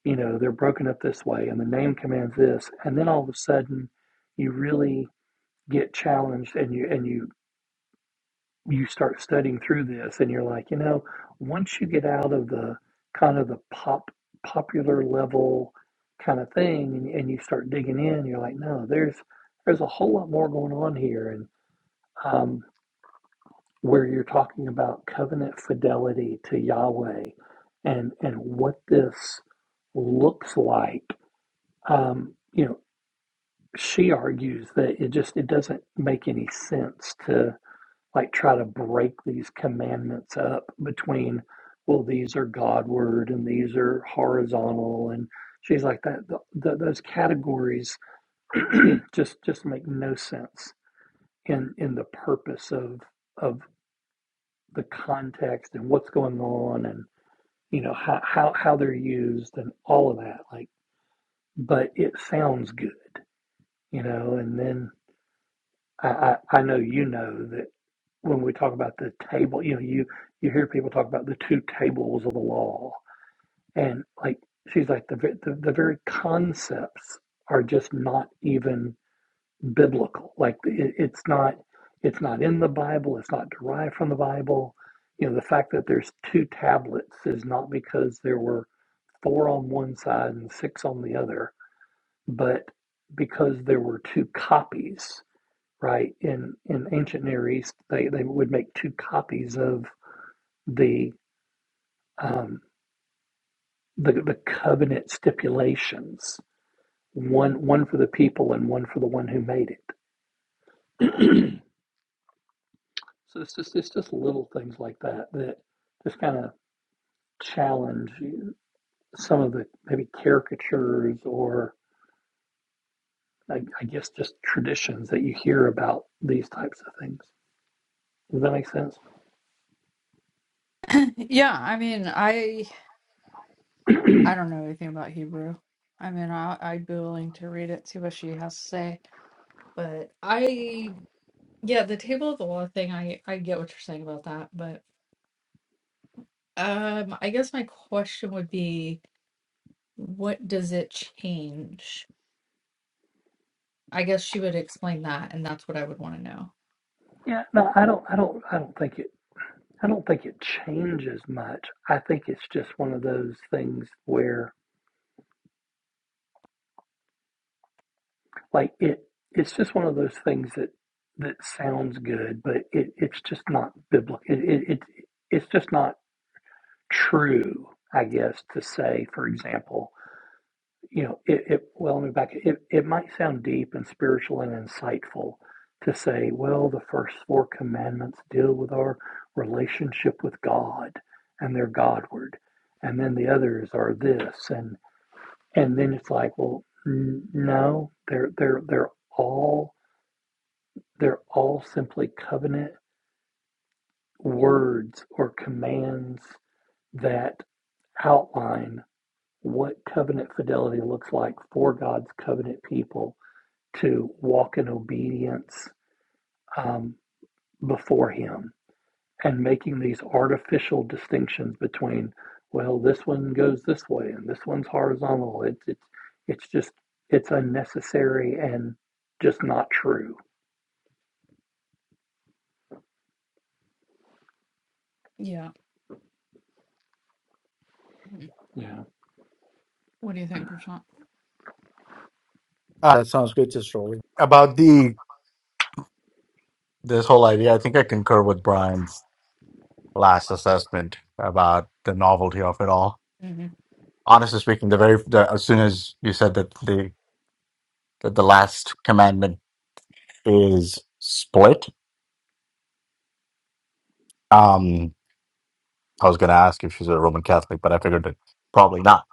Speaker 8: you know they're broken up this way and the name commands this and then all of a sudden you really get challenged and you and you you start studying through this and you're like, you know, once you get out of the kind of the pop popular level kind of thing and, and you start digging in, you're like, no, there's there's a whole lot more going on here and um, where you're talking about covenant fidelity to Yahweh and and what this looks like. Um, you know, she argues that it just it doesn't make any sense to like try to break these commandments up between well these are god word and these are horizontal and she's like that the, the, those categories [clears throat] just just make no sense in in the purpose of of the context and what's going on and you know how how, how they're used and all of that like but it sounds good you know and then I, I, I know you know that when we talk about the table, you know, you you hear people talk about the two tables of the law, and like she's like the ve- the, the very concepts are just not even biblical. Like it, it's not it's not in the Bible. It's not derived from the Bible. You know, the fact that there's two tablets is not because there were four on one side and six on the other, but because there were two copies right? In in ancient Near East, they, they would make two copies of the um, the the covenant stipulations one one for the people and one for the one who made it. [clears throat] so it's just it's just little things like that that just kind of challenge you- some of the maybe caricatures or I, I guess just traditions that you hear about these types of things. Does that make sense?
Speaker 6: [laughs] [clears throat] yeah, I mean, I I don't know anything about Hebrew. I mean, I, I'd be willing to read it, see what she has to say. But I, Yeah, the table of the law thing, I I get what you're saying about that, but um I guess my question would be what does it change? I guess she would explain that, and that's what I would want to know.
Speaker 8: Yeah. No, I don't. I don't. I don't think it I don't think it changes much. I think it's just one of those things where like it it's just one of those things that that sounds good, but it, it's just not biblical. It, it, it it's just not true, I guess, to say, for example, you know, it, it well let me back it it It might sound deep and spiritual and insightful to say, well, the first four commandments deal with our relationship with God and they're Godward and then the others are this and and then it's like well n- no they're they're they're all they're all simply covenant words or commands that outline what covenant fidelity looks like for God's covenant people to walk in obedience um, before Him and making these artificial distinctions between, well, this one goes this way and this one's horizontal. It's it's it's just it's unnecessary and just not true.
Speaker 6: Yeah. Mhm.
Speaker 8: Yeah.
Speaker 6: What do you think, Prashant?
Speaker 2: Ah, that sounds good to Shirley. About the this whole idea, I think I concur with Brian's last assessment about the novelty of it all.
Speaker 6: Mhm.
Speaker 2: Honestly speaking, the very the, as soon as you said that the that the last commandment is split, um, I was going to ask if she's a Roman Catholic, but I figured that probably not.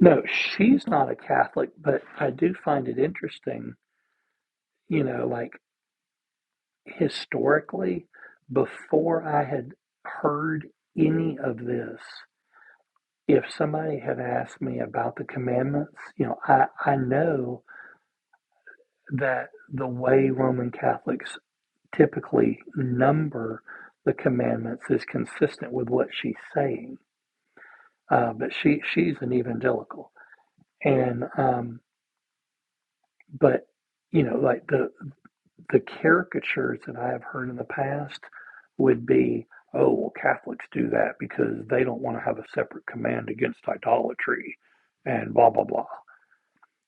Speaker 8: No, she's not a Catholic, but I do find it interesting, you know, like historically, before I had heard any of this, if somebody had asked me about the commandments, you know, I, I know that the way Roman Catholics typically number the commandments is consistent with what she's saying. Uh, but she she's an evangelical, and um, but you know like the the caricatures that I have heard in the past would be oh well Catholics do that because they don't want to have a separate command against idolatry, and blah blah blah.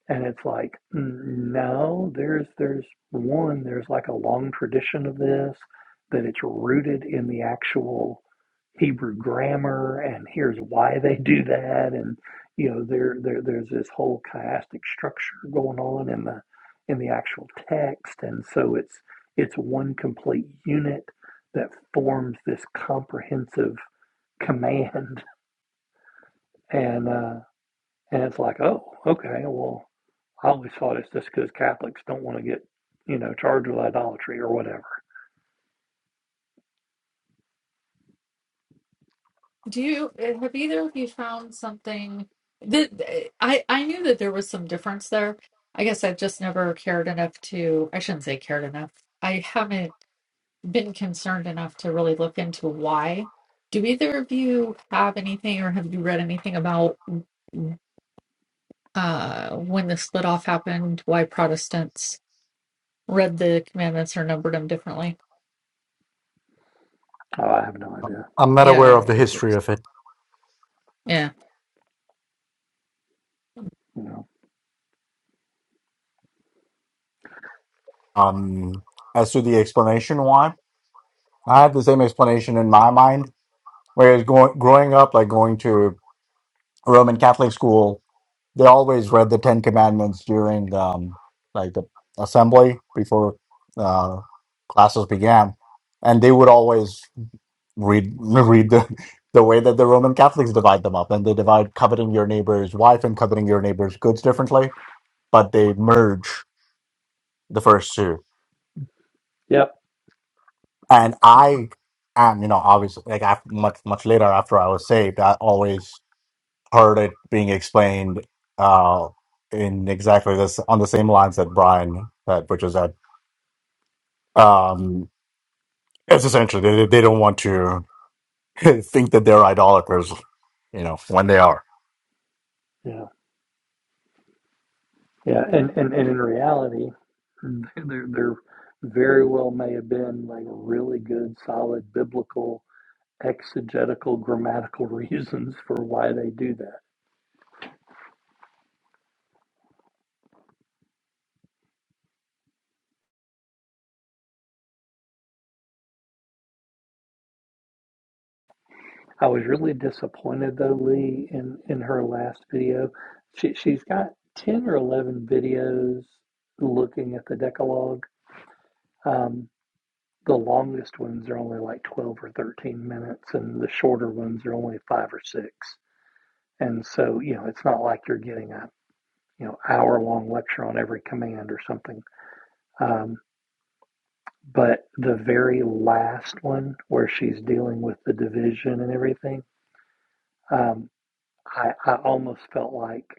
Speaker 8: And it's like, mm, no, there's there's one, there's like a long tradition of this, that it's rooted in the actual Hebrew grammar, and here's why they do that, and you know, there there there's this whole chiastic structure going on in the in the actual text, and so it's it's one complete unit that forms this comprehensive command, [laughs] and uh, and it's like, oh, okay, well, I always thought it's just because Catholics don't want to get, you know, charged with idolatry or whatever.
Speaker 6: Do you eh, have either of you found something that I I knew that there was some difference there. I guess I've just never cared enough to, I shouldn't say cared enough. I haven't been concerned enough to really look into why. Do either of you have anything or have you read anything about uh when the split off happened, why Protestants read the commandments or numbered them differently?
Speaker 8: Oh, I have no idea.
Speaker 2: I'm not aware of
Speaker 6: Yeah,
Speaker 2: the history of it.
Speaker 6: yeah.
Speaker 8: You know.
Speaker 2: Um, as to the explanation why, I have the same explanation in my mind. Whereas going growing up, like going to a Roman Catholic school They always read the Ten Commandments during um, like the assembly before uh, classes began, and they would always read [laughs] read the the way that the Roman Catholics divide them up, and they divide coveting your neighbor's wife and coveting your neighbor's goods differently, but they merge the first two.
Speaker 8: Yep.
Speaker 2: And I am, you know, obviously, like after, much much later after I was saved, I always heard it being explained uh, in exactly this on the same lines that Brian said, which is that um, it's essentially they, they don't want to [laughs] think that they're idolaters, you know, when they are.
Speaker 8: Yeah. Yeah. And and, and in reality, [laughs] there there very well may have been like really good, solid biblical exegetical grammatical [laughs] reasons for why they do that. I was really disappointed though, Lee, in in her last video. She she's got ten or eleven videos looking at the Decalogue. Um, the longest ones are only like twelve or thirteen minutes, and the shorter ones are only five or six. And so, you know, it's not like you're getting a you know hour long lecture on every command or something. Um, but the very last one, where she's dealing with the division and everything, um, I, I almost felt like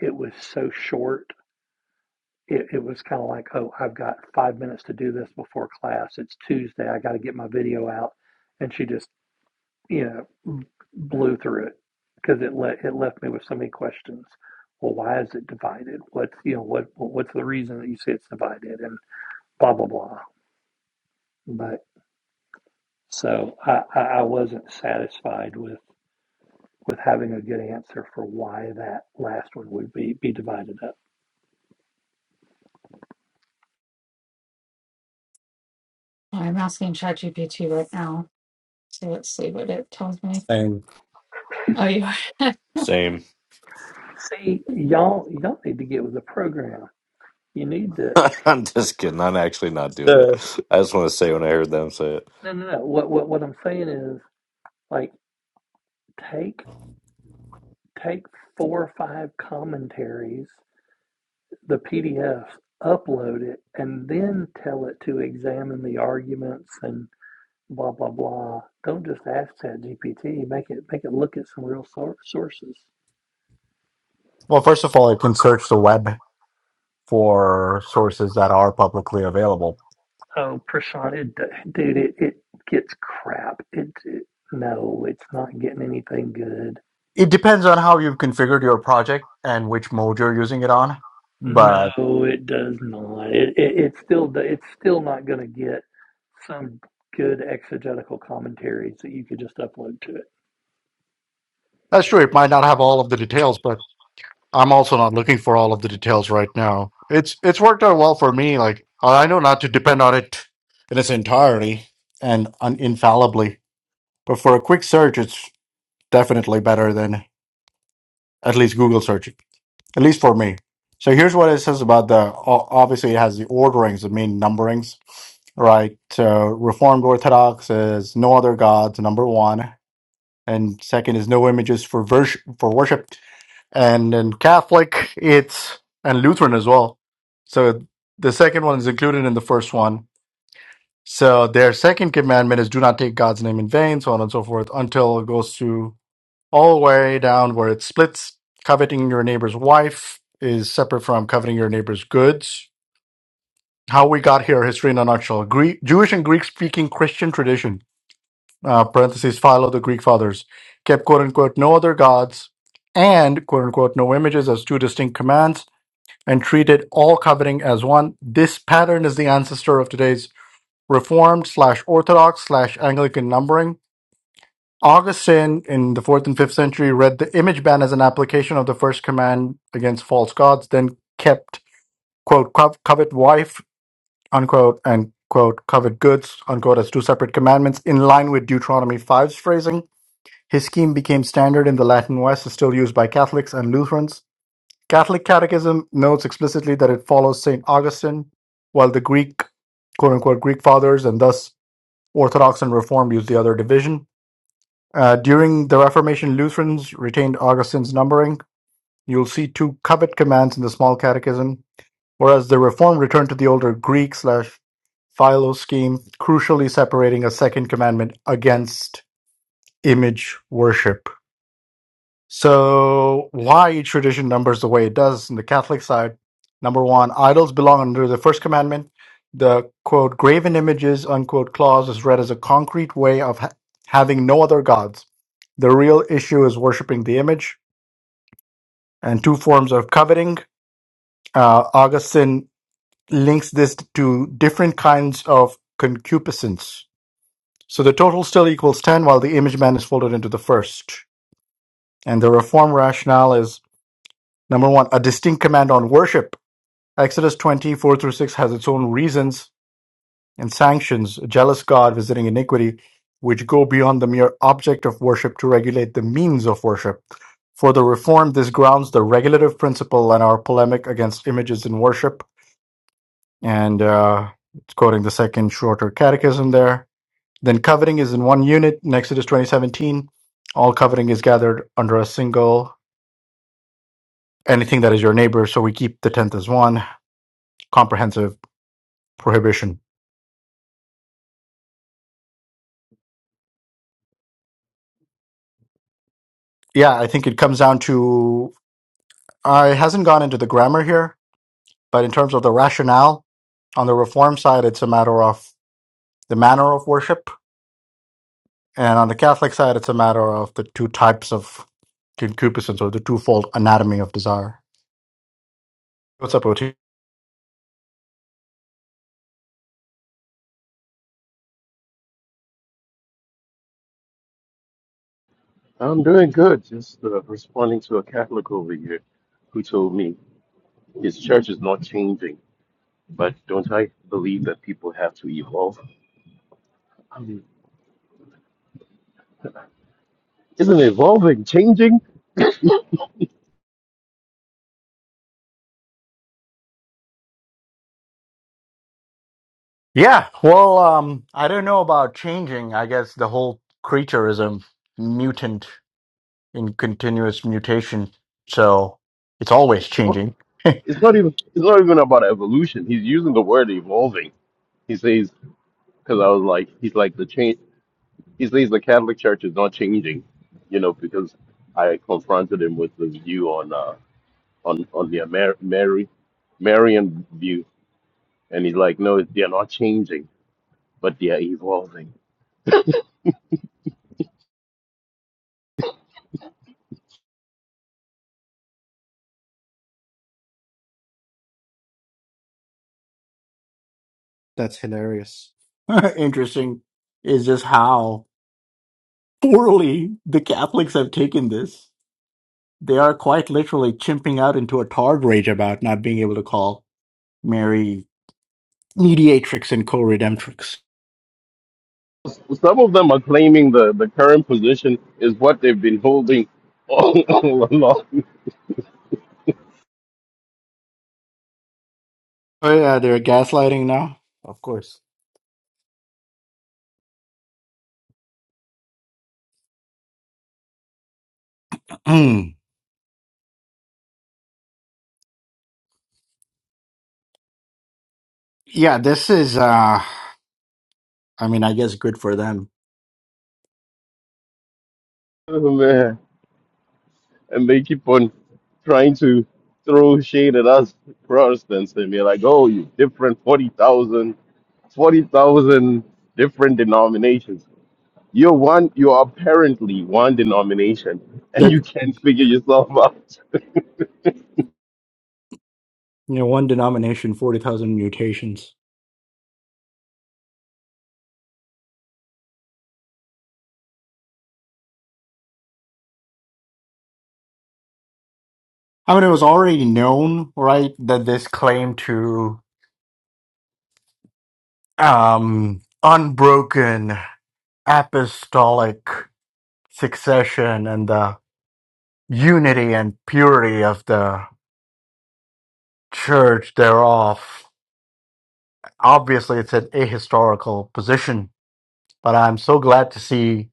Speaker 8: It was so short. It, it was kind of like, oh, I've got five minutes to do this before class. It's Tuesday. I got to get my video out. And she just, you know, blew through it because it let it left me with so many questions. Well, why is it divided? What's you know what what's the reason that you say it's divided and blah blah blah. But so I, I I wasn't satisfied with with having a good answer for why that last one would be be divided up.
Speaker 6: I'm asking ChatGPT right now. So let's see what it tells me.
Speaker 2: And
Speaker 6: Oh, you [laughs]
Speaker 5: Same.
Speaker 8: See, y'all y'all need to get with the program. You need to
Speaker 5: [laughs] I'm just kidding. I'm actually not doing it.
Speaker 2: the
Speaker 5: I just want to say when I heard them say it.
Speaker 8: no no no. What what what I'm saying is like take take four or five commentaries, the PDFs, upload it, and then tell it to examine the arguments and blah blah blah. Don't just ask that GPT. Make it make it look at some real sor- sources.
Speaker 2: well, first of all, you can search the web for sources that are publicly available.
Speaker 8: Oh, Prashant, it, dude, it, it gets crap. It, it no, it's not getting anything good.
Speaker 2: It depends on how you've configured your project and which mode you're using it on,
Speaker 8: No,
Speaker 2: but
Speaker 8: it does not. It, it it's still do- it's still not going to get some good exegetical commentaries that you could just upload to
Speaker 2: that's true. It might not have all of the details, but I'm also not looking for all of the details right now. It's it's worked out well for me. Like I know not to depend on it in its entirety and un- infallibly, but for a quick search, it's definitely better than at least Google searching. At least for me. So here's what it says about the. o- Obviously, it has the orderings, the main numberings, right? So Reformed Orthodox is no other gods, number one, and second is no images for vers- for worship and in Catholic it's and Lutheran as well. So the second one is included in the first one. So their second commandment is do not take God's name in vain, so on and so forth, until it goes through all the way down where it splits. Coveting your neighbor's wife is separate from coveting your neighbor's goods. How we got here, history in a nutshell. Greek, Jewish and Greek speaking Christian tradition, uh, parentheses, follow the Greek fathers, kept quote unquote no other gods and quote unquote no images as two distinct commands and treated all coveting as one. This pattern is the ancestor of today's Reformed slash Orthodox slash Anglican numbering. Augustine in the fourth and fifth century read the image ban as an application of the first command against false gods, then kept, quote, "cov- covet wife, unquote, and, quote, covet goods, unquote, as two separate commandments in line with Deuteronomy five's phrasing. His scheme became standard in the Latin West, is still used by Catholics and Lutherans. Catholic Catechism notes explicitly that it follows St. Augustine, while the Greek, quote unquote, Greek fathers and thus Orthodox and Reformed use the other division. Uh, during the Reformation, Lutherans retained Augustine's numbering. You'll see two covet commands in the Small Catechism, whereas the Reformed returned to the older Greek slash Philo scheme, crucially separating a second commandment against image worship. So why tradition numbers the way it does in the Catholic side? Number one, idols belong under the first commandment. The quote graven images unquote clause is read as a concrete way of ha- having no other gods. The real issue is worshiping the image, and two forms of coveting. Uh, Augustine links this to different kinds of concupiscence. So the total still equals ten, while the image man is folded into the first. And the reform rationale is Number one, a distinct command on worship. Exodus 24 through 6 has its own reasons and sanctions, a jealous God visiting iniquity, which go beyond the mere object of worship to regulate the means of worship. For the Reformed, this grounds the regulative principle and our polemic against images in worship. And uh, it's quoting the second shorter catechism there. Then coveting is in one unit in Exodus 2017. All coveting is gathered under a single anything that is your neighbor. So we keep the tenth as one comprehensive prohibition. Yeah, I think it comes down to I hasn't gone into the grammar here, but in terms of the rationale on the reform side, it's a matter of the manner of worship, and on the Catholic side, it's a matter of the two types of concupiscence or the twofold anatomy of desire. What's up, OT?
Speaker 9: I'm doing good. Just uh, responding to a Catholic over here who told me his church is not changing. But don't I believe that people have to evolve? Isn't evolving changing?
Speaker 2: Yeah, well, um, I don't know about changing. I guess the whole creaturism, mutant in continuous mutation, so it's always
Speaker 9: Well,
Speaker 2: changing. [laughs]
Speaker 9: it's not even it's not even about evolution. He's using the word evolving. He says because I was like he's like the change. He says the Catholic Church is not changing, you know, because I confronted him with the view on uh, on on the Amer- Mary Marian view, and he's like, no, they're not changing. but they are evolving.
Speaker 2: That's hilarious. [laughs] Interesting is just how poorly the Catholics have taken this. They are quite literally chimping out into a targ rage about not being able to call Mary mediatrix and co-redemptrix.
Speaker 9: S- Some of them are claiming the, the current position is what they've been holding all, [laughs] all along.
Speaker 2: Oh yeah, they're gaslighting now. Of course. [clears throat] Mm. yeah, this is. uh I mean, I guess good for them.
Speaker 9: Oh, man. And they keep on trying to throw shade at us Protestants and are like, oh, you different 40,000, 40,000 different denominations. You're one, you're apparently one denomination and
Speaker 2: That
Speaker 9: you can't figure yourself [laughs] out.
Speaker 2: you know, one denomination, forty thousand mutations. I mean, it was already known, right, that this claim to um, unbroken apostolic succession and the unity and purity of the church thereof. Obviously, it's an ahistorical position, but I'm so glad to see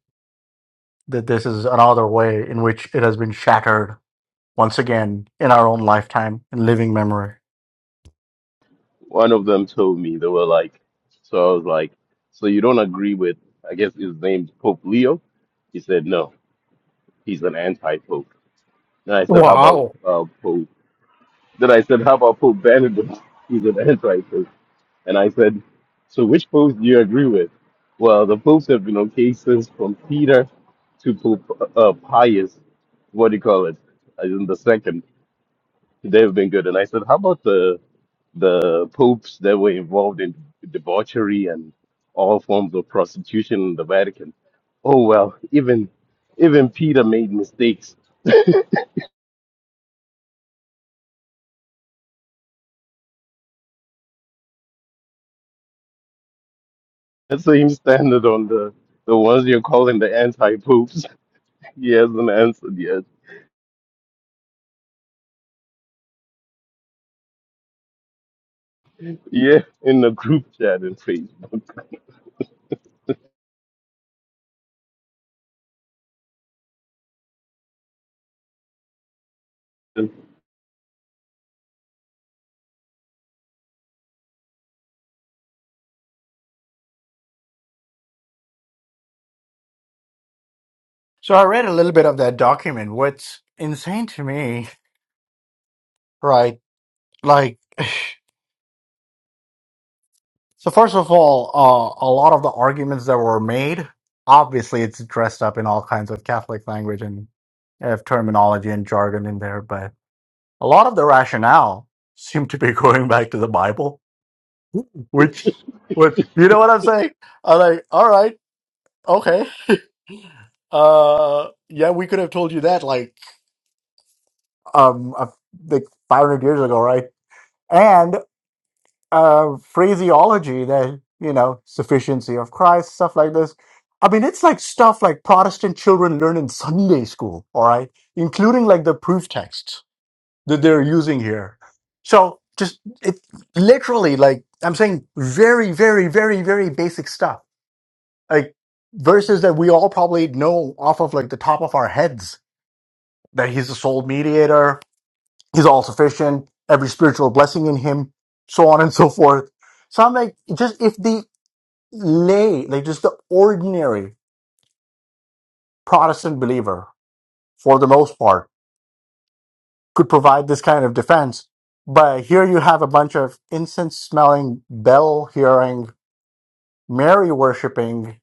Speaker 2: that this is another way in which it has been shattered once again in our own lifetime and living memory.
Speaker 9: one of them told me they were like, so I was like, so you don't agree with, I guess his name's Pope Leo? He said no, he's an anti-pope. Then I said, how about
Speaker 2: Wow.
Speaker 9: uh, Pope? Then I said, how about Pope Benedict? [laughs] He's an anti-pope. And I said, so which pope do you agree with? Well, the popes have been okay since from Peter to Pope uh, Pius. What do you call it? As in the second, they've been good. And I said, how about the the popes that were involved in debauchery and all forms of prostitution in the Vatican. Oh well, even even Peter made mistakes. That same standard on the the ones you're calling the anti popes. [laughs] He hasn't answered yet. Yeah, in the group chat in Facebook. [laughs]
Speaker 2: So I read a little bit of that document. What's insane to me, right? Like, [sighs] So first of all, uh, a lot of the arguments that were made, obviously, it's dressed up in all kinds of Catholic language and have terminology and jargon in there, but a lot of the rationale seemed to be [laughs] going back to the Bible, which, which you know what I'm saying? I'm like, all right, okay, uh, yeah, we could have told you that like um a, like 500 years ago, right? uh, phraseology that you know sufficiency of Christ, stuff like this. I mean, it's like stuff like Protestant children learn in Sunday school, all right, including like the proof texts that they're using here. So just it literally like I'm saying very, very, very, very basic stuff. Like verses that we all probably know off of like the top of our heads that he's the sole mediator, He's all sufficient, every spiritual blessing in him, so on and so forth. So I'm like, just if the lay, like just the ordinary Protestant believer, for the most part, could provide this kind of defense. But here you have a bunch of incense smelling, bell hearing, Mary worshiping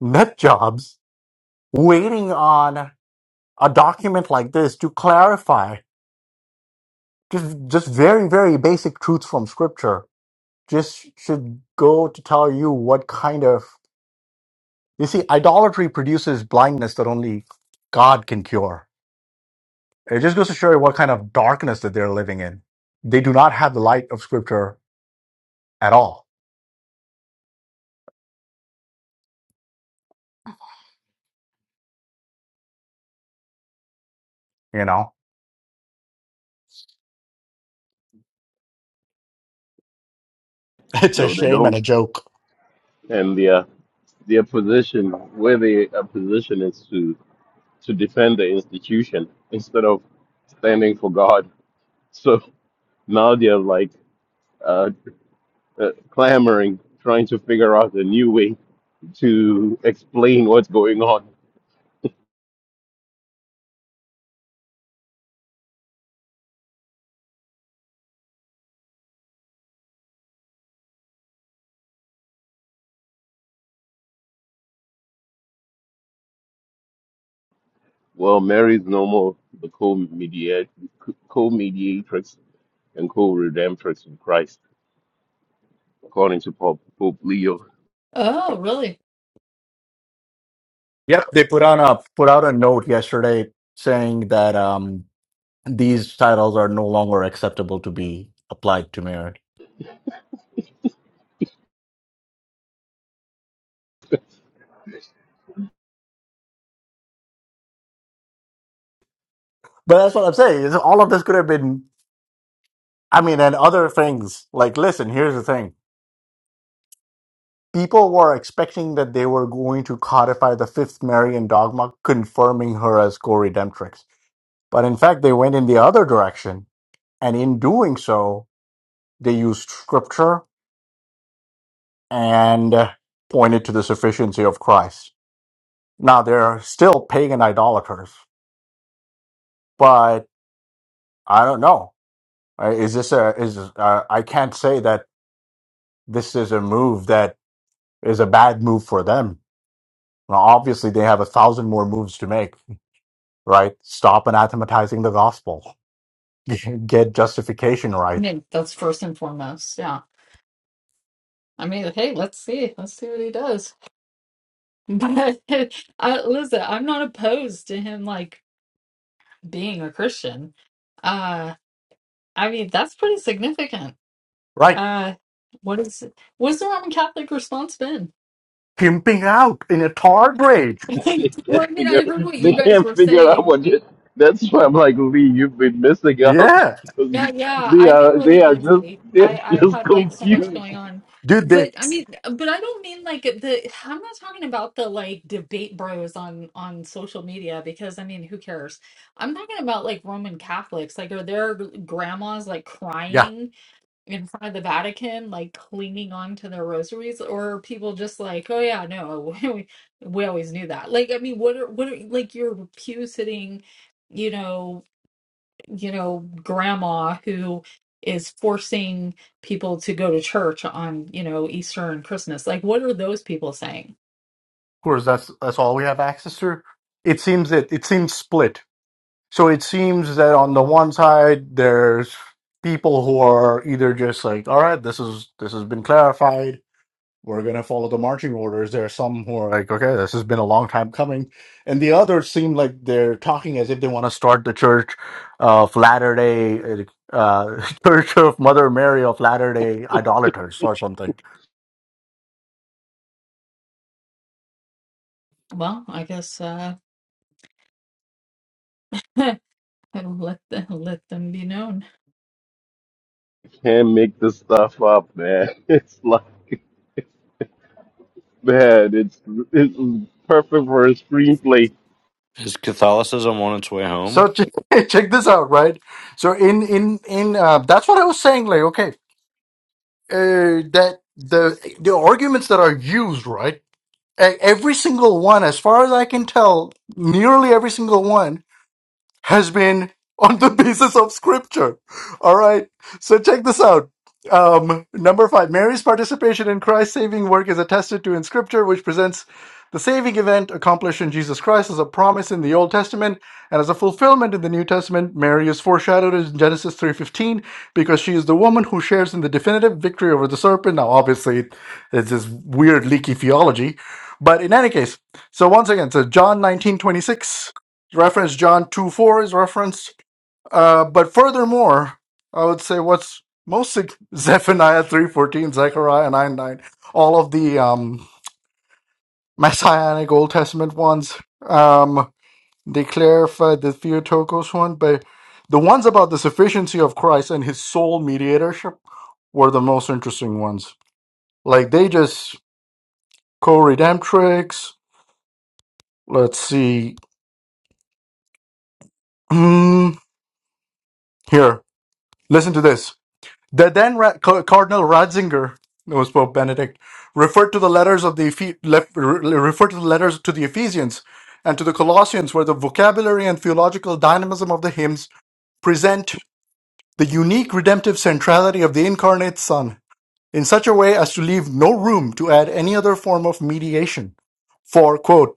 Speaker 2: nut jobs waiting on a document like this to clarify just, just very, very basic truths from scripture just should go to tell you what kind of you see idolatry produces blindness that only god can cure it just goes to show you what kind of darkness that they're living in they do not have the light of scripture at all you know [laughs] it's a
Speaker 9: No, they
Speaker 2: shame and
Speaker 9: don't.
Speaker 2: a joke
Speaker 9: And their their position, where they are positioned, is to to defend the institution instead of standing for God. So now they're like uh, uh, clamoring, trying to figure out a new way to explain what's going on. Well, Mary's no more the co-mediator, co-mediatrix and co-redemptrix in Christ, according to Pope, Pope Leo.
Speaker 6: Oh, really?
Speaker 2: yep they put on a put out a note yesterday saying that um these titles are no longer acceptable to be applied to marriage but that's what i'm saying is all of this could have been i mean and other things like listen here's the thing People were expecting that they were going to codify the fifth Marian dogma, confirming her as co redemptrix. But in fact, they went in the other direction. And in doing so, they used scripture and uh, pointed to the sufficiency of Christ. Now, they're still pagan idolaters, but I don't know. Uh, Is this a, is, uh, I can't say that this is a move that is a bad move for them. Now, obviously, they have a thousand more moves to make right? Stop anathematizing the gospel. [laughs] Get justification
Speaker 6: I
Speaker 2: right.
Speaker 6: mean, that's first and foremost. Yeah. I mean, hey, let's see. Let's see what he does. [laughs] But I, listen, I'm not opposed to him like being a Christian. Uh, I mean, that's pretty significant.
Speaker 2: Right.
Speaker 6: Uh, what is What's the Roman Catholic response been?
Speaker 2: Pimping out in a tar grade.
Speaker 9: [laughs]
Speaker 6: [laughs]
Speaker 9: They
Speaker 6: Well, I
Speaker 9: can't
Speaker 6: mean,
Speaker 9: figure,
Speaker 6: I heard what you
Speaker 9: they
Speaker 6: guys
Speaker 9: can't
Speaker 6: were
Speaker 9: figure out
Speaker 6: saying
Speaker 9: what. It, that's why I'm like Lee, you've been missing out
Speaker 2: Yeah.
Speaker 9: because
Speaker 6: Yeah, yeah,
Speaker 9: they
Speaker 6: I've been
Speaker 9: are they
Speaker 6: really
Speaker 9: are just
Speaker 6: busy. I
Speaker 9: they're
Speaker 6: I've
Speaker 9: just
Speaker 6: had like so much
Speaker 9: confused.
Speaker 6: going on.
Speaker 2: Dude, they,
Speaker 6: But I mean, uh, but I don't mean like the I'm not talking about the like debate bros on on social media because I mean, who cares? I'm talking about like Roman Catholics. Like are their grandmas like
Speaker 2: yeah, of
Speaker 6: crying in front of the Vatican, like clinging on to their rosaries or are people just like, "Oh yeah, no, [laughs] we, we always knew that." Like I mean, what are what are like your pew sitting, you know, you know, grandma who is forcing people to go to church on, you know, Easter and Christmas. Like, what are those people saying?
Speaker 2: course, that's, that's all we have access to. It seems that it seems split. So it seems that on the one side, there's people who are either just like, all right, this is, this has been clarified we're going to follow the marching orders. There are some who are like, okay, this has been a long time coming. And the others seem like they're talking as if they want to start the church of Latter day, uh, [laughs] Church of Mother Mary of Latter day idolaters or something.
Speaker 6: Well, I guess uh [laughs] let them, let them be known.
Speaker 9: Can't make this stuff up, man. [laughs] It's like. Man, it's it's perfect for a screenplay.
Speaker 5: Is Catholicism on its way home?
Speaker 2: So check, [laughs] check this out, right? So in in in uh, that's what I was saying. Like, okay, uh, that the the arguments that are used, right? e- Every single one, as far as I can tell, nearly every single one has been on the [laughs] basis of scripture. All right. So check this out. Um, number five, Mary's participation in Christ's saving work is attested to in scripture, which presents the saving event accomplished in Jesus Christ as a promise in the Old Testament and as a fulfillment in the New Testament. Mary is foreshadowed in Genesis 3.15 because she is the woman who shares in the definitive victory over the serpent. Now, obviously, it's this weird leaky theology. But in any case, so once again, so John 19:26 reference John 2 4 is referenced. Uh, but furthermore, I would say what's most sig- [laughs] Zephaniah three fourteen, Zechariah 9 9, all of the um, messianic Old Testament ones, um, they clarified the Theotokos one, but the ones about the sufficiency of Christ and his sole mediatorship were the most interesting ones. Like they just co redemptrix. Let's see. [clears throat] Here, listen to this. The then Ra- Ca- Cardinal Ratzinger, who was Pope Benedict, referred to the letters of the Ephe- lef- re- referred to the letters to the Ephesians and to the Colossians, where the vocabulary and theological dynamism of the hymns present the unique redemptive centrality of the incarnate Son in such a way as to leave no room to add any other form of mediation. For quote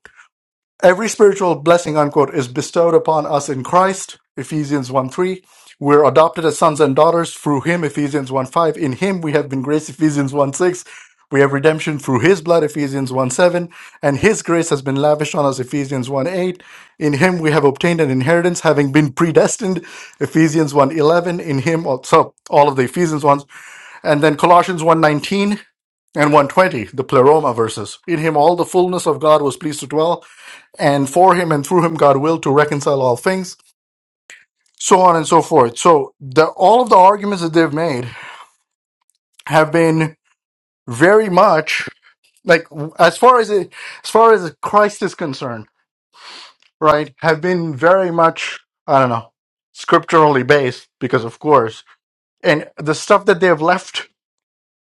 Speaker 2: Every spiritual blessing, unquote, is bestowed upon us in Christ, Ephesians 1 3. We're adopted as sons and daughters through him, Ephesians 1 5. In him we have been graced, Ephesians 1 6. We have redemption through his blood, Ephesians 1 7. And his grace has been lavished on us, Ephesians 1 8. In him we have obtained an inheritance, having been predestined, Ephesians one 11, In him, so all of the Ephesians ones. And then Colossians one 19 and 120, the pleroma verses. In him all the fullness of God was pleased to dwell and for him and through him God will to reconcile all things, so on and so forth. So the all of the arguments that they've made have been very much like as far as it, as far as Christ is concerned, right? Have been very much I don't know scripturally based because of course, and the stuff that they have left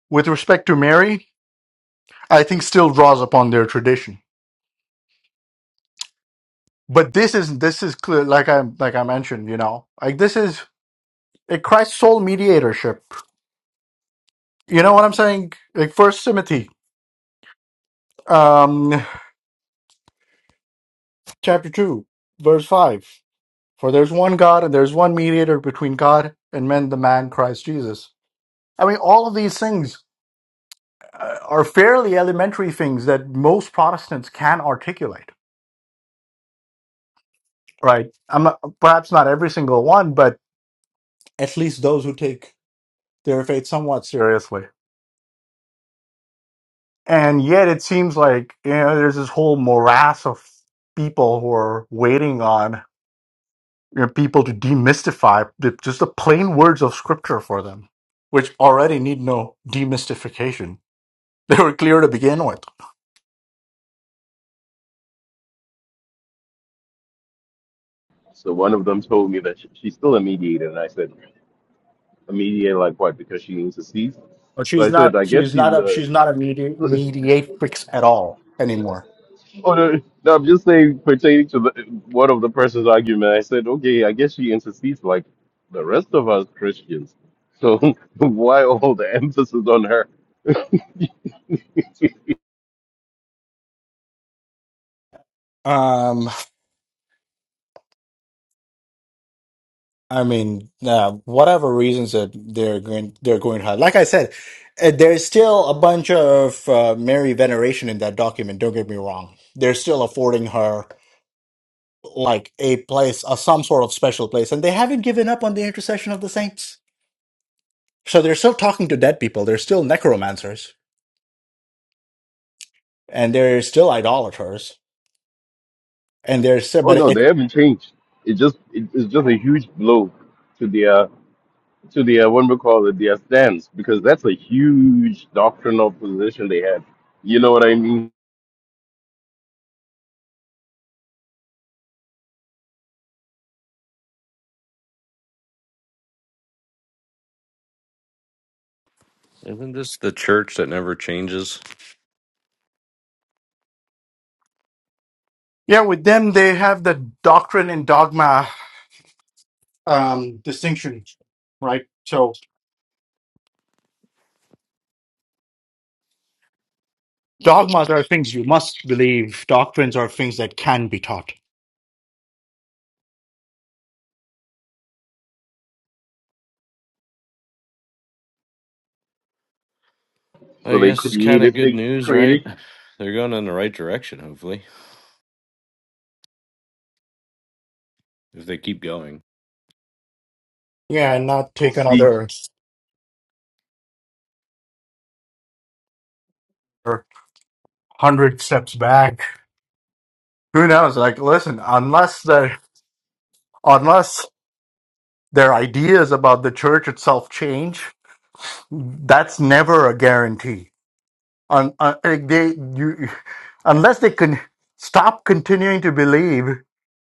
Speaker 2: with respect to Mary, I think still draws upon their tradition. But this is this is clear, like I like I mentioned, you know, like this is a Christ sole mediatorship You know what I'm saying? Like First Timothy, um, chapter two, verse five. For there's one God and there's one mediator between God and men, the man Christ Jesus. I mean, all of these things uh, are fairly elementary things that most Protestants can articulate, right? I'm not, perhaps not every single one, but at least those who take their faith somewhat seriously. And yet, it seems like you know, there's this whole morass of people who are waiting on you know, people to demystify the, just the plain words of scripture for them, which already need no demystification. [laughs] They were clear to begin with.
Speaker 9: So one of them told me that she, she's still a mediator, and I said, a mediator like what? Because she needs to cease.
Speaker 2: But
Speaker 9: So I
Speaker 2: she's
Speaker 9: said,
Speaker 2: not.
Speaker 9: I guess
Speaker 2: She's
Speaker 9: she's
Speaker 2: not a.
Speaker 9: a.
Speaker 2: She's not a medi-
Speaker 9: [laughs]
Speaker 2: mediatrix at all anymore.
Speaker 9: Oh, no, no, I'm just saying pertaining to the, one of the person's argument. I said, okay, I guess she intercedes like the rest of us Christians. So [laughs] why all the emphasis on her? [laughs]
Speaker 2: Um, I mean, uh, whatever reasons that they're going, they're going to have. Like I said, uh, there's still a bunch of uh, Mary veneration in that document. Don't get me wrong. They're still affording her. like a place, a, some sort of special place, and they haven't given up on the intercession of the saints. So they're still talking to dead people. They're still necromancers, and they're still idolaters, and they're still,
Speaker 9: oh
Speaker 2: but
Speaker 9: no,
Speaker 2: it,
Speaker 9: they haven't changed. It just it, it's just a huge blow to their to the uh, what we call it the stance because that's a huge doctrinal position they had. You know what I mean?
Speaker 5: Isn't this the church that never changes?
Speaker 2: Yeah, with them they have the doctrine and dogma um, distinction, right? So dogmas are things you must believe. Doctrines are things that can be taught.
Speaker 9: So
Speaker 5: I
Speaker 9: they
Speaker 5: guess it's kind of
Speaker 9: created
Speaker 5: good
Speaker 9: they
Speaker 5: news, right?
Speaker 9: created
Speaker 5: They're going in the right direction, hopefully, if they keep going.
Speaker 2: Yeah, and not take
Speaker 9: see.
Speaker 2: another or hundred steps back. Who knows? Like, listen, unless the unless [laughs] their ideas about the church itself change, that's never a guarantee. Un, un- like they, you, unless they can stop continuing to believe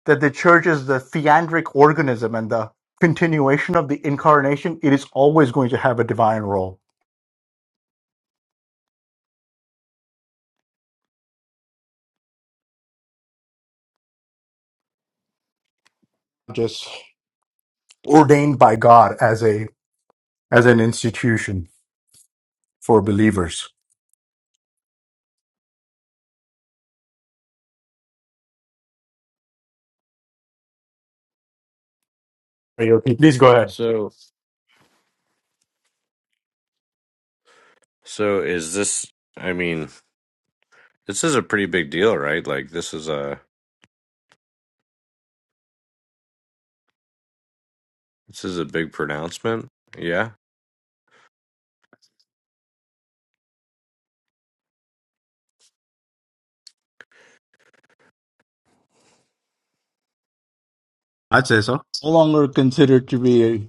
Speaker 2: that the church is the theandric organism and the continuation of the incarnation, it is always going to have a divine role, just ordained by God as a as an institution for believers. Okay, Please go ahead.
Speaker 5: So. So is this? I mean, this is a pretty big deal, right? Like this is a this is a big pronouncement. Yeah,
Speaker 2: I'd say so. No longer considered to be.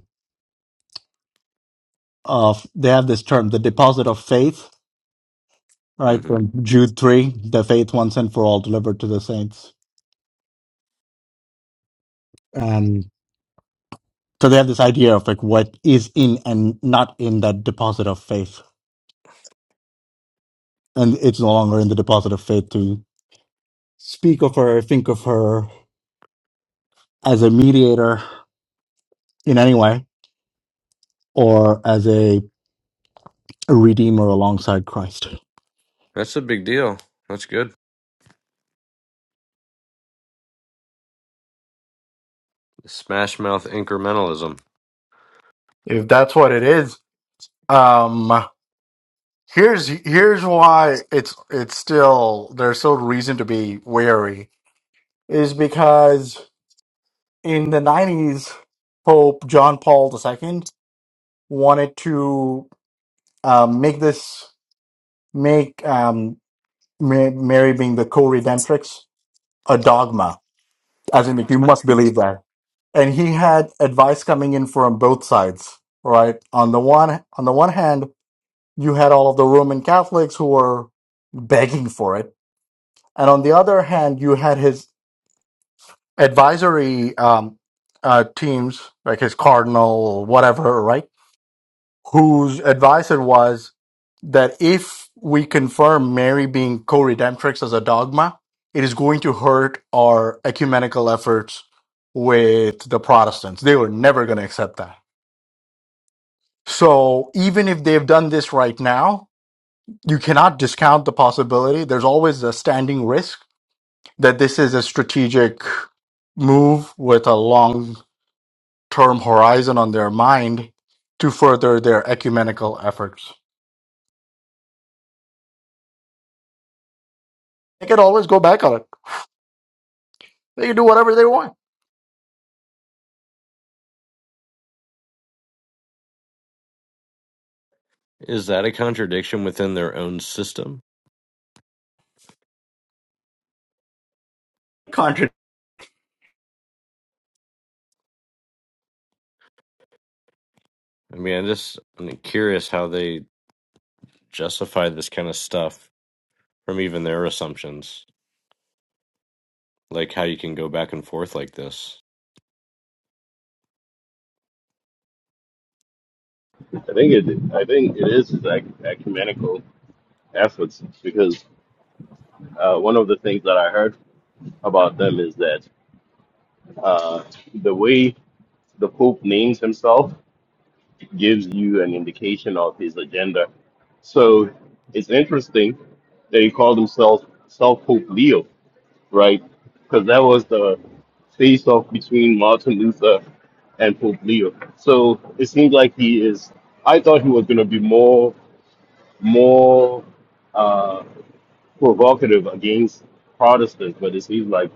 Speaker 2: Uh, they have this term, the deposit of faith All right,
Speaker 5: hmm
Speaker 2: from Jude 3, the faith once and for all delivered to the saints. And so they have this idea of like what is in and not in that deposit of faith. And it's no longer in the deposit of faith to speak of her, think of her as a mediator in any way, or as a redeemer alongside Christ.
Speaker 5: that's a big deal. That's good. Smash Mouth incrementalism
Speaker 2: If that's what it is, um, here's here's why it's it's still there's still reason to be wary is because in the 90s, Pope John Paul II wanted to um, make this, make um, Ma- Mary being the co redemptrix a dogma, as in, like, you must believe that. And he had advice coming in from both sides, right? On the one, on the one hand, you had all of the Roman Catholics who were begging for it. And on the other hand, you had his advisory um, uh, teams, like his cardinal, whatever, right? whose advisor was that if we confirm Mary being co redemptrix as a dogma, it is going to hurt our ecumenical efforts with the Protestants. They were never going to accept that. So even if they've done this right now, you cannot discount the possibility. There's always a standing risk that this is a strategic move with a long term horizon on their mind to further their ecumenical efforts. They could always go back on it. They can do whatever they want.
Speaker 5: is that a contradiction within their own system?
Speaker 2: Contradict.
Speaker 5: I mean, I just I'm curious how they justify this kind of stuff from even their assumptions, like how you can go back and forth like this.
Speaker 9: I think it I think it is like ecumenical efforts because uh, one of the things that I heard about them is that uh, the way the Pope names himself gives you an indication of his agenda. So it's interesting that he called himself self Pope Leo right? Because that was the face off between Martin Luther and Pope Leo. So it seems like he is. I thought he was going to be more more uh, provocative against Protestants, but it seems like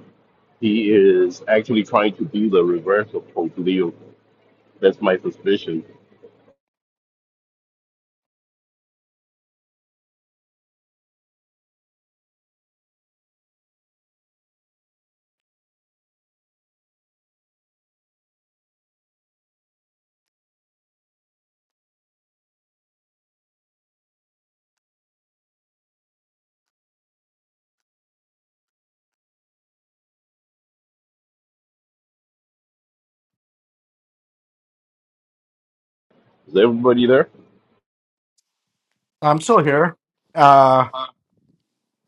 Speaker 9: he is actually trying to do the reverse of Pope Leo. That's my suspicion. Is everybody there?
Speaker 2: I'm still here. Uh,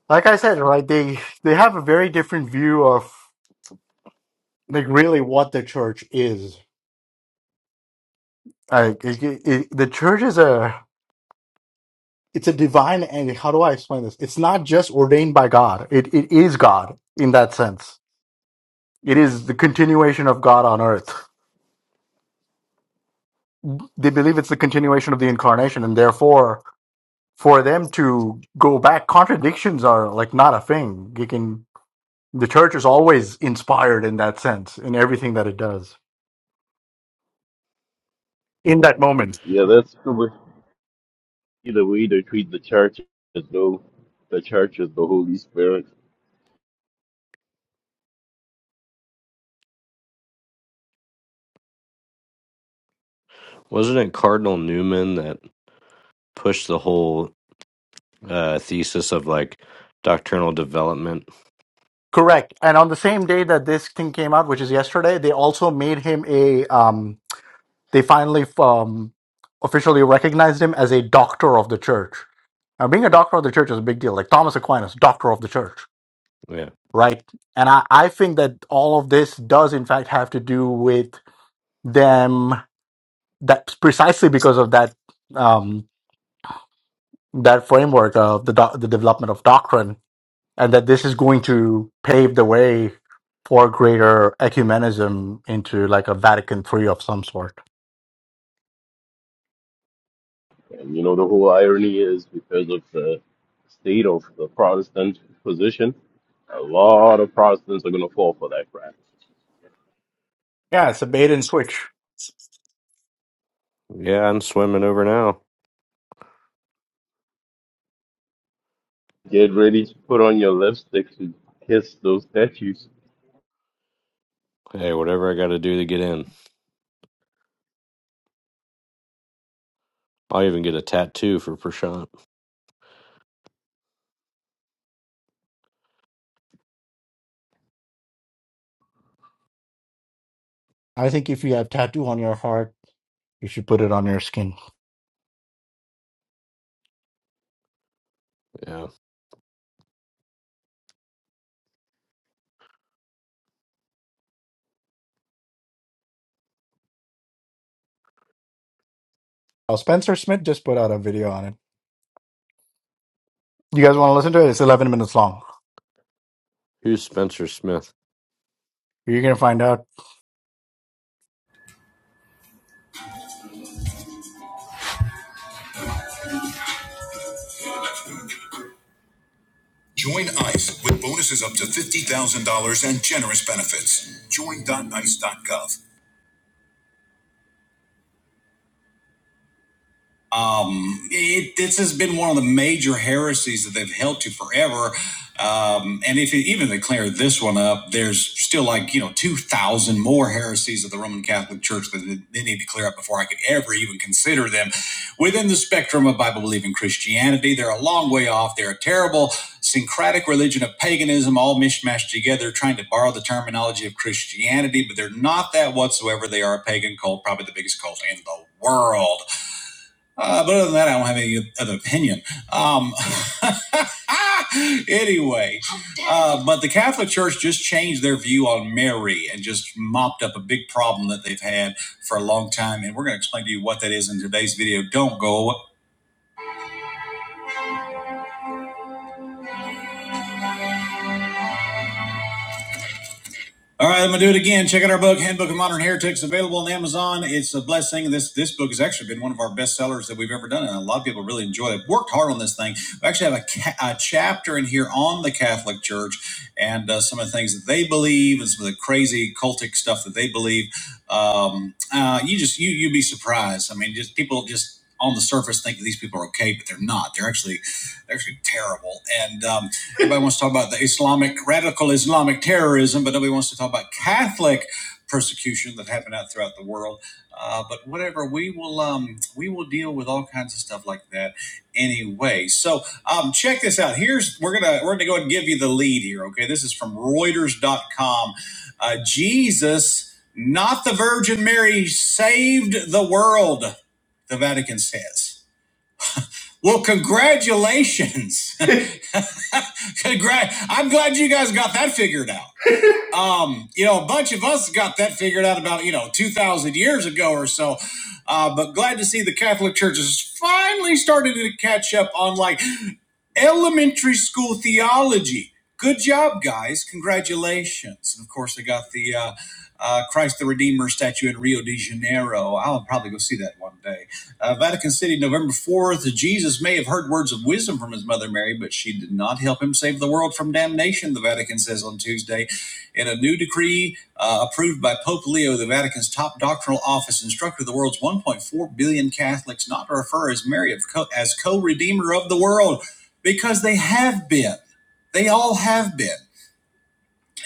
Speaker 2: like I said, right? They they have a very different view of like really what the church is. Like it, it, the church is a it's a divine and how do I explain this? It's not just ordained by God. It it is God in that sense. It is the continuation of God on earth. They believe it's the continuation of the incarnation, and therefore, for them to go back, contradictions are like not a thing. You can The church is always inspired in that sense, in everything that it does in that moment.
Speaker 9: Yeah, that's the way, the way they treat the church as though the church is the Holy Spirit.
Speaker 5: Wasn't it Cardinal Newman that pushed the whole uh, thesis of like doctrinal development?
Speaker 2: Correct. And on the same day that this thing came out, which is yesterday, they also made him a, um, they finally um, officially recognized him as a doctor of the church. Now, being a doctor of the church is a big deal. Like Thomas Aquinas, doctor of the church,
Speaker 5: Yeah.
Speaker 2: right? And I, I think that all of this does, in fact, have to do with them. That precisely because of that um, that framework of the doc the development of doctrine and that this is going to pave the way for greater ecumenism into like a Vatican III of some sort.
Speaker 9: And you know, the whole irony is because of the state of the Protestant position, a lot of Protestants are going to fall for that crap.
Speaker 2: Yeah, it's a bait and switch.
Speaker 5: Yeah, I'm swimming over now.
Speaker 9: Get ready to put on your lipstick to kiss those statues.
Speaker 5: Hey, whatever I got to do to get in. I'll even get a tattoo for Prashant.
Speaker 2: I think if you have tattoo on your heart, you should put it on your skin.
Speaker 5: Yeah.
Speaker 2: Well, Spencer Smith just put out a video on it. You guys want to listen to it? It's 11 minutes long.
Speaker 5: Who's Spencer Smith?
Speaker 2: You're going to find out. Join ICE with bonuses up to $50,000 and generous benefits. Join dot dot ice dot gov. Um, it, this has been one of the major heresies that they've held to forever. Um, and if you even if they clear this one up, there's still like, you know, 2,000 more heresies of the Roman Catholic Church that they need to clear up before I could ever even consider them. Within the spectrum of Bible believing Christianity, they're a long way off. They're a terrible syncretic religion of paganism, all mishmashed together, trying to borrow the terminology of Christianity, but they're not that whatsoever. They are a pagan cult, probably the biggest cult in the world. Uh, but other than that, I don't have any other opinion. Um, [laughs] anyway, uh, but the Catholic Church just changed their view on Mary and just mopped up a big problem that they've had for a long time. And we're going to explain to you what that is in today's video. Don't go All right, I'm gonna do it again. Check out our book, Handbook of Modern Heretics, available on Amazon. It's a blessing. This this book has actually been one of our best sellers that we've ever done, and a lot of people really enjoy it. I've Worked hard on this thing. We actually have a, ca- a chapter in here on the Catholic Church and uh, some of the things that they believe and some of the crazy cultic stuff that they believe. Um, uh, you just you you'd be surprised. I mean, just people just on the surface think that these people are okay, but they're not. They're actually they're actually terrible. And um, Everybody wants to talk about the Islamic, radical Islamic terrorism, but nobody wants to talk about Catholic persecution that happened out throughout the world. Uh, but whatever, we will um, we will deal with all kinds of stuff like that anyway. So um, check this out. Here's we're gonna we're gonna go ahead and give you the lead here. Okay, this is from Reuters.com. Uh, Jesus, not the Virgin Mary, saved the world. The Vatican says. Well, congratulations. [laughs] [laughs] Congrats. I'm glad you guys got that figured out. Um, you know, a bunch of us got that figured out about, you know, 2,000 years ago or so. Uh, but glad to see the Catholic Church has finally started to catch up on, like, elementary school theology. Good job, guys. Congratulations. And of course, I got the uh, uh, Christ the Redeemer statue in Rio de Janeiro. I'll probably go see that one day. Uh, Vatican City, November 4th. Jesus may have heard words of wisdom from his mother Mary, but she did not help him save the world from damnation, the Vatican says on Tuesday. In a new decree uh, approved by Pope Leo, the Vatican's top doctrinal office instructed the world's 1.4 billion Catholics not to refer as Mary of co- as co redeemer of the world because they have been. They all have been.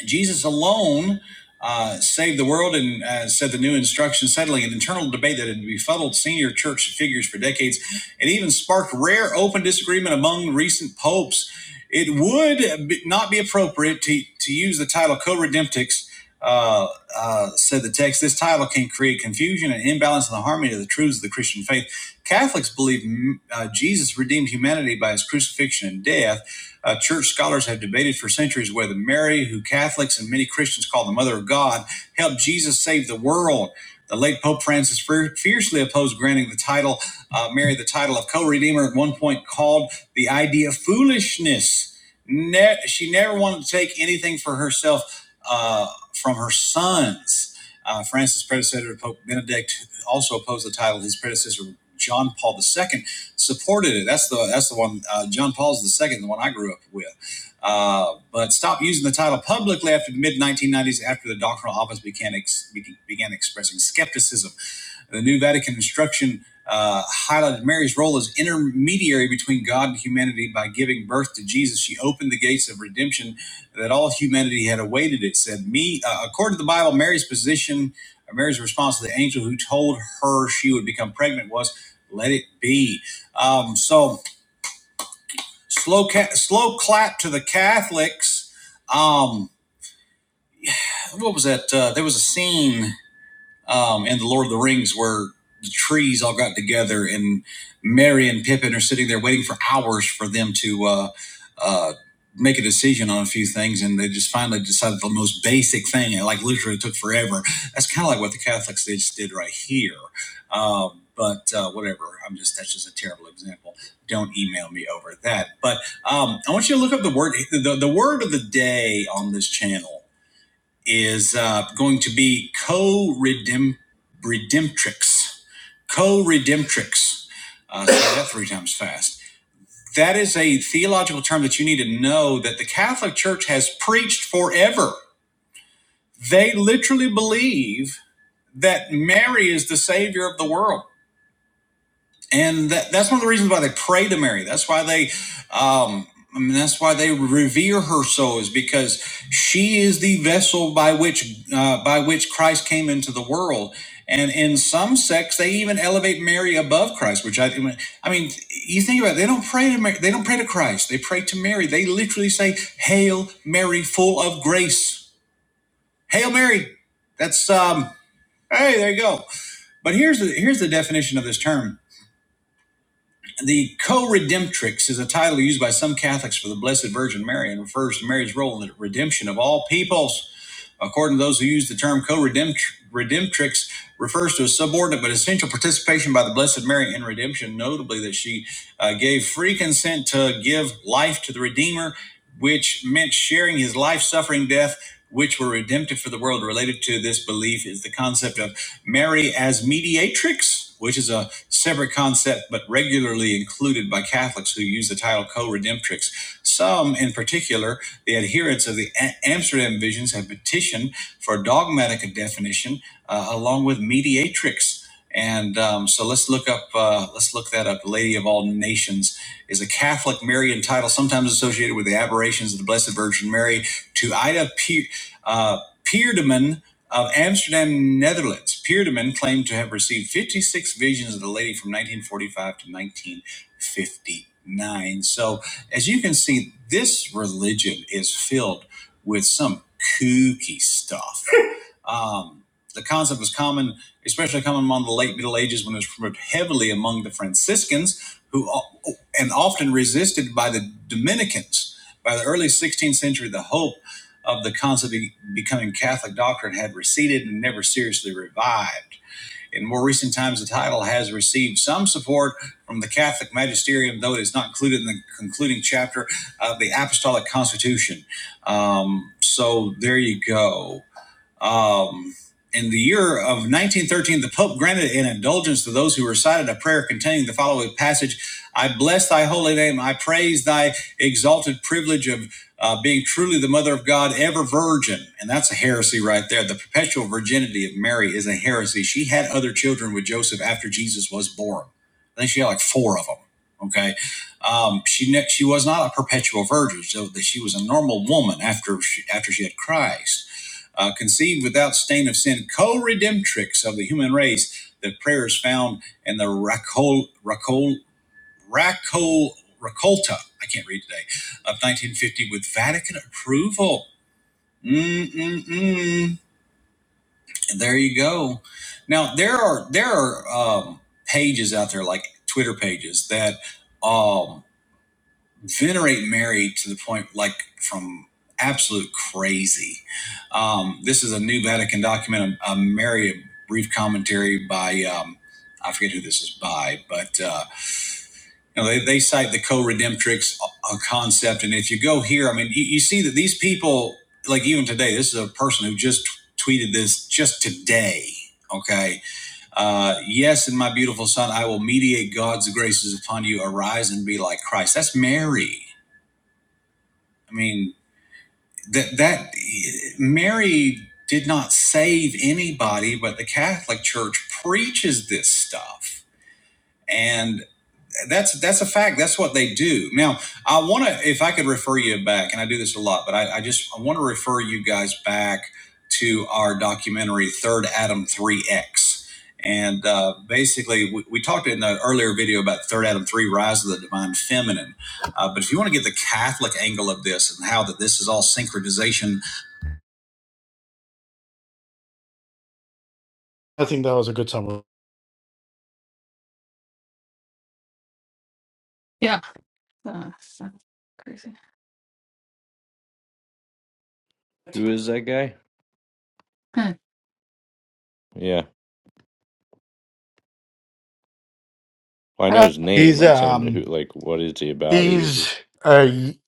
Speaker 2: Jesus alone uh, saved the world and uh, said the new instruction, settling an internal debate that had befuddled senior church figures for decades. It even sparked rare open disagreement among recent popes. It would be, not be appropriate to, to use the title co redemptix. Uh, uh, said the text, this title can create confusion and imbalance in the harmony of the truths of the Christian faith. Catholics believe mm, uh, Jesus redeemed humanity by his crucifixion and death, uh, church scholars have debated for centuries whether Mary, who Catholics and many Christians call the Mother of God, helped Jesus save the world. The late Pope Francis fiercely opposed granting the title uh, Mary the title of co-redeemer. At one point, called the idea foolishness. Ne- she never wanted to take anything for herself uh, from her sons. Uh, Francis' predecessor, Pope Benedict, also opposed the title. His predecessor, John Paul II, supported it. That's the that's the one. Uh, John Paul's the second, the one I grew up with. Uh, but stopped using the title publicly after the mid 1990s, after the doctrinal office began ex- began expressing skepticism the New Vatican Instruction uh, highlighted Mary's role as intermediary between God and humanity by giving birth to Jesus. She opened the gates of redemption that all humanity had awaited. It said, "Me." Uh, according to the Bible, Mary's position, or Mary's response to the angel who told her she would become pregnant was, 'Let it be." Um, so slow, ca- slow clap to the Catholics. Um, what was that? Uh, there was a scene. um, and the Lord of the Rings, where the trees all got together, and Mary and Pippin are sitting there waiting for hours for them to uh, uh, make a decision on a few things, and they just finally decided the most basic thing, and like literally took forever. That's kind of like what the Catholics they just did right here. Um, but uh, whatever, I'm just that's just a terrible example. Don't email me over that. But um, I want you to look up the word the, the word of the day on this channel is uh, going to be co-redemptrix, -redempt co-redemptrix. Uh, say that three times fast. That is a theological term that you need to know that the Catholic Church has preached forever. They literally believe that Mary is the Savior of the world and that, that's one of the reasons why they pray to Mary. That's why they, um, I mean, that's why they revere her so is because she is the vessel by which uh, by which Christ came into the world. And in some sects, they even elevate Mary above Christ, which I, I mean, you think about it, they don't pray to Mary, they don't pray to Christ. They pray to Mary. They literally say, "Hail Mary, full of grace." Hail Mary. That's um. Hey, there you go. But here's the here's the definition of this term. The co-redemptrix is a title used by some Catholics for the Blessed Virgin Mary and refers to Mary's role in the redemption of all peoples. According to those who use the term co-redemptrix, refers to a subordinate but essential participation by the Blessed Mary in redemption, notably that she uh, gave free consent to give life to the Redeemer, which meant sharing his life, suffering, death, which were redemptive for the world. Related to this belief is the concept of Mary as mediatrix, which is a separate concept but regularly included by Catholics who use the title co redemptrix. Some, in particular, the adherents of the A- Amsterdam visions have petitioned for a dogmatic definition uh, along with mediatrix. And um, so let's look up. Uh, let's look that up. Lady of all nations is a Catholic Marian title, sometimes associated with the aberrations of the Blessed Virgin Mary. To Ida Pe- uh, Peerdeman of Amsterdam, Netherlands, Peerdeman claimed to have received 56 visions of the lady from 1945 to 1959. So as you can see, this religion is filled with some kooky stuff. [laughs] Um, the concept was common, especially common among the late Middle Ages when it was promoted heavily among the Franciscans, who and often resisted by the Dominicans. By the early 16th century, the hope of the concept of becoming Catholic doctrine had receded and never seriously revived. In more recent times, the title has received some support from the Catholic magisterium, though it is not included in the concluding chapter of the Apostolic Constitution. Um, so there you go. Um, in the year of 1913, the Pope granted an indulgence to those who recited a prayer containing the following passage I bless thy holy name. I praise thy exalted privilege of uh, being truly the mother of God, ever virgin. And that's a heresy right there. The perpetual virginity of Mary is a heresy. She had other children with Joseph after Jesus was born. I think she had like four of them. Okay. Um, she ne- she was not a perpetual virgin, so she was a normal woman after she, after she had Christ uh, conceived without stain of sin, co-redemptrix of the human race. The prayers found in the Racol, Racol, Racol, Racolta, I can't read today, of 1950 with Vatican approval. Mm-mm-mm. And there you go. Now, there are, there are um, pages out there, like Twitter pages, that um, venerate Mary to the point like from absolute crazy. Um, this is a new Vatican document, a, a Mary a brief commentary by um, I forget who this is by, but uh, you know they, they cite the co-redemptrix uh, concept, and if you go here, I mean you, you see that these people like even today, this is a person who just t- tweeted this just today. Okay. Uh, yes, and my beautiful son, I will mediate God's graces upon you. Arise and be like Christ. That's Mary. I mean, that that Mary did not save anybody, but the Catholic Church preaches this stuff, and that's that's a fact. That's what they do. Now, I want to, if I could refer you back, and I do this a lot, but I, I just I want to refer you guys back to our documentary Third Adam Three X. And uh, basically, we, we talked in the earlier video about Third Adam 3, Rise of the Divine Feminine. Uh, but if you want to get the Catholic angle of this and how that this is all synchronization I think that was a good summary.
Speaker 6: Yeah. Uh, so crazy.
Speaker 5: Who is that guy?
Speaker 6: Huh.
Speaker 5: Yeah. Well, I know
Speaker 2: Uh,
Speaker 5: his name.
Speaker 2: He's
Speaker 5: I'm saying who,
Speaker 2: um
Speaker 5: like, what is he about? Who is
Speaker 2: he's
Speaker 5: he?
Speaker 2: uh y-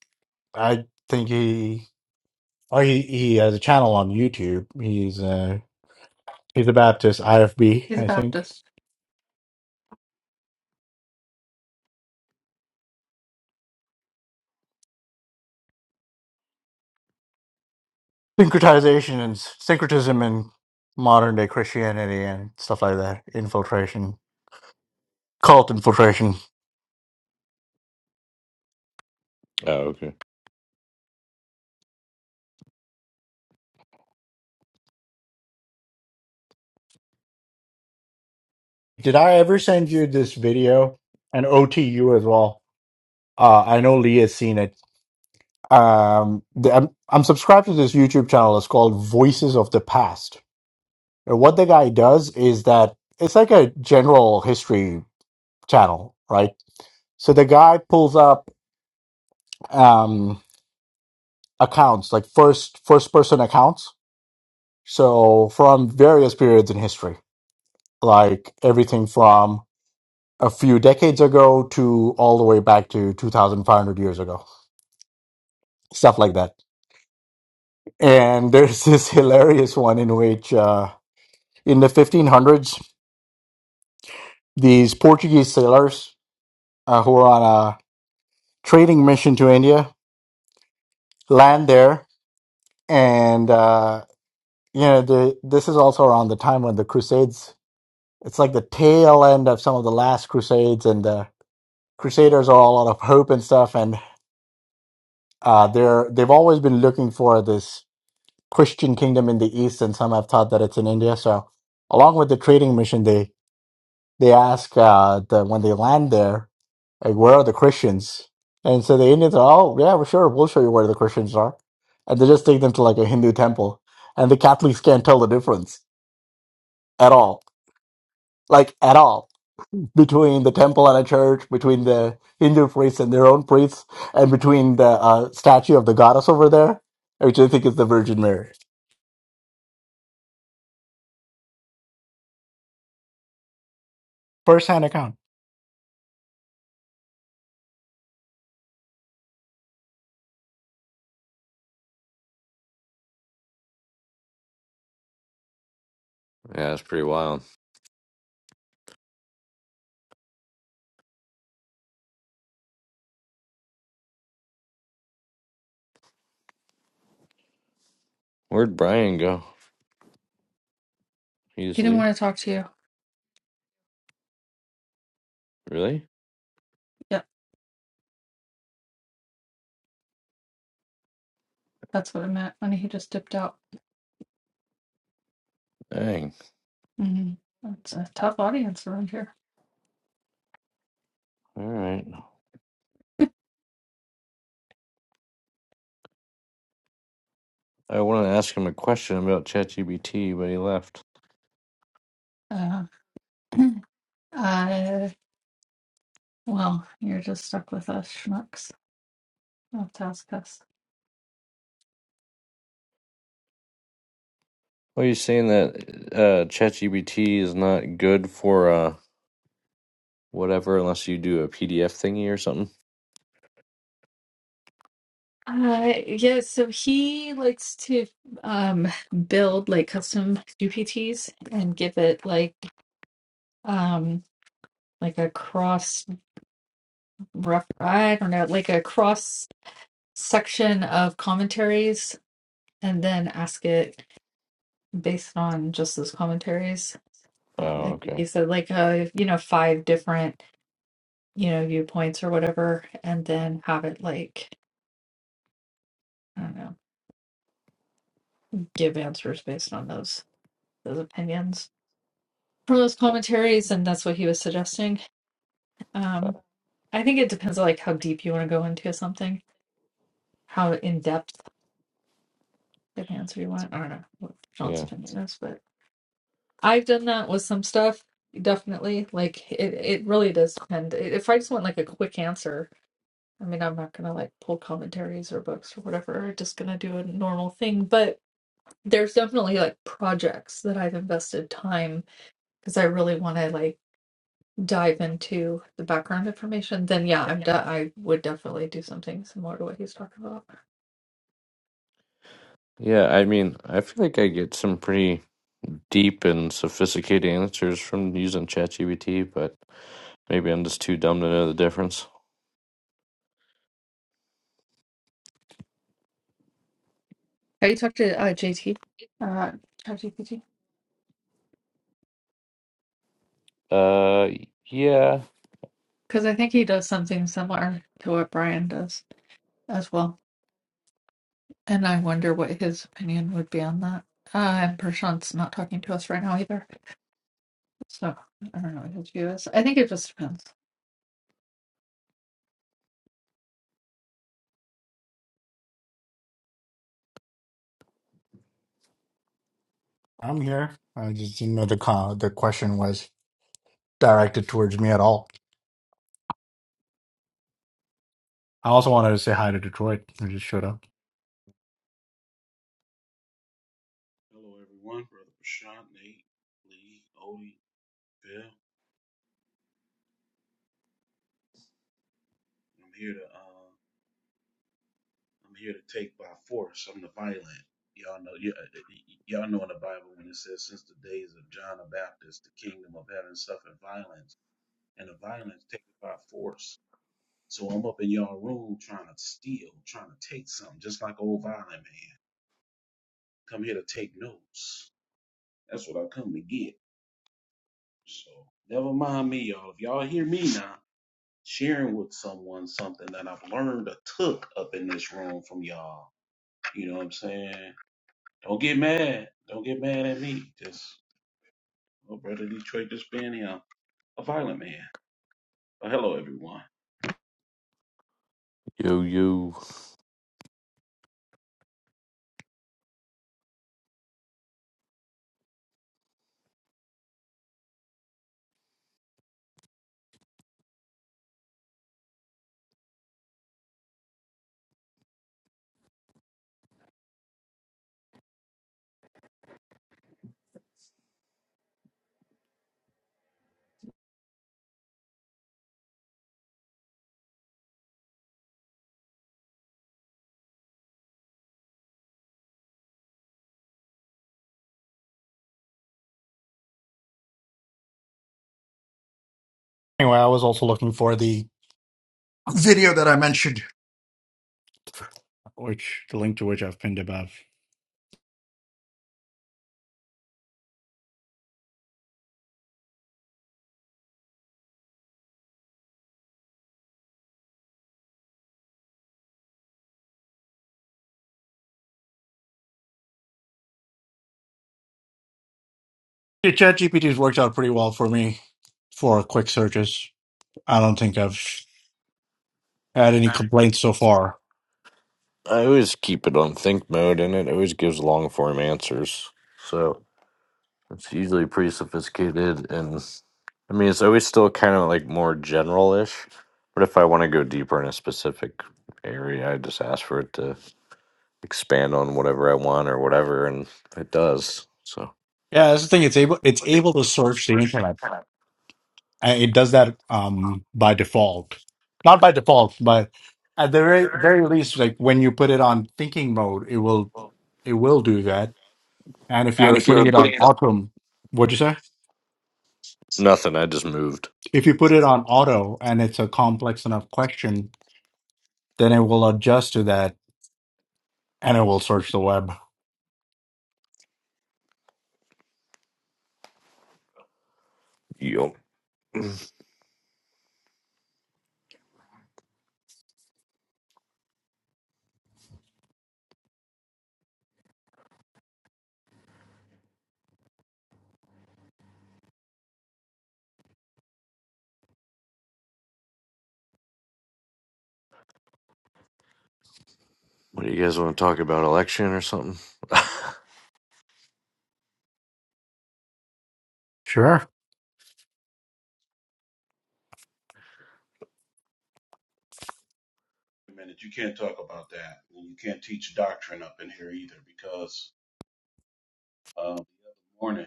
Speaker 2: I think he oh he, he has a channel on YouTube. He's uh he's a Baptist IFB,
Speaker 6: He's a
Speaker 2: I think.
Speaker 6: Baptist.
Speaker 2: Syncretization and syncretism in modern day Christianity and stuff like that. Infiltration. Cult infiltration.
Speaker 5: Oh, okay.
Speaker 2: Did I ever send you this video? And OTU as well. Uh I know Lee has seen it. Um the, I'm I'm subscribed to this YouTube channel. It's called Voices of the Past And what the guy does is that it's like a general history channel, right? So the guy pulls up um, accounts, like first first person accounts, so from various periods in history, like everything from a few decades ago to all the way back to 2,500 years ago, stuff like that. And there's [laughs] this hilarious one in which, uh, in the 1500s, these Portuguese sailors uh, who were on a trading mission to India land there and uh you know the this is also around the time when the crusades it's like the tail end of some of the last crusades and the crusaders are all out of hope and stuff and uh they're they've always been looking for this christian kingdom in the east and some have thought that it's in india so along with the trading mission they they ask uh the when they land there Like, where are the Christians? And so the Indians are, oh, yeah, well, sure, we'll show you where the Christians are. And they just take them to like a Hindu temple. And the Catholics can't tell the difference at all. Like, at all. Between the temple and a church, between the Hindu priests and their own priests, and between the uh, statue of the goddess over there, which I think is the Virgin Mary. First hand account.
Speaker 5: Yeah, that's pretty wild. Where'd Brian go? He just
Speaker 6: He didn't
Speaker 5: leave?
Speaker 6: want to talk to you.
Speaker 5: Really?
Speaker 6: Yep, that's what I meant when he just dipped out.
Speaker 5: Dang.
Speaker 6: hmm It's a tough audience around here.
Speaker 5: All right. I wanted to ask him a question about ChatGPT, but he left.
Speaker 6: Uh, [clears throat] uh, well, you're just stuck with us schmucks. You have to ask us.
Speaker 5: Well, you saying that uh, ChatGPT is not good for uh, whatever unless you do a PDF thingy or something?
Speaker 6: Uh, yeah, so he likes to um build like custom UPTs and give it like um like a cross rough I don't know, like a cross section of commentaries and then ask it based on just those commentaries.
Speaker 5: Oh,
Speaker 6: I think
Speaker 5: okay.
Speaker 6: he said like uh you know five different you know viewpoints or whatever and then have it like I don't know, give answers based on those those opinions. from those commentaries, and that's what he was suggesting.
Speaker 5: Uh,
Speaker 6: Um, I think it depends on like how deep you want to go into something, how in depth of answer you want. I don't know what John's
Speaker 5: Yeah.
Speaker 6: opinion is, but I've done that with some stuff. Definitely, like it. It really does depend. If I just want like a quick answer, I mean, I'm not gonna like pull commentaries or books or whatever. I'm just gonna do a normal thing. But there's definitely like projects that I've invested time because I really want to like dive into the background information, then yeah, I'm de- I would definitely do something similar to what he's talking about.
Speaker 5: Yeah, I mean, I feel like I get some pretty deep and sophisticated answers from using ChatGPT, but maybe I'm just too dumb to know the difference.
Speaker 6: Have you talked to uh, JT? Uh, ChatGPT?
Speaker 5: Uh, yeah.
Speaker 6: Because I think he does something similar to what Brian does as well. And I wonder what his opinion would be on that. Uh, and Prashant's not talking to us right now either. So I don't know what his view is. I think it just depends.
Speaker 2: I'm here. I just didn't know the, con- the question was directed towards me at all. I also wanted to say hi to Detroit, who just showed up.
Speaker 10: Hello, everyone. Brother Prashant, Nate, Lee, Odie, Bill. I'm here to uh, I'm here to take by force. I'm the violent. Y'all know, y- y- y'all know in the Bible when it says, "Since the days of John the Baptist, the kingdom of heaven suffered violence, and the violence taken by force." So I'm up in y'all room trying to steal, trying to take something, just like old violent man. Come here to take notes. That's what I come to get. So never mind me, y'all. If y'all hear me now. sharing with someone something that I've learned or took up in this room from y'all. You know what I'm saying? Don't get mad. Don't get mad at me. Just, oh, brother Detroit just being here, a violent man. But hello, everyone.
Speaker 5: Yo, yo.
Speaker 2: Anyway, I was also looking for the video that I mentioned. which the link to which I've pinned above. Yeah, ChatGPT's worked out pretty well for me for quick searches. I don't think I've had any complaints so far.
Speaker 5: I always keep it on think mode, and it always gives long form answers. So. It's usually pretty sophisticated, and I mean, it's always still kind of like more general ish. But if I want to go deeper in a specific area, I just ask for it to expand on whatever I want or whatever, and it does. So
Speaker 2: Yeah, that's the thing. It's able it's able to search the internet. And it does that um, by default. Not by default, but at the very, very least, like when you put it on thinking mode, it will it will do that. And if
Speaker 5: And
Speaker 2: you're
Speaker 5: if you're
Speaker 2: putting it
Speaker 5: putting
Speaker 2: on
Speaker 5: it up,
Speaker 2: auto, what'd you say?
Speaker 5: nothing. I just moved.
Speaker 2: If you put it on auto and it's a complex enough question, then it will adjust to that and it will search the web.
Speaker 5: Yo, what do you guys want to talk about? Election or something? [laughs]
Speaker 2: Sure.
Speaker 10: Wait a minute, you can't talk about that. And you can't teach doctrine up in here either because uh, the other morning,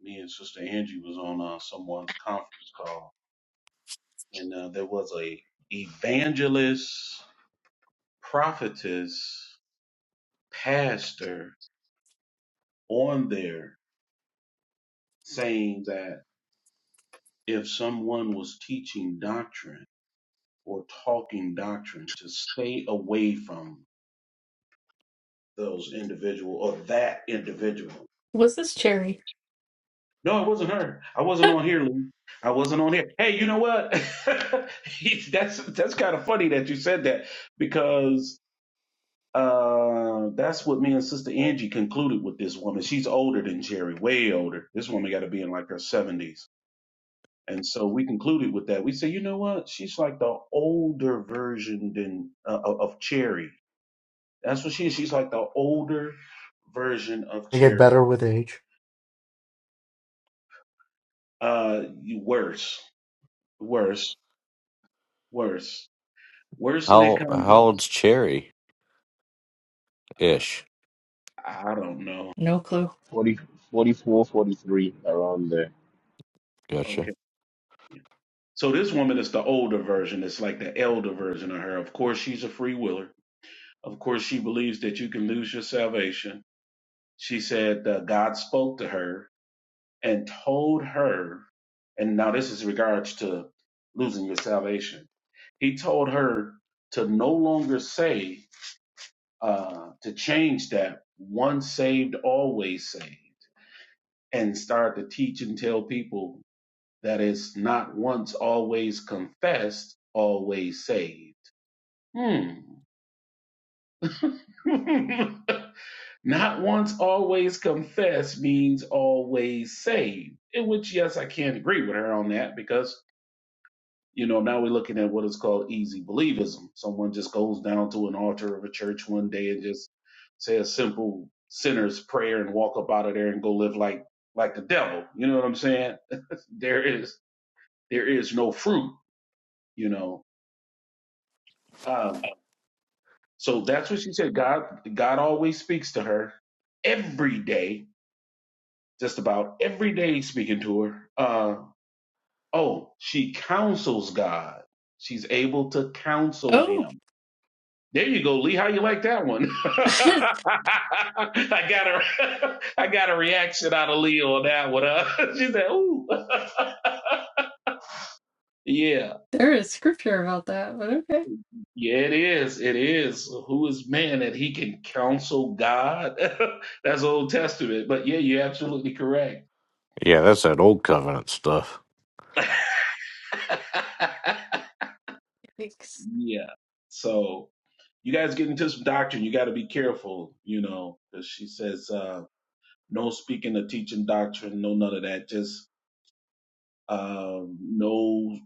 Speaker 10: me and Sister Angie was on uh, someone's conference call, and uh, there was a evangelist, prophetess, pastor on there saying that if someone was teaching doctrine or talking doctrine, to stay away from those individual or that individual.
Speaker 6: Was this cherry?
Speaker 10: No, it wasn't her. I
Speaker 6: [laughs]
Speaker 10: wasn't on here, Lou. I wasn't on here. Hey, you know what? [laughs] that's that's kind of funny that you said that because uh, that's what me and Sister Angie concluded with this woman. She's older than Jerry, way older. This woman got to be in like her seventies And so we concluded with that. We said, you know what? She's like the older version than uh, of Cherry. That's what she is. She's like the older version of
Speaker 2: They get
Speaker 10: Cherry.
Speaker 2: better with age.
Speaker 10: Uh, you- worse, worse, worse, worse in that
Speaker 5: how how
Speaker 10: context.
Speaker 5: old's Cherry
Speaker 10: Uh,
Speaker 5: ish?
Speaker 10: I don't know.
Speaker 6: No clue.
Speaker 9: Forty, forty-four, forty-three around there.
Speaker 5: Gotcha.
Speaker 10: Okay. So this woman is the older version. It's like the elder version of her. Of course, she's a free willer. Of course, she believes that you can lose your salvation. She said uh, God spoke to her and told her, and now this is in regards to losing your salvation. He told her to no longer say, uh, to change that once saved, always saved, and start to teach and tell people that it's not once always confessed, always saved. Hmm. [laughs] not once always confess means always saved. In which, yes, I can't agree with her on that because you know, now we're looking at what is called easy believism. Someone just goes down to an altar of a church one day and just say a simple sinner's prayer and walk up out of there and go live like like the devil. You know what I'm saying? [laughs] there is there is no fruit. You know, um, so that's what she said. God God always speaks to her every day, just about every day he's speaking to her. Uh, oh, she counsels God. She's able to counsel
Speaker 6: Oh,
Speaker 10: him There you go, Lee. How you like that one? [laughs]
Speaker 6: [laughs]
Speaker 10: I got a [laughs] I got a reaction out of Lee on that one. Huh? [laughs] she said, "Ooh, [laughs] yeah,
Speaker 6: There is scripture about that, but okay.
Speaker 10: yeah, it is, it is. Who is man that he can counsel God? [laughs] That's Old Testament, but yeah, you're absolutely correct.
Speaker 5: Yeah, that's that old covenant stuff.
Speaker 10: [laughs]
Speaker 6: Thanks.
Speaker 10: yeah. So you guys get into some doctrine. You got to be careful, you know, because she says uh, no speaking or teaching doctrine, no none of that. Just um, no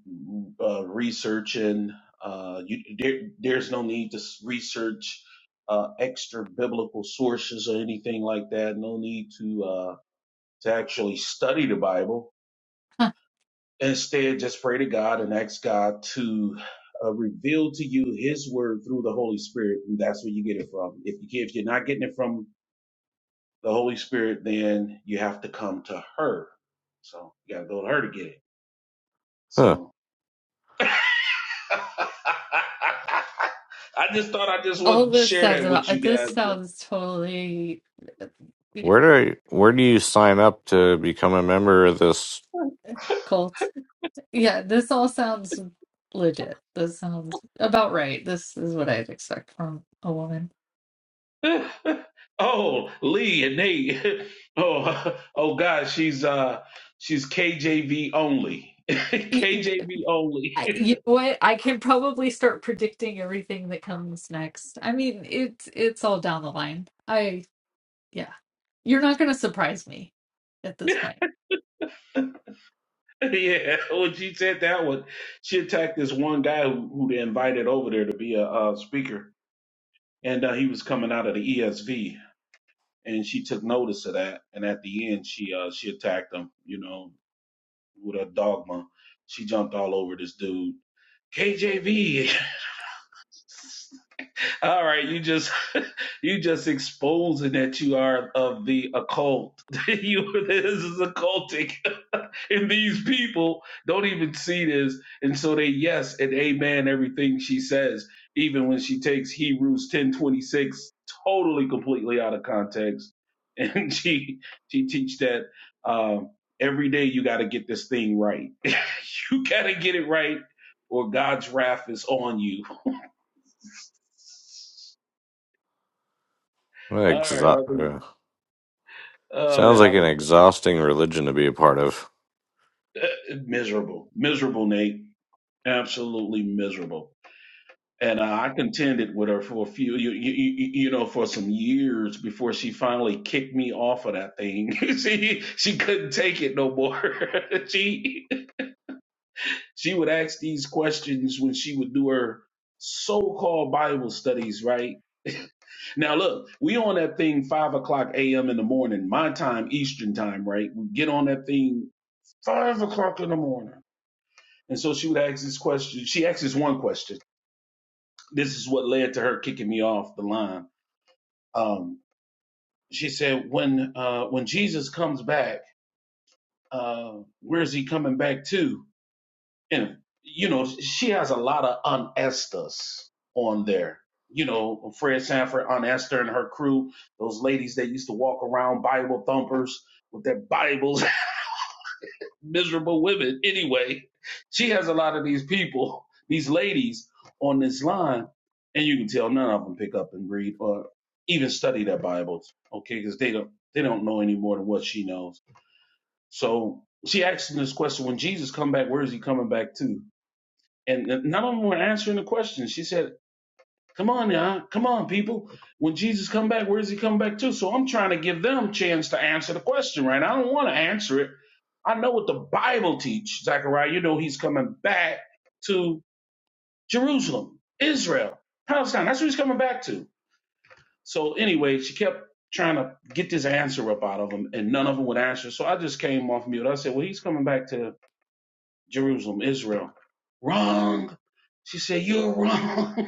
Speaker 10: uh, researching. Uh, you, there, there's no need to s- research uh, extra biblical sources or anything like that. No need to uh, to actually study the Bible.
Speaker 6: Huh.
Speaker 10: Instead, just pray to God and ask God to uh, reveal to you His Word through the Holy Spirit, and that's where you get it from. If you can, if you're not getting it from the Holy Spirit, then you have to come to her. So you got to go to her to get it.
Speaker 5: huh?
Speaker 10: So [laughs] I just thought I just
Speaker 6: All
Speaker 10: would
Speaker 6: this
Speaker 10: share
Speaker 6: sounds
Speaker 10: that with
Speaker 6: about,
Speaker 10: you
Speaker 6: this sounds totally uh,
Speaker 5: Where do I, where do you sign up to become a member of this?
Speaker 6: cult. Yeah, this all sounds legit. This sounds about right. This is what I'd expect from a woman.
Speaker 10: guys. [laughs] oh, Lee and Nate. [laughs] Oh, [laughs] oh gosh, she's uh she's KJV only. [laughs]
Speaker 6: Y-
Speaker 10: KJV only. [laughs]
Speaker 6: I- You know what? I can probably start predicting everything that comes next. I mean, it's it's all down the line. I yeah. You're not going to surprise me at this
Speaker 10: yeah,
Speaker 6: point.
Speaker 10: when she said that one, she attacked this one guy who, who they invited over there to be a uh, speaker, and uh, he was coming out of the ESV, and she took notice of that, and at the end, she uh she attacked him, you know, with her dogma. She jumped all over this dude. KJV. [laughs] All right, you just [laughs] you just exposing that you are of the occult. [laughs] you this is occultic and these people don't even see this. And so they yes and amen everything she says, even when she takes Hebrews ten twenty six totally completely out of context. [laughs] And she she teach that um, every day you got to get this thing right. [laughs] you got to get it right, or God's wrath is on you.
Speaker 5: What
Speaker 10: All right, I'll do.
Speaker 5: exa- uh,
Speaker 10: Oh
Speaker 5: sounds
Speaker 10: man, I
Speaker 5: like an exhausting religion to be a part of.
Speaker 10: do. [laughs] miserable, miserable, Nate. Absolutely miserable. and uh, I contended with her for a few, you, you, you you know, for some years before she finally kicked me off of that thing. [laughs] she she couldn't take it no more. [laughs] she she would ask these questions when she would do her so-called Bible studies. Right now, look, we on that thing five o'clock a.m. in the morning, my time, Eastern time. Right, we get on that thing five o'clock in the morning. And so she would ask this question. She asked this one question. This is what led to her kicking me off the line Um, she said, when uh, when Jesus comes back, uh, where's he coming back to? And you know, she has a lot of Aunt Esther's on there. You know, Fred Sanford, Aunt Esther, and her crew, those ladies that used to walk around Bible thumpers with their Bibles miserable women. Anyway, she has a lot of these people, these ladies on this line, and you can tell none of them pick up and read or even study their Bibles, okay? Because they don't they don't know any more than what she knows. So she asked him this question: When Jesus come back, where is he coming back to? And none of them were answering the question. She said Come on now, come on, people. When Jesus come back, where does he come back to? So I'm trying to give them a chance to answer the question, right? I don't want to answer it. I know what the Bible teach, Zechariah. You know he's coming back to Jerusalem, Israel, Palestine. That's what he's coming back to. So anyway, she kept trying to get this answer up out of him, and none of them would answer. So I just came off mute. I said, "Well, he's coming back to Jerusalem, Israel." Wrong. She said, "You're [laughs] wrong."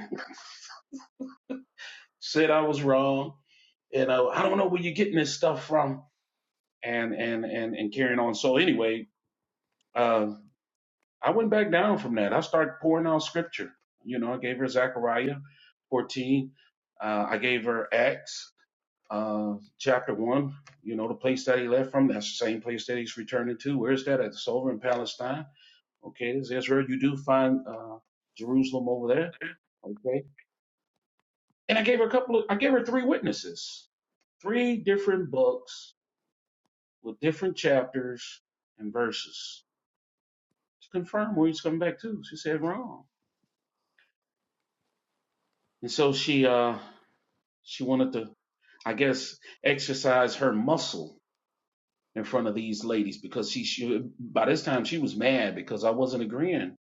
Speaker 10: said I was wrong. You know, I don't know where you're getting this stuff from, and and and and carrying on. So anyway, uh, I went back down from that. I started pouring out scripture. You know, I gave her Zechariah 14. Uh, I gave her Acts uh, chapter one. You know, the place that he left from. That's the same place that he's returning to. Where is that? It's over in Palestine. Okay, there's Israel. You do find uh, Jerusalem over there. Okay, and I gave her a couple of. I gave her three witnesses three different books with different chapters and verses to confirm where he's coming back to. She said wrong. And so she uh she wanted to, I guess, exercise her muscle in front of these ladies because she, she by this time she was mad because I wasn't agreeing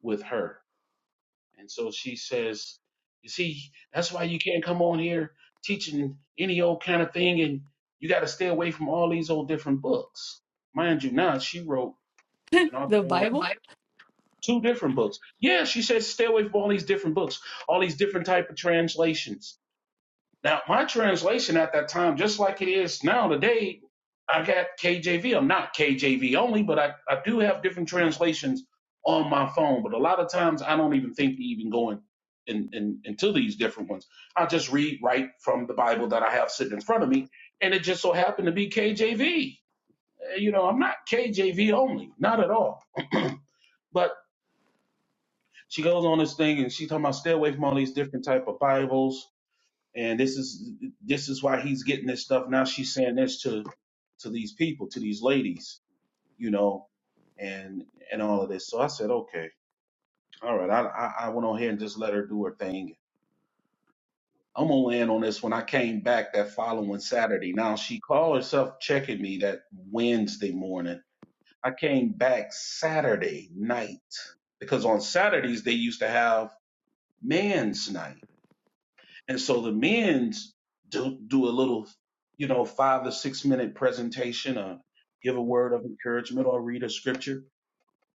Speaker 10: with her. And so she says, You see, that's why you can't come on here teaching any old kind of thing and you gotta stay away from all these old different books. Mind you now, she wrote
Speaker 6: [laughs]
Speaker 10: an
Speaker 6: The
Speaker 10: author
Speaker 6: Bible
Speaker 10: two different books. Yeah, she said stay away from all these different books, all these different type of translations. Now, my translation at that time, just like it is now today, I got KJV. I'm not KJV only, but I, I do have different translations on my phone. But a lot of times I don't even think to even go in, in, in, into these different ones. I just read right from the Bible that I have sitting in front of me, and it just so happened to be KJV. Uh, You know, I'm not KJV only, not at all. [clears throat] but she goes on this thing and she talking about stay away from all these different type of Bibles and this is this is why he's getting this stuff. Now she's saying this to to these people, to these ladies, you know, and and all of this. So I said, okay, all right. I I, I went on here and just let her do her thing. I'm gonna land on this when I came back that following Saturday. Now she called herself checking me that Wednesday morning. I came back Saturday night because on Saturdays they used to have man's night And so the men's do do a little, you know, five or six minute presentation, or give a word of encouragement, or read a scripture.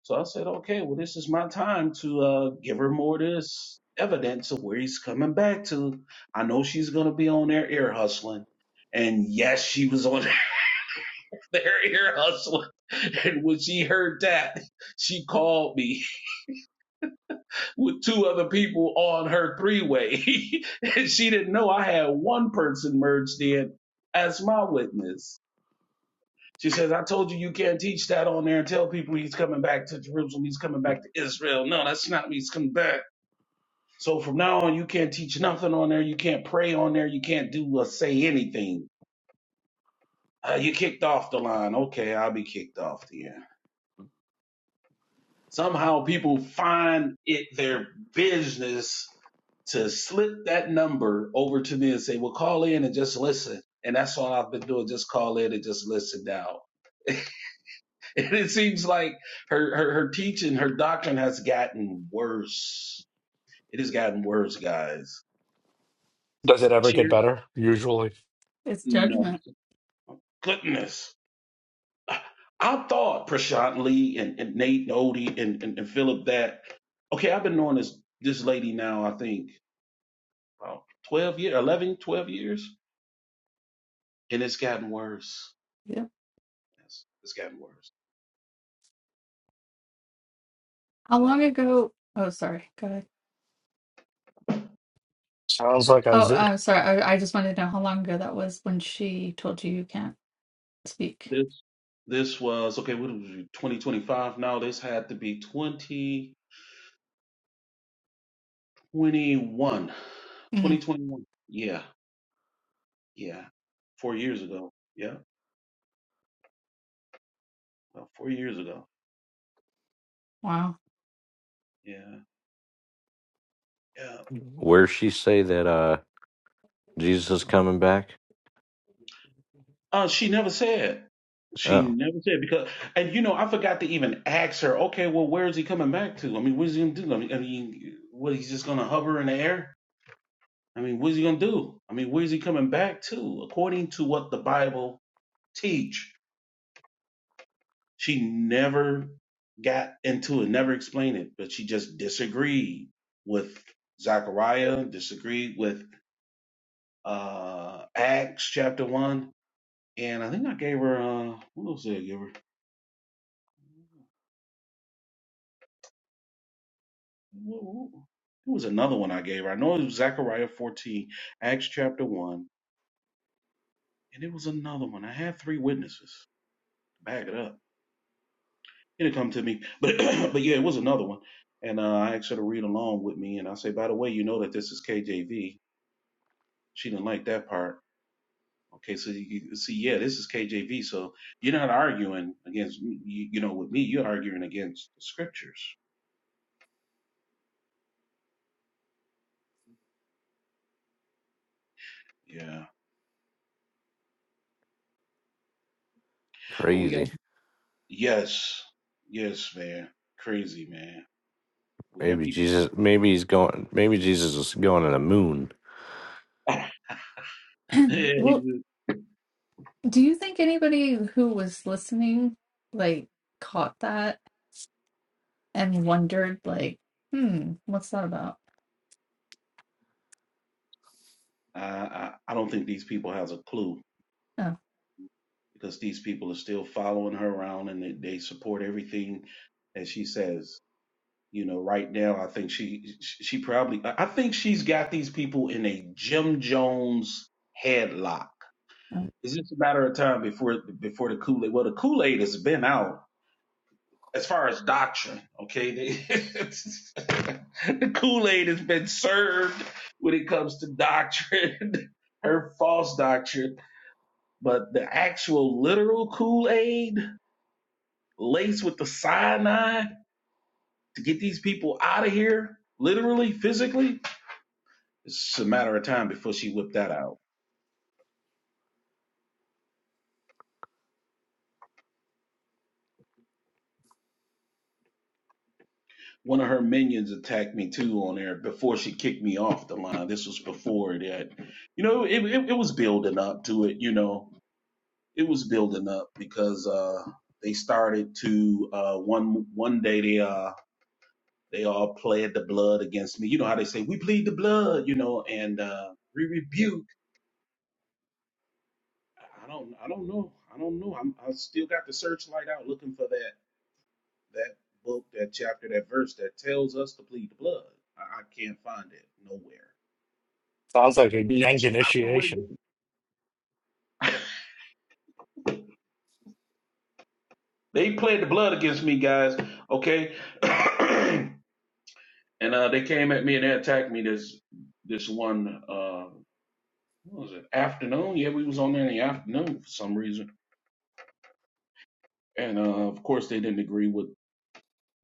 Speaker 10: So I said, okay, well, this is my time to uh, give her more of this evidence of where he's coming back to. I know she's gonna be on there ear hustling, and yes, she was on [laughs] their ear hustling. And when she heard that, she called me with two other people on her three way. [laughs] and she didn't know I had one person merged in as my witness. She says, I told you you can't teach that on there and tell people he's coming back to Jerusalem, he's coming back to Israel. No, that's not me, he's coming back. So from now on, you can't teach nothing on there. You can't pray on there. You can't do or say anything. Uh, you kicked off the line. Okay, I'll be kicked off the end. Somehow people find it their business to slip that number over to me and say, well, call in and just listen. And that's all I've been doing, just call in and just listen now. [laughs] And it seems like her, her, her teaching, her doctrine has gotten worse. It has gotten worse, guys.
Speaker 2: Does it ever get
Speaker 10: Cheer,
Speaker 2: better? Usually.
Speaker 6: is
Speaker 10: no,
Speaker 6: judgment.
Speaker 10: goodness. I I thought Prashant Lee and, and Nate and Odie and, and, and Philip that, okay, I've been knowing this, this lady now, I think, about 12 years, 11, 12 years, and it's gotten worse. It's, it's gotten worse.
Speaker 6: How
Speaker 10: Yeah.
Speaker 6: long ago? Oh, sorry. Go ahead.
Speaker 2: Sounds like a
Speaker 6: Oh,
Speaker 2: z-
Speaker 6: uh, sorry. I, I just wanted to know how long ago that was when she told you you can't speak.
Speaker 10: This this was okay. What was it, 2025? No, this had to be 2021.
Speaker 6: Mm,
Speaker 10: 2021. Yeah, yeah. Four years ago. Yeah, about four years ago.
Speaker 6: wow.
Speaker 10: Yeah, yeah.
Speaker 5: Where she say that uh Jesus is coming back?
Speaker 10: Uh, she never said. She
Speaker 5: Oh,
Speaker 10: never said because, and you know, I forgot to even ask her. Okay, well, where is he coming back to? I mean, what is he gonna do? I mean, I mean, what he's just gonna hover in the air? I mean, what is he gonna do? I mean, where is he coming back to? According to what the Bible teach, She never got into it, never explained it, but she just disagreed with Zechariah, disagreed with uh, Acts chapter 1. And I think I gave her, uh, what else did I give her? What- what- It was another one I gave her. I know it was Zechariah 14, Acts chapter 1, and it was another one. I had three witnesses to back it up. It'll come to me. But, [clears throat] but yeah, it was another one. And uh, I asked her to read along with me. And I say, by the way, you know that this is KJV She didn't like that part. Okay, so you see, yeah, this is KJV, so you're not arguing against you, you know with me. You're arguing against the scriptures. Yeah, but we got
Speaker 5: crazy.
Speaker 10: yes, yes, man, crazy man. We got
Speaker 5: Maybe
Speaker 10: people.
Speaker 5: Jesus. Maybe he's going. Maybe Jesus is going to the moon.
Speaker 10: [laughs] I,
Speaker 6: [clears throat] Well, do you think anybody who was listening like caught that and wondered like, hmm, what's that about?
Speaker 10: I I don't think these people has a clue
Speaker 6: Oh,
Speaker 10: because these people are still following her around and they, they support everything that she says. You know, right now, I think she she probably I I think she's got these people in a Jim Jones headlock.
Speaker 6: oh.
Speaker 10: It's just a matter of time before before the Kool Aid. Well, the Kool Aid has been out as far as doctrine. Okay, They- [laughs] the Kool Aid has been served when it comes to doctrine, [laughs] her false doctrine. But the actual literal Kool Aid laced with the cyanide to get these people out of here, literally, physically It's a matter of time before she whipped that out. One of her minions attacked me too on there before she kicked me off the line. This was before that, you know, it, it, it was building up to it, you know, it was building up because, uh, they started to, uh, one, one day they, uh, they all pled the blood against me. You know how they say, we plead the blood, you know, and, uh, we rebuke. I don't, I don't know. I don't know. I'm, I still got the searchlight out looking for that that book, that chapter, that verse that tells us to plead the blood. I, I can't find it nowhere.
Speaker 2: sounds like a yank
Speaker 10: so I don't know what to get
Speaker 2: initiation.
Speaker 10: [laughs] They played the blood against me, guys. Okay, [clears throat] and uh, they came at me and they attacked me this this one. Uh, what was it afternoon? Yeah, we was on there in the afternoon for some reason. And uh, of course, they didn't agree with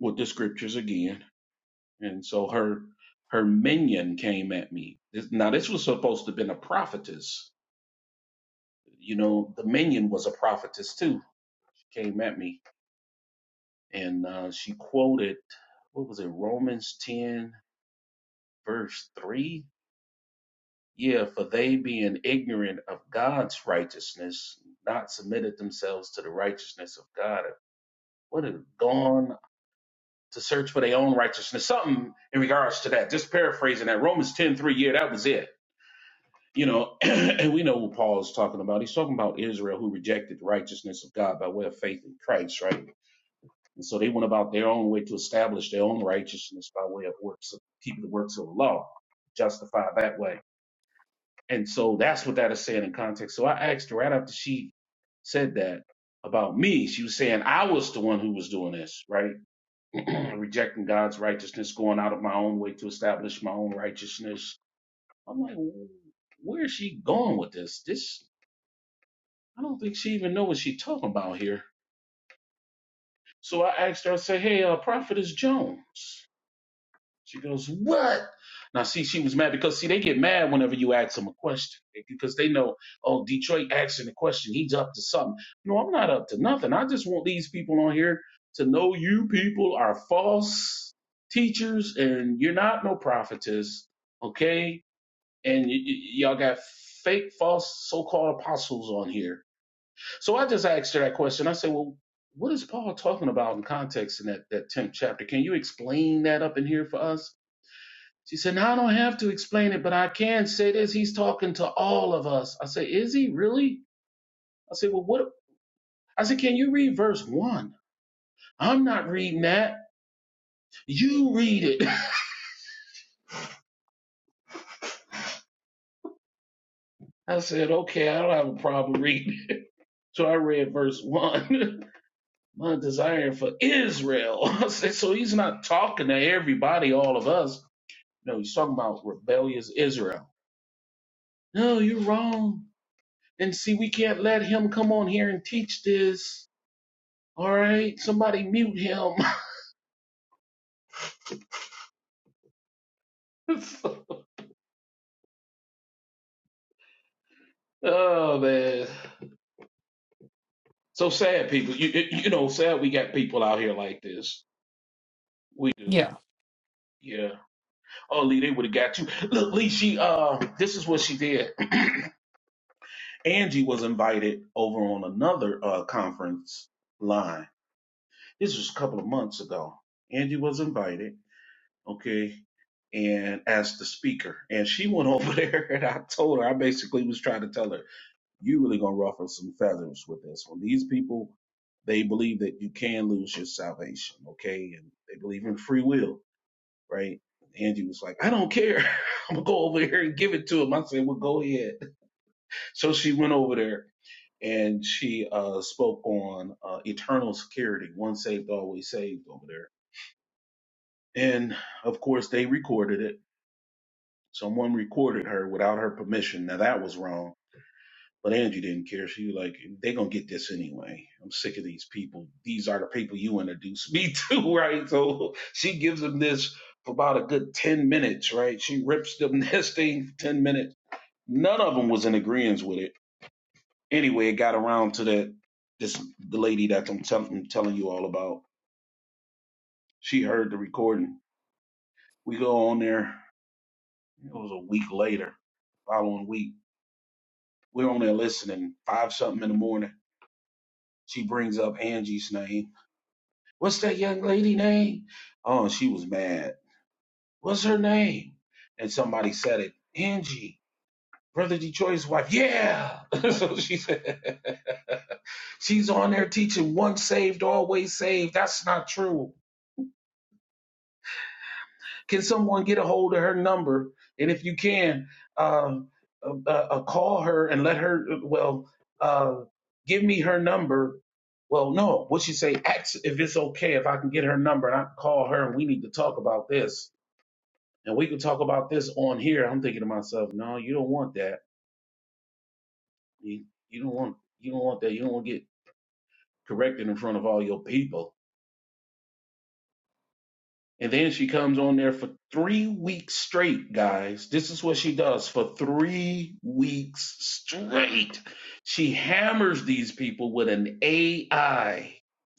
Speaker 10: with the scriptures again. And so her her minion came at me. This, now this was supposed to have been a prophetess You know, the minion was a prophetess too. She came at me and uh, she quoted, what was it, Romans 10, verse 3? Yeah, for they being ignorant of God's righteousness, not submitted themselves to the righteousness of God. What have gone to search for their own righteousness? Something in regards to that. Just paraphrasing that Romans 10 3, yeah, that was it you know, [clears throat] and we know what Paul's talking about. He's talking about Israel who rejected the righteousness of God by way of faith in Christ, right? And so they went about their own way to establish their own righteousness by way of works, of keeping the works of the law, justify that way. And so that's what that is saying in context. So I asked her right after she said that about me, she was saying I was the one who was doing this, right? [clears throat] Rejecting God's righteousness, going out of my own way to establish my own righteousness. I'm like, where is she going with this? This I don't think she even know what she's talking about here. So I asked her, I said, Hey, uh, Prophetess Jones. She goes, What? Now, see, she was mad because, see, they get mad whenever you ask them a question okay? because they know, oh, Detroit asking a question. He's up to something. No, I'm not up to nothing. I just want these people on here to know you people are false teachers and you're not no prophetess, okay? And y- y- y'all got fake, false so called apostles on here. So I just asked her that question. I said, Well, what is Paul talking about in context in that, that 10th chapter? Can you explain that up in here for us? She said, Now I don't have to explain it, but I can say this. He's talking to all of us. I said, Is he really? I said, Well, what? I said, Can you read verse one? I'm not reading that. You read it. [laughs] I said, Okay, I don't have a problem reading it. [laughs] So I read verse one. [laughs] My desire for Israel. [laughs] I said, So he's not talking to everybody, all of us. No, he's talking about rebellious Israel. No, you're wrong. And see, we can't let him come on here and teach this. All right, somebody mute him. [laughs] oh man, so sad people. You you you know, sad we got people out here like this. We do.
Speaker 6: yeah.
Speaker 10: Yeah. Oh, Lee, they would have got you. Look, Lee, she uh, this is what she did. Angie was invited over on another uh conference line. This was a couple of months ago. Angie was invited. Okay. And as the speaker, and she went over [laughs] there, and I told her, I basically was trying to tell her. you really gonna ruffle some feathers with this one. These people, they believe that you can lose your salvation, okay? And they believe in free will, right? Angie was like, I don't care. [laughs] I'm gonna go over here and give it to him. I said, Well, go ahead. So she went over there and she uh, spoke on uh, eternal security, once saved, always saved over there. And of course, they recorded it. Someone recorded her without her permission. Now that was wrong But Angie didn't care. She was like, they're gonna get this anyway. I'm sick of these people. These are the people you introduced me to, [laughs] right? So she gives them this for about a good 10 minutes, right? She rips them [laughs] this thing for 10 minutes. None of them was in agreement with it. Anyway, it got around to that this the lady that I'm, tell, I'm telling you all about. She heard the recording. We go on there. It was a week later, following week. We're on there listening, five something in the morning. She brings up Angie's name What's that young lady name? Oh, and she was mad. What's her name? And somebody said it. Angie, Brother Detroit's wife. Yeah. [laughs] so she said [laughs] she's on there teaching once saved, always saved. That's not true. Can someone get a hold of her number? And if you can, um, uh, uh, uh, call her and let her. Well, uh, give me her number. Well, no. What she say? Ask if it's okay if I can get her number and I can call her and we need to talk about this and we can talk about this on here. I'm thinking to myself, no, you don't want that. You you don't want you don't want that. You don't want to get corrected in front of all your people. And then she comes on there for three weeks straight, guys. This is what she does for three weeks straight. She hammers these people with an AI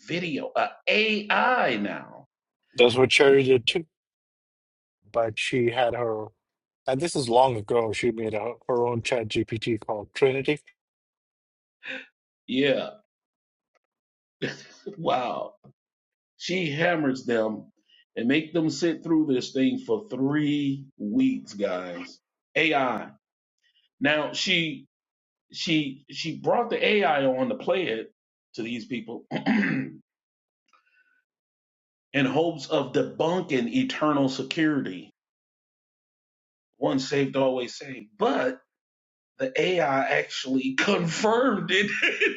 Speaker 10: video, a AI now.
Speaker 2: That's what Cherry did too. But she had her And this is long ago. She made a, her own chat GPT called Trinity.
Speaker 10: Yeah, wow She hammers them and make them sit through this thing for three weeks, guys. AI. Now she she she brought the AI on to play it to these people [clears throat] in hopes of debunking eternal security. Once saved, always saved. But the AI actually confirmed it. [laughs]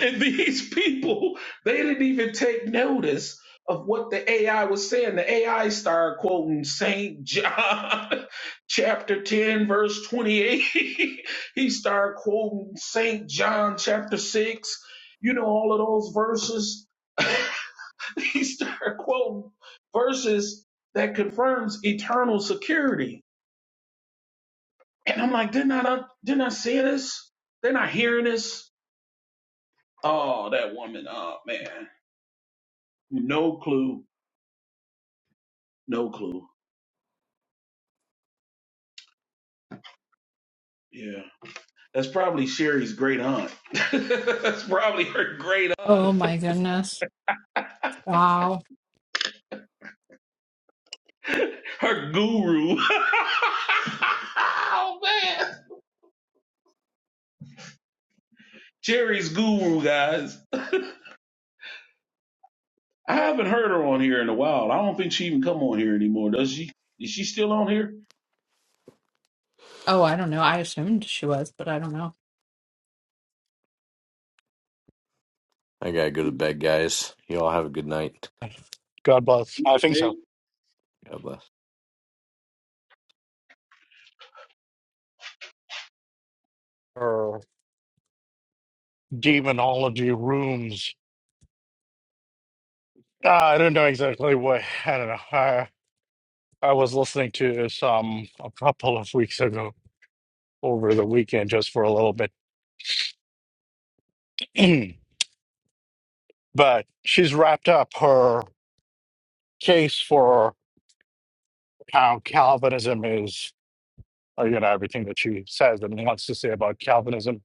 Speaker 10: And these people, they didn't even take notice of what the AI was saying. The AI started quoting St. John [laughs] chapter 10, verse 28. [laughs] he started quoting St. John chapter 6, you know, all of those verses. [laughs] he started quoting verses that confirms eternal security. And I'm like, didn't I, not, didn't I see this? They're not hearing this. Oh, that woman. Oh, man. No clue. No clue. Yeah. That's probably Sherry's great aunt. [laughs] That's probably her great aunt.
Speaker 6: Oh my goodness. Wow.
Speaker 10: Her guru. [laughs] oh man. Sherry's guru, guys. I haven't heard her on here in a while. I don't think she even come on here anymore, does she? Is she still on here?
Speaker 6: Oh, I don't know. I assumed she was, but I don't know.
Speaker 5: I gotta go to bed, guys. You all have a good night.
Speaker 2: God bless. I think so.
Speaker 5: God bless.
Speaker 2: Or demonology rooms. Uh, I don't know exactly what. I don't know. I, I was listening to some a couple of weeks ago over the weekend just for a little bit. [clears throat] but she's wrapped up her case for how Calvinism is, uh, you know, everything that she says and wants to say about Calvinism.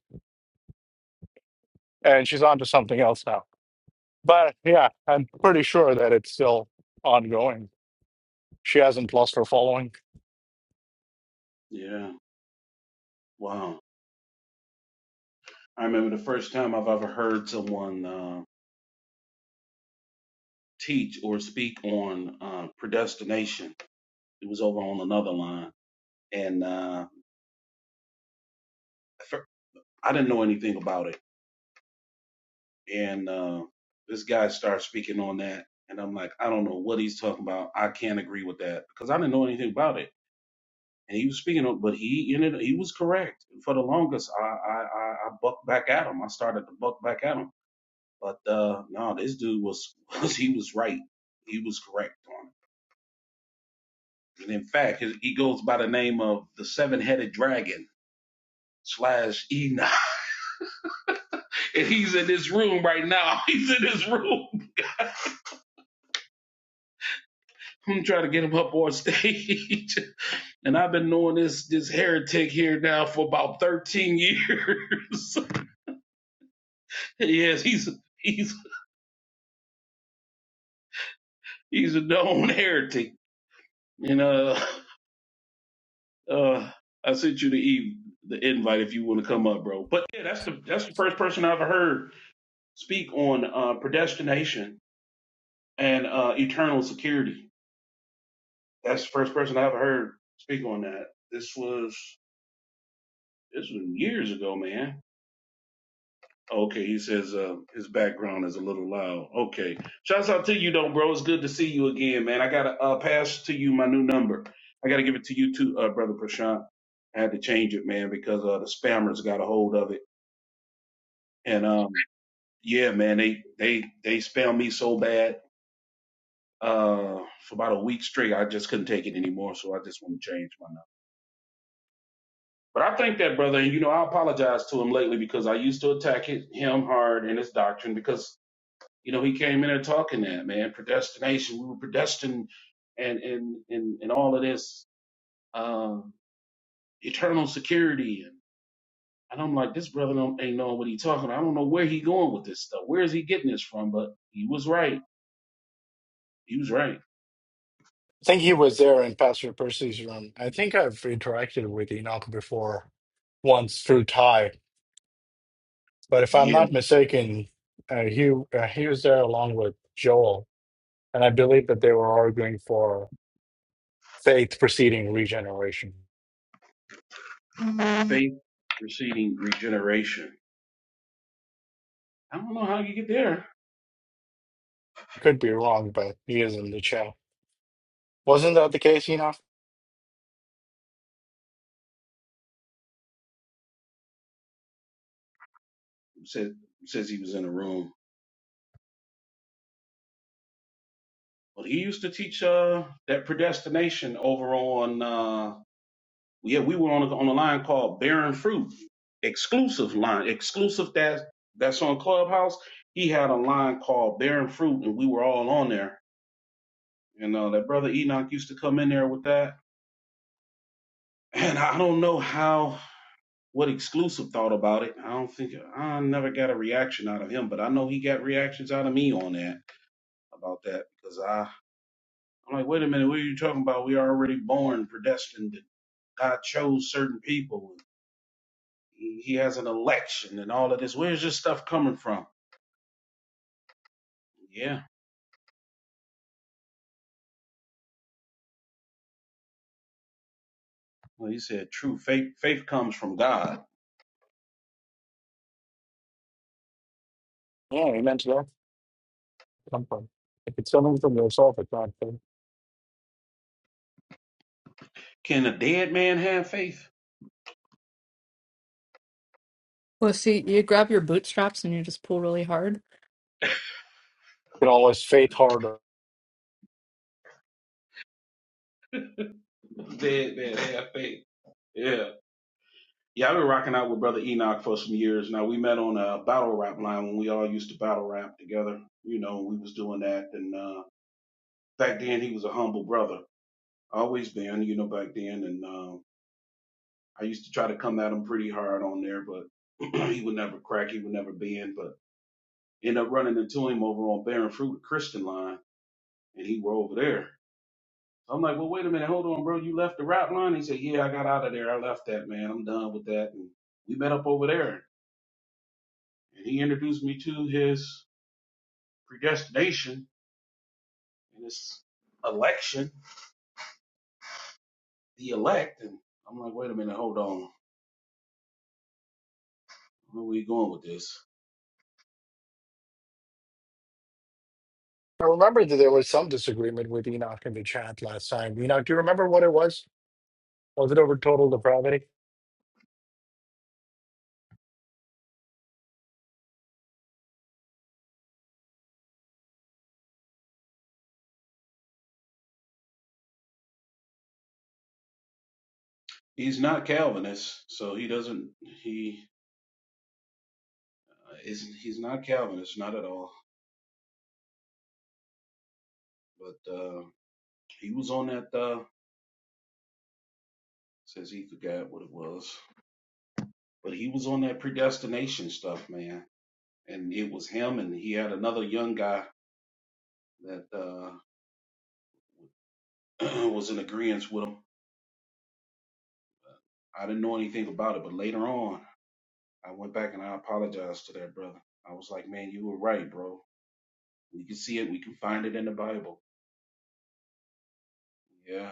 Speaker 2: And she's on to something else now But yeah, I'm pretty sure that it's still ongoing. She hasn't lost her following.
Speaker 10: Yeah. Wow. I remember the first time I've ever heard someone uh, teach or speak on uh, predestination. It was over on another line. And uh, I didn't know anything about it. And uh, this guy starts speaking on that. And I'm like, I don't know what he's talking about. I can't agree with that because I didn't know anything about it. And he was speaking on, but he ended, he was correct. And for the longest, I, I, I, I bucked back at him. I started to buck back at him. But uh, no, this dude was, [laughs] was, he was right. He was correct on it. And in fact, his, he goes by the name of the seven headed dragon slash Enoch. [laughs] And he's in this room right now. [laughs] He's in this room. I'm trying to get him up on stage. [laughs] And I've been knowing this this heretic here now for about 13 years. [laughs] yes, he's he's he's a known heretic. And uh uh I sent you the e- the invite if you want to come up, bro. But yeah, that's the that's the first person I've ever heard speak on uh predestination and uh eternal security. That's the first person i ever heard speak on that. This was this was years ago, man Okay, he says uh, his background is a little loud. Okay, shouts out to you though, bro. It's good to see you again, man. I gotta uh, pass to you my new number. I gotta give it to you too, uh, brother Prashant. I had to change it, man, because uh, the spammers got a hold of it. And um, yeah, man, they they they spam me so bad uh, for about a week straight. I just couldn't take it anymore, so I just want to change my number. But I think that brother, and you know, I apologize to him lately because I used to attack it, him hard and his doctrine because You know, he came in there talking that, man, predestination. We were predestined and and and, and all of this um eternal security and and I'm like, this brother don't ain't knowing what he talking about. I don't know where he going with this stuff. Where is he getting this from? But he was right. He was right.
Speaker 2: I think he was there in Pastor Percy's room. I think I've interacted with Enoch before, once through Ty. But if I'm not mistaken, uh, he uh, he was there along with Joel, and I believe that they were arguing for faith preceding regeneration.
Speaker 10: Yeah. Faith preceding regeneration. I don't know how you get there.
Speaker 2: Could be wrong, but he is in the chat. Wasn't that the case, Enoch?
Speaker 10: Said says he was in a room. But he used to teach uh that predestination over on uh, yeah, we were on a, on a line called Bearing Fruit, exclusive line, exclusive that that's on Clubhouse. He had a line called Bearing Fruit, and we were all on there. And uh, that brother Enoch used to come in there with that, and I don't know how what exclusive thought about it. I don't think I never got a reaction out of him, but I know he got reactions out of me on that about that because I I'm like, wait a minute, what are you talking about? We are already born, predestined. God chose certain people. He has an election and all of this. Where's this stuff coming from? Yeah. Well, he said, true faith. Faith comes from God.
Speaker 2: Yeah, he meant that. Something. If it's something from yourself, it's not. You
Speaker 10: Can a dead man have faith?
Speaker 6: Well, see, you grab your bootstraps and you just pull really hard.
Speaker 2: can always faith harder.
Speaker 10: Dead man have faith. Yeah. Yeah, I've been rocking out with Brother Enoch for some years now. We met on a battle rap line when we all used to battle rap together. You know, we was doing that, and uh, back then he was a humble brother, always been. You know, back then, and um, I used to try to come at him pretty hard on there, but [clears throat] he would never crack. He would never bend. But End up running into him over on Barren Fruit Christian line, and he were over there. So I'm like, well, wait a minute, hold on, bro. You left the route line? He said, yeah, I got out of there. I left that, man. I'm done with that. And we met up over there, and he introduced me to his predestination and his election, the elect. And I'm like, wait a minute, hold on. Where are we going with this?
Speaker 2: I remember that there was some disagreement with Enoch in the chat last time. Enoch, do you remember what it was? Was it over total depravity?
Speaker 10: He's not Calvinist, so he doesn't. He uh, is. He's not Calvinist, not at all. But uh, he was on that. Uh, says he forgot what it was. But he was on that predestination stuff, man. And it was him, and he had another young guy that uh, [clears throat] was in agreement with him. I didn't know anything about it, but later on, I went back and I apologized to that brother. I was like, man, you were right, bro. We can see it. We can find it in the Bible. Yeah.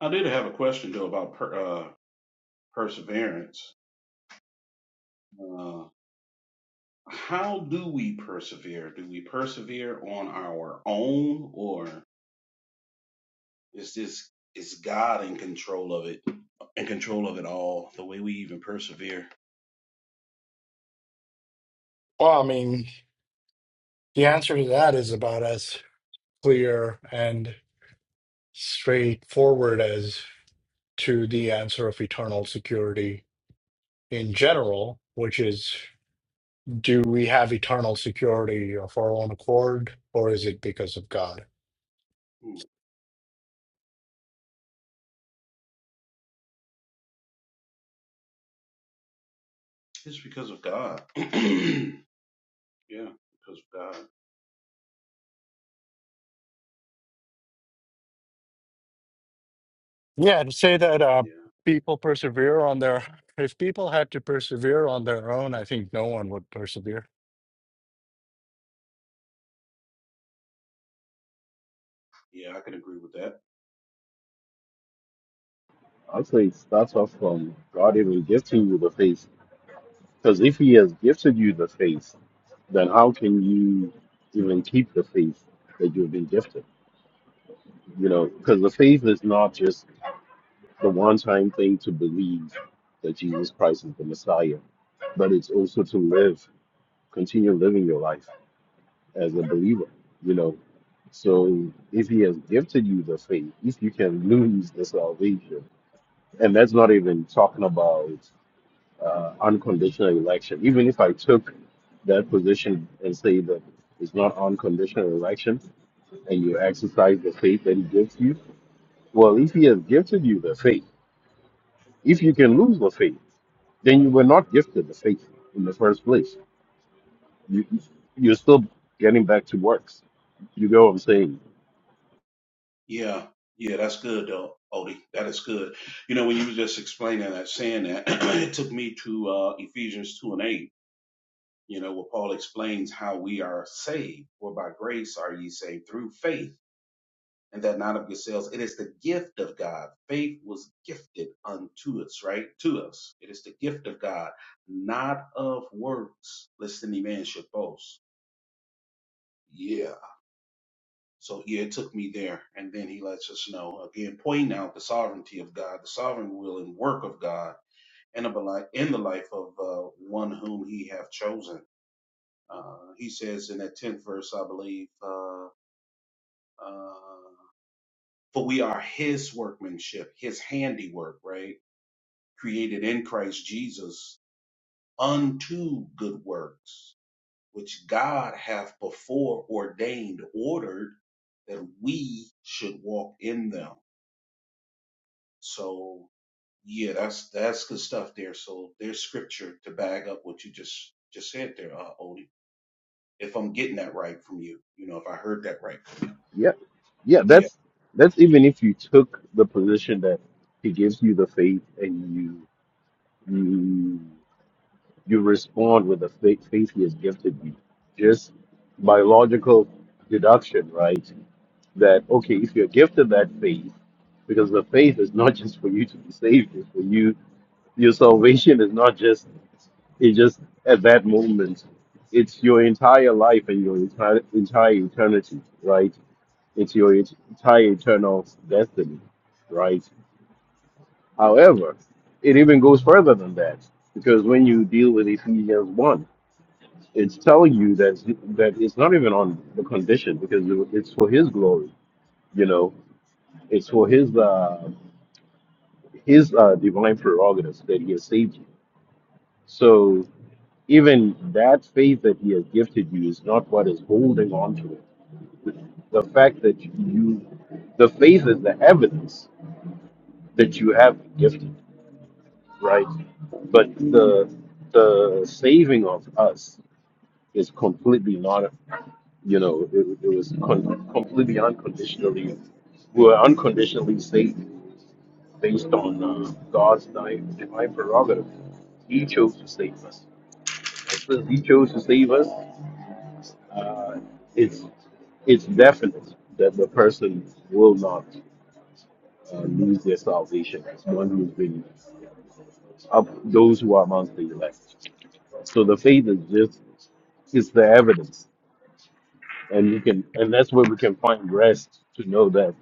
Speaker 10: I did have a question, though, about per, uh, perseverance. Uh, how do we persevere? Do we persevere on our own, or It's this it's God in control of it, in control of it all, the way we even persevere.
Speaker 2: Well, I mean, the answer to that is about as clear and straightforward as to the answer of eternal security in general, which is do we have eternal security of our own accord, or is it because of God?
Speaker 10: Hmm. It's because of God. [clears throat] yeah, because of God.
Speaker 2: Yeah, to say that uh,
Speaker 10: Yeah.
Speaker 2: people persevere on their, if people had to persevere on their own, I think no one would persevere.
Speaker 10: Yeah, I can agree with that.
Speaker 9: I'd say it starts off from God even gifting you the face. Because if He has gifted you the face, then how can you even keep the faith that you've been gifted? You know, because the faith is not just the one time thing to believe that Jesus Christ is the Messiah, but it's also to live, continue living your life as a believer, you know. So if he has gifted you the faith, if you can lose the salvation, and that's not even talking about uh, unconditional election, even if I took that position and say that it's not unconditional election and you exercise the faith that he gives you, well, if he has gifted you the faith, If you can lose the faith, then you were not gifted the faith in the first place. You, you're still getting back to works. You know what I'm saying,
Speaker 10: Yeah. Yeah, that's good though, Odie. That is good. You know, when you were just explaining that, saying that, [clears throat] it took me to uh, Ephesians two and eight. You know, where Paul explains how we are saved, for by grace are ye saved through faith and that not of yourselves. It is the gift of God. Faith was gifted unto us, right? To us. It is the gift of God, not of works, lest any man should boast. Yeah. So yeah, it took me there. And then he lets us know again, pointing out the sovereignty of God, the sovereign will and work of God in, a, beli- in the life of uh, one whom he hath chosen. Uh, he says in that 10th verse, I believe, uh, uh, for we are his workmanship, his handiwork, right? created in Christ Jesus unto good works, which God hath before ordained, ordered that we should walk in them. So yeah, that's that's good stuff there. So there's scripture to bag up what you just just said there, uh, Odie. If I'm getting that right from you, you know, if I heard that right,
Speaker 9: yeah, yeah.
Speaker 10: yeah.
Speaker 9: That's that's even if you took the position that he gives you the faith and you you you respond with the faith, faith he has gifted you, just by logical deduction, right? That okay, if you're gifted that faith, because the faith is not just for you to be saved, it's for you. Your salvation is not just It just at that moment, it's your entire life and your entire entire eternity, right? It's your et- entire eternal destiny, right? However, it even goes further than that because when you deal with Ephesians one, it's telling you that that it's not even on the condition because it's for His glory, you know. It's for His uh, His uh, divine prerogatives that He has saved you. So even that faith that he has gifted you is not what is holding on to it. The fact that you, the faith is the evidence that
Speaker 10: Mm.
Speaker 9: you have been gifted, right? But the the saving of us is completely not, you know, it, it was con- completely unconditionally, we were unconditionally saved based on uh, God's di- divine prerogative. He chose to save us. And since he chose to save us. Uh, it's it's definite that the person will not uh, lose their salvation as one who's been up those who are amongst the elect. So the faith is just it's the evidence, and we can and that's where we can find rest to know that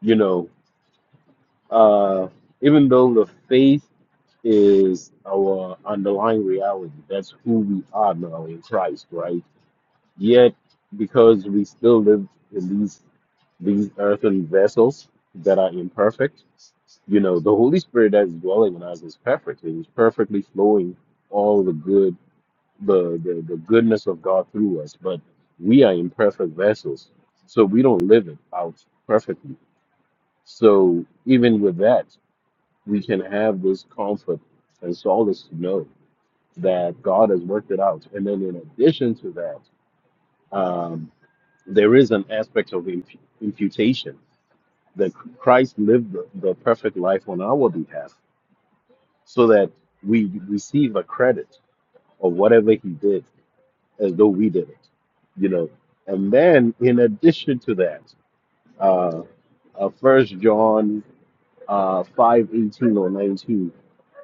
Speaker 9: you know uh, even though the faith is our underlying reality. That's who we are now in Christ, right? Yet, because we still live in these these earthen vessels that are imperfect. You know, the Holy Spirit that is dwelling in us is perfect. It is perfectly flowing all the good, the, the, the goodness of God through us. But we are imperfect vessels, so we don't live it out perfectly. So even with that, we can have this comfort and solace to know that God has worked it out. And then in addition to that, um, there is an aspect of imp- imputation that Christ lived the, the perfect life on our behalf so that we receive a credit of whatever he did as though we did it, you know. And then in addition to that, uh, uh, 1 John uh, 5, eighteen or 19,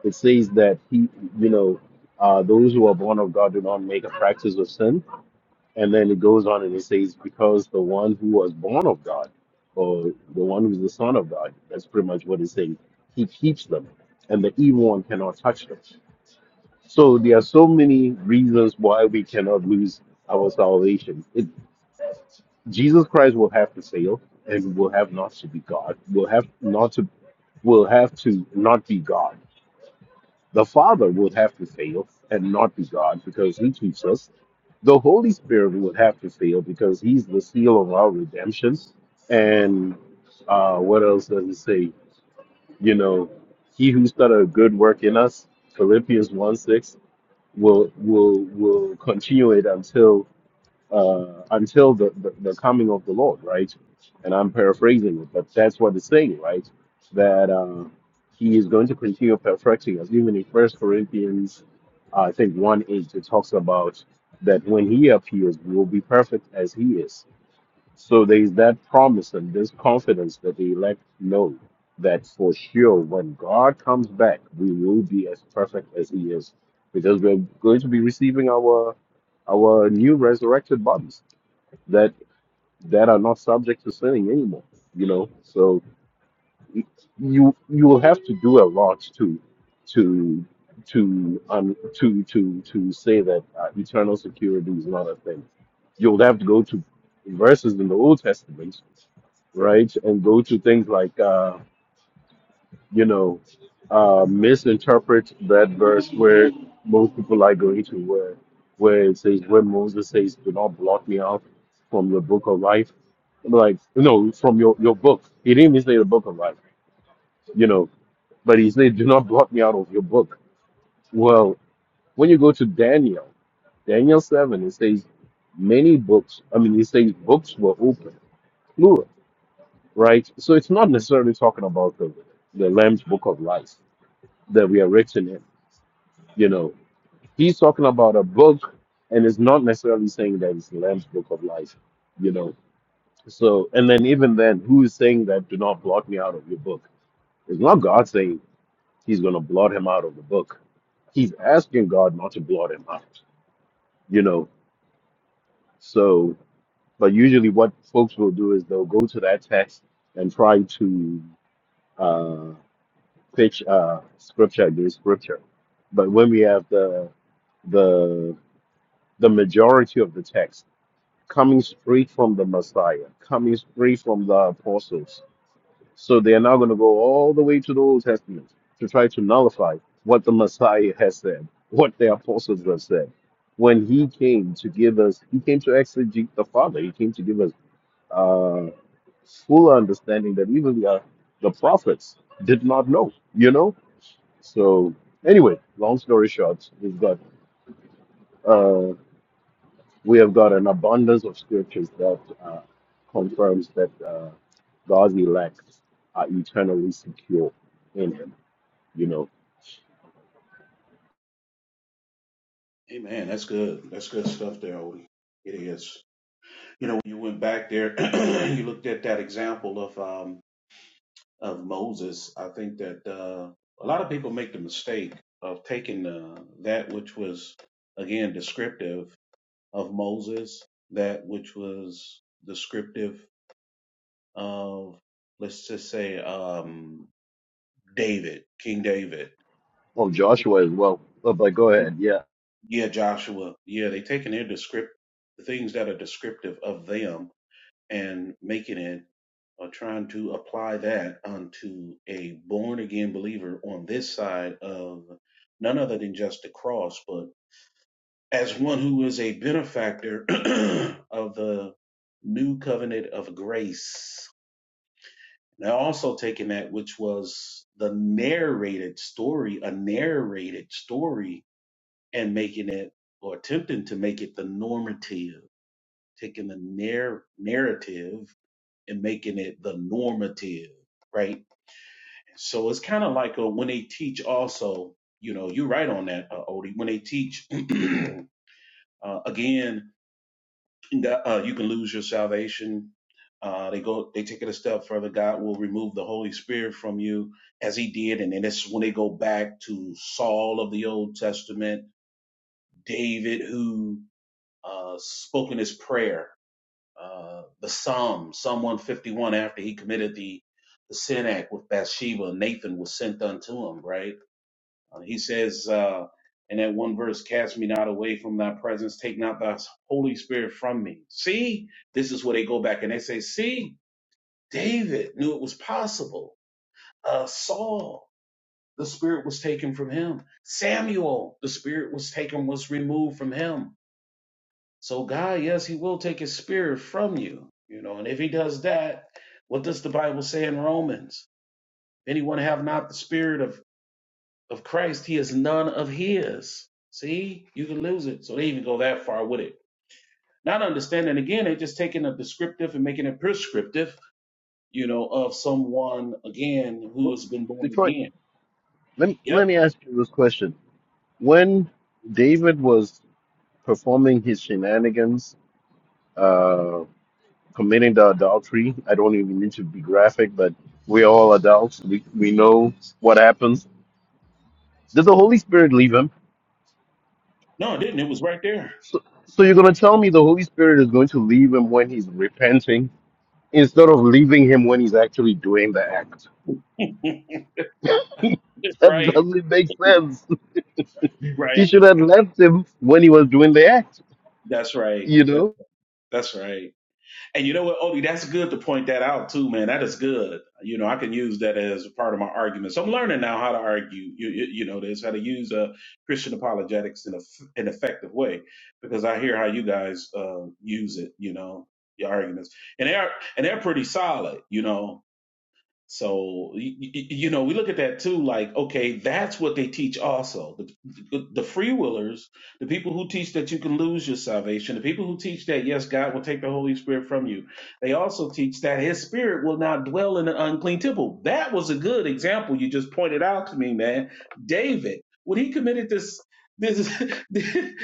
Speaker 9: it says that he, you know, uh, those who are born of God do not make a practice of sin And then it goes on and it says, because the one who was born of God, or the one who's the son of God, that's pretty much what it says, he keeps them, and the evil one cannot touch them. So there are so many reasons why we cannot lose our salvation. It, Jesus Christ will have to fail and will have not to be God. Will have not to will have to not be God the Father would have to fail and not be God because he keeps us. The Holy Spirit would have to fail because he's the seal of our redemption. And uh, what else does it say? You know, he who started a good work in us, Philippians 1 6, will, will, will continue it until uh, until the, the, the coming of the Lord, right? And I'm paraphrasing it, but that's what it's saying, right? That uh, he is going to continue perfecting us. Even in First Corinthians, uh, I think 1 8, it talks about that when he appears, we will be perfect as he is so there is that promise and this confidence that the elect know that for sure when God comes back, we will be as perfect as He is, because we're going to be receiving our our new resurrected bodies that that are not subject to sinning anymore. You know, so you you will have to do a lot to to to um to to to say that uh, eternal security is not a thing. You'll have to go to verses in the Old Testament right? And go to things like, uh, you know, uh, misinterpret that verse where most people are going to, where, where it says, where Moses says, do not blot me out from your book of life. Like, no, from your, your book. He didn't even say the book of life, you know, but he said, do not blot me out of your book. Well, when you go to Daniel, Daniel 7, it says, many books, I mean, it says books were open, plural right? So it's not necessarily talking about the, the Lamb's Book of Life that we are written in. You know, he's talking about a book, and it's not necessarily saying that it's the Lamb's Book of Life. You know, so and then even then, who is saying that? Do not blot me out of your book. It's not God saying He's going to blot him out of the book. He's asking God not to blot him out. You know, so but usually what folks will do is they'll go to that text and try to uh, pitch uh, scripture against scripture. But when we have the the the majority of the text coming straight from the Messiah, coming straight from the apostles, so they are now going to go all the way to the Old Testament to try to nullify what the Messiah has said, what the apostles have said. When he came to give us, he came to exegete the Father. He came to give us uh, full understanding that even the, uh, the prophets did not know. You know, so anyway, long story short, we've got uh, we have got an abundance of scriptures that uh, confirms that uh, God's elect are eternally secure in Him. You know,
Speaker 10: Hey man, that's good. That's good stuff there, Odie. It is. You know, when you went back there, [clears throat] you looked at that example of um, of Moses, I think that uh, a lot of people make the mistake of taking uh, that which was, again, descriptive of Moses, that which was descriptive of, let's just say, um, David, King David.
Speaker 9: oh Joshua as well. But, but go ahead, yeah.
Speaker 10: Yeah, Joshua. Yeah, they taking their descript the things that are descriptive of them and making it or trying to apply that unto a born again believer on this side of none other than just the cross, but as one who is a benefactor [clears throat] of the new covenant of grace. Now, also taking that, which was the narrated story, a narrated story, and making it or attempting to make it the normative, taking the narr- narrative and making it the normative, right? So it's kind of like a, when they teach also, you know, you're right on that, uh, Odie. When they teach, [clears throat] uh, again, God- uh, you can lose your salvation. Uh, they go, they take it a step further. God will remove the Holy Spirit from you as he did. And then that's when they go back to Saul of the Old Testament, David, who, uh, spoke in his prayer uh, the Psalm, Psalm 151, after he committed the, the sin act with Bathsheba, Nathan was sent unto him, right? Uh, he says uh, in that one verse, Cast me not away from thy presence, take not thy Holy Spirit from me. See, this is where they go back and they say, See, David knew it was possible. Uh, Saul, the Spirit was taken from him. Samuel, the Spirit was taken, was removed from him so God, yes, he will take his spirit from you, you know, and if he does that, what does the Bible say in Romans? Anyone have not the spirit of, of Christ, he is none of his. See, you can lose it. So they even go that far with it. Not understanding again, they're just taking a descriptive and making it prescriptive, you know, of someone again who
Speaker 9: Well,
Speaker 10: has been born
Speaker 9: Detroit,
Speaker 10: again.
Speaker 9: let me,
Speaker 10: Yep.
Speaker 9: let me ask you this question: When David was performing his shenanigans, uh, committing the adultery. I don't even need to be graphic, but we're all adults. We, we know what happens. Did the Holy Spirit leave him?
Speaker 10: No, it didn't. It was right there.
Speaker 9: So, so you're going to tell me the Holy Spirit is going to leave him when he's repenting instead of leaving him when he's actually doing the act? [laughs]
Speaker 10: [laughs]
Speaker 9: That
Speaker 10: right.
Speaker 9: doesn't make sense. [laughs] He
Speaker 10: Right.
Speaker 9: should have left him when he was doing the act,
Speaker 10: That's right.
Speaker 9: you
Speaker 10: That,
Speaker 9: know?
Speaker 10: that's right. And you know what, Odie, that's good to point that out too, man. That is good. You know, I can use that as part of my argument. So I'm learning now how to argue. You, you, you know, this how to use uh, Christian apologetics in a, an effective way because I hear how you guys uh, use it. You know, your arguments, and they're and they're pretty solid. You know, so you, you know, we look at that too. Like, okay, that's what they teach. Also, the, the free willers, the people who teach that you can lose your salvation, the people who teach that yes, God will take the Holy Spirit from you. They also teach that His Spirit will not dwell in an unclean temple. That was a good example you just pointed out to me, man. David, when he committed this this [laughs]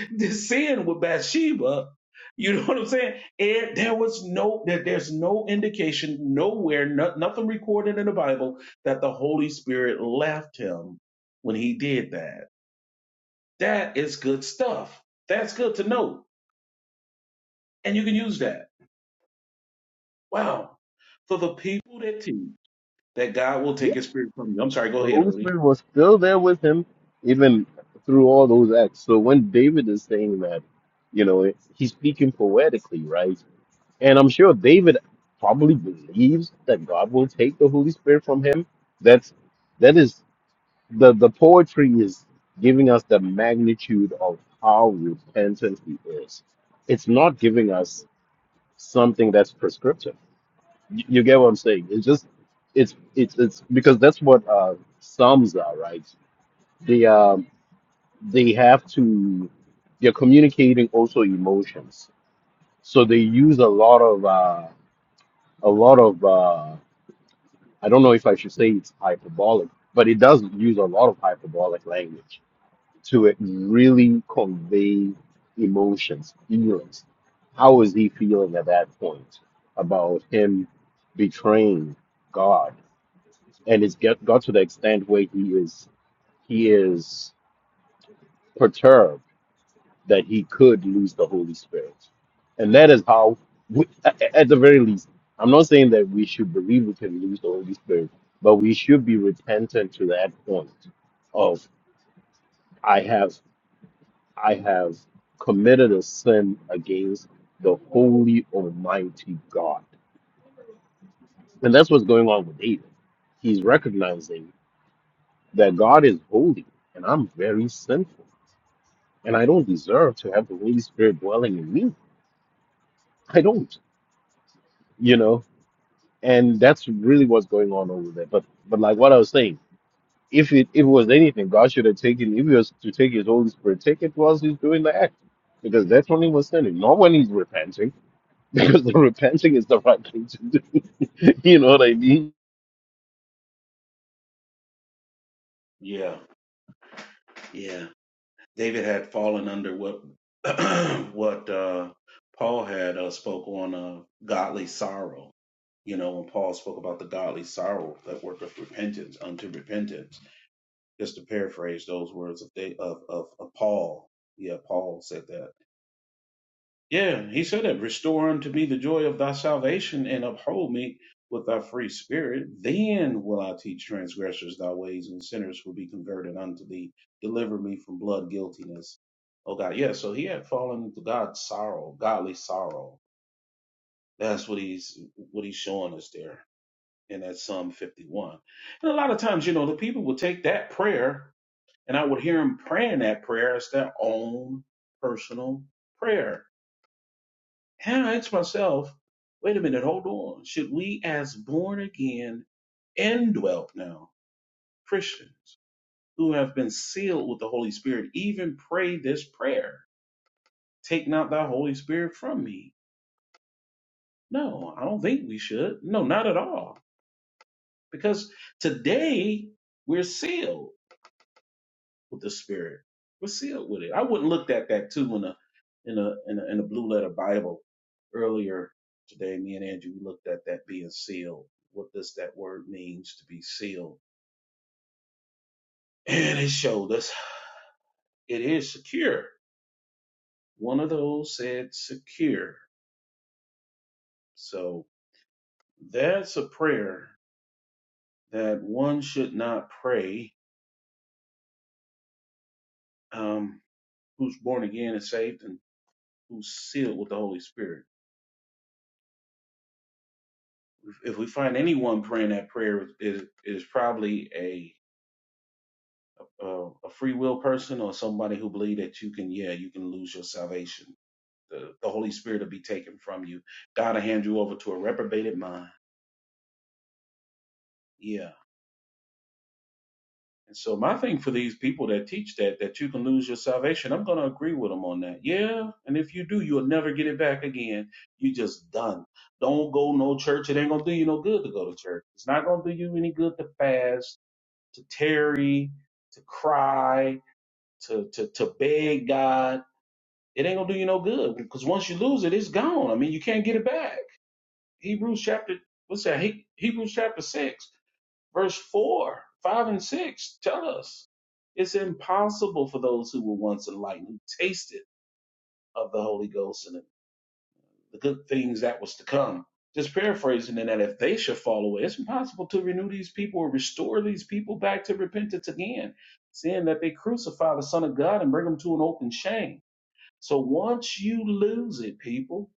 Speaker 10: this sin with Bathsheba, you know what I'm saying? And there was no that there's no indication nowhere, no, nothing recorded in the Bible that the Holy Spirit left him when he did that. That is good stuff. That's good to know, and you can use that. Wow, for the people that teach that God will take
Speaker 9: Yeah,
Speaker 10: His Spirit from you. I'm sorry. Go
Speaker 9: the
Speaker 10: ahead,
Speaker 9: Holy
Speaker 10: Odie.
Speaker 9: Spirit was still there with him even through all those acts. So when David is saying that, you know, he's speaking poetically, right? And I'm sure David probably believes that God will take the Holy Spirit from him. That's that is the the poetry is giving us the magnitude of how repentant he is. It's not giving us something that's prescriptive. You, you get what I'm saying? It's just it's it's it's because that's what uh psalms are, right? They um they have to they're communicating also emotions. So they use a lot of uh a lot of uh, I don't know if I should say it's hyperbolic, but it does use a lot of hyperbolic language to really convey emotions, feelings. How is he feeling at that point about him betraying God? And it's get, got to the extent where he is he is perturbed that he could lose the Holy Spirit. And that is how, we, at the very least, I'm not saying that we should believe we can lose the Holy Spirit, but we should be repentant to that point of I have I have committed a sin against the holy Almighty God, and that's what's going on with David. He's recognizing that God is holy, and I'm very sinful, and I don't deserve to have the Holy Spirit dwelling in me. I don't, you know and that's really what's going on over there. But but like what I was saying, if it if it was anything, God should have taken if he was to take his Holy Spirit, take it whilst he's doing the act. Because that's when he was sinning, not when he's repenting. [laughs] Because the repenting is the right thing to do. [laughs] you know what I mean?
Speaker 10: Yeah, yeah. David had fallen under what [clears throat] what uh, Paul had uh, spoke on uh, godly sorrow. You know, when Paul spoke about the godly sorrow that worketh repentance unto repentance, just to paraphrase those words of of of, of Paul. Yeah, Paul said that yeah, he said it. Restore unto me the joy of thy salvation and uphold me with thy free spirit. Then will I teach transgressors thy ways and sinners will be converted unto thee. Deliver me from blood guiltiness. Oh God, yeah. So he had fallen into God's sorrow, godly sorrow. That's what he's what he's showing us there in that Psalm 51. And a lot of times, you know, the people would take that prayer and I would hear them praying that prayer as their own personal prayer and I asked myself, wait a minute, hold on. Should we, as born again, indwelt now Christians who have been sealed with the Holy Spirit, even pray this prayer? Take not thy Holy Spirit from me. No, I don't think we should. No, not at all. Because today we're sealed. with the Spirit. We're sealed with it. I wouldn't looked at that too in a in a in a, in a blue letter Bible earlier today. Me and Andrew we looked at that being sealed. What does that word means to be sealed? And it showed us it is secure. One of those said secure. So that's a prayer that one should not pray um, who's born again and saved and who's sealed with the Holy Spirit if we find anyone praying that prayer is is probably a uh, a free will person or somebody who believe that you can yeah you can lose your salvation the, the holy spirit will be taken from you god will hand you over to a reprobated mind yeah and so my thing for these people that teach that that you can lose your salvation i'm going to agree with them on that yeah and if you do you'll never get it back again you just done don't go no church it ain't going to do you no good to go to church it's not going to do you any good to fast to tarry, to cry, to to to beg God. It ain't gonna do you no good because once you lose it, it's gone. I mean, you can't get it back. Hebrews chapter what's that? He, Hebrews chapter six, verse four, five, and six tell us it's impossible for those who were once enlightened, who tasted of the Holy Ghost and. the good things that was to come. Just paraphrasing in that if they should fall away, it's impossible to renew these people or restore these people back to repentance again, seeing that they crucify the Son of God and bring them to an open shame. So once you lose it, people,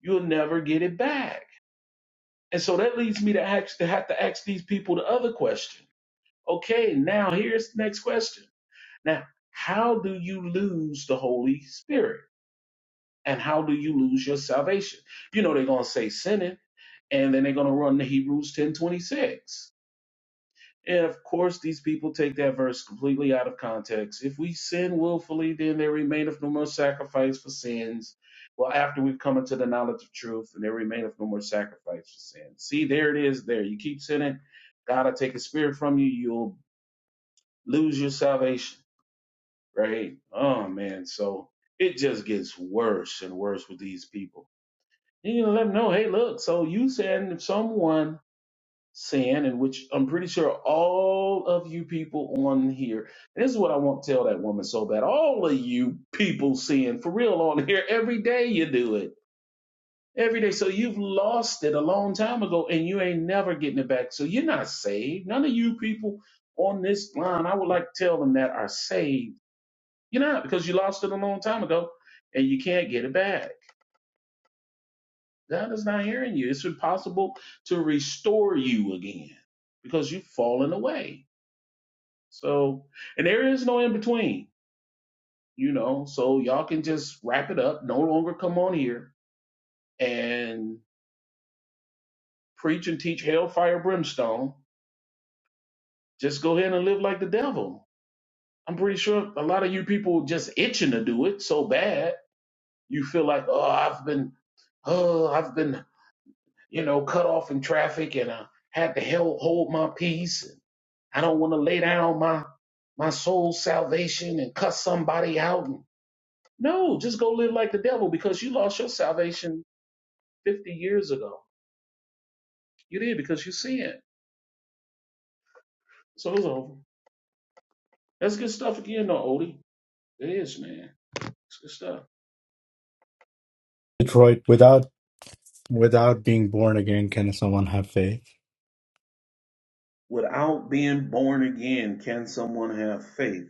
Speaker 10: you'll never get it back. And so that leads me to ask, to have to ask these people the other question. Okay, now here's the next question. Now, how do you lose the Holy Spirit? And how do you lose your salvation? You know, they're going to say sinning and then they're going to run the Hebrews 10:26. And of course, these people take that verse completely out of context. If we sin willfully, then there remaineth no more sacrifice for sins. Well, after we've come into the knowledge of truth, and there remaineth no more sacrifice for sins. See, there it is. There, you keep sinning, God will take His spirit from you. You'll lose your salvation. Right? Oh man, so it just gets worse and worse with these people. You need to let them know, hey, look. So you send someone saying, in which I'm pretty sure all of you people on here, and this is what I want to tell that woman so bad. All of you people sin for real on here every day you do it. Every day. So you've lost it a long time ago and you ain't never getting it back. So you're not saved. None of you people on this line, I would like to tell them that are saved. You're not because you lost it a long time ago and you can't get it back. God is not hearing you. It's impossible to restore you again because you've fallen away. So, and there is no in between, you know. So y'all can just wrap it up. No longer come on here and preach and teach hellfire brimstone. Just go ahead and live like the devil. I'm pretty sure a lot of you people just itching to do it so bad. You feel like, oh, I've been, oh, I've been, you know, cut off in traffic, and I had to hell hold my peace. And I don't want to lay down my my soul's salvation and cuss somebody out. No, just go live like the devil because you lost your salvation 50 years ago. You did because you sinned. So it's over. That's good stuff again, though, Odie. It is, man. It's good stuff.
Speaker 2: Detroit, without without being born again, can someone have faith?
Speaker 10: Without being born again, can someone have faith?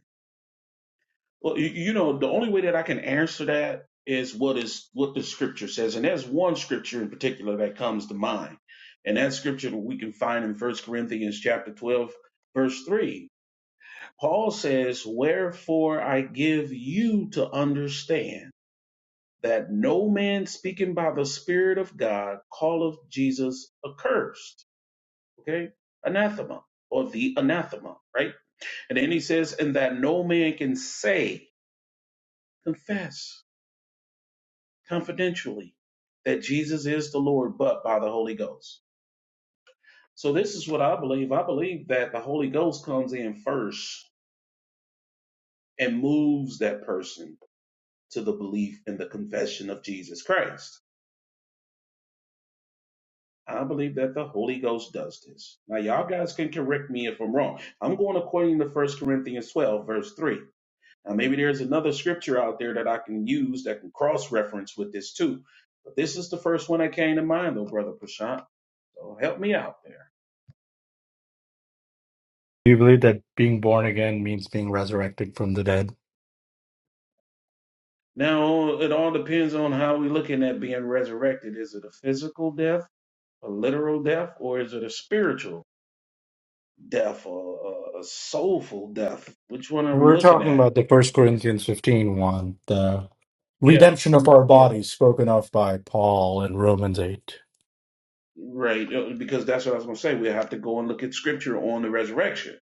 Speaker 10: Well, you, you know, the only way that I can answer that is what is what the scripture says, and there's one scripture in particular that comes to mind, and that scripture that we can find in First Corinthians chapter twelve, verse three. Paul says, Wherefore I give you to understand that no man speaking by the Spirit of God calleth Jesus accursed. Okay? Anathema, or the anathema, right? And then he says, And that no man can say, confess confidentially that Jesus is the Lord, but by the Holy Ghost. So this is what I believe. I believe that the Holy Ghost comes in first and moves that person to the belief in the confession of Jesus Christ. I believe that the Holy Ghost does this. Now, y'all guys can correct me if I'm wrong. I'm going according to First Corinthians 12, verse 3. Now, maybe there's another scripture out there that I can use that can cross reference with this too. But this is the first one that came to mind, though, Brother Prashant. So help me out there.
Speaker 2: Do you believe that being born again means being resurrected from the dead?
Speaker 10: Now, it all depends on how we're looking at being resurrected. Is it a physical death, a literal death, or is it a spiritual death or a, a soulful death. Which one are we
Speaker 2: We're
Speaker 10: looking
Speaker 2: talking
Speaker 10: at?
Speaker 2: about the First
Speaker 10: Because
Speaker 2: Corinthians fifteen one, the
Speaker 10: yeah,
Speaker 2: redemption of our
Speaker 10: yeah,
Speaker 2: bodies spoken of by Paul in Romans 8.
Speaker 10: right. uh, Because that's what I was going to say. We have to go and look at scripture on the resurrection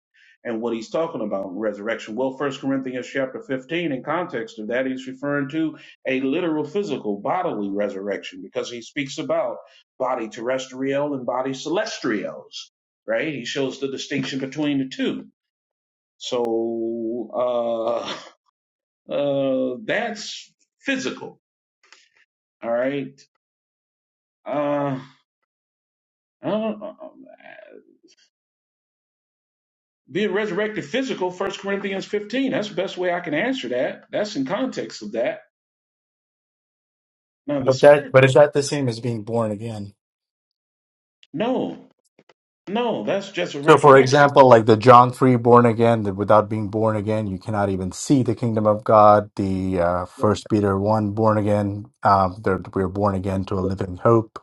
Speaker 10: and what he's talking about resurrection. Well, First Corinthians chapter fifteen, in context of that, he's referring to a literal, physical, bodily resurrection because he speaks about body terrestrial and body celestials. Right? He shows the distinction between the two. So uh, [laughs] Uh, that's physical. All right. Uh, I don't, uh, being resurrected physical, First Corinthians 15. That's the best way I can answer that. That's in context of that. Now, the
Speaker 2: But that but
Speaker 10: spiritual,
Speaker 2: is that the same as being born again?
Speaker 10: no, no, that's just a
Speaker 2: So, for
Speaker 10: resurrection.
Speaker 2: example, like the John 3 born again, that without being born again, you cannot even see the kingdom of God. The uh, First Peter 1 born again, um, they're- we're born again to a living hope,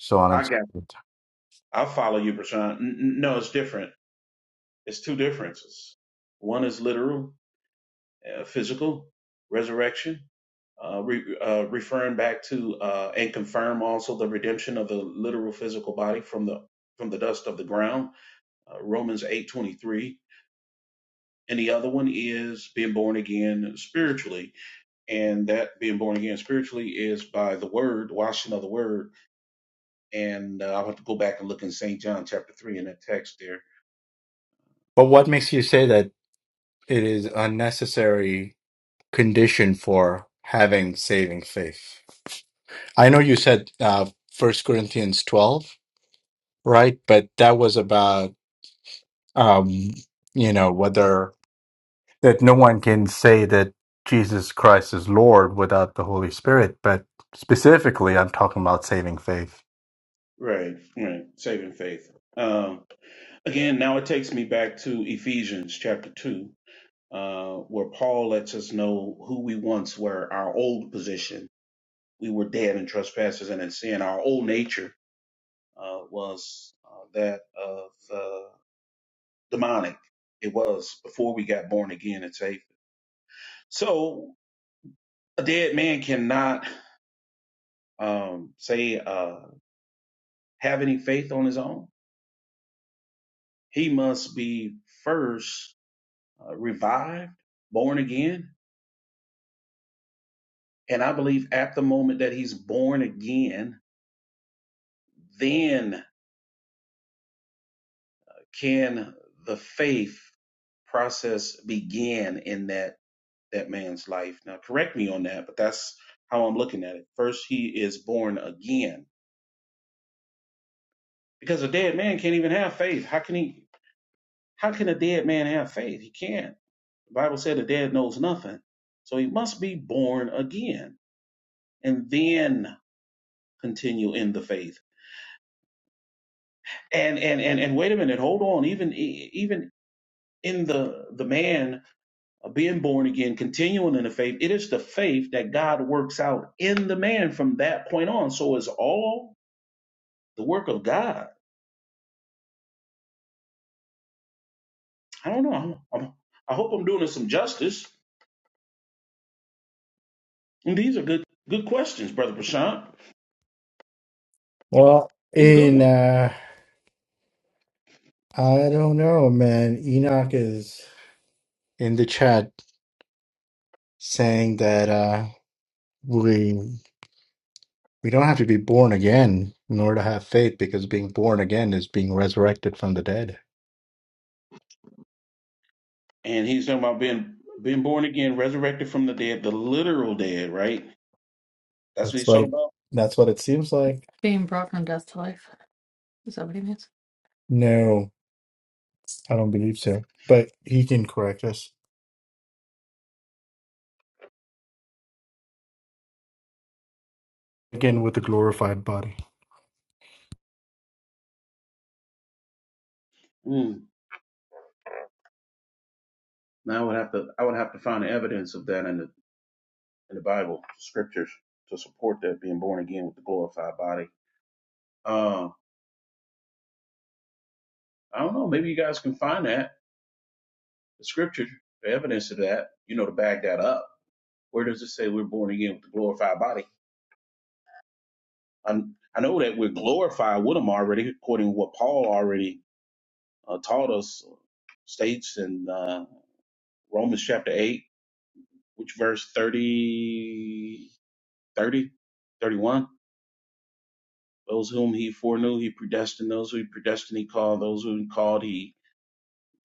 Speaker 2: so on
Speaker 10: I
Speaker 2: and so
Speaker 10: got
Speaker 2: forth.
Speaker 10: I'll follow you, Prashant. N- n- No, it's different. It's two differences. One is literal, uh, physical, resurrection uh, re- uh, referring back to uh, and confirm also the redemption of the literal physical body from the from the dust of the ground, uh, Romans eight twenty three, and the other one is being born again spiritually, and that being born again spiritually is by the word, washing of the word, and uh, I'll have to go back and look in Saint John chapter three in that text there.
Speaker 2: But what makes you say that it is a necessary condition for having saving faith? I know you said uh, First Corinthians twelve, right? But that was about um, you know whether that no one can say that Jesus Christ is Lord without the Holy Spirit. But specifically, I'm talking about saving faith.
Speaker 10: Right, right, saving faith. Um, again, now it takes me back to Ephesians chapter two uh, where Paul lets us know who we once were, our old position. We were dead in trespasses and in sin. Our old nature uh, was uh, that of uh, demonic. It was before we got born again and saved. So a dead man cannot um, say uh, have any faith on his own. He must be first uh, revived, born again, and I believe at the moment that he's born again, then can the faith process begin in that that man's life now correct me on that but that's how i'm looking at it first he is born again because a dead man can't even have faith how can he how can a dead man have faith he can't the bible said the dead knows nothing so he must be born again and then continue in the faith and and and, and wait a minute hold on even e, even in the the man of being born again, continuing in the faith. It is the faith that God works out in the man from that point on. So it's all the work of God. I don't know. I'm, I'm, I hope I'm doing it some justice. And these are good good questions, Brother Prashant.
Speaker 2: Well,
Speaker 10: He's a good
Speaker 2: in
Speaker 10: one.
Speaker 2: uh, I don't know, man. Enoch is In the chat, saying that. uh, we we don't have to be born again in order to have faith because being born again is being resurrected from the dead
Speaker 10: And he's talking about being being born again, resurrected from the dead, the literal dead, right? That's what
Speaker 2: that's
Speaker 10: he's
Speaker 2: what
Speaker 10: talking
Speaker 2: it,
Speaker 10: about.
Speaker 2: that's what it seems like
Speaker 6: Being brought from death to life. Is that what he means?
Speaker 2: no i don't believe so but he can correct us again with a glorified body
Speaker 10: Mm, now I would have to I would have to find the evidence of that in the in the Bible scriptures to support that being born again with the glorified body. Uh, I don't know. Maybe you guys can find that the scripture, the evidence of that. You know, to back that up. Where does it say we're born again with the glorified body? I, I know that we're glorified with them already, according to what Paul already uh, taught us, states in uh, Romans chapter eight, which verse thirty thirty thirty one. Those whom He foreknew, He predestined. Those who He predestined, He called. Those whom He called, He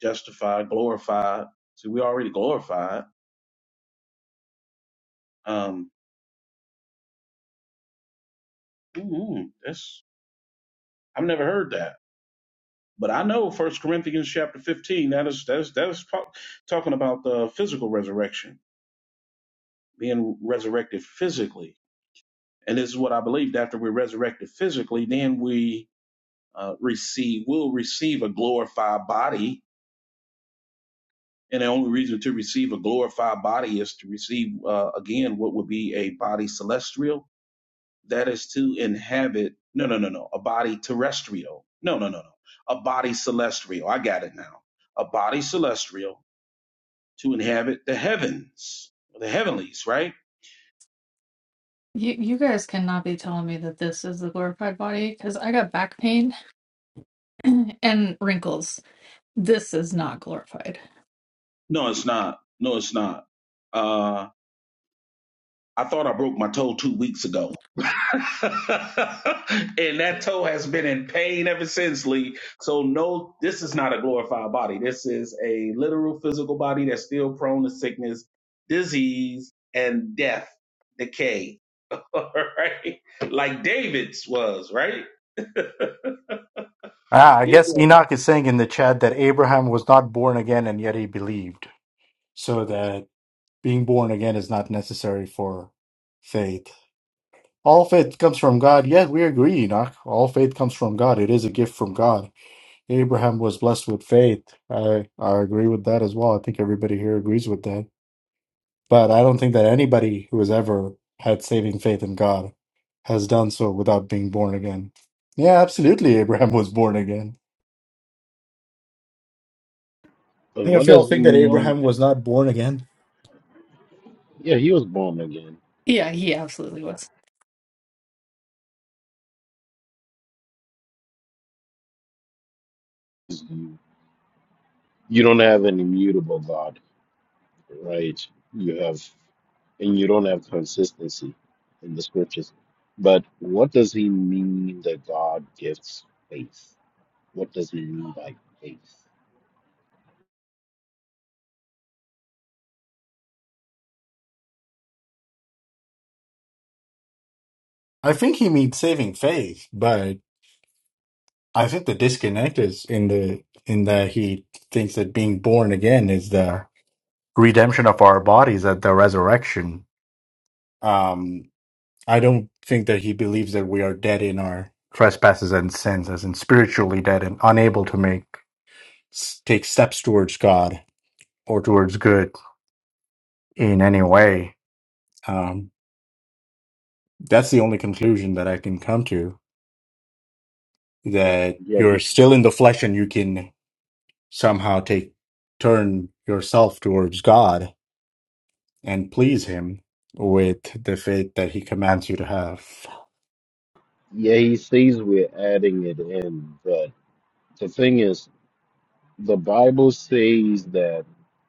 Speaker 10: justified, glorified. See, we already glorified. Um, mm I've never heard that, but I know First Corinthians chapter fifteen. That is that's that's po- talking about the physical resurrection, being resurrected physically, and this is what I believed. After we're resurrected physically, then we uh, receive will receive a glorified body, and the only reason to receive a glorified body is to receive uh, again what would be a body celestial that is to inhabit no no no no a body terrestrial no no no no a body celestial i got it now a body celestial to inhabit the heavens the heavenlies right
Speaker 6: You you guys cannot be telling me that this is the glorified body because I got back pain [clears throat] and wrinkles. This is not glorified.
Speaker 10: no it's not no it's not uh i thought i broke my toe two weeks ago [laughs] and that toe has been in pain ever since, Lee. So no, this is not a glorified body. This is a literal physical body that's still prone to sickness, disease, and death, decay. [laughs] All right, like David's was, right? [laughs]
Speaker 2: ah i
Speaker 10: It
Speaker 2: guess
Speaker 10: was-
Speaker 2: enoch is saying in the chat that abraham was not born again and yet he believed so that being born again is not necessary for faith all faith comes from god yes we agree enoch all faith comes from god it is a gift from god Abraham was blessed with faith. I, I agree with that as well. I think everybody here agrees with that. But I don't think that anybody who has ever had saving faith in God has done so without being born again. Yeah, absolutely. Abraham was born again.
Speaker 9: But
Speaker 2: Any
Speaker 9: what
Speaker 2: of
Speaker 9: does
Speaker 2: y'all
Speaker 9: he
Speaker 2: think that
Speaker 10: Well,
Speaker 9: mean?
Speaker 2: Abraham was not born again?
Speaker 9: Yeah, he was born again.
Speaker 6: Yeah, he absolutely was.
Speaker 9: You don't have an immutable God. right? You have, and you don't have consistency in the scriptures. But what does he mean that God gives faith? What does he mean by faith?
Speaker 2: I think he means saving faith, but I think the disconnect is in the in that he thinks that being born again is the redemption of our bodies at the resurrection. Um, I don't think that he believes that we are dead in our trespasses and sins, as in spiritually dead and unable to make s- take steps towards God or towards good in any way. Um, that's the only conclusion that I can come to. That
Speaker 9: Yeah,
Speaker 2: you're
Speaker 9: he,
Speaker 2: still in the flesh and you can somehow take turn yourself towards God and please Him with the faith that He commands you to have.
Speaker 9: yeah, he says we're adding it in, but the thing is, the Bible says that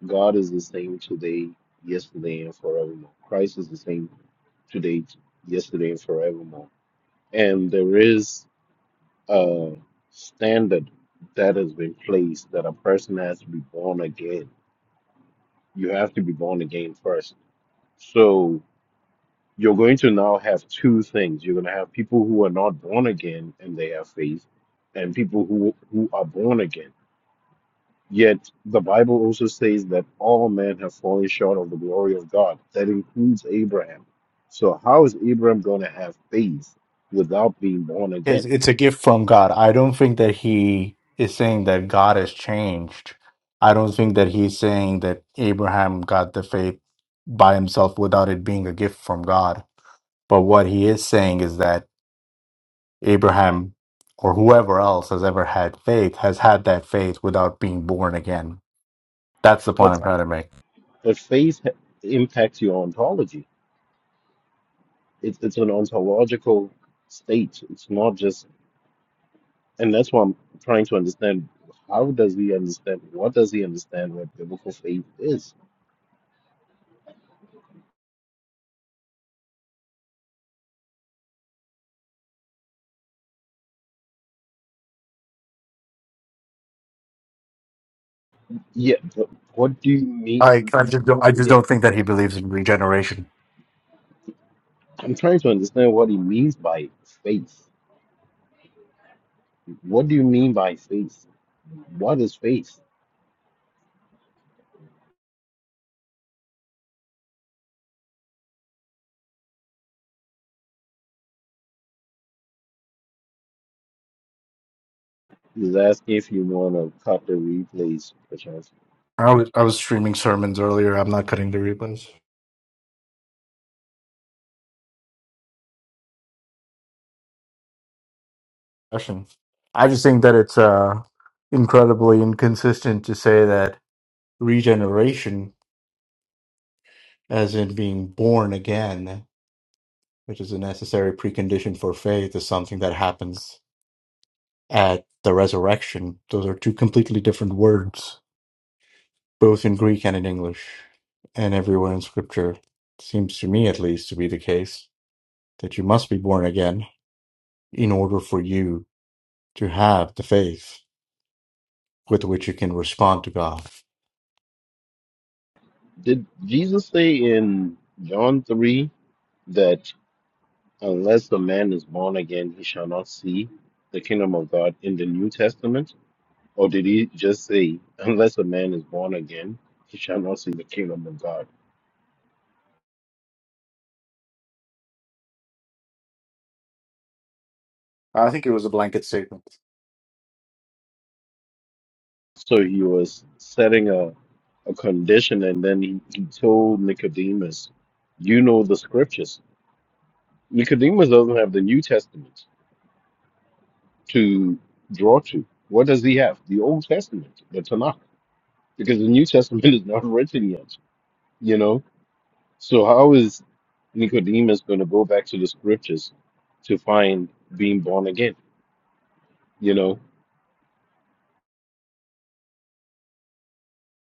Speaker 9: God is the same today, yesterday, and forevermore. Christ is the same today, yesterday, and forevermore. And there is uh, standard that has been placed that a person has to be born again. You have to be born again first. So you're going to now have two things. You're going to have people who are not born again and they have faith, and people who, who are born again. Yet the Bible also says that all men have fallen short of the glory of God. That includes Abraham. So how is Abraham going to have faith without being born
Speaker 2: It's,
Speaker 9: again?
Speaker 2: it's a gift from God. I don't think that He is saying that God has changed. I don't think that He's saying that Abraham got the faith by himself without it being a gift from God. But what He is saying is that Abraham or whoever else has ever had faith has had that faith without being born again. That's the
Speaker 9: But
Speaker 2: point I'm trying to make.
Speaker 9: but faith impacts your ontology It's it's an ontological state. It's not just, and that's why I'm trying to understand. How does he understand? What does he understand what biblical faith is? Yeah, but what do you mean?
Speaker 2: I, I just don't, I just
Speaker 9: Yeah,
Speaker 2: don't think that he believes in regeneration.
Speaker 9: I'm trying to understand what he means by faith. What do you mean by faith? What is faith? He's asking if you want to cut the replays, perchance.
Speaker 2: I was I was streaming sermons earlier. I'm not cutting the replays. Question. I just think that it's uh incredibly inconsistent to say that regeneration, as in being born again, which is a necessary precondition for faith, is something that happens at the resurrection. Those are two completely different words, both in Greek and in English, and everywhere in Scripture. Seems to me, at least, to be the case that you must be born again in order for you to have the faith with which you can respond to God.
Speaker 9: Did Jesus say in John 3 that? Unless the man is born again, he shall not see the kingdom of God in the New Testament? Or did he just say, unless a man is born again, he shall not see the kingdom of God?
Speaker 2: I think it was a blanket statement.
Speaker 9: So he was setting a, a condition and then he, he told Nicodemus, You know the scriptures. Nicodemus doesn't have the New Testament to draw to. What does he have? The Old Testament, the Tanakh, because the New Testament is not [laughs] written yet, you know? So how is Nicodemus going to go back to the scriptures to find being born again? You know,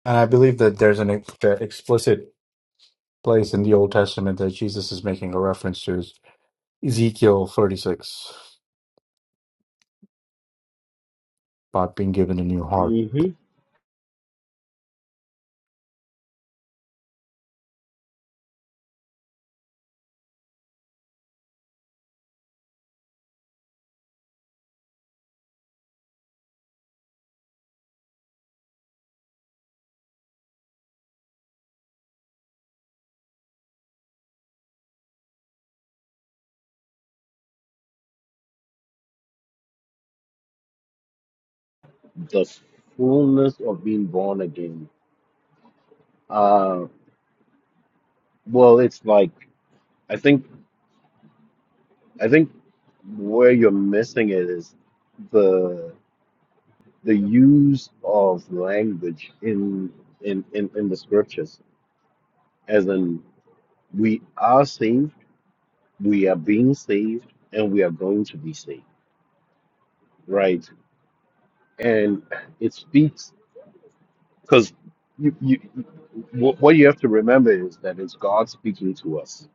Speaker 2: And I believe that there's an ex- uh, explicit place in the Old Testament that Jesus is making a reference to is Ezekiel 36 about being given a new heart.
Speaker 9: hmm the fullness of being born again. Uh, well, it's like I think I think where you're missing it is the the use of language in in in, in the scriptures, as in we are saved, we are being saved, and we are going to be saved, right? and it speaks because you, you wh- what you have to remember is that it's God speaking to us,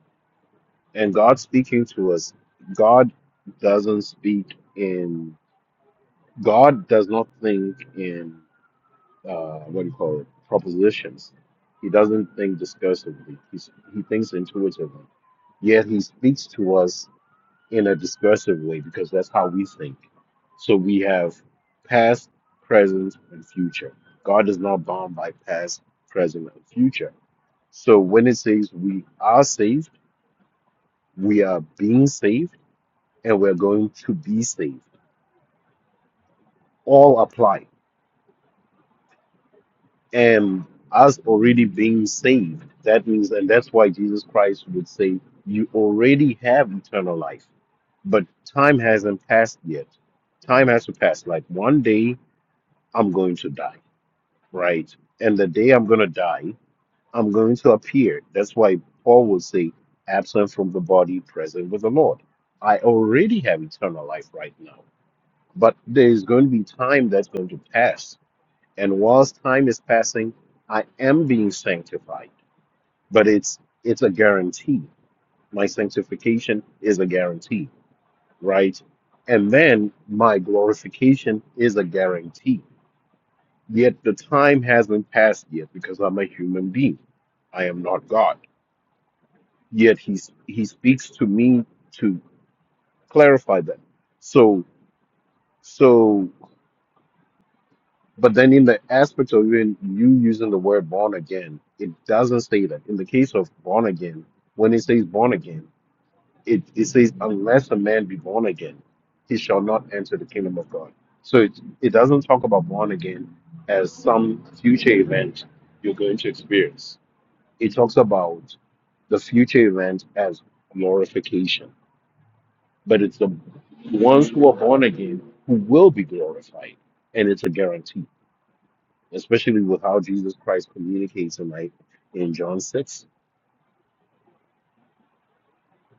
Speaker 9: and God speaking to us, God doesn't speak in God does not think in uh, what do you call it propositions. He doesn't think discursively. He's, he thinks intuitively. Yet he speaks to us in a discursive way because that's how we think. So we have past, present, and future. God is not bound by past, present, and future. So when it says we are saved, we are being saved, and we're going to be saved, all apply. And us already being saved, that means, and that's why Jesus Christ would say, You already have eternal life, but time hasn't passed yet. Time has to pass. Like one day, I'm going to die right? And the day I'm going to die, I'm going to appear. That's why Paul will say, absent from the body, present with the Lord. I already have eternal life right now, but there is going to be time that's going to pass. And whilst time is passing, I am being sanctified, but it's it's a guarantee. My sanctification is a guarantee, right? And then my glorification is a guarantee Yet the time hasn't passed yet because I'm a human being. I am not God. Yet he s- he speaks to me to clarify that. So so but then in the aspect of even you using the word born again, it doesn't say that. In the case of born again, when it says born again, it, it says unless a man be born again, he shall not enter the kingdom of God. So it, it doesn't talk about born again as some future event you're going to experience It talks about the future event as glorification, but it's the ones who are born again who will be glorified, and it's a guarantee, especially with how Jesus Christ communicates in like in John six.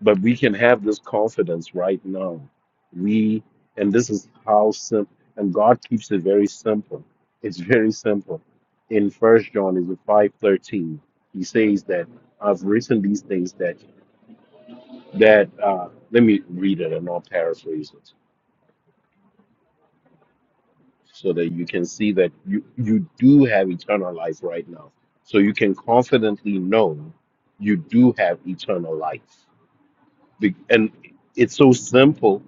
Speaker 9: But we can have this confidence right now. We and this is how simple, and God keeps it very simple. It's very simple. In First John is five thirteen, he says that I've written these things that that uh, let me read it and I'll paraphrase it so that you can see that you, you do have eternal life right now. So you can confidently know you do have eternal life. Be- And it's so simple.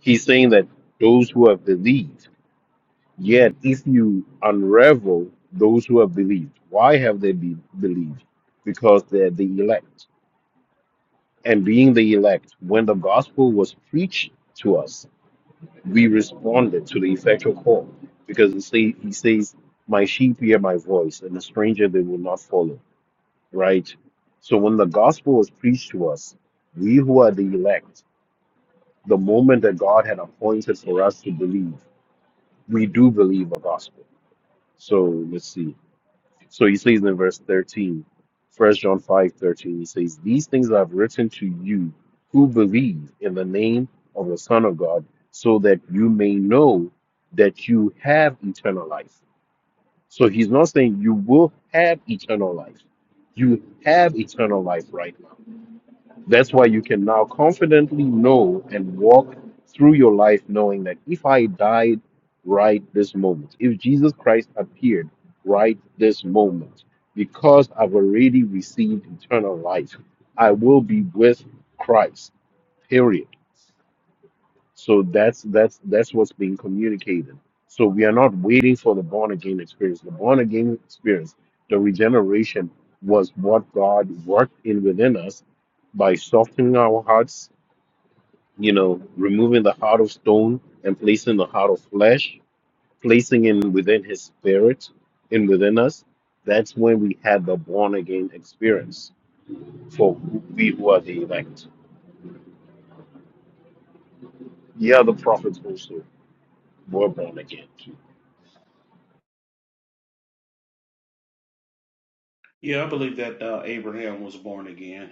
Speaker 9: He's saying that those who have believed, yet if you unravel those who have believed, why have they be- believed? Because they're the elect. And being the elect, when the gospel was preached, to us. we responded to the effectual call because it say, he says, My sheep hear my voice, and a stranger they will not follow. Right? So when the gospel was preached to us, we who are the elect, the moment that God had appointed for us to believe, we do believe the gospel. So let's see. So he says in verse 13, 1 John 5:13, he says, These things I've written to you who believe in the name of the Son of God, so that you may know that you have eternal life. So he's not saying you will have eternal life. You have eternal life right now. That's why you can now confidently know and walk through your life knowing that if I died right this moment, if Jesus Christ appeared right this moment, because I've already received eternal life, I will be with Christ. Period. So that's that's that's what's being communicated. So we are not waiting for the born again experience. The born again experience, the regeneration was what God worked in within us by softening our hearts you know, removing the heart of stone and placing the heart of flesh, placing in within his spirit and within us, that's when we had the born again experience for we who are the elect. Yeah, the prophets also were born again.
Speaker 10: yeah, I believe that uh, Abraham was born again.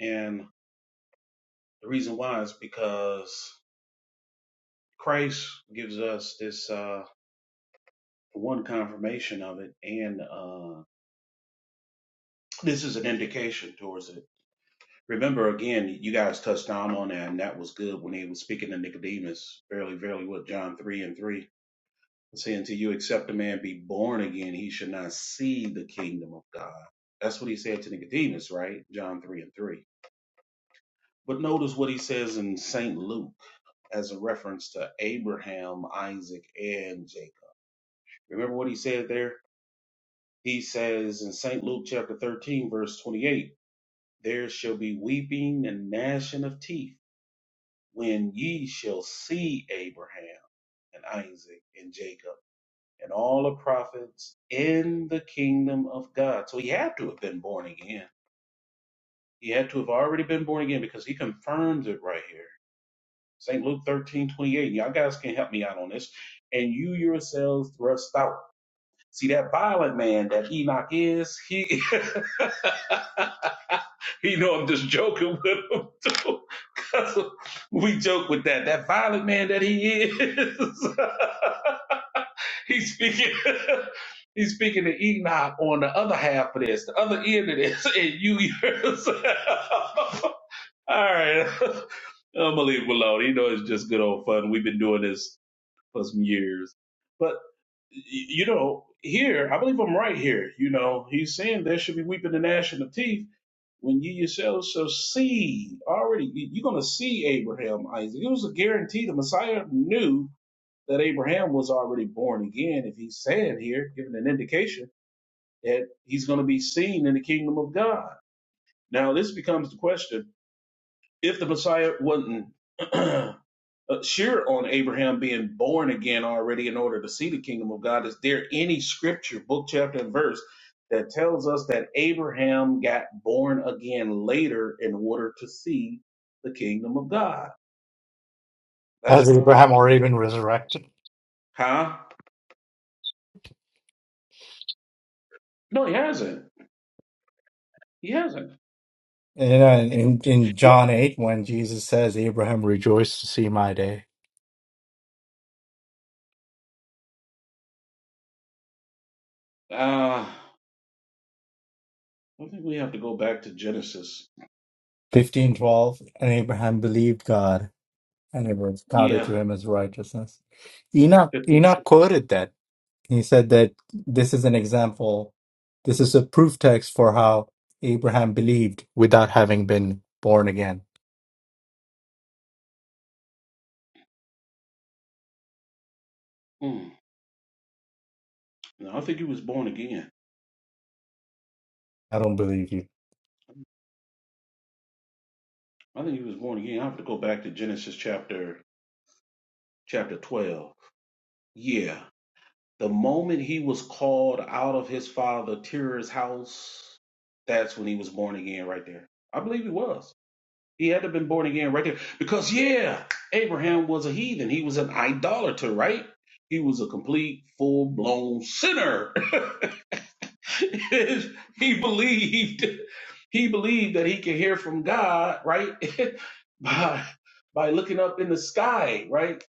Speaker 10: And the reason why is because Christ gives us this uh, one confirmation of it. And this is an indication towards it. Remember again, you guys touched on on that, and that was good when he was speaking to Nicodemus, fairly, fairly what John three and three, saying, "Until you accept a man be born again, he should not see the kingdom of God." That's what he said to Nicodemus, right? John three and three. But notice what he says in Saint Luke as a reference to Abraham, Isaac, and Jacob. Remember what he said there. He says in Saint Luke chapter thirteen, verse twenty-eight. There shall be weeping and gnashing of teeth when ye shall see Abraham and Isaac and Jacob and all the prophets in the kingdom of God. So he had to have been born again. He had to have already been born again because he confirms it right here. St. Luke thirteen twenty-eight. Y'all guys can help me out on this. And you yourselves thrust out See that violent man that Enoch is, he [laughs] he know I'm just joking with him too. [laughs] 'Cause we joke with that. That violent man that he is, [laughs] he's speaking [laughs] he's speaking to Enoch on the other half of this, the other end of this, [laughs] and you yourself. [laughs] All right. [laughs] I'm gonna leave him alone. You know it's just good old fun. We've been doing this for some years you know, here, I believe I'm right here. You know, he's saying there should be weeping and gnashing of teeth when you yourselves shall see already. you- You're going to see Abraham, Isaac. It was a guarantee. The Messiah knew that Abraham was already born again. If he's saying here, giving an indication that he's going to be seen in the kingdom of God. Now, this becomes the question if the Messiah wasn't. [clears throat] uh, sure on Abraham being born again already in order to see the kingdom of God. Is there any scripture, book, chapter, and verse that tells us that Abraham got born again later in order to see the kingdom of God? That's
Speaker 2: Has
Speaker 10: what I would.
Speaker 2: Abraham already been resurrected?
Speaker 10: Huh? No, he hasn't. He hasn't.
Speaker 2: And uh, in, in
Speaker 10: Well,
Speaker 2: John 8, when Jesus says, Abraham rejoiced to see my day.
Speaker 10: uh, I think we have to go back to Genesis.
Speaker 2: 1512, and Abraham believed God, and it was counted
Speaker 10: Yeah,
Speaker 2: to him as righteousness. Enoch,
Speaker 10: 15.
Speaker 2: Enoch quoted that. He said that this is an example, this is a proof text for how Abraham believed without having been born again.
Speaker 10: Mm. No, I think he was born again.
Speaker 2: I don't believe you.
Speaker 10: I think he was born again. I have to go back to Genesis chapter chapter twelve. Yeah, The moment he was called out of his father Terah's house, that's when he was born again right there. I believe he was. He had to have been born again right there. Because yeah, Abraham was a heathen. He was an idolater, right? He was a complete full blown sinner. [laughs] It is he believed he believed that he could hear from God, right? [laughs] by by looking up in the sky, right?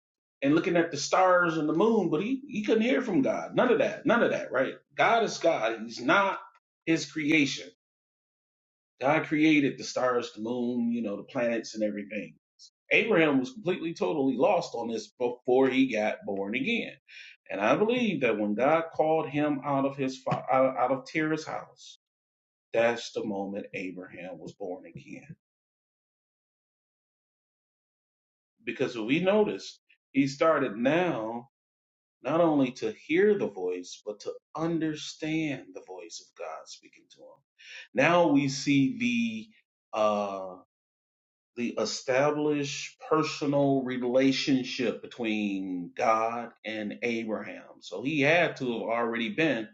Speaker 10: And looking at the stars and the moon, but he, he couldn't hear from God. None of that. None of that, right? God is God. He's not his creation. God created the stars, the moon, you know, the planets and everything. Abraham was completely, totally lost on this before he got born again. And I believe that when God called him out of his fa- out out of Terah's house, that's the moment Abraham was born again. Because if we notice, he started now not only to hear the voice, but to understand the voice of God speaking to him. Now we see the uh, the established personal relationship between God and Abraham. So he had to have already been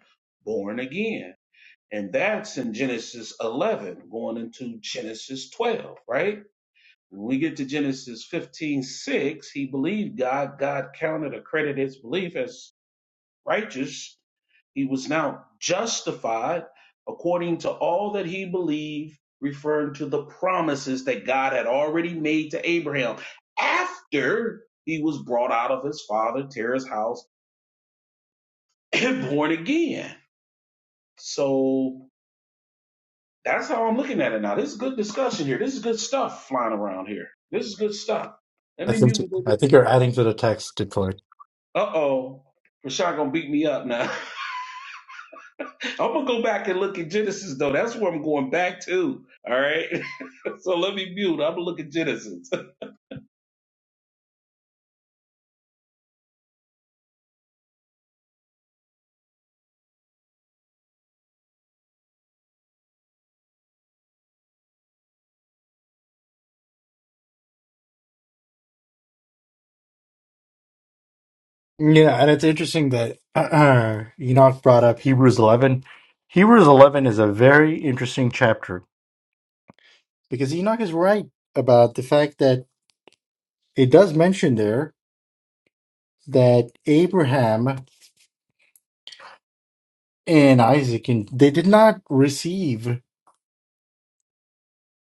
Speaker 10: born again. And that's in Genesis 11, going into Genesis 12, right? When we get to Genesis 15 6, he believed God. God counted or credited his belief as righteous. He was now justified according to all that he believed, referring to the promises that God had already made to Abraham after he was brought out of his father Terah's house and [clears throat] born again. So that's how I'm looking at it now. This is good discussion here. This is good stuff flying around here. This is good stuff. Let
Speaker 2: I
Speaker 10: me
Speaker 2: think
Speaker 10: mute. and go
Speaker 2: I think you're adding to the text, Detroit.
Speaker 10: Uh oh. Rashawn gonna beat me up now. [laughs] I'm gonna go back and look at Genesis though. That's where I'm going back to. All right. [laughs] so let me mute. I'm gonna look at Genesis.
Speaker 2: Yeah, and it's interesting that [clears throat] Enoch brought up Hebrews 11. Hebrews 11 is a very interesting chapter because Enoch is right about the fact that it does mention there that Abraham and Isaac and they did not receive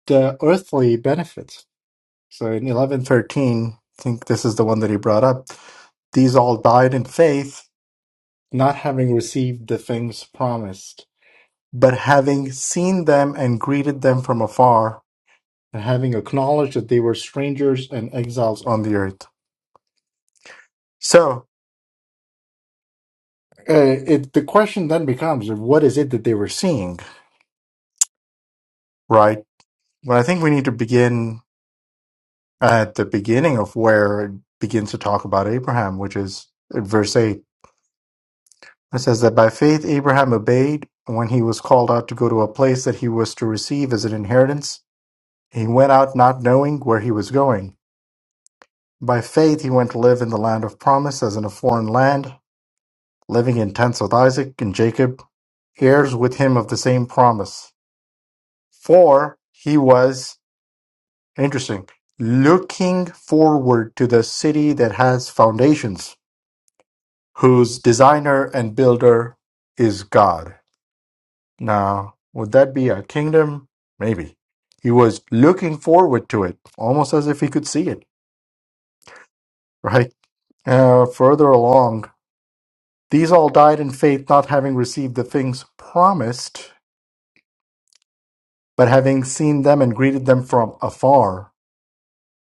Speaker 2: the earthly benefits So in eleven thirteen, I think this is the one that he brought up. These all died in faith, not having received the things promised, but having seen them and greeted them from afar, and having acknowledged that they were strangers and exiles on the earth. So uh, it, the question then becomes, what is it that they were seeing, right? Well, I think we need to begin at the beginning of where it begins to talk about Abraham, which is at verse 8 It says that by faith Abraham obeyed when he was called out to go to a place that he was to receive as an inheritance. He went out not knowing where he was going. By faith he went to live in the land of promise as in a foreign land, living in tents with Isaac and Jacob, heirs with him of the same promise. For he was, interesting, looking forward to the city that has foundations, whose designer and builder is God. Now, would that be a kingdom? Maybe. He was looking forward to it, almost as if he could see it, right? Uh, further along, these all died in faith, not having received the things promised, but having seen them and greeted them from afar,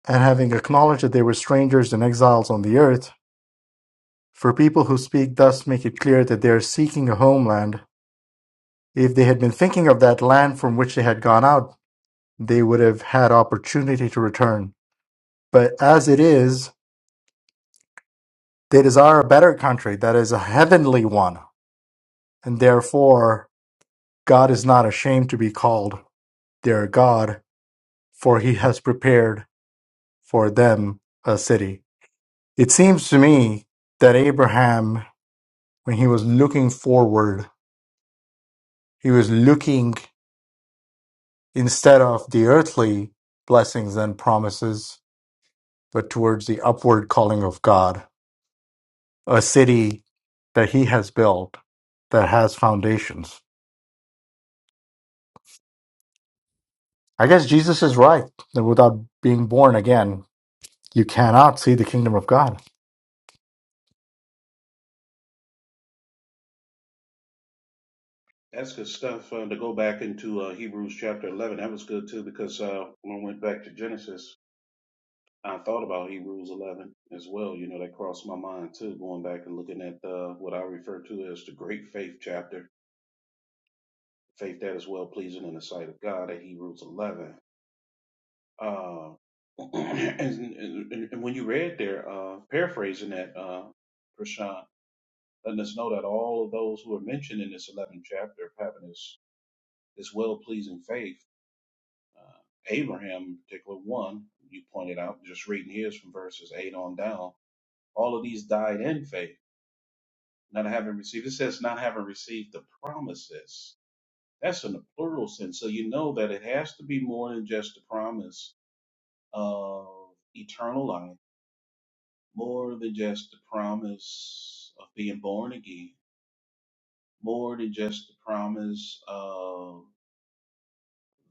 Speaker 2: and having acknowledged that they were strangers and exiles on the earth. For people who speak thus make it clear that they are seeking a homeland. If they had been thinking of that land from which they had gone out, they would have had opportunity to return But as it is, they desire a better country that is a heavenly one. And therefore, God is not ashamed to be called their God, for he has prepared for them a city. It seems to me that Abraham, when he was looking forward, he was looking instead of the earthly blessings and promises, but towards the upward calling of God, a city that he has built that has foundations. I guess Jesus is right that without being born again, you cannot see the kingdom of God.
Speaker 10: [laughs] That's good stuff uh, to go back into uh, Hebrews chapter 11. That was good too because uh, when I went back to Genesis, I thought about Hebrews 11 as well. You know, that crossed my mind too, going back and looking at uh, what I refer to as the great faith chapter, faith that is well pleasing in the sight of God at Hebrews 11. Uh, [clears throat] and, and, and when you read there, uh, paraphrasing that, uh, Prashant, letting us know that all of those who are mentioned in this 11th chapter of having this, this well pleasing faith, uh, Abraham in particular, one, you pointed out, just reading his from verses 8 on down, all of these died in faith, not having received. It says, not having received the promises. That's in the plural sense. So you know that it has to be more than just the promise of eternal life more than just the promise of being born again, more than just the promise of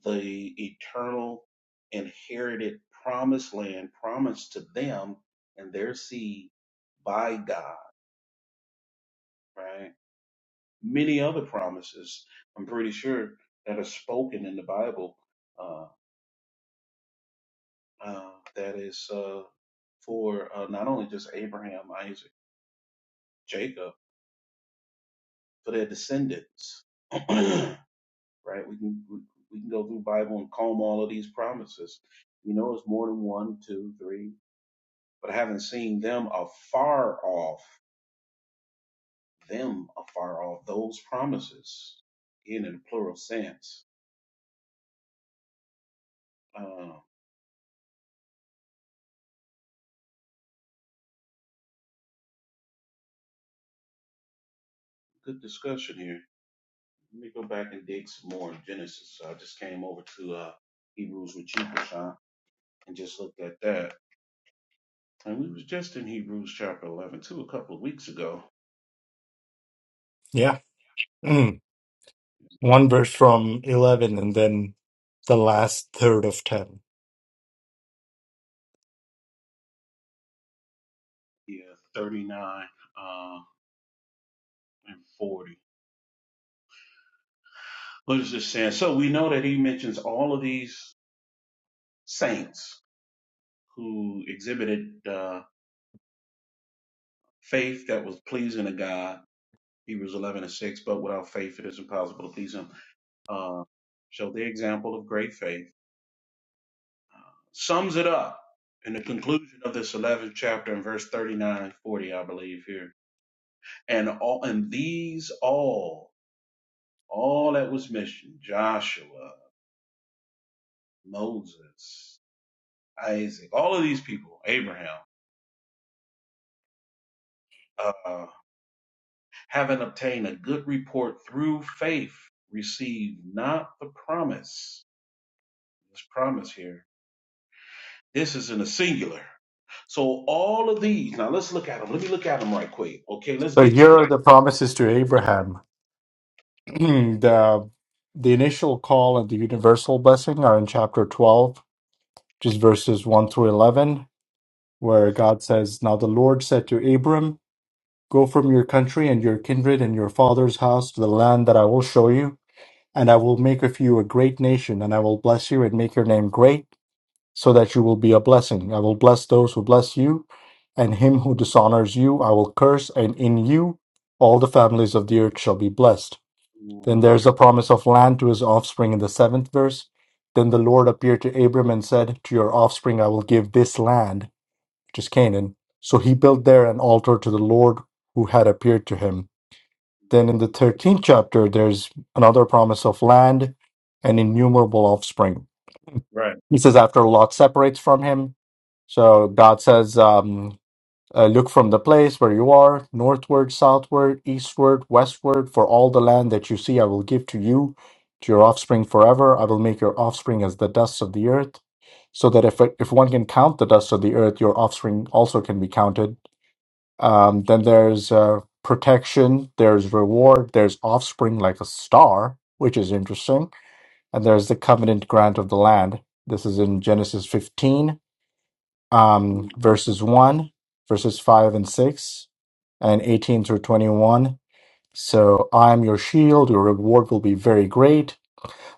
Speaker 10: the eternal inherited promised land promised to them and their seed by God, right? Many other promises, I'm pretty sure, that are spoken in the Bible uh, uh, that is uh, for uh, not only just Abraham, Isaac, Jacob, for their descendants. [clears throat] right? We can we, we can go through Bible and comb all of these promises. You know, it's more than one, two, three, but having seen them afar off, them afar off, those promises, in a plural sense. Uh, good discussion here. Let me go back and dig some more in Genesis. So I just came over to uh, Hebrews with you, Prashant, and just looked at that. And we was just in Hebrews chapter 11, too, a couple of weeks ago.
Speaker 2: Yeah. Mm. One verse from 11 and then the last third of 10.
Speaker 10: Yeah, 39 uh, and 40. But it's just saying. So we know that he mentions all of these saints who exhibited uh, faith that was pleasing to God. Hebrews 11 and 6. But without faith, it is impossible to please Him. Uh, so the example of great faith uh, sums it up in the conclusion of this 11th chapter in verse 39 and 40, I believe here. And all and these all all that was mentioned Joshua, Moses, Isaac, all of these people, Abraham. uh, having obtained a good report through faith, receive not the promise. This promise here. This is in the singular. So all of these. Now let's look at them. Let me look at them right quick. Okay, let's
Speaker 2: So
Speaker 10: get to
Speaker 2: here
Speaker 10: them.
Speaker 2: are the promises to Abraham. [clears throat] the the initial call and the universal blessing are in chapter 12, just verses 1 through 11, where God says, "Now the Lord said to Abram, go from your country and your kindred and your father's house to the land that I will show you. and I will make of you a great nation, and I will bless you and make your name great, so that you will be a blessing. I will bless those who bless you, and him who dishonors you, I will curse, and in you all the families of the earth shall be blessed. Then
Speaker 10: hmm
Speaker 2: there's a promise of land to his offspring in the seventh verse. Then the Lord appeared to Abram and said, To your offspring I will give this land, which is Canaan. So he built there an altar to the Lord who had appeared to him. Then in the 13th chapter, there's another promise of land and innumerable offspring.
Speaker 10: Right.
Speaker 2: He says, after Lot separates from him, so God says, um, uh, Look from the place where you are, northward, southward, eastward, westward, for all the land that you see, I will give to you, to your offspring forever. I will make your offspring as the dust of the earth, so that if, if one can count the dust of the earth, your offspring also can be counted. Um, then there's uh, protection, there's reward, there's offspring like a star, which is interesting. And there's the covenant grant of the land. This is in Genesis 15, um,
Speaker 10: hmm
Speaker 2: verses 1, verses 5 and 6, and 18 through 21. So I am your shield, your reward will be very great.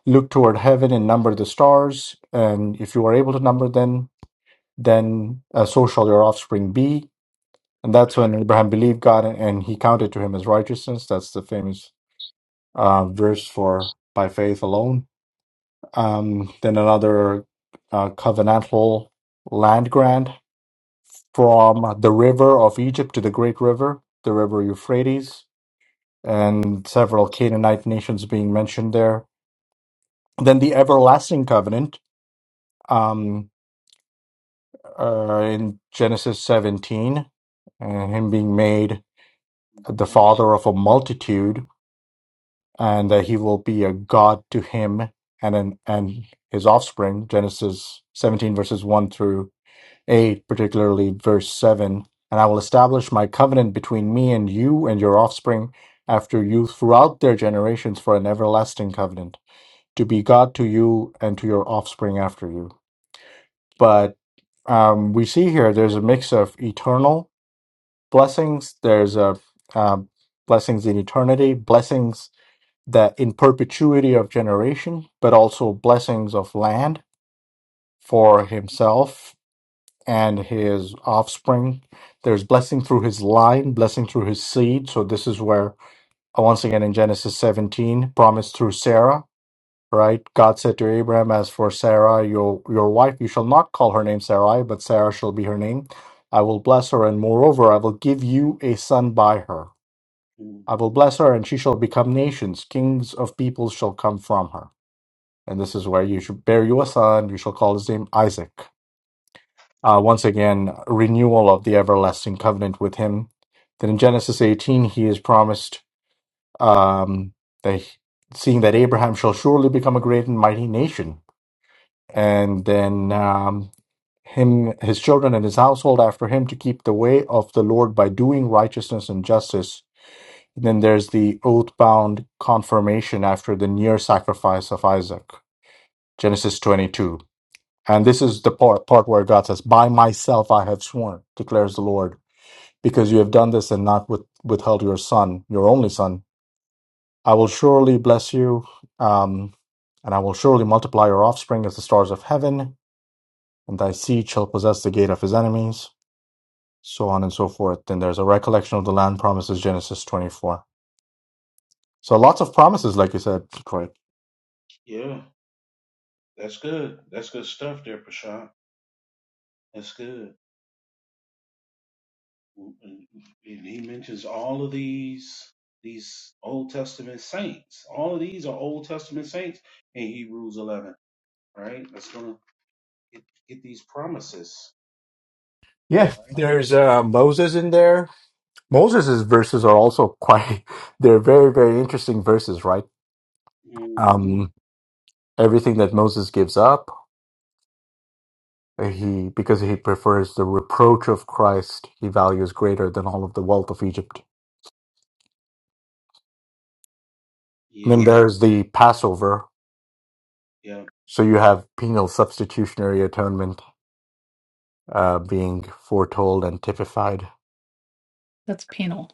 Speaker 2: Look toward heaven and number the stars. And if you are able to number them, then uh, so shall your offspring be and that's when Abraham believed God and, and he counted to him as righteousness. That's the famous uh, verse for by faith alone. Um, then another uh, covenantal land grant from the river of Egypt to the great river, the river Euphrates, and several Canaanite nations being mentioned there. Then the everlasting covenant um, uh, in Genesis 17, and him being made the father of a multitude and that he will be a god to him and an, and his offspring genesis 17 verses 1 through 8 particularly verse 7 and i will establish my covenant between me and you and your offspring after you throughout their generations for an everlasting covenant to be god to you and to your offspring after you but um, we see here there's a mix of eternal blessings there's a um, blessings in eternity blessings that in perpetuity of generation, but also blessings of land for himself and his offspring. There's blessing through his line, blessing through his seed. So this is where uh, once again in Genesis 17, promise through Sarah, right? God said to Abraham, As for Sarah, your your wife, you shall not call her name Sarai, but Sarah shall be her name. I will bless her, and moreover, I will give you a son by her.
Speaker 10: hmm
Speaker 2: I will bless her, and she shall become nations. Kings of peoples shall come from her and this is where you should bear you a son, you shall call his name Isaac. Uh, once again, renewal of the everlasting covenant with him. Then in Genesis 18, he is promised um, that seeing that Abraham shall surely become a great and mighty nation, and then um, him, his children, and his household after him to keep the way of the Lord by doing righteousness and justice. And then there's the oath bound confirmation after the near sacrifice of Isaac. Genesis 22. And this is the part, part where God says, By myself I have sworn, declares the Lord, because you have done this and not with, withheld your son, your only son. I will surely bless you, um, and I will surely multiply your offspring as the stars of heaven, and thy seed shall possess the gate of his enemies, so on and so forth. Then there's a recollection of the land promises, Genesis 24. So lots of promises, like you said, Troy.
Speaker 10: Yeah, that's good. That's good stuff there, Prashant. That's good. Mm-hmm. And he mentions all of these these Old Testament saints. All of these are Old Testament saints in Hebrews 11. All right? That's gonna get, get these promises,
Speaker 2: Yeah,
Speaker 10: All right?
Speaker 2: there's uh, Moses in there. Moses' verses are also quite, [laughs] they're very, very interesting verses, right?
Speaker 10: hmm
Speaker 2: um, everything that Moses gives up, he because he prefers the reproach of Christ, he values greater than all of the wealth of Egypt. And then
Speaker 10: Yeah,
Speaker 2: there's the Passover.
Speaker 10: yeah.
Speaker 2: So you have penal substitutionary atonement uh, being foretold and typified.
Speaker 6: That's penal.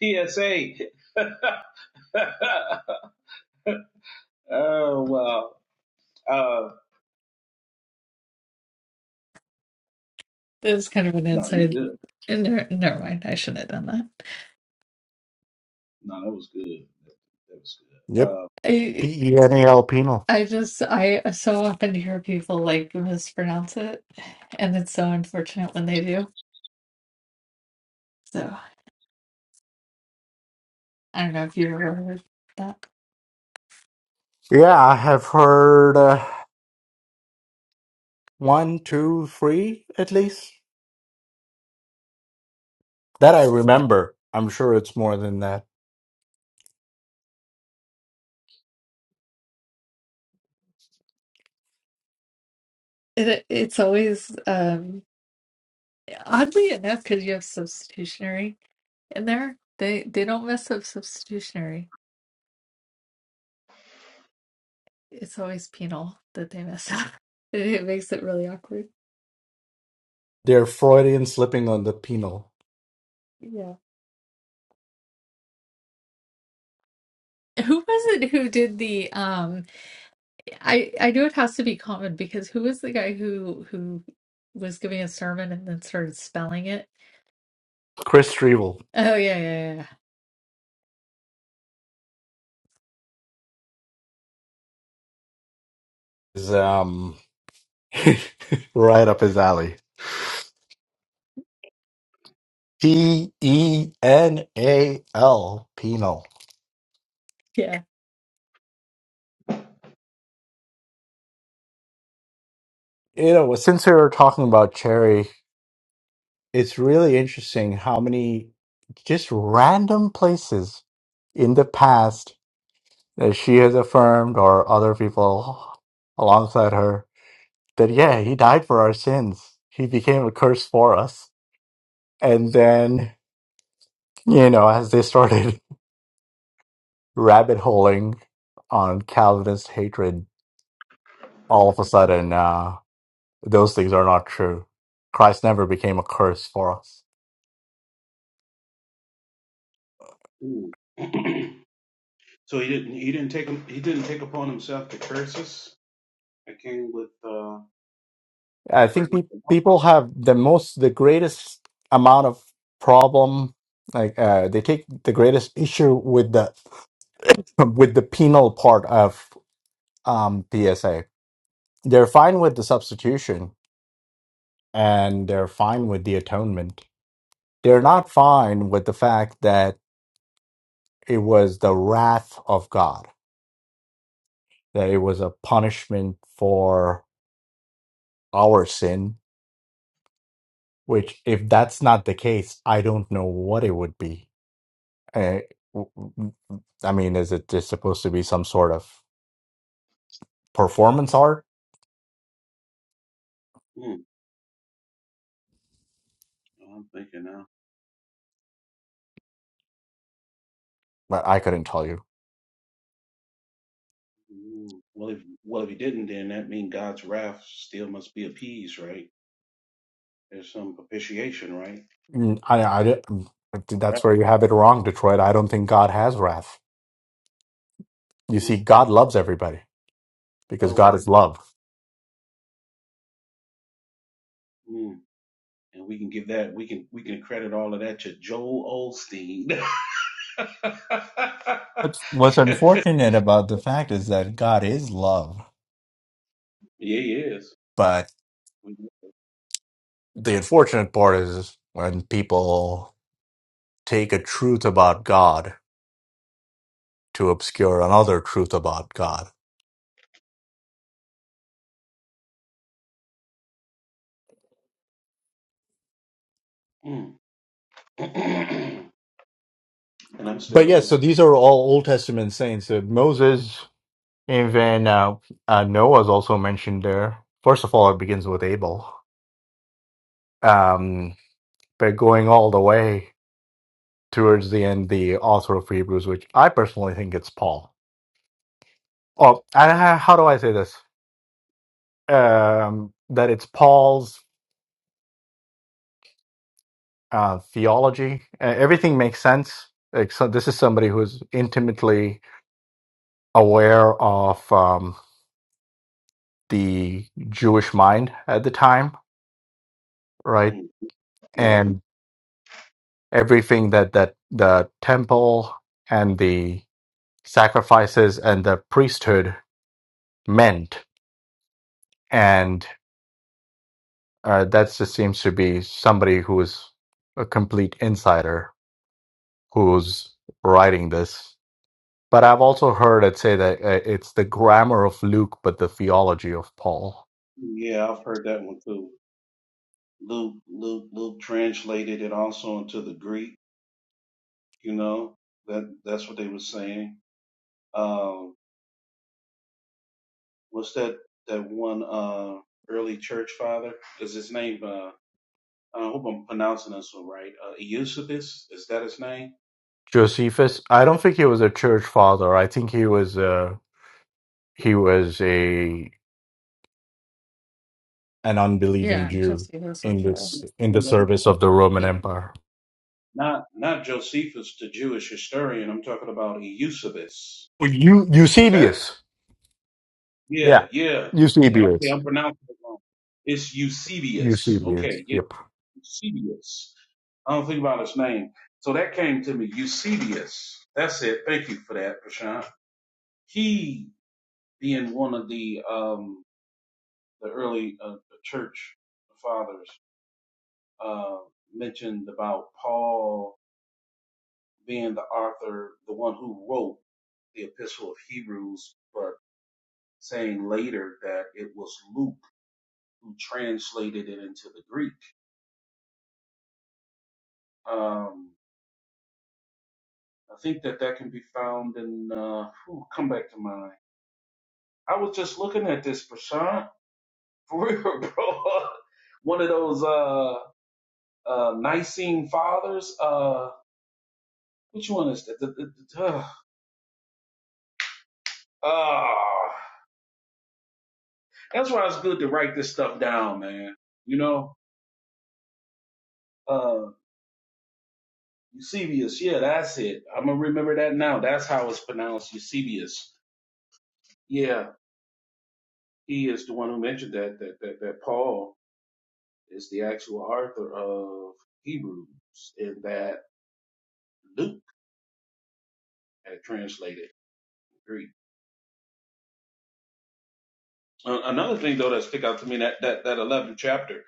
Speaker 10: PSA. [laughs] oh wow. Uh,
Speaker 6: There's kind of an
Speaker 10: no, you
Speaker 6: inside.
Speaker 10: good.
Speaker 6: Never, never mind. I shouldn't have done that.
Speaker 10: No, that was good. That, that was
Speaker 2: Yep,
Speaker 6: I
Speaker 2: P E N A L penal.
Speaker 6: I just I so often hear people like mispronounce it, and it's so unfortunate when they do. So I don't know if you've ever heard that.
Speaker 2: Yeah, I have heard uh, one, two, three at least that I
Speaker 6: Yeah.
Speaker 2: remember. I'm sure it's more than that.
Speaker 6: It, it's always um oddly enough because you have substitutionary. In there, they they don't mess up substitutionary. It's always penal that they mess up. [laughs] It makes it really awkward.
Speaker 2: They're Freudian slipping on the penal.
Speaker 6: Yeah. Who was it who did the um I I know it has to be common because who was the guy who who was giving a sermon and then started spelling it?
Speaker 2: Chris Strevel
Speaker 6: Oh yeah, yeah, yeah.
Speaker 2: is um Right up his alley. P E N A L, penal.
Speaker 6: Yeah.
Speaker 2: You know, since we were talking about Cherry, it's really interesting how many just random places in the past that she has affirmed or other people alongside her that, yeah, he died for our sins. He became a curse for us. And then, you know, as they started [laughs] rabbit holing on Calvinist hatred, all of a sudden. uh, Those things are not true. Christ never became a curse for us.
Speaker 10: good. Uh, ooh. [clears throat] so he didn't. He didn't take. him- He didn't take upon himself the curses That came with uh,
Speaker 2: I
Speaker 10: the
Speaker 2: think
Speaker 10: breaking
Speaker 2: pe-
Speaker 10: of
Speaker 2: people have the most, the greatest amount of problem. Like uh, they take the greatest issue with the [laughs] [clears throat] with the penal part of um, PSA. They're fine with the substitution and they're fine with the atonement. They're not fine with the fact that it was the wrath of God, that it was a punishment for our sin Which, if that's not the case, I don't know what it would be. Uh, w- w- I mean, is it just supposed to be some sort of performance art?
Speaker 10: the law. Hmm. Oh, I'm thinking now.
Speaker 2: But I couldn't tell you.
Speaker 10: Ooh. Well, if well if he didn't, then that means God's wrath still must be appeased, right? There's some propitiation, right?
Speaker 2: Mm, I, I, di- that's where you have it wrong, Detroit. I don't think God has wrath. You
Speaker 10: Right.
Speaker 2: see, God loves everybody
Speaker 10: Oh,
Speaker 2: because
Speaker 10: wow.
Speaker 2: God is love.
Speaker 10: mm. and we can give that we can we can credit all of that to Joel Olstein. [laughs] yeah,
Speaker 2: What's, what's unfortunate about the fact is that God is love.
Speaker 10: he is.
Speaker 2: But the unfortunate part is when people take a truth about God to obscure another truth about God.
Speaker 10: Mm. [clears throat] and I'm still
Speaker 2: But yeah,
Speaker 10: looking at.
Speaker 2: so these are all Old Testament saints. Uh, Moses, even uh, uh, Noah is also mentioned there. First of all, it begins with Abel. Um, but going all the way towards the end, the author of Hebrews, which I personally think it's Paul. Oh, and how how do I say this? Um, that it's Paul's uh, theology. Uh, everything makes sense. Like, so this is somebody who's intimately aware of um, the Jewish mind at the time right?
Speaker 10: Mm. Yeah,
Speaker 2: and everything that that the temple and the sacrifices and the priesthood meant and uh, that just seems to be somebody who's a complete insider who's writing this but i've also heard it say that uh, it's the grammar of luke but the theology of paul
Speaker 10: yeah, I've heard that one too. Luke, Luke, Luke translated it also into the Greek. You know that that's what they were saying. Um, what's that that one uh, early church father? Is his name? uh, Uh, I hope I'm pronouncing this all right. Uh, Eusebius, is that his name?
Speaker 2: josephus i don't think he was a church father i think he was a he was a an unbelieving
Speaker 6: Yeah,
Speaker 2: Jew
Speaker 6: Jesse
Speaker 2: in
Speaker 6: Russell.
Speaker 10: No,
Speaker 2: this in the
Speaker 10: no, no.
Speaker 2: service of the
Speaker 6: Yeah.
Speaker 2: Roman Empire.
Speaker 10: Not not Josephus, the Jewish historian. I'm talking about Eusebius.
Speaker 2: Eu-
Speaker 10: With that?
Speaker 2: Eusebius. Yeah.
Speaker 10: Yeah, yeah, yeah. Okay,
Speaker 2: Eusebius.
Speaker 10: I'm pronouncing it wrong. It's Eusebius.
Speaker 2: Eusebius.
Speaker 10: Okay, yeah,
Speaker 2: Yep.
Speaker 10: Eusebius. I don't think about his name. So that came to me, Eusebius. That's it. Thank you for that, Prashant. He being one of the um the early uh, the church fathers uh, mentioned about Paul being the author, the one who wrote the Epistle of Hebrews, but saying later that it was Luke who translated it into the Greek. Um, I think that that can be found in. Uh, whew, come back to mind. I was just looking at this, Prashant, for real, [laughs] bro. one of those uh, uh, Nicene fathers. Uh, which one is that? The, the, the, uh, ah. That's why it's good to write this stuff down, man. You know, uh, Eusebius, yeah, that's it. I'm gonna remember that now. That's how it's pronounced, Eusebius. Yeah, he is the one who mentioned that that that, that Paul is the actual author of Hebrews, and that Luke had translated Greek. Uh, another thing though that stick out to me that that that 11th chapter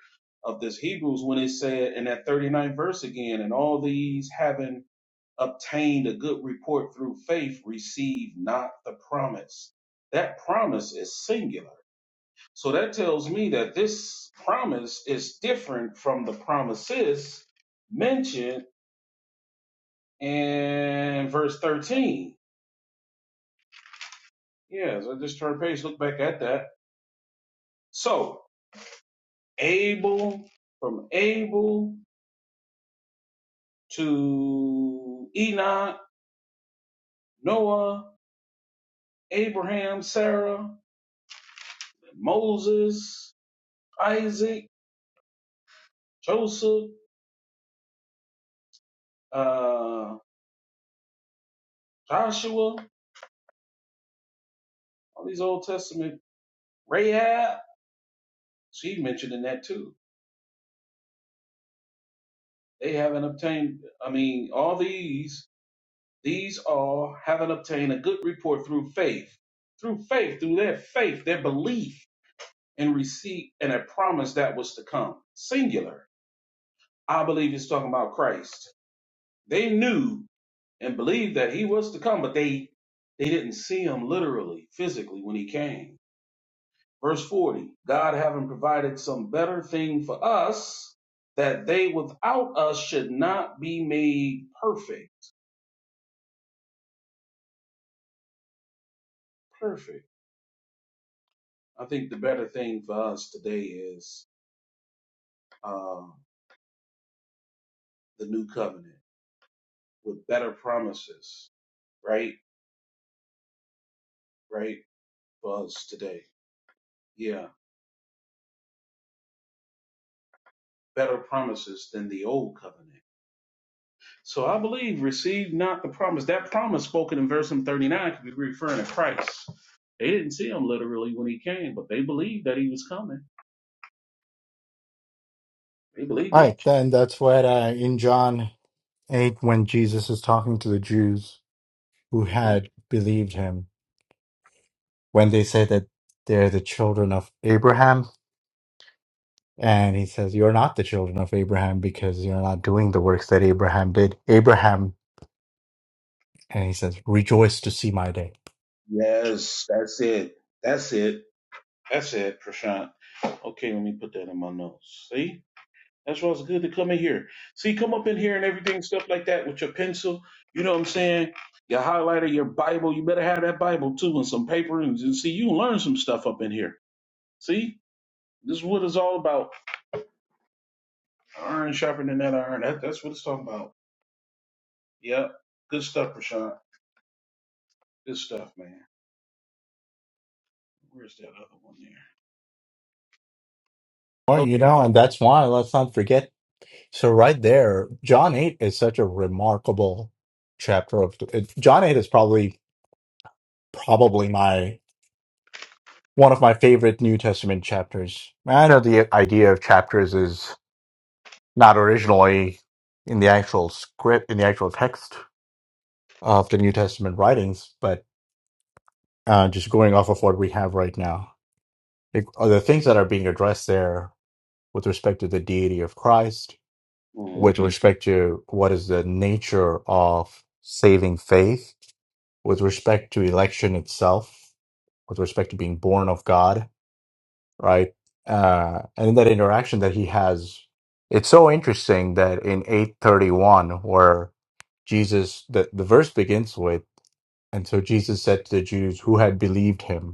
Speaker 10: of this Hebrews when it said in that 39th verse again, and all these having obtained a good report through faith received not the promise. That promise is singular. So that tells me that this promise is different from the promises mentioned in verse 13. Yeah, so just turn page, look back at that. So Abel, from Abel to Enoch, Noah, Abraham, Sarah, Moses, Isaac, Joseph, uh, Joshua, all these Old Testament, Rahab, she mentioned in that too. They haven't obtained, I mean, all these, these all haven't obtained a good report through faith, through faith, through their faith, their belief and receipt and a promise that was to come. Singular. I believe it's talking about Christ. They knew and believed that he was to come, but they, they didn't see him literally, physically when he came Verse 40 God having provided some better thing for us, that they without us should not be made perfect. Perfect. I think the better thing for us today is uh, the new covenant with better promises, right? Right? For us today. Yeah. Better promises than the old covenant. So I believe receive not the promise. That promise spoken in verse 39 could be referring to Christ. They didn't see him literally when he came, but they believed that he was coming He believed
Speaker 2: All
Speaker 10: it.
Speaker 2: right, then that's what uh, in John 8, when Jesus is talking to the Jews who had believed him, when they say that they're the children of Abraham, and he says, You're not the children of Abraham because you're not doing the works that Abraham did. Abraham And he says, Rejoice to see my day.
Speaker 10: Yes, that's it. That's it. That's it, Prashant. Okay, let me put that in my notes. See? That's why it's good to come in here. See, come up in here and everything, stuff like that with your pencil. You know what I'm saying? Your highlighter, your Bible. You better have that Bible too and some paper and, and see, you can learn some stuff up in here. See? This is what it's all about. Iron sharpening that iron. That, that's what it's talking about. Yep. Good stuff, Prashant. Good stuff, man. Where's that other one there?
Speaker 2: Well, you
Speaker 10: Okay.
Speaker 2: know,
Speaker 10: that-
Speaker 2: and that's why let's not forget. So, right there, John 8 is such a remarkable chapter of it, John 8 is probably, probably my one of my favorite New Testament chapters. I know the idea of chapters is not originally in the actual script, in the actual text, of the New Testament writings, but uh, just going off of what we have right now, like, are the things that are being addressed there with respect to the deity of Christ,
Speaker 10: Mm,
Speaker 2: with respect to what is the nature of saving faith, with respect to election itself, with respect to being born of God, right? Uh, and that interaction that he has, it's so interesting that in 831, where Jesus, the, the verse begins with, and so Jesus said to the Jews who had believed him,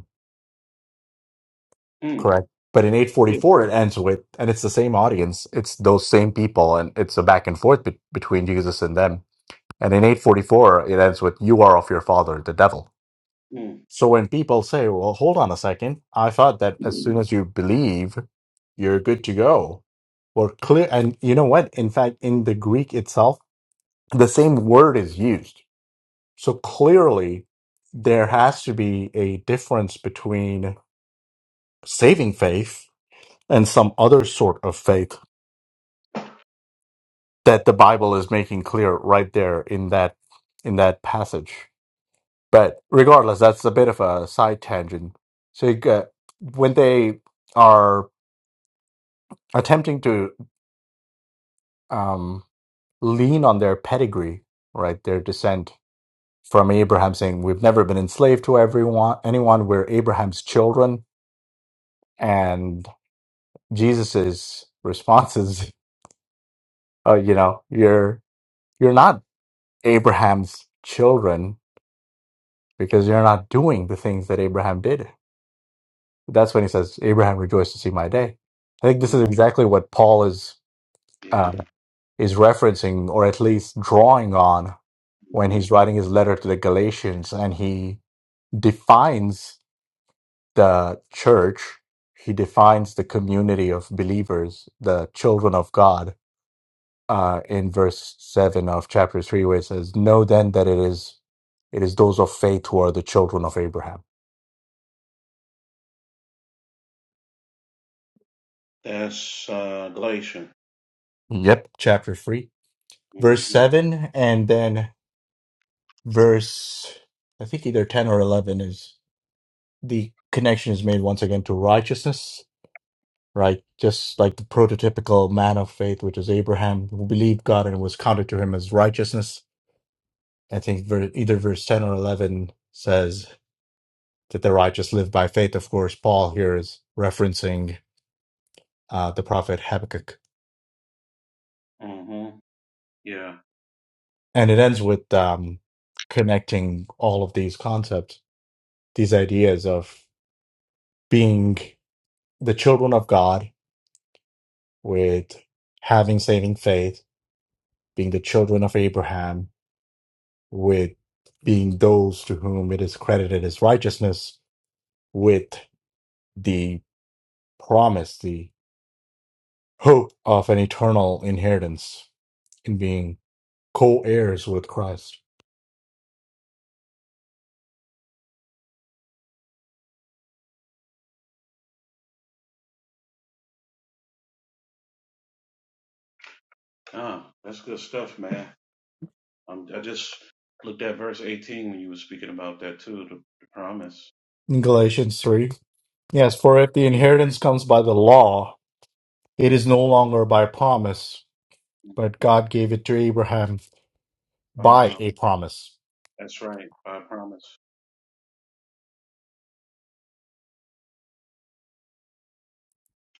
Speaker 10: mm,
Speaker 2: Correct. But in
Speaker 10: yeah,
Speaker 2: 844, it ends with, and it's the same audience. It's those same people, and it's a back and forth be- between Jesus and them. And in 844, it ends with, You are of your father, the devil.
Speaker 10: mm.
Speaker 2: So when people say, Well, hold on a second, I thought that as soon
Speaker 10: Mhm.
Speaker 2: as you believe, you're good to go. Well, clear. And you know what? In fact, in the Greek itself, the same word is used. So clearly, there has to be a difference between saving faith and some other sort of faith that the Bible is making clear right there in that in that passage. But regardless, that's a bit of a side tangent. So you get, when they are attempting to um, lean on their pedigree, right, their descent from Abraham, saying we've never been enslaved to everyone, anyone. We're Abraham's children, and Jesus's response is, uh, you know, you're you're not Abraham's children because you're not doing the things that Abraham did. That's when he says, Abraham rejoiced to see my day. I think this is exactly what Paul is,
Speaker 10: Yeah.
Speaker 2: uh, is referencing or at least drawing on when
Speaker 10: hmm
Speaker 2: he's writing his letter to the Galatians and he defines the church, he defines the community of believers, the children of God, uh, in verse 7 of chapter 3, where it says, Know then that it is, it is those of faith who are the children of Abraham
Speaker 10: That's uh, Galatian.
Speaker 2: Yep, chapter 3, verse
Speaker 10: hmm
Speaker 2: 7, and then verse, I think either 10 or 11 is the connection is made once again to righteousness, right? Just like the prototypical man of faith, which is Abraham, who believed God and it was counted to him as righteousness. I think ver- either verse 10 or 11 says that the righteous live by faith. Of course, Paul here is referencing uh, the prophet Habakkuk.
Speaker 10: hmm Yeah.
Speaker 2: and it ends with um, connecting all of these concepts, these ideas of being the children of God with having saving faith, being the children of Abraham with being those to whom it is credited as righteousness, with the promise, the hope of an eternal inheritance in being co heirs with Christ.
Speaker 10: Ah, that's good stuff, man. Um, I just looked at verse 18 when you were speaking about that too, the, the promise.
Speaker 2: In Galatians 3, yes, for if the
Speaker 10: Yeah.
Speaker 2: inheritance comes by the law, It is no longer by promise, but God gave it to Abraham
Speaker 10: By
Speaker 2: by
Speaker 10: prom-
Speaker 2: a promise. [laughs]
Speaker 10: That's right. By promise.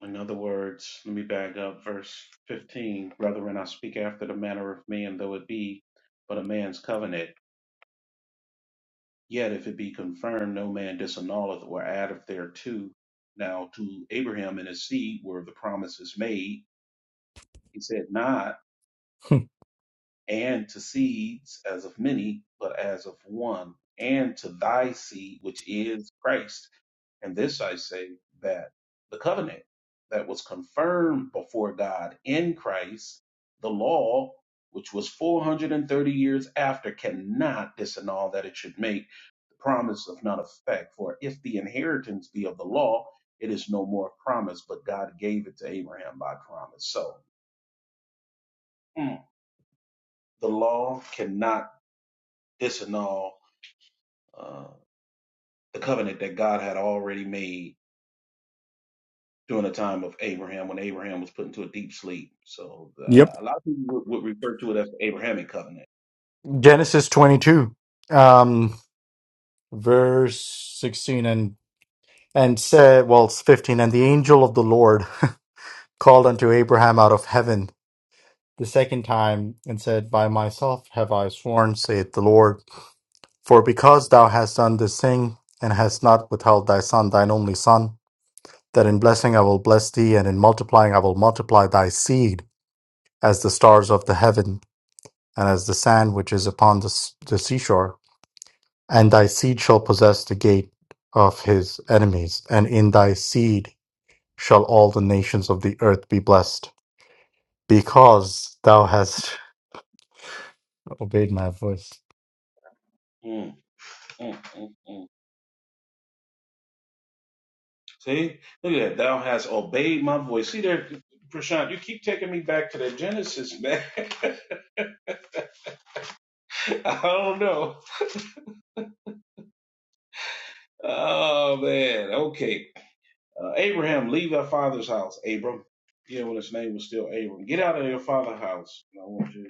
Speaker 10: In other words, let me back up verse 15. Brethren, I speak after the manner of man, though it be but a man's covenant. Yet if it be confirmed, no man disannulleth or addeth thereto. Now to Abraham and his seed were the promises made. He said, Not and to seeds as of many, but as of one, and to thy seed, which is Christ. And this I say that the covenant that was confirmed before God in Christ, the law, which was 430 years after, cannot disannul that it should make the promise of not effect. For if the inheritance be of the law, it is no more promise, but God gave it to Abraham by promise. So mm, the law cannot disannul uh, the covenant that God had already made during the time of Abraham when Abraham was put into a deep sleep. So
Speaker 2: Yep.
Speaker 10: uh, a lot of people would, would refer to it as the Abrahamic covenant.
Speaker 2: Genesis 22, um, verse 16, and, and said, well, it's 15, and the angel of the Lord [laughs] called unto Abraham out of heaven the second time and said, By myself have I sworn, saith the Lord, for because thou hast done this thing and hast not withheld thy son, thine only son, that in blessing I will bless thee, and in multiplying I will multiply thy seed. as the stars of the heaven, and as the sand which is upon the, s- the seashore. And thy seed shall possess the gate of his enemies, and in thy seed shall all the nations of the earth be blessed, because thou hast [laughs] obeyed my voice.
Speaker 10: Mm, mm, mm, mm. See, look at that. Thou hast obeyed my voice. See there, Prashant, you keep taking me back to the Genesis, man. [laughs] I don't know. Oh man. Okay. Uh, Abraham, leave thy father's house, Abram. Yeah, when his name was still Abram. Get out of your father's house. I want you to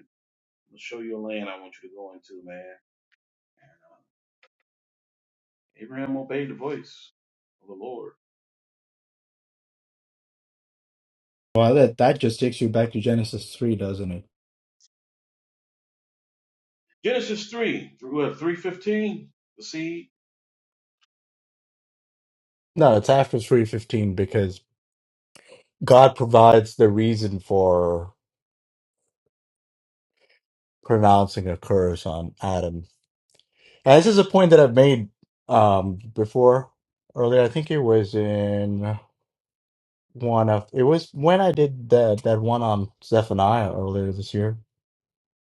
Speaker 10: show your land. I want you to go into, man. And, uh, Abraham obeyed the voice of the Lord.
Speaker 2: Well, that that just takes you back to Genesis three, doesn't it?
Speaker 10: Genesis 3 through what, 315? The seed?
Speaker 2: No, it's after 315 because God provides the reason for pronouncing a curse on Adam And this is a point that I've made um before earlier. I think it was in one of it was when I did that that one on Zephaniah earlier this year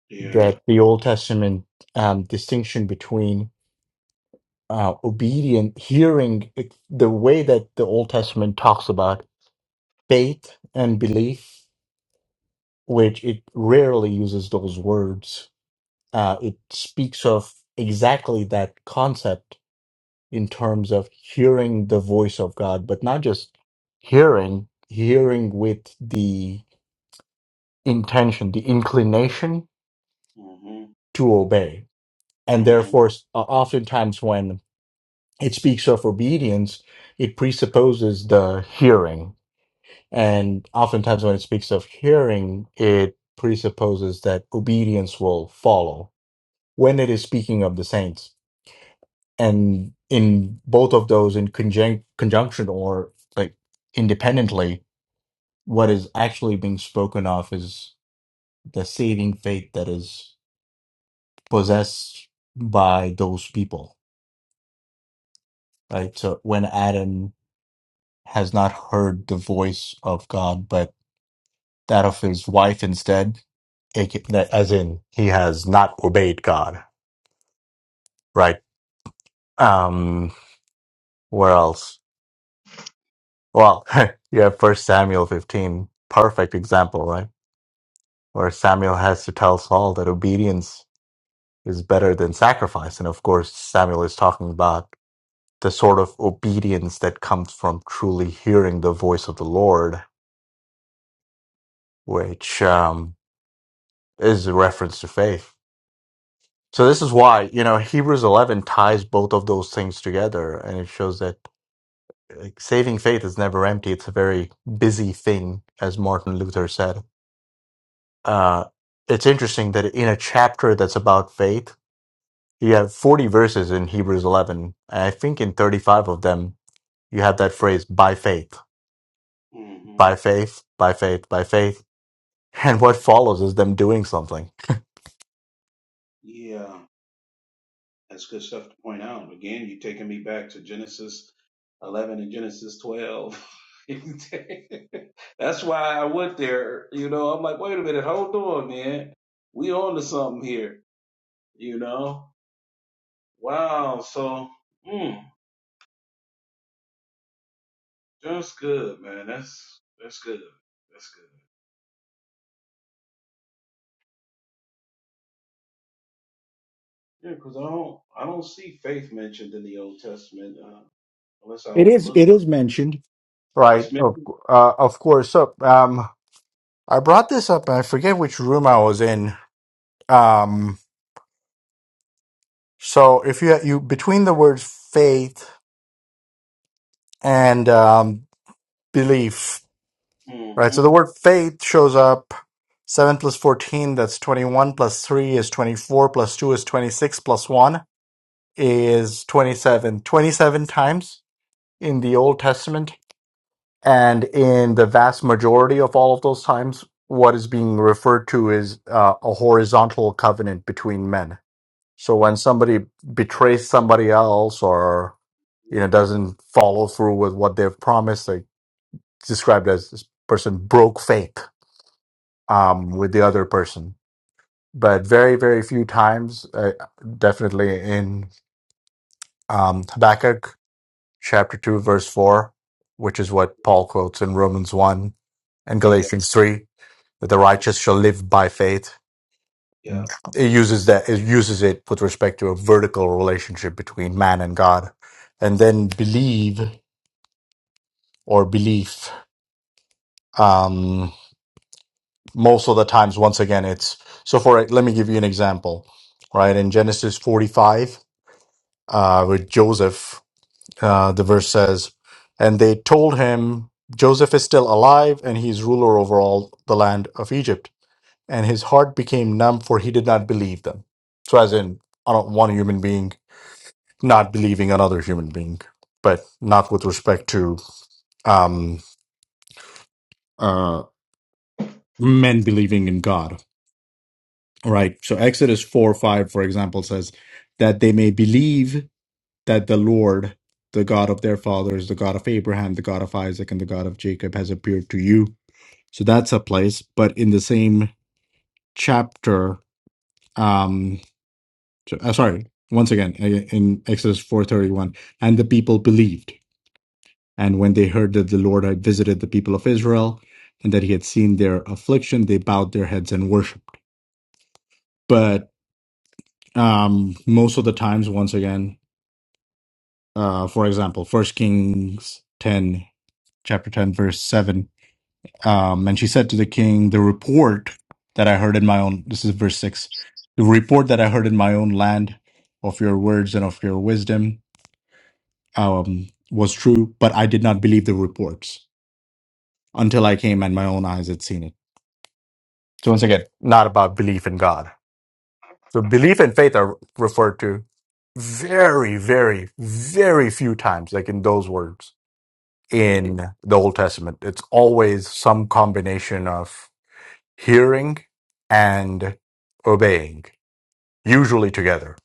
Speaker 10: Yeah.
Speaker 2: that the Old Testament um distinction between uh obedient hearing it- the way that the Old Testament talks about faith and belief, which it rarely uses those words. Uh it speaks of exactly that concept in terms of hearing the voice of God, but not just hearing, hearing with the intention, the inclination
Speaker 10: hmm
Speaker 2: to obey. And
Speaker 10: hmm
Speaker 2: therefore, s- o- oftentimes when it speaks of obedience, it presupposes the hearing. And oftentimes when it speaks of hearing, it presupposes that obedience will follow when it is speaking of the saints. And in both of those, in conjunc- conjunction or like independently, what is actually being spoken of is the saving faith that is possessed by those people, right? So when Adam has not heard the voice of God, but that of his wife instead, aka- that- as in he has not obeyed God, right? Um, where else? Well, [laughs] you have First Samuel fifteen, perfect example, right? Where Samuel has to tell Saul that obedience is better than sacrifice, and of course Samuel is talking about the sort of obedience that comes from truly hearing the voice of the Lord, which um, is a reference to faith. So this is why you know Hebrews 11 ties both of those things together, and it shows that like, saving faith is never empty. It's a very busy thing, as Martin Luther said. Uh, it's interesting that in a chapter that's about faith, you have 40 verses in Hebrews 11, and I think in 35 of them you have that phrase "by faith."
Speaker 10: hmm
Speaker 2: by faith, by faith, by faith. [laughs] and what follows is them doing something,
Speaker 10: Yeah. That's good stuff to point out. Again, you're taking me back to Genesis 11 and Genesis 12. [laughs] That's why I went there. You know, I'm like, wait a minute, hold on, man. We on to something here. You know? Wow. So, mm, that's good, man. That's that's good. That's good. Yeah, because I don't I don't see faith mentioned in the Old Testament uh, unless I
Speaker 2: It is
Speaker 10: overlook.
Speaker 2: it is mentioned.
Speaker 10: it. It's
Speaker 2: right? Of
Speaker 10: mentioned.
Speaker 2: uh, of course. So um, I brought this up. and I forget which room I was in. Um, so if you you between the words faith and um, belief, right? So the
Speaker 10: Mm-hmm.
Speaker 2: word faith shows up. 7 plus 14, that's 21, plus 3 is 24, plus 2 is 26, plus 1 is 27. 27 times in the Old Testament. And in the vast majority of all of those times, what is being referred to is uh, a horizontal covenant between men. So when somebody betrays somebody else or you know doesn't follow through with what they've promised, they described as this person broke faith um, with the other person. But very, very few times, uh, definitely in um, Habakkuk chapter 2, verse 4, which is what Paul quotes in Romans 1 and
Speaker 10: Yeah,
Speaker 2: Galatians 3 that the
Speaker 10: yeah,
Speaker 2: righteous shall live by faith.
Speaker 10: yeah,
Speaker 2: It uses that it uses it with respect to a vertical relationship between man and God, and then believe or belief. Um, most of the times, once again, it's so. For let me give you an example, right? In Genesis forty-five, uh, with Joseph, uh, the verse says, "And they told him Joseph is still alive, and he's ruler over all the land of Egypt." and his heart became numb, for he did not believe them. So, as in, I don't want a human being not believing another human being, but not with respect to um, uh, men believing in God. All right. So, Exodus 4 5, for example, says that they may believe that the Lord, the God of their fathers, the God of Abraham, the God of Isaac, and the God of Jacob, has appeared to you. So, that's a place. But in the same chapter, um, So- uh, sorry once again uh, in exodus 4.31 and the people believed and when they heard that the lord had visited the people of israel and that he had seen their affliction they bowed their heads and worshipped but um, most of the times once again uh, for example First kings 10 chapter 10 verse 7 um, and she said to the king the report that i heard in my own this is verse 6 the report that i heard in my own land of your words and of your wisdom um, was true, but I did not believe the reports until I came and my own eyes had seen it. So once again, not about belief in God. So belief and faith are referred to very, very, very few times, like in those words
Speaker 10: yeah.
Speaker 2: in the Old Testament. It's always some combination of hearing and obeying, usually together.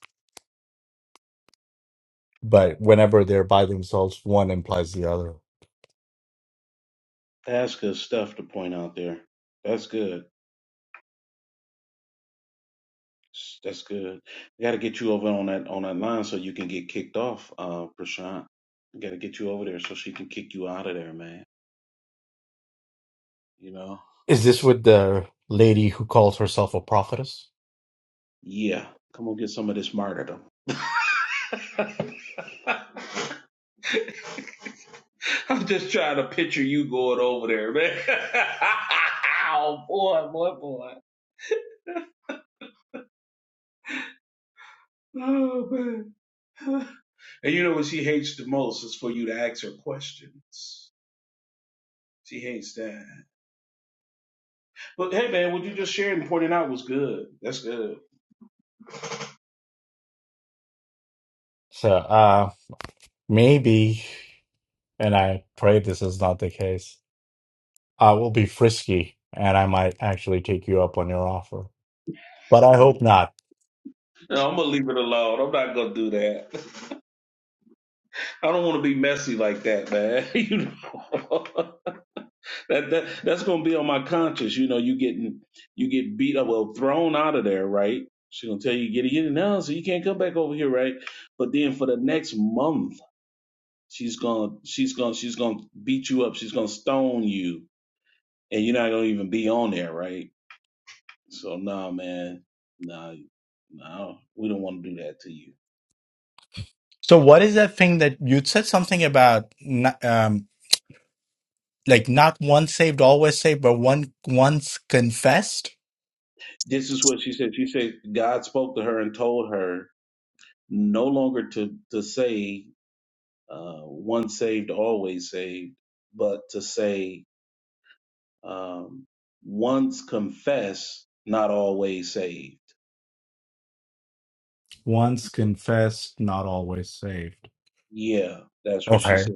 Speaker 2: But whenever they're by themselves, one implies the other.
Speaker 10: That's good stuff to point out there. That's good. S- That's good. We got to get you over on that on that line so you can get kicked off, uh, Prashant. We got to get you over there so she can kick you out of there, man. You know?
Speaker 2: Is this with the lady who calls herself a prophetess?
Speaker 10: Yeah. Come on, get some of this martyrdom. [laughs] I'm just trying to picture you going over there, man. [laughs] oh boy, boy, boy. Oh man. And you know what she hates the most is for you to ask her questions. She hates that. But hey man, what you just shared and pointed out was good. That's good.
Speaker 2: So uh maybe and I pray this is not the case. I will be frisky and I might actually take you up on your offer. But I hope not.
Speaker 10: No, I'm gonna leave it alone. I'm not gonna do that. [laughs] I don't want to be messy like that, man. [laughs] you know. [laughs] that, that that's gonna be on my conscience. You know, you getting you get beat up, well, thrown out of there, right? She's gonna tell you get it, get it now, so you can't come back over here, right? But then for the next month, she's gonna she's gonna she's gonna beat you up. She's gonna stone you, and you're not gonna even be on there, right? So nah, man, nah. No, we don't want to do that to you.
Speaker 2: So what is that thing that you said something about n- um like not once saved always saved but one once confessed?
Speaker 10: This is what she said. She said God spoke to her and told her no longer to to say uh, once saved, always saved, but to say um, once confessed, not always saved.
Speaker 2: Once confessed, not always saved.
Speaker 10: Yeah, that's what she
Speaker 2: Okay.
Speaker 10: said.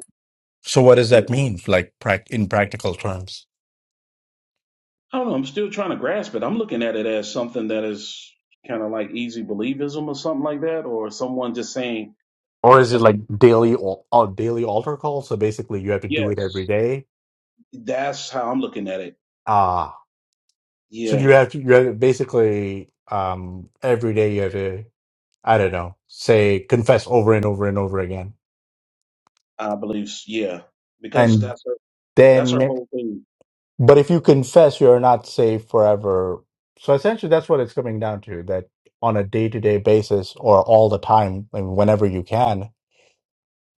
Speaker 2: So what does
Speaker 10: Yeah.
Speaker 2: that mean, like prac- in practical terms?
Speaker 10: I don't know. I'm still trying to grasp it. I'm looking at it as something that is kind of like easy believism or something like that, or someone just saying
Speaker 2: Or is it like
Speaker 10: some,
Speaker 2: daily or uh, daily altar call? So basically, you have to do it every
Speaker 10: yes,
Speaker 2: day.
Speaker 10: that's how I'm looking at it.
Speaker 2: Ah, so
Speaker 10: Yeah,
Speaker 2: you have to you have to basically um every day you have to I don't know say confess over and over and over again,
Speaker 10: I believe, s- yeah, because
Speaker 2: and
Speaker 10: that's her, that's her
Speaker 2: then
Speaker 10: whole thing.
Speaker 2: but if you confess, you are not saved forever. So essentially, that's what it's coming down to that on a day to day basis or all the time, and whenever you can.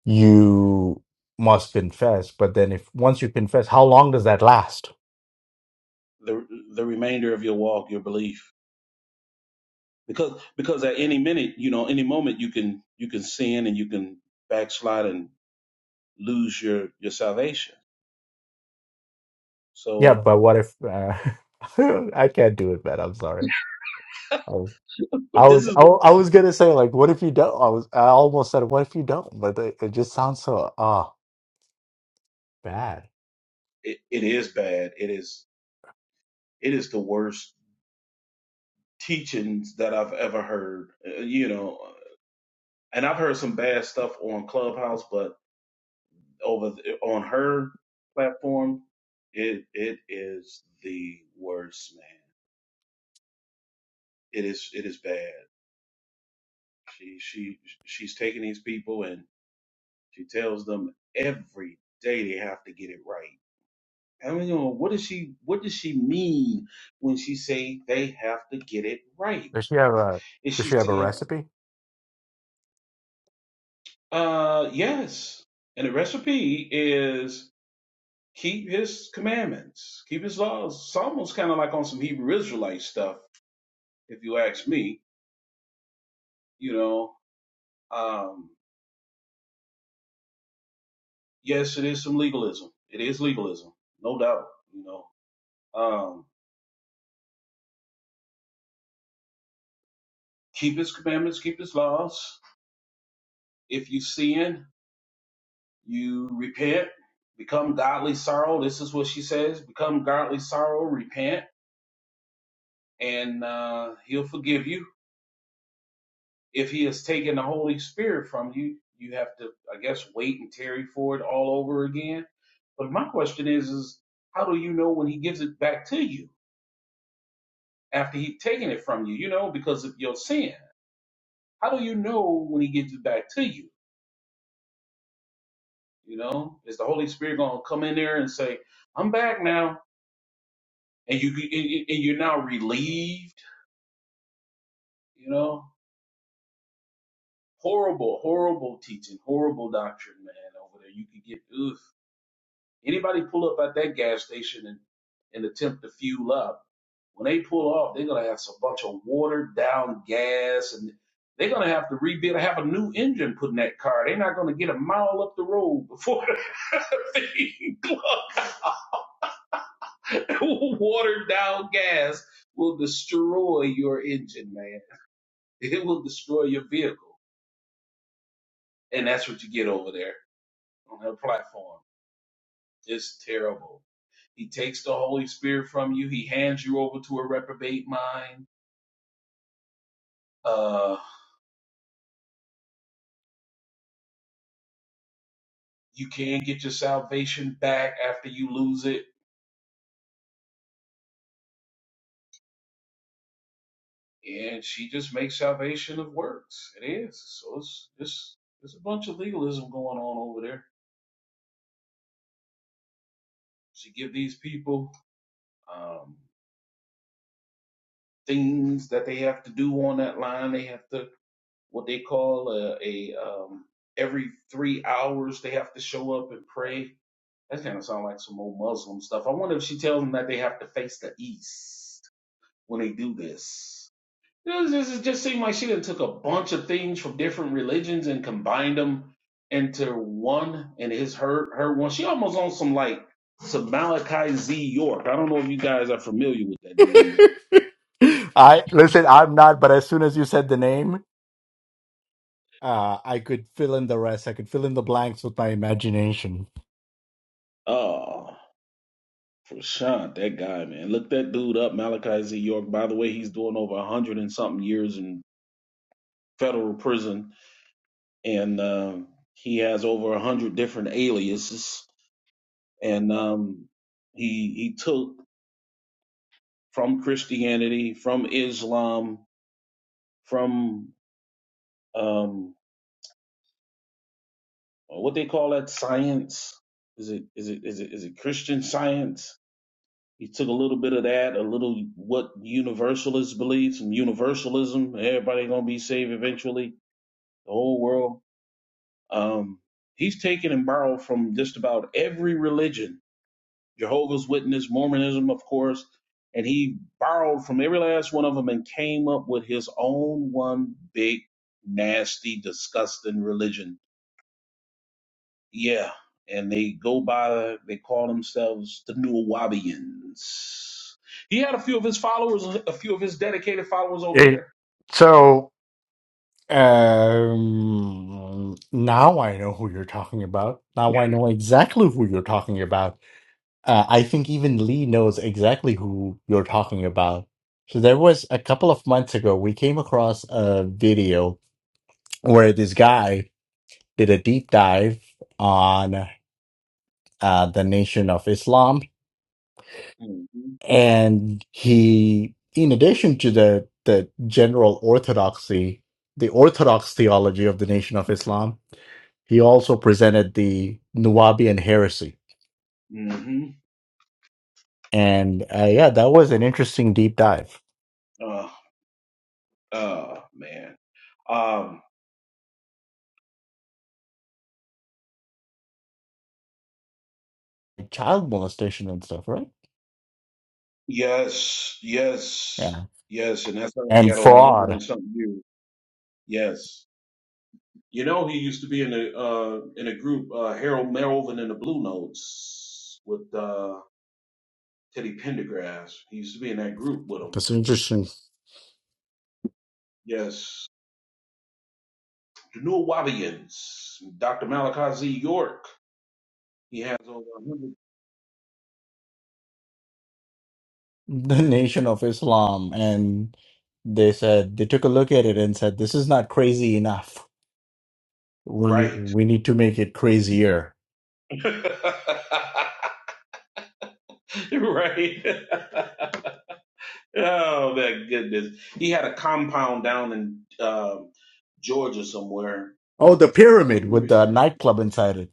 Speaker 2: you must confess. But then, if once you confess, how long does that last?
Speaker 10: The, the remainder of your walk, your belief. because because at any minute you know any moment you can you can sin and you can backslide and lose your your salvation
Speaker 2: Yeah,
Speaker 10: so
Speaker 2: but what if uh, [laughs] I can't do it, man? I'm sorry. I was,
Speaker 10: but
Speaker 2: I
Speaker 10: this
Speaker 2: was,
Speaker 10: is
Speaker 2: I, wa- I was gonna say like, what if you don't? I was, I almost said, what if you don't? But it, it just sounds so ah bad.
Speaker 10: it, it is bad it is it is the worst teachings that i've ever heard Uh, you know and i've heard some bad stuff on clubhouse but over the, on her platform it it is the worst man it is it is bad she she she's taking these people and She tells them every day they have to get it right. I mean, you know, what does she what does she mean when she say they have to get it right?
Speaker 2: Does she have a?
Speaker 10: Is
Speaker 2: Does
Speaker 10: she
Speaker 2: she have a
Speaker 10: saying,
Speaker 2: recipe?
Speaker 10: uh, yes. And the recipe is keep his commandments, keep his laws. It's almost kind of like on some Hebrew Israelite stuff, if you ask me. You know, um, yes, it is some legalism. It is legalism, no doubt. You know, um, keep his commandments, keep his laws. If you sin, You repent, become godly sorrow. This is what she says become godly sorrow, repent, and uh, he'll forgive you. If he has taken the Holy Spirit from you, you have to, I guess, wait and tarry for it all over again. But my question is, is how do you know when he gives it back to you after he's taken it from you, you know, because of your sin? How do you know when he gives it back to you? You know, is the Holy Spirit going to come in there and say, I'm back now? And you, and and- and you're now relieved You know, horrible, horrible teaching, horrible doctrine, man, over there. You could get oof. Anybody pull up at that gas station and, and attempt to fuel up. When they pull off, they're gonna have a bunch of watered down gas and they're gonna have to rebuild have a new engine put in that car. They're not gonna get a mile up the road before [laughs] the thing plugs. [laughs] watered down gas will destroy your engine, man. It will destroy your vehicle. And that's what you get over there on that platform Is terrible. He takes the Holy Spirit from you. He hands you over to a reprobate mind. Uh, you can get your salvation back after you lose it, and she just makes salvation of works. It is so. It's it's there's a bunch of legalism going on over there. She give these people um, things that they have to do on that line. They have to what they call a, a um, every three hours they have to show up and pray That kind of sounds like some old Muslim stuff. I wonder if she tells them that they have to face the East when they do this. This just, it just seemed like she done took a bunch of things from different religions and combined them into one and his her her one. She almost on some like some Malachi Z York. I don't know if you guys are familiar with
Speaker 2: [laughs]
Speaker 10: that dude.
Speaker 2: I listen. I'm not, but as soon as you said the name, uh, I could fill in the rest. I could fill in the blanks with my imagination.
Speaker 10: Oh, for sure, that guy man. Look that dude up, Malachi Z York. By the way, he's doing over a hundred and something years in federal prison and um, he has over a hundred different aliases. And um, he he took from Christianity, from Islam, from um, what they call that science. Is it is it is it is it Christian science? He took a little bit of that, a little what universalists believe, some universalism. Everybody gonna be saved eventually, the whole world. Um, he's taken and borrowed from just about every religion Jehovah's Witness, Mormonism, of course, and he borrowed from every last one of them and came up with his own one big, nasty, disgusting religion. Yeah, and they go by, they call themselves the New Wabians. He had a few of his followers, a few of his dedicated followers over
Speaker 2: It,
Speaker 10: here.
Speaker 2: so Um, now I know who you're talking about. Now I know exactly who you're talking about. Uh, I think even Lee knows exactly who you're talking about. So there was a couple of months ago, we came across a video where this guy did a deep dive on uh, the Nation of Islam,
Speaker 10: Mm-hmm.
Speaker 2: and he, in addition to the the general orthodoxy, the orthodox theology of the Nation of Islam. He also presented the Nuwabian heresy.
Speaker 10: Mm-hmm.
Speaker 2: And uh, yeah, that was an interesting deep dive.
Speaker 10: Uh, uh, man. Um,
Speaker 2: Child molestation and stuff, right?
Speaker 10: yes, yes,
Speaker 2: Yeah.
Speaker 10: yes, and that's how they
Speaker 2: And
Speaker 10: got over a hundred and
Speaker 2: fraud.
Speaker 10: something years. Yes, You know, he used to be in a uh, in a group, uh, Harold Melvin and the Blue Notes with uh, Teddy Pendergrass. He used to be in that group with him.
Speaker 2: That's interesting.
Speaker 10: Yes, the New Wabians, Dr. Malachi Z. York. He has over a hundred.
Speaker 2: The Nation of Islam, and they said they took a look at it and said, "This is not crazy enough. We need,
Speaker 10: Right.
Speaker 2: we need to make it crazier."
Speaker 10: [laughs] right. [laughs] oh my goodness. He had a compound down in um Georgia somewhere.
Speaker 2: Oh, the pyramid
Speaker 10: I'm
Speaker 2: with the
Speaker 10: referring.
Speaker 2: nightclub inside it,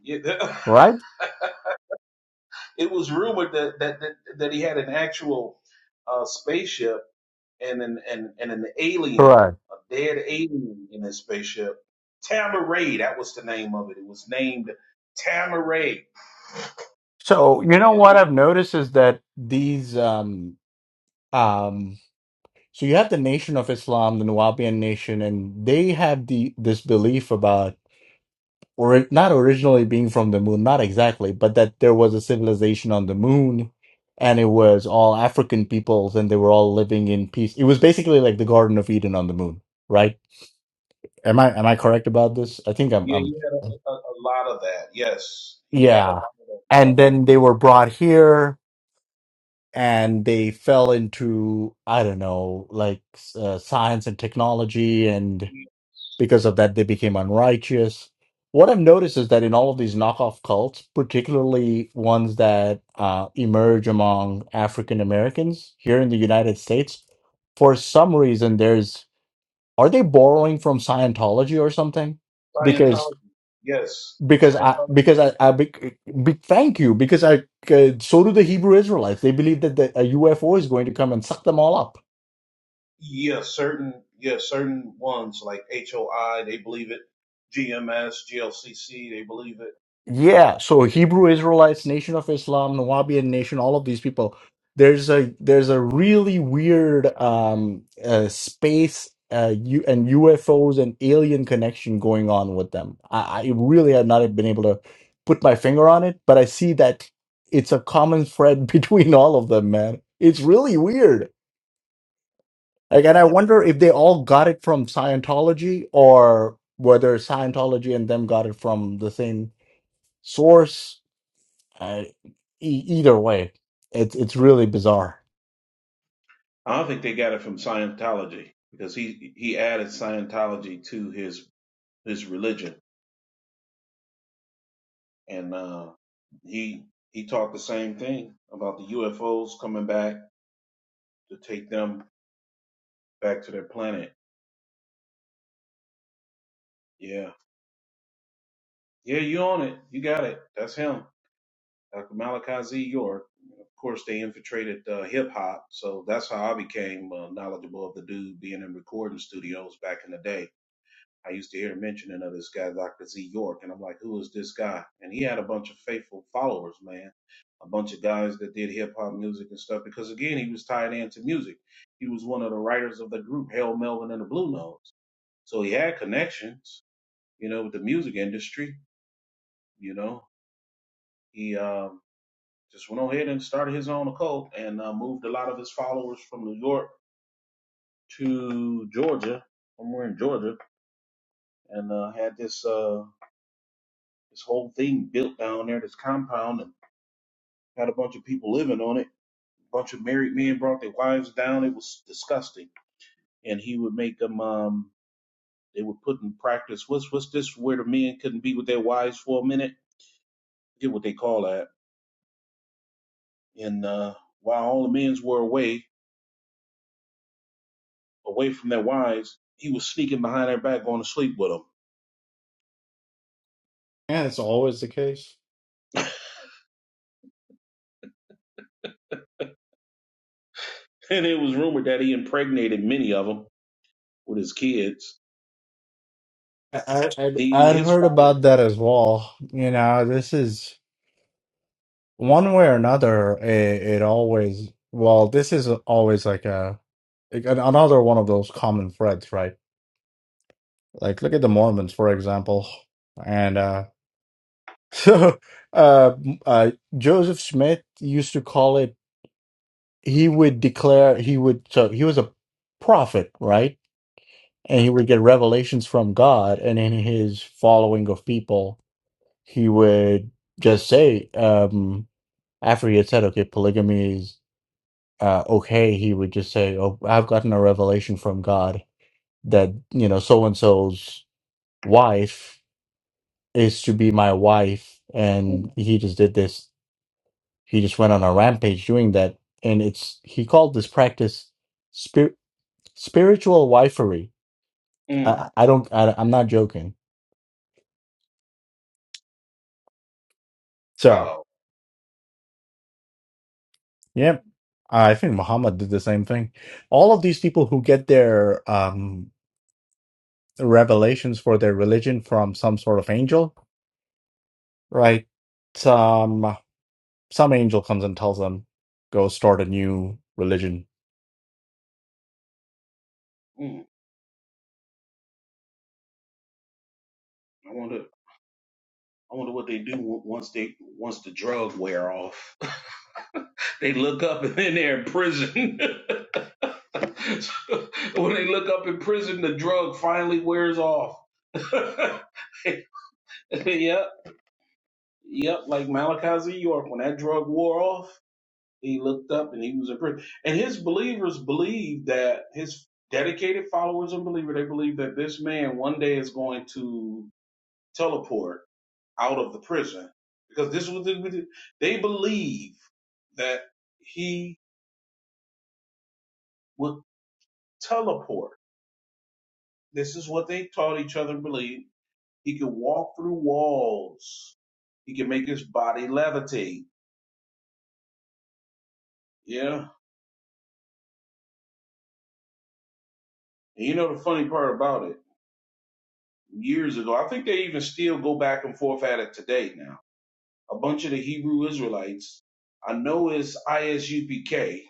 Speaker 10: Yeah. [laughs]
Speaker 2: right?
Speaker 10: It was rumored that that that, that he had an actual uh, spaceship and an and, and an alien, a dead alien in his spaceship. Tamaray, that was the name of it. It was named Tamaray,
Speaker 2: So you know
Speaker 10: and
Speaker 2: what
Speaker 10: it, was-
Speaker 2: I've noticed is that these um um so you have the Nation of Islam, the Nuwabian nation, and they have the this belief about or not originally being from the moon, not exactly, but that there was a civilization on the moon and it was all African peoples and they were all living in peace. It was basically like the Garden of Eden on the moon, right? Am I am I correct about this? I think I'm
Speaker 10: yeah,
Speaker 2: I'm
Speaker 10: he had a, a, a lot of that. Yes, he had a
Speaker 2: yeah.
Speaker 10: lot of that going
Speaker 2: And
Speaker 10: on.
Speaker 2: then they were brought here and they fell into I don't know, like uh, science and technology, and
Speaker 10: Yeah,
Speaker 2: because of that, they became unrighteous. What I've noticed is that in all of these knockoff cults, particularly ones that uh, emerge among African Americans here in the United States, for some reason, there's are they borrowing from Scientology or something?
Speaker 10: Scientology, yes,
Speaker 2: because I because
Speaker 10: Scientology,
Speaker 2: I, I big, big thank you because I uh, so do the Hebrew Israelites. They believe that the, a UFO is going to come and suck them all up.
Speaker 10: yeah, certain, yeah, certain ones like HOI, they believe it. G M S, G L C C, they believe it.
Speaker 2: Yeah, so Hebrew Israelites, Nation of Islam, Nawabian Nation, all of these people. There's a there's a really weird um, uh, space uh, U- and UFOs and alien connection going on with them. I, I really have not been able to put my finger on it, but I see that it's a common thread [laughs] between all of them, man. It's really weird. Like, and I wonder if they all got it from Scientology or whether Scientology and them got it from the same source. Uh, e- either way, it's it's really bizarre.
Speaker 10: I don't think they got it from Scientology because he he added Scientology to his his religion, and uh, he he taught the same thing about the UFOs coming back to take them back to their planet. Yeah, yeah, you own it, you got it. That's him, Dr. Malachi Z. York. Of course, they infiltrated uh, hip hop, so that's how I became uh, knowledgeable of the dude being in recording studios back in the day I used to hear mentioning of this guy, Dr. Z York, and I'm like, who is this guy? And he had a bunch of faithful followers, man. A bunch of guys that did hip hop music and stuff because, again, he was tied into music. He was one of the writers of the group Hail Melvin and the Blue Notes. So he had connections, you know, with the music industry. You know, he um, just went on ahead and started his own occult and uh, moved a lot of his followers from New York to Georgia, somewhere in Georgia, and uh, had this. Uh, this whole thing built down there, this compound, and had a bunch of people living on it. A bunch of married men brought their wives down. It was disgusting. And he would make them, um, they would put in practice, what's, what's this where the men couldn't be with their wives for a minute? Get what they call that. And, uh, while all the men's were away, away from their wives, he was sneaking behind their back going to sleep with them. [laughs]
Speaker 2: Yeah, it's always the case.
Speaker 10: And it was rumored that he impregnated many of them with his kids.
Speaker 2: I, I I'd,
Speaker 10: The,
Speaker 2: I'd
Speaker 10: his
Speaker 2: heard
Speaker 10: followers.
Speaker 2: about that as well. You know, this is one way or another. It, it always well, this is always like a like an- another one of those common threads, right? Like look at the Mormons, for example, and. uh [laughs] So, uh, uh, Joseph Smith used to call it, he would declare, he would, so he was a prophet, right? And he would get revelations from God. And in his following of people, he would just say, um, after he had said, okay, polygamy is uh, okay, he would just say, oh, I've gotten a revelation from God that, you know, so and so's wife is to be my wife.
Speaker 10: Mm,
Speaker 2: And he just did this he just went on a rampage doing that and it's he called this practice spir- spiritual wifery I,
Speaker 10: mm,
Speaker 2: I don't I, i'm not joking so
Speaker 10: wow.
Speaker 2: yeah i think muhammad did the same thing all of these people who get their um revelations for their religion from some sort of angel right some some angel comes and tells them go start a new religion
Speaker 10: Mm, I wonder I wonder what they do w- once they once the drug wear off. [laughs] They look up and then they're in prison. [laughs] So, when they look up in prison, the drug finally wears off. [laughs] yep, yep. Like Malachi Z. York, when that drug wore off, he looked up and he was in prison. And his believers believe that his dedicated followers and believer they believe that this man one day is going to teleport out of the prison because this was the, they believe that he would teleport. This is what they taught each other. Believe he could walk through walls. He could make his body levitate. Yeah, and you know the funny part about it. Years ago, I think they even still go back and forth at it today. Now, a bunch of the Hebrew Israelites, I know is ISUPK,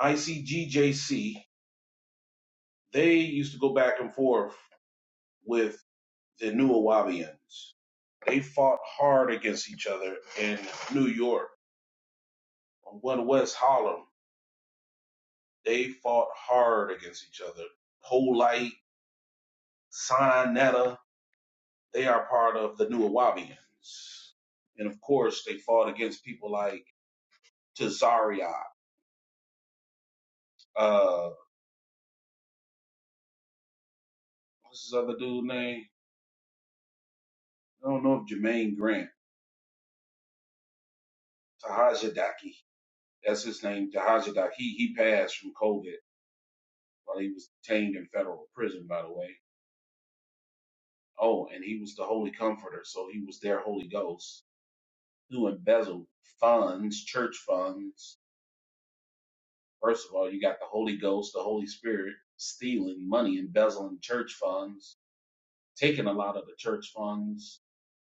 Speaker 10: ICGJC. They used to go back and forth with. the New Awabians. They fought hard against each other in New York. On One West Harlem, they fought hard against each other. Polite, Sinetta, they are part of the New Awabians. And of course, they fought against people like Tazariot. Uh, what's his other dude name? I don't know if Jermaine Grant. Tahajidaki. That's his name, Tahajidaki. He he passed from COVID while he was detained in federal prison, by the way Oh, and he was the Holy Comforter, so he was their Holy Ghost who embezzled funds, church funds. First of all, you got the Holy Ghost, the Holy Spirit stealing money, embezzling church funds, taking a lot of the church funds,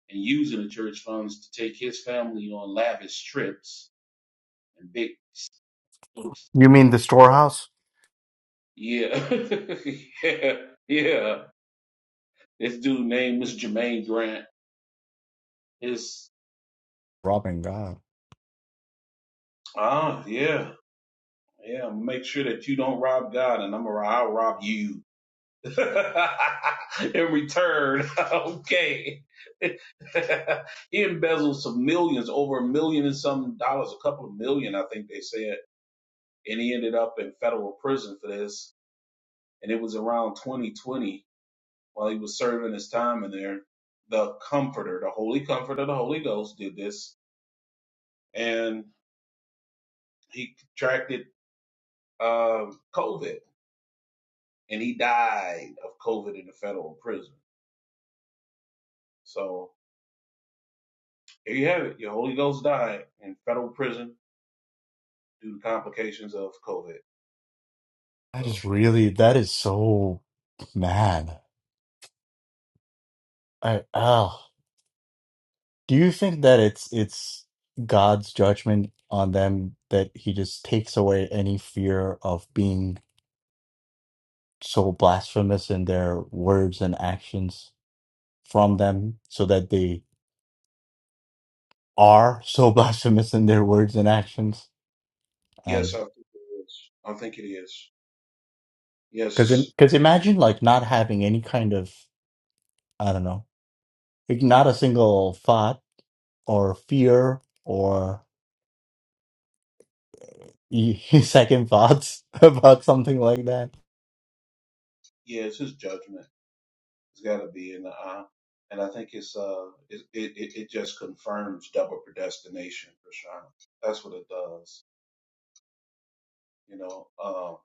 Speaker 10: and using the church funds to take his family on lavish trips and big.
Speaker 2: You mean the storehouse?
Speaker 10: Yeah, [laughs] yeah, yeah. This dude name was Jermaine Grant. His
Speaker 2: robbing god
Speaker 10: ah, yeah, yeah. Make sure that you don't rob God, and I'm gonna I'll rob you [laughs] in return. [laughs] okay. [laughs] he embezzled some millions, over a million and some dollars, a couple of million, I think they said. And he ended up in federal prison for this. And it was around 2020 while he was serving his time in there. The Comforter, the Holy Comforter, the Holy Ghost did this. And he contracted um COVID and he died of COVID in the federal prison. So Here you have it. Your Holy Ghost died in federal prison due to complications of COVID.
Speaker 2: that
Speaker 10: So
Speaker 2: is really that is so mad I, oh, do you think that it's it's God's judgment on them that he just takes away any fear of being so blasphemous in their words and actions from them so that they are so [laughs] blasphemous in their words and actions? And
Speaker 10: yes, I think it is. I think it is. Yes,
Speaker 2: because
Speaker 10: it's
Speaker 2: because imagine like not having any kind of I don't know, like not a single thought or fear or [laughs] second thoughts about something like that
Speaker 10: yeah, it's his judgment. It's got to be in the eye, and I think it's uh, it it it it just confirms double predestination for sure. That's what it does. You know, um,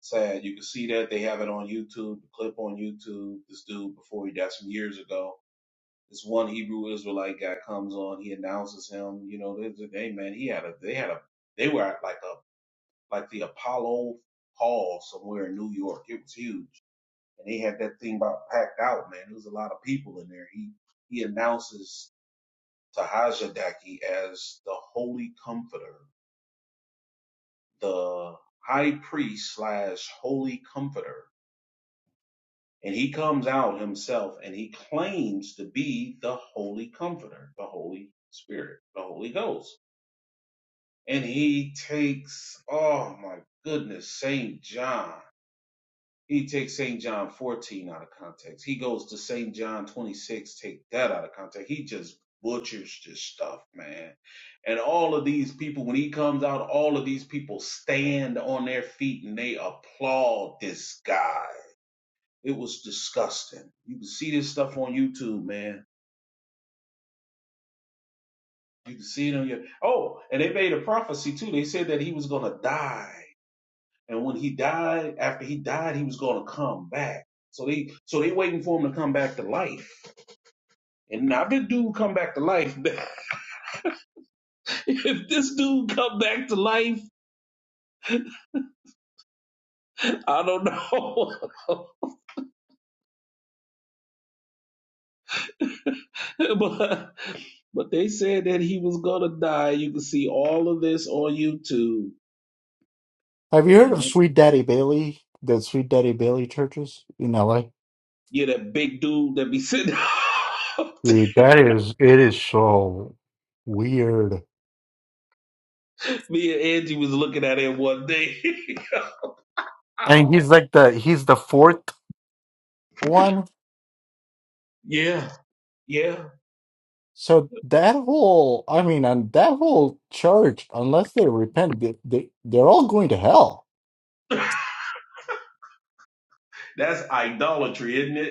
Speaker 10: sad. You can see that they have it on YouTube. The clip on YouTube. This dude before he died some years ago This one Hebrew Israelite guy comes on, he announces him. You know, there's a hey man, he had a they had a they were at like a like the Apollo Hall somewhere in New York. It was huge, and they had that thing about packed out, man. There was a lot of people in there. He he announces Tahajadaki as the Holy Comforter, the High Priest slash Holy Comforter. And he comes out himself and he claims to be the Holy Comforter, the Holy Spirit, the Holy Ghost. and he takes, oh my goodness, St. John. He takes St. John 14 out of context. He goes to St. John 26, take that out of context. He just butchers this stuff, man. And all of these people, when he comes out, all of these people stand on their feet and they applaud this guy. It was disgusting. You can see this stuff on YouTube, man. You can see it on your. Oh, and they made a prophecy too. They said that he was going to die And when he died, after he died, he was going to come back. So they, so they waiting for him to come back to life. And now if this dude come back to life, [laughs] if this dude come back to life, I don't know. [laughs] but, but they said that he was going to die. You can see all of this on YouTube.
Speaker 2: Have you
Speaker 10: And
Speaker 2: heard of
Speaker 10: uh,
Speaker 2: Sweet Daddy Bailey? The Sweet Daddy Bailey churches in LA?
Speaker 10: yeah, that big dude that be sitting. [laughs]
Speaker 2: Dude, that is it is so weird.
Speaker 10: Me and Angie was looking at him one day. [laughs]
Speaker 2: And
Speaker 10: Ow.
Speaker 2: he's like the he's the fourth one.
Speaker 10: yeah, yeah.
Speaker 2: So that whole I mean and that whole church, unless they repent, they, they they're all going to hell.
Speaker 10: [laughs] That's idolatry, isn't it?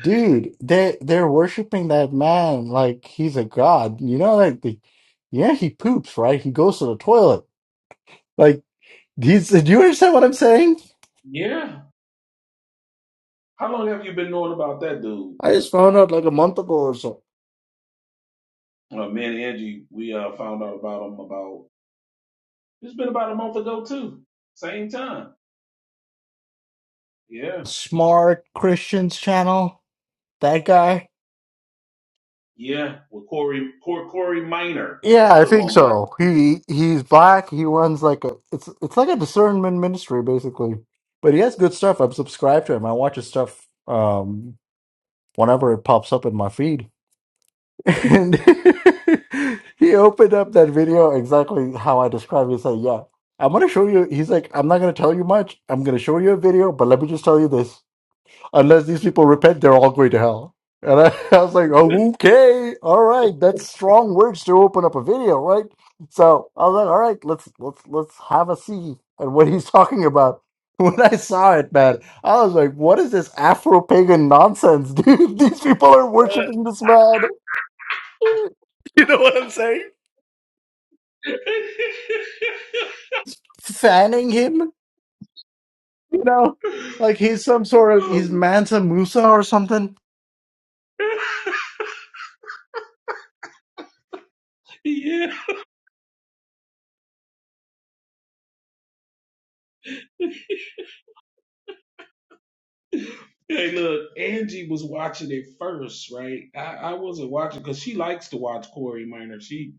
Speaker 2: Dude, they they're worshiping that man like he's a god. You know, like the yeah, he poops, right? He goes to the toilet. Like he's do you understand what I'm saying?
Speaker 10: Yeah. How long have you been knowing about that dude?
Speaker 2: I just found out like a month ago or so.
Speaker 10: Uh, me and Angie, we uh, found out about him about it's been about a month ago too. Same time. Yeah.
Speaker 2: Smart Christians channel? That guy?
Speaker 10: Yeah. With Corey Cor- Corey Minor
Speaker 2: Yeah, I
Speaker 10: put him
Speaker 2: think
Speaker 10: on blast.
Speaker 2: so. He he's black. He runs like a it's it's like a discernment ministry basically. But he has good stuff. I'm subscribed to him. I watch his stuff um whenever it pops up in my feed. [laughs] And [laughs] he opened up that video exactly how I described it. He said, "Yeah, I'm gonna show you." He's like, "I'm not gonna tell you much. I'm gonna show you a video, but let me just tell you this. unless these people repent, they're all going to hell. And I, [laughs] I was like, oh, okay, all right, that's strong words to open up a video, right? So I was like, all right, let's let's let's have a see at what he's talking about. [laughs] When I saw it, man, I was like, what is this Afro pagan nonsense, [laughs] dude? These people are worshiping this man. [laughs] You know what I'm saying? Fanning him, you know, like he's some sort of he's Mansa Musa or something.
Speaker 10: [laughs] yeah. Hey, look, Angie was watching it first, right? I, I wasn't watching because she likes to watch Corey Minor. She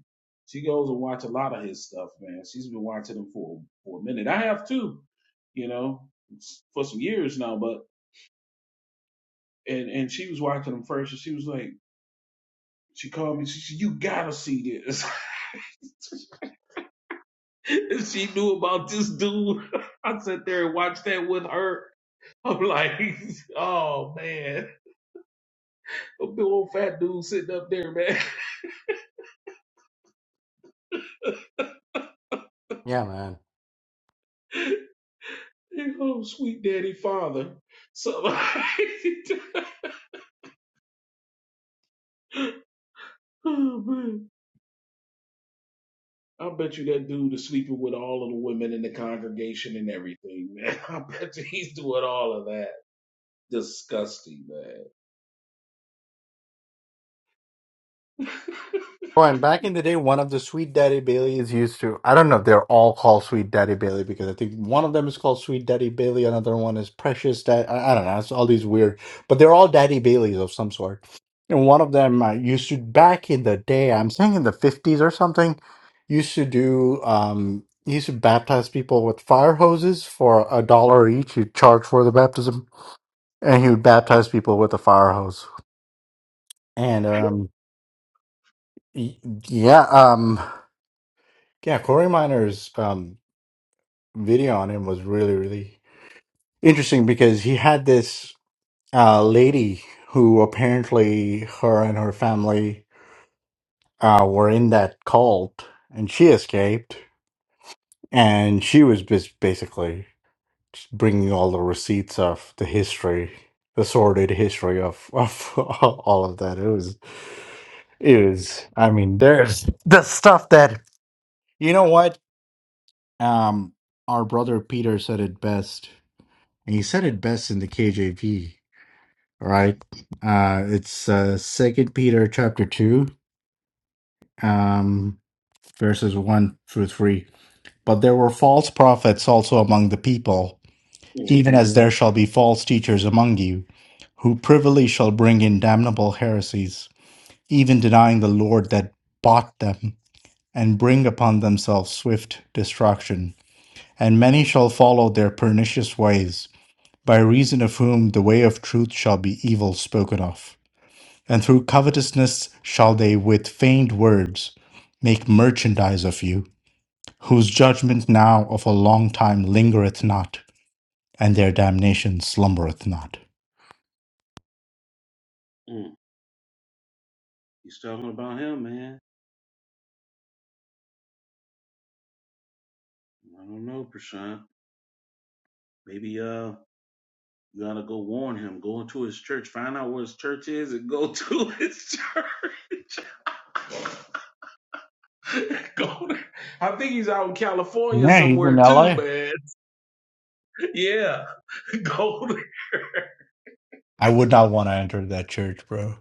Speaker 10: she goes and watch a lot of his stuff, man. She's been watching him for for a minute. I have too, you know, for some years now. but. and and she was watching them first, and she was like, she called me. She said, "You gotta see this." [laughs] and she knew about this dude. [laughs] I sat there and watched that with her. I'm like, [laughs] oh man, a big old fat dude sitting up there, man.
Speaker 2: Yeah, man.
Speaker 10: [laughs] Big old sweet daddy father. So, [laughs] oh man. I bet you that dude is sleeping with all of the women in the congregation and everything, man. [laughs] I bet you he's doing all of that. Disgusting, man. [laughs]
Speaker 2: Oh, and back in the day, one of the Sweet Daddy Baileys used to. I don't know if they're all called Sweet Daddy Bailey because I think one of them is called Sweet Daddy Bailey, another one is Precious Daddy. I I don't know. It's all these weird, but they're all Daddy Baileys of some sort. And one of them uh, used to, back in the day, I'm saying in the 50s or something, used to do, um, used to baptize people with fire hoses for a dollar each. He'd charge for the baptism, and he would baptize people with a fire hose. And, um, y- yeah, um, Yeah, Cory Miner's um, video on him was really, really interesting because he had this uh, lady who apparently her and her family uh, were in that cult and she escaped. And she was bas- basically just bringing all the receipts of the history, the sordid history of, of [laughs] all of that. It was, it was, I mean, there's the stuff that, you know what? Um, our brother Peter said it best. and he said it best in the KJV. All right, uh, it's uh, Second Peter chapter two, um, verses one through three. But there were false prophets also among the people, even
Speaker 10: hmm
Speaker 2: as there shall be false teachers among you, who privily shall bring in damnable heresies, even denying the Lord that bought them, and bring upon themselves swift destruction. And many shall follow their pernicious ways by reason of whom the way of truth shall be evil spoken of. And through covetousness shall they with feigned words make merchandise of you, whose judgment now of a long time lingereth not, and their damnation slumbereth not.
Speaker 10: Mm. He's talking about him, man. I don't know, Prashant. Maybe uh, you gotta go warn him. Go into his church. Find out where his church is, and go to [laughs] his church. [laughs] go. To, I think he's out in California somewhere too,
Speaker 2: I
Speaker 10: man. [laughs] Yeah, [laughs] go. To,
Speaker 2: would not want to enter that church, bro.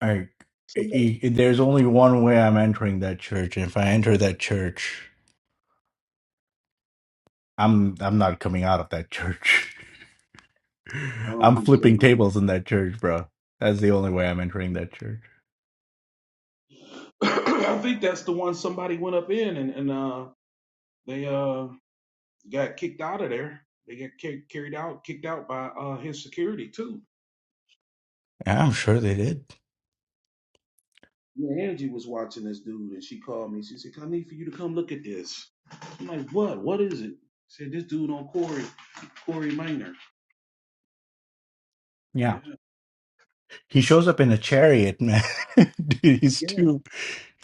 Speaker 2: I, i
Speaker 10: somebody-
Speaker 2: i- there's only one way I'm entering that church. And if I enter that church, I'm I'm not coming out of that church. [laughs]
Speaker 10: I don't
Speaker 2: I'm
Speaker 10: think so.
Speaker 2: flipping tables in that church, bro. That's the only way I'm entering that church.
Speaker 10: [clears throat] I think that's the one somebody went up in, and and uh, they uh got kicked out of there. They got ca- carried out, kicked out by uh his security too.
Speaker 2: Yeah, I'm sure they did.
Speaker 10: Yeah, Angie was watching this dude and she called me. She said, I need for you to come look at this. I'm like, what? What is it? She said, this dude on Corey, Corey Minor.
Speaker 2: Yeah.
Speaker 10: Yeah.
Speaker 2: He shows up in a chariot, man. [laughs] Dude, he's
Speaker 10: Yeah.
Speaker 2: too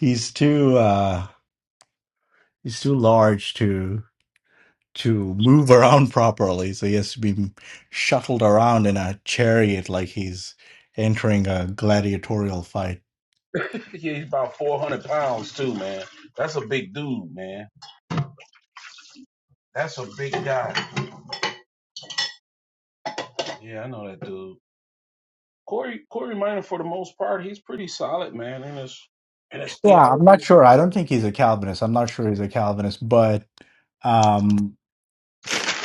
Speaker 2: he's too uh he's too large to to move around properly. So he has to be shuttled around in a chariot like he's entering a gladiatorial fight.
Speaker 10: [laughs] yeah, he's about 400 pounds too, man. That's a big dude, man. That's a big guy. Yeah, I know that dude. Corey Corey Minor, for the most part, he's pretty solid, man, in his in his
Speaker 2: Yeah, I'm
Speaker 10: theology.
Speaker 2: not sure. I don't think he's a Calvinist. I'm not sure he's a Calvinist, but um,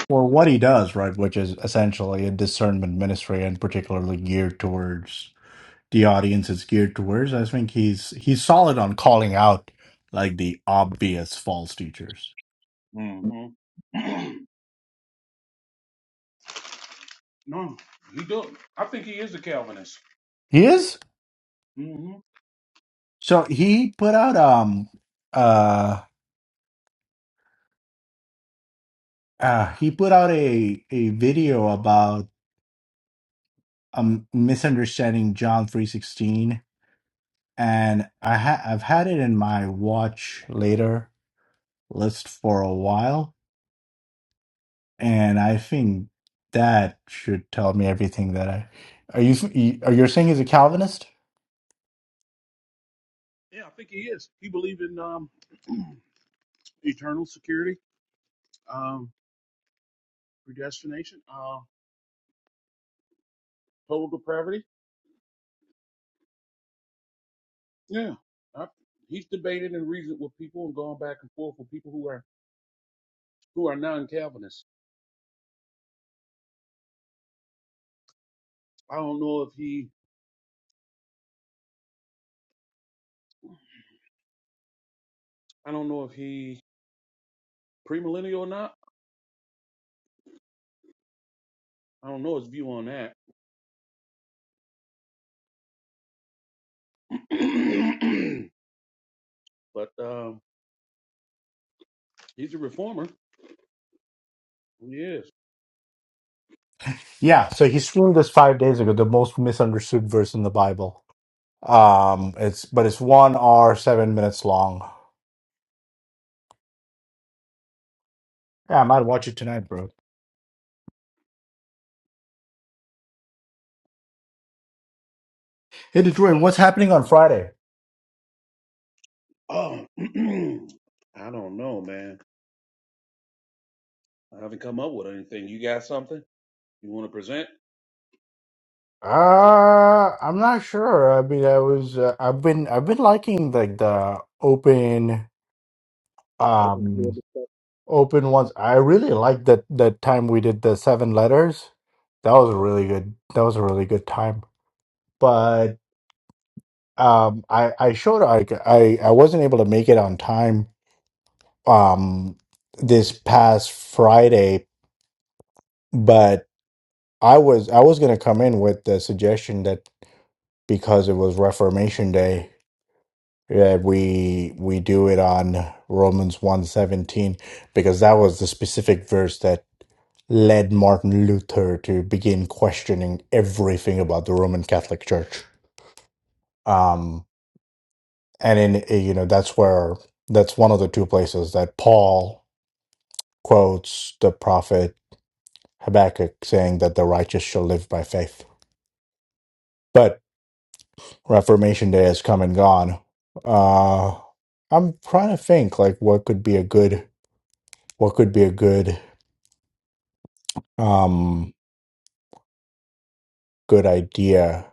Speaker 2: for what he does, right, which is essentially a discernment ministry and particularly geared towards the audience is geared towards. I think he's he's solid on calling out like the obvious false teachers.
Speaker 10: Mm-hmm. [clears throat] no, he do. I think he is a Calvinist.
Speaker 2: He is?
Speaker 10: mm hmm
Speaker 2: So he put out um uh, uh he put out a a video about um misunderstanding John 3:16 and I ha- I've had it in my watch later list for a while and I think that should tell me everything that I are you are you saying he's a Calvinist?
Speaker 10: Yeah, I think he is. He believes in. um. eternal security, um, predestination, uh, total depravity. Yeah, I, he's debated and reasoned with people and gone back and forth with people who are who are non-Calvinists. I don't know if he, I don't know if he premillennial or not. I don't know his view on that. [clears throat] but um, he's a reformer. He is.
Speaker 2: Yeah, so he streamed this five days ago, the most misunderstood verse in the Bible. Um, it's but it's one hour seven minutes long. Yeah, I might watch it tonight, bro. Hey, Detroit, what's happening on Friday?
Speaker 10: Oh, [clears throat] I don't know, man. I haven't come up with anything. You got something you want to present?
Speaker 2: Uh, I'm not sure. I mean, I was uh, I've been I've been liking like the open
Speaker 10: Open field.
Speaker 2: um
Speaker 10: discussion.
Speaker 2: open ones. I really liked that that time we did the seven letters. That was a really good. That was a really good time. But. um i i showed i i, I wasn't able to make it on time um this past friday but i was i was going to come in with the suggestion that because it was reformation day that we we do it on romans 117 because that was the specific verse that led martin luther to begin questioning everything about the roman catholic church Um, and in eh, you know that's where that's one of the two places that paul quotes the prophet habakkuk saying that the righteous shall live by faith but reformation day has come and gone uh i'm trying to think like what could be a good what could be a good um good idea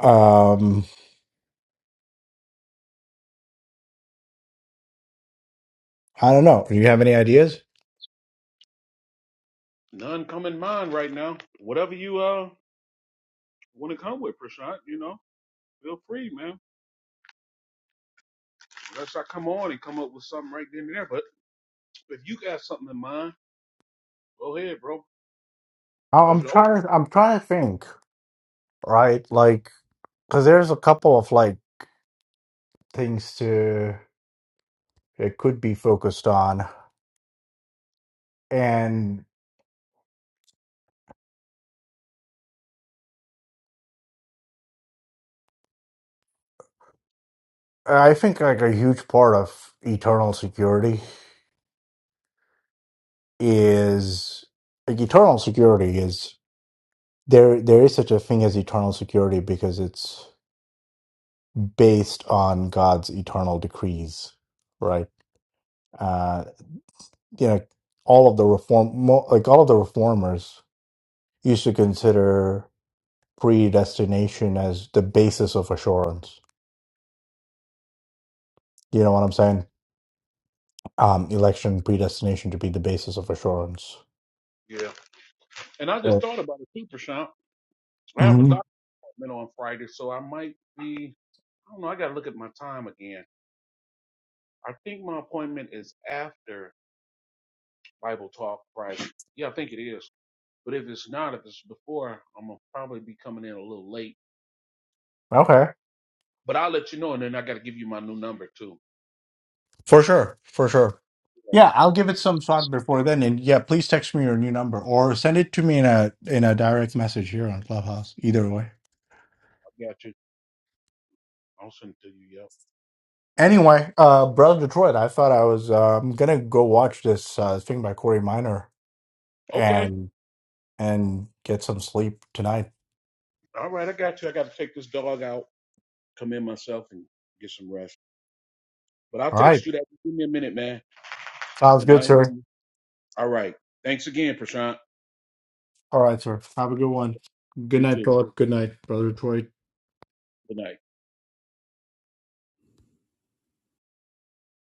Speaker 2: um i don't know do you have any ideas
Speaker 10: None come in mind right now. Whatever you uh want to come with, Prashant, you know, feel free, man. Unless I come on and come up with something right then and there. But if you got something in mind, go ahead, bro.
Speaker 2: I-
Speaker 10: It's
Speaker 2: i'm
Speaker 10: open.
Speaker 2: trying to i'm trying to think right like because there's a couple of like things to it could be focused on And I think like a huge part of eternal security is like eternal security is there there is such a thing as eternal security because it's based on God's eternal decrees, right? Uh you know, all of the reform mo- like all of the reformers used to consider predestination as the basis of assurance. You know what I'm saying? Um election predestination to be the basis of assurance.
Speaker 10: Yeah. And I just thought about it too, Prashant. I have a
Speaker 2: Mhm.
Speaker 10: doctor appointment on Friday, so I might be, I don't know, I got to look at my time again. I think my appointment is after Bible Talk Friday. Yeah, I think it is. But if it's not, if it's before, I'm going to probably be coming in a little late.
Speaker 2: Okay.
Speaker 10: But I'll let you know, and then I got to give you my new number too.
Speaker 2: For sure. For sure. Yeah, I'll give it some thought before then. And yeah, please text me your new number or send it to me in a in a direct message here on Clubhouse. Either way.
Speaker 10: Yeah, I got you. I'll send it to you, yeah.
Speaker 2: Anyway, uh Brother Detroit, I thought I was um gonna go watch this uh thing by Corey Minor
Speaker 10: Okay.
Speaker 2: and and get some sleep tonight.
Speaker 10: All right, I got you. I got to take this dog out, come in myself, and get some rest. But I'll
Speaker 2: All right.
Speaker 10: text you that. Give me a minute, man.
Speaker 2: Sounds
Speaker 10: And I
Speaker 2: good,
Speaker 10: hear
Speaker 2: sir.
Speaker 10: you. All right. Thanks again, Prashant.
Speaker 2: All right, sir. Have a good one. Good
Speaker 10: You
Speaker 2: night,
Speaker 10: too.
Speaker 2: Philip. Good night, Brother Detroit.
Speaker 10: Good night.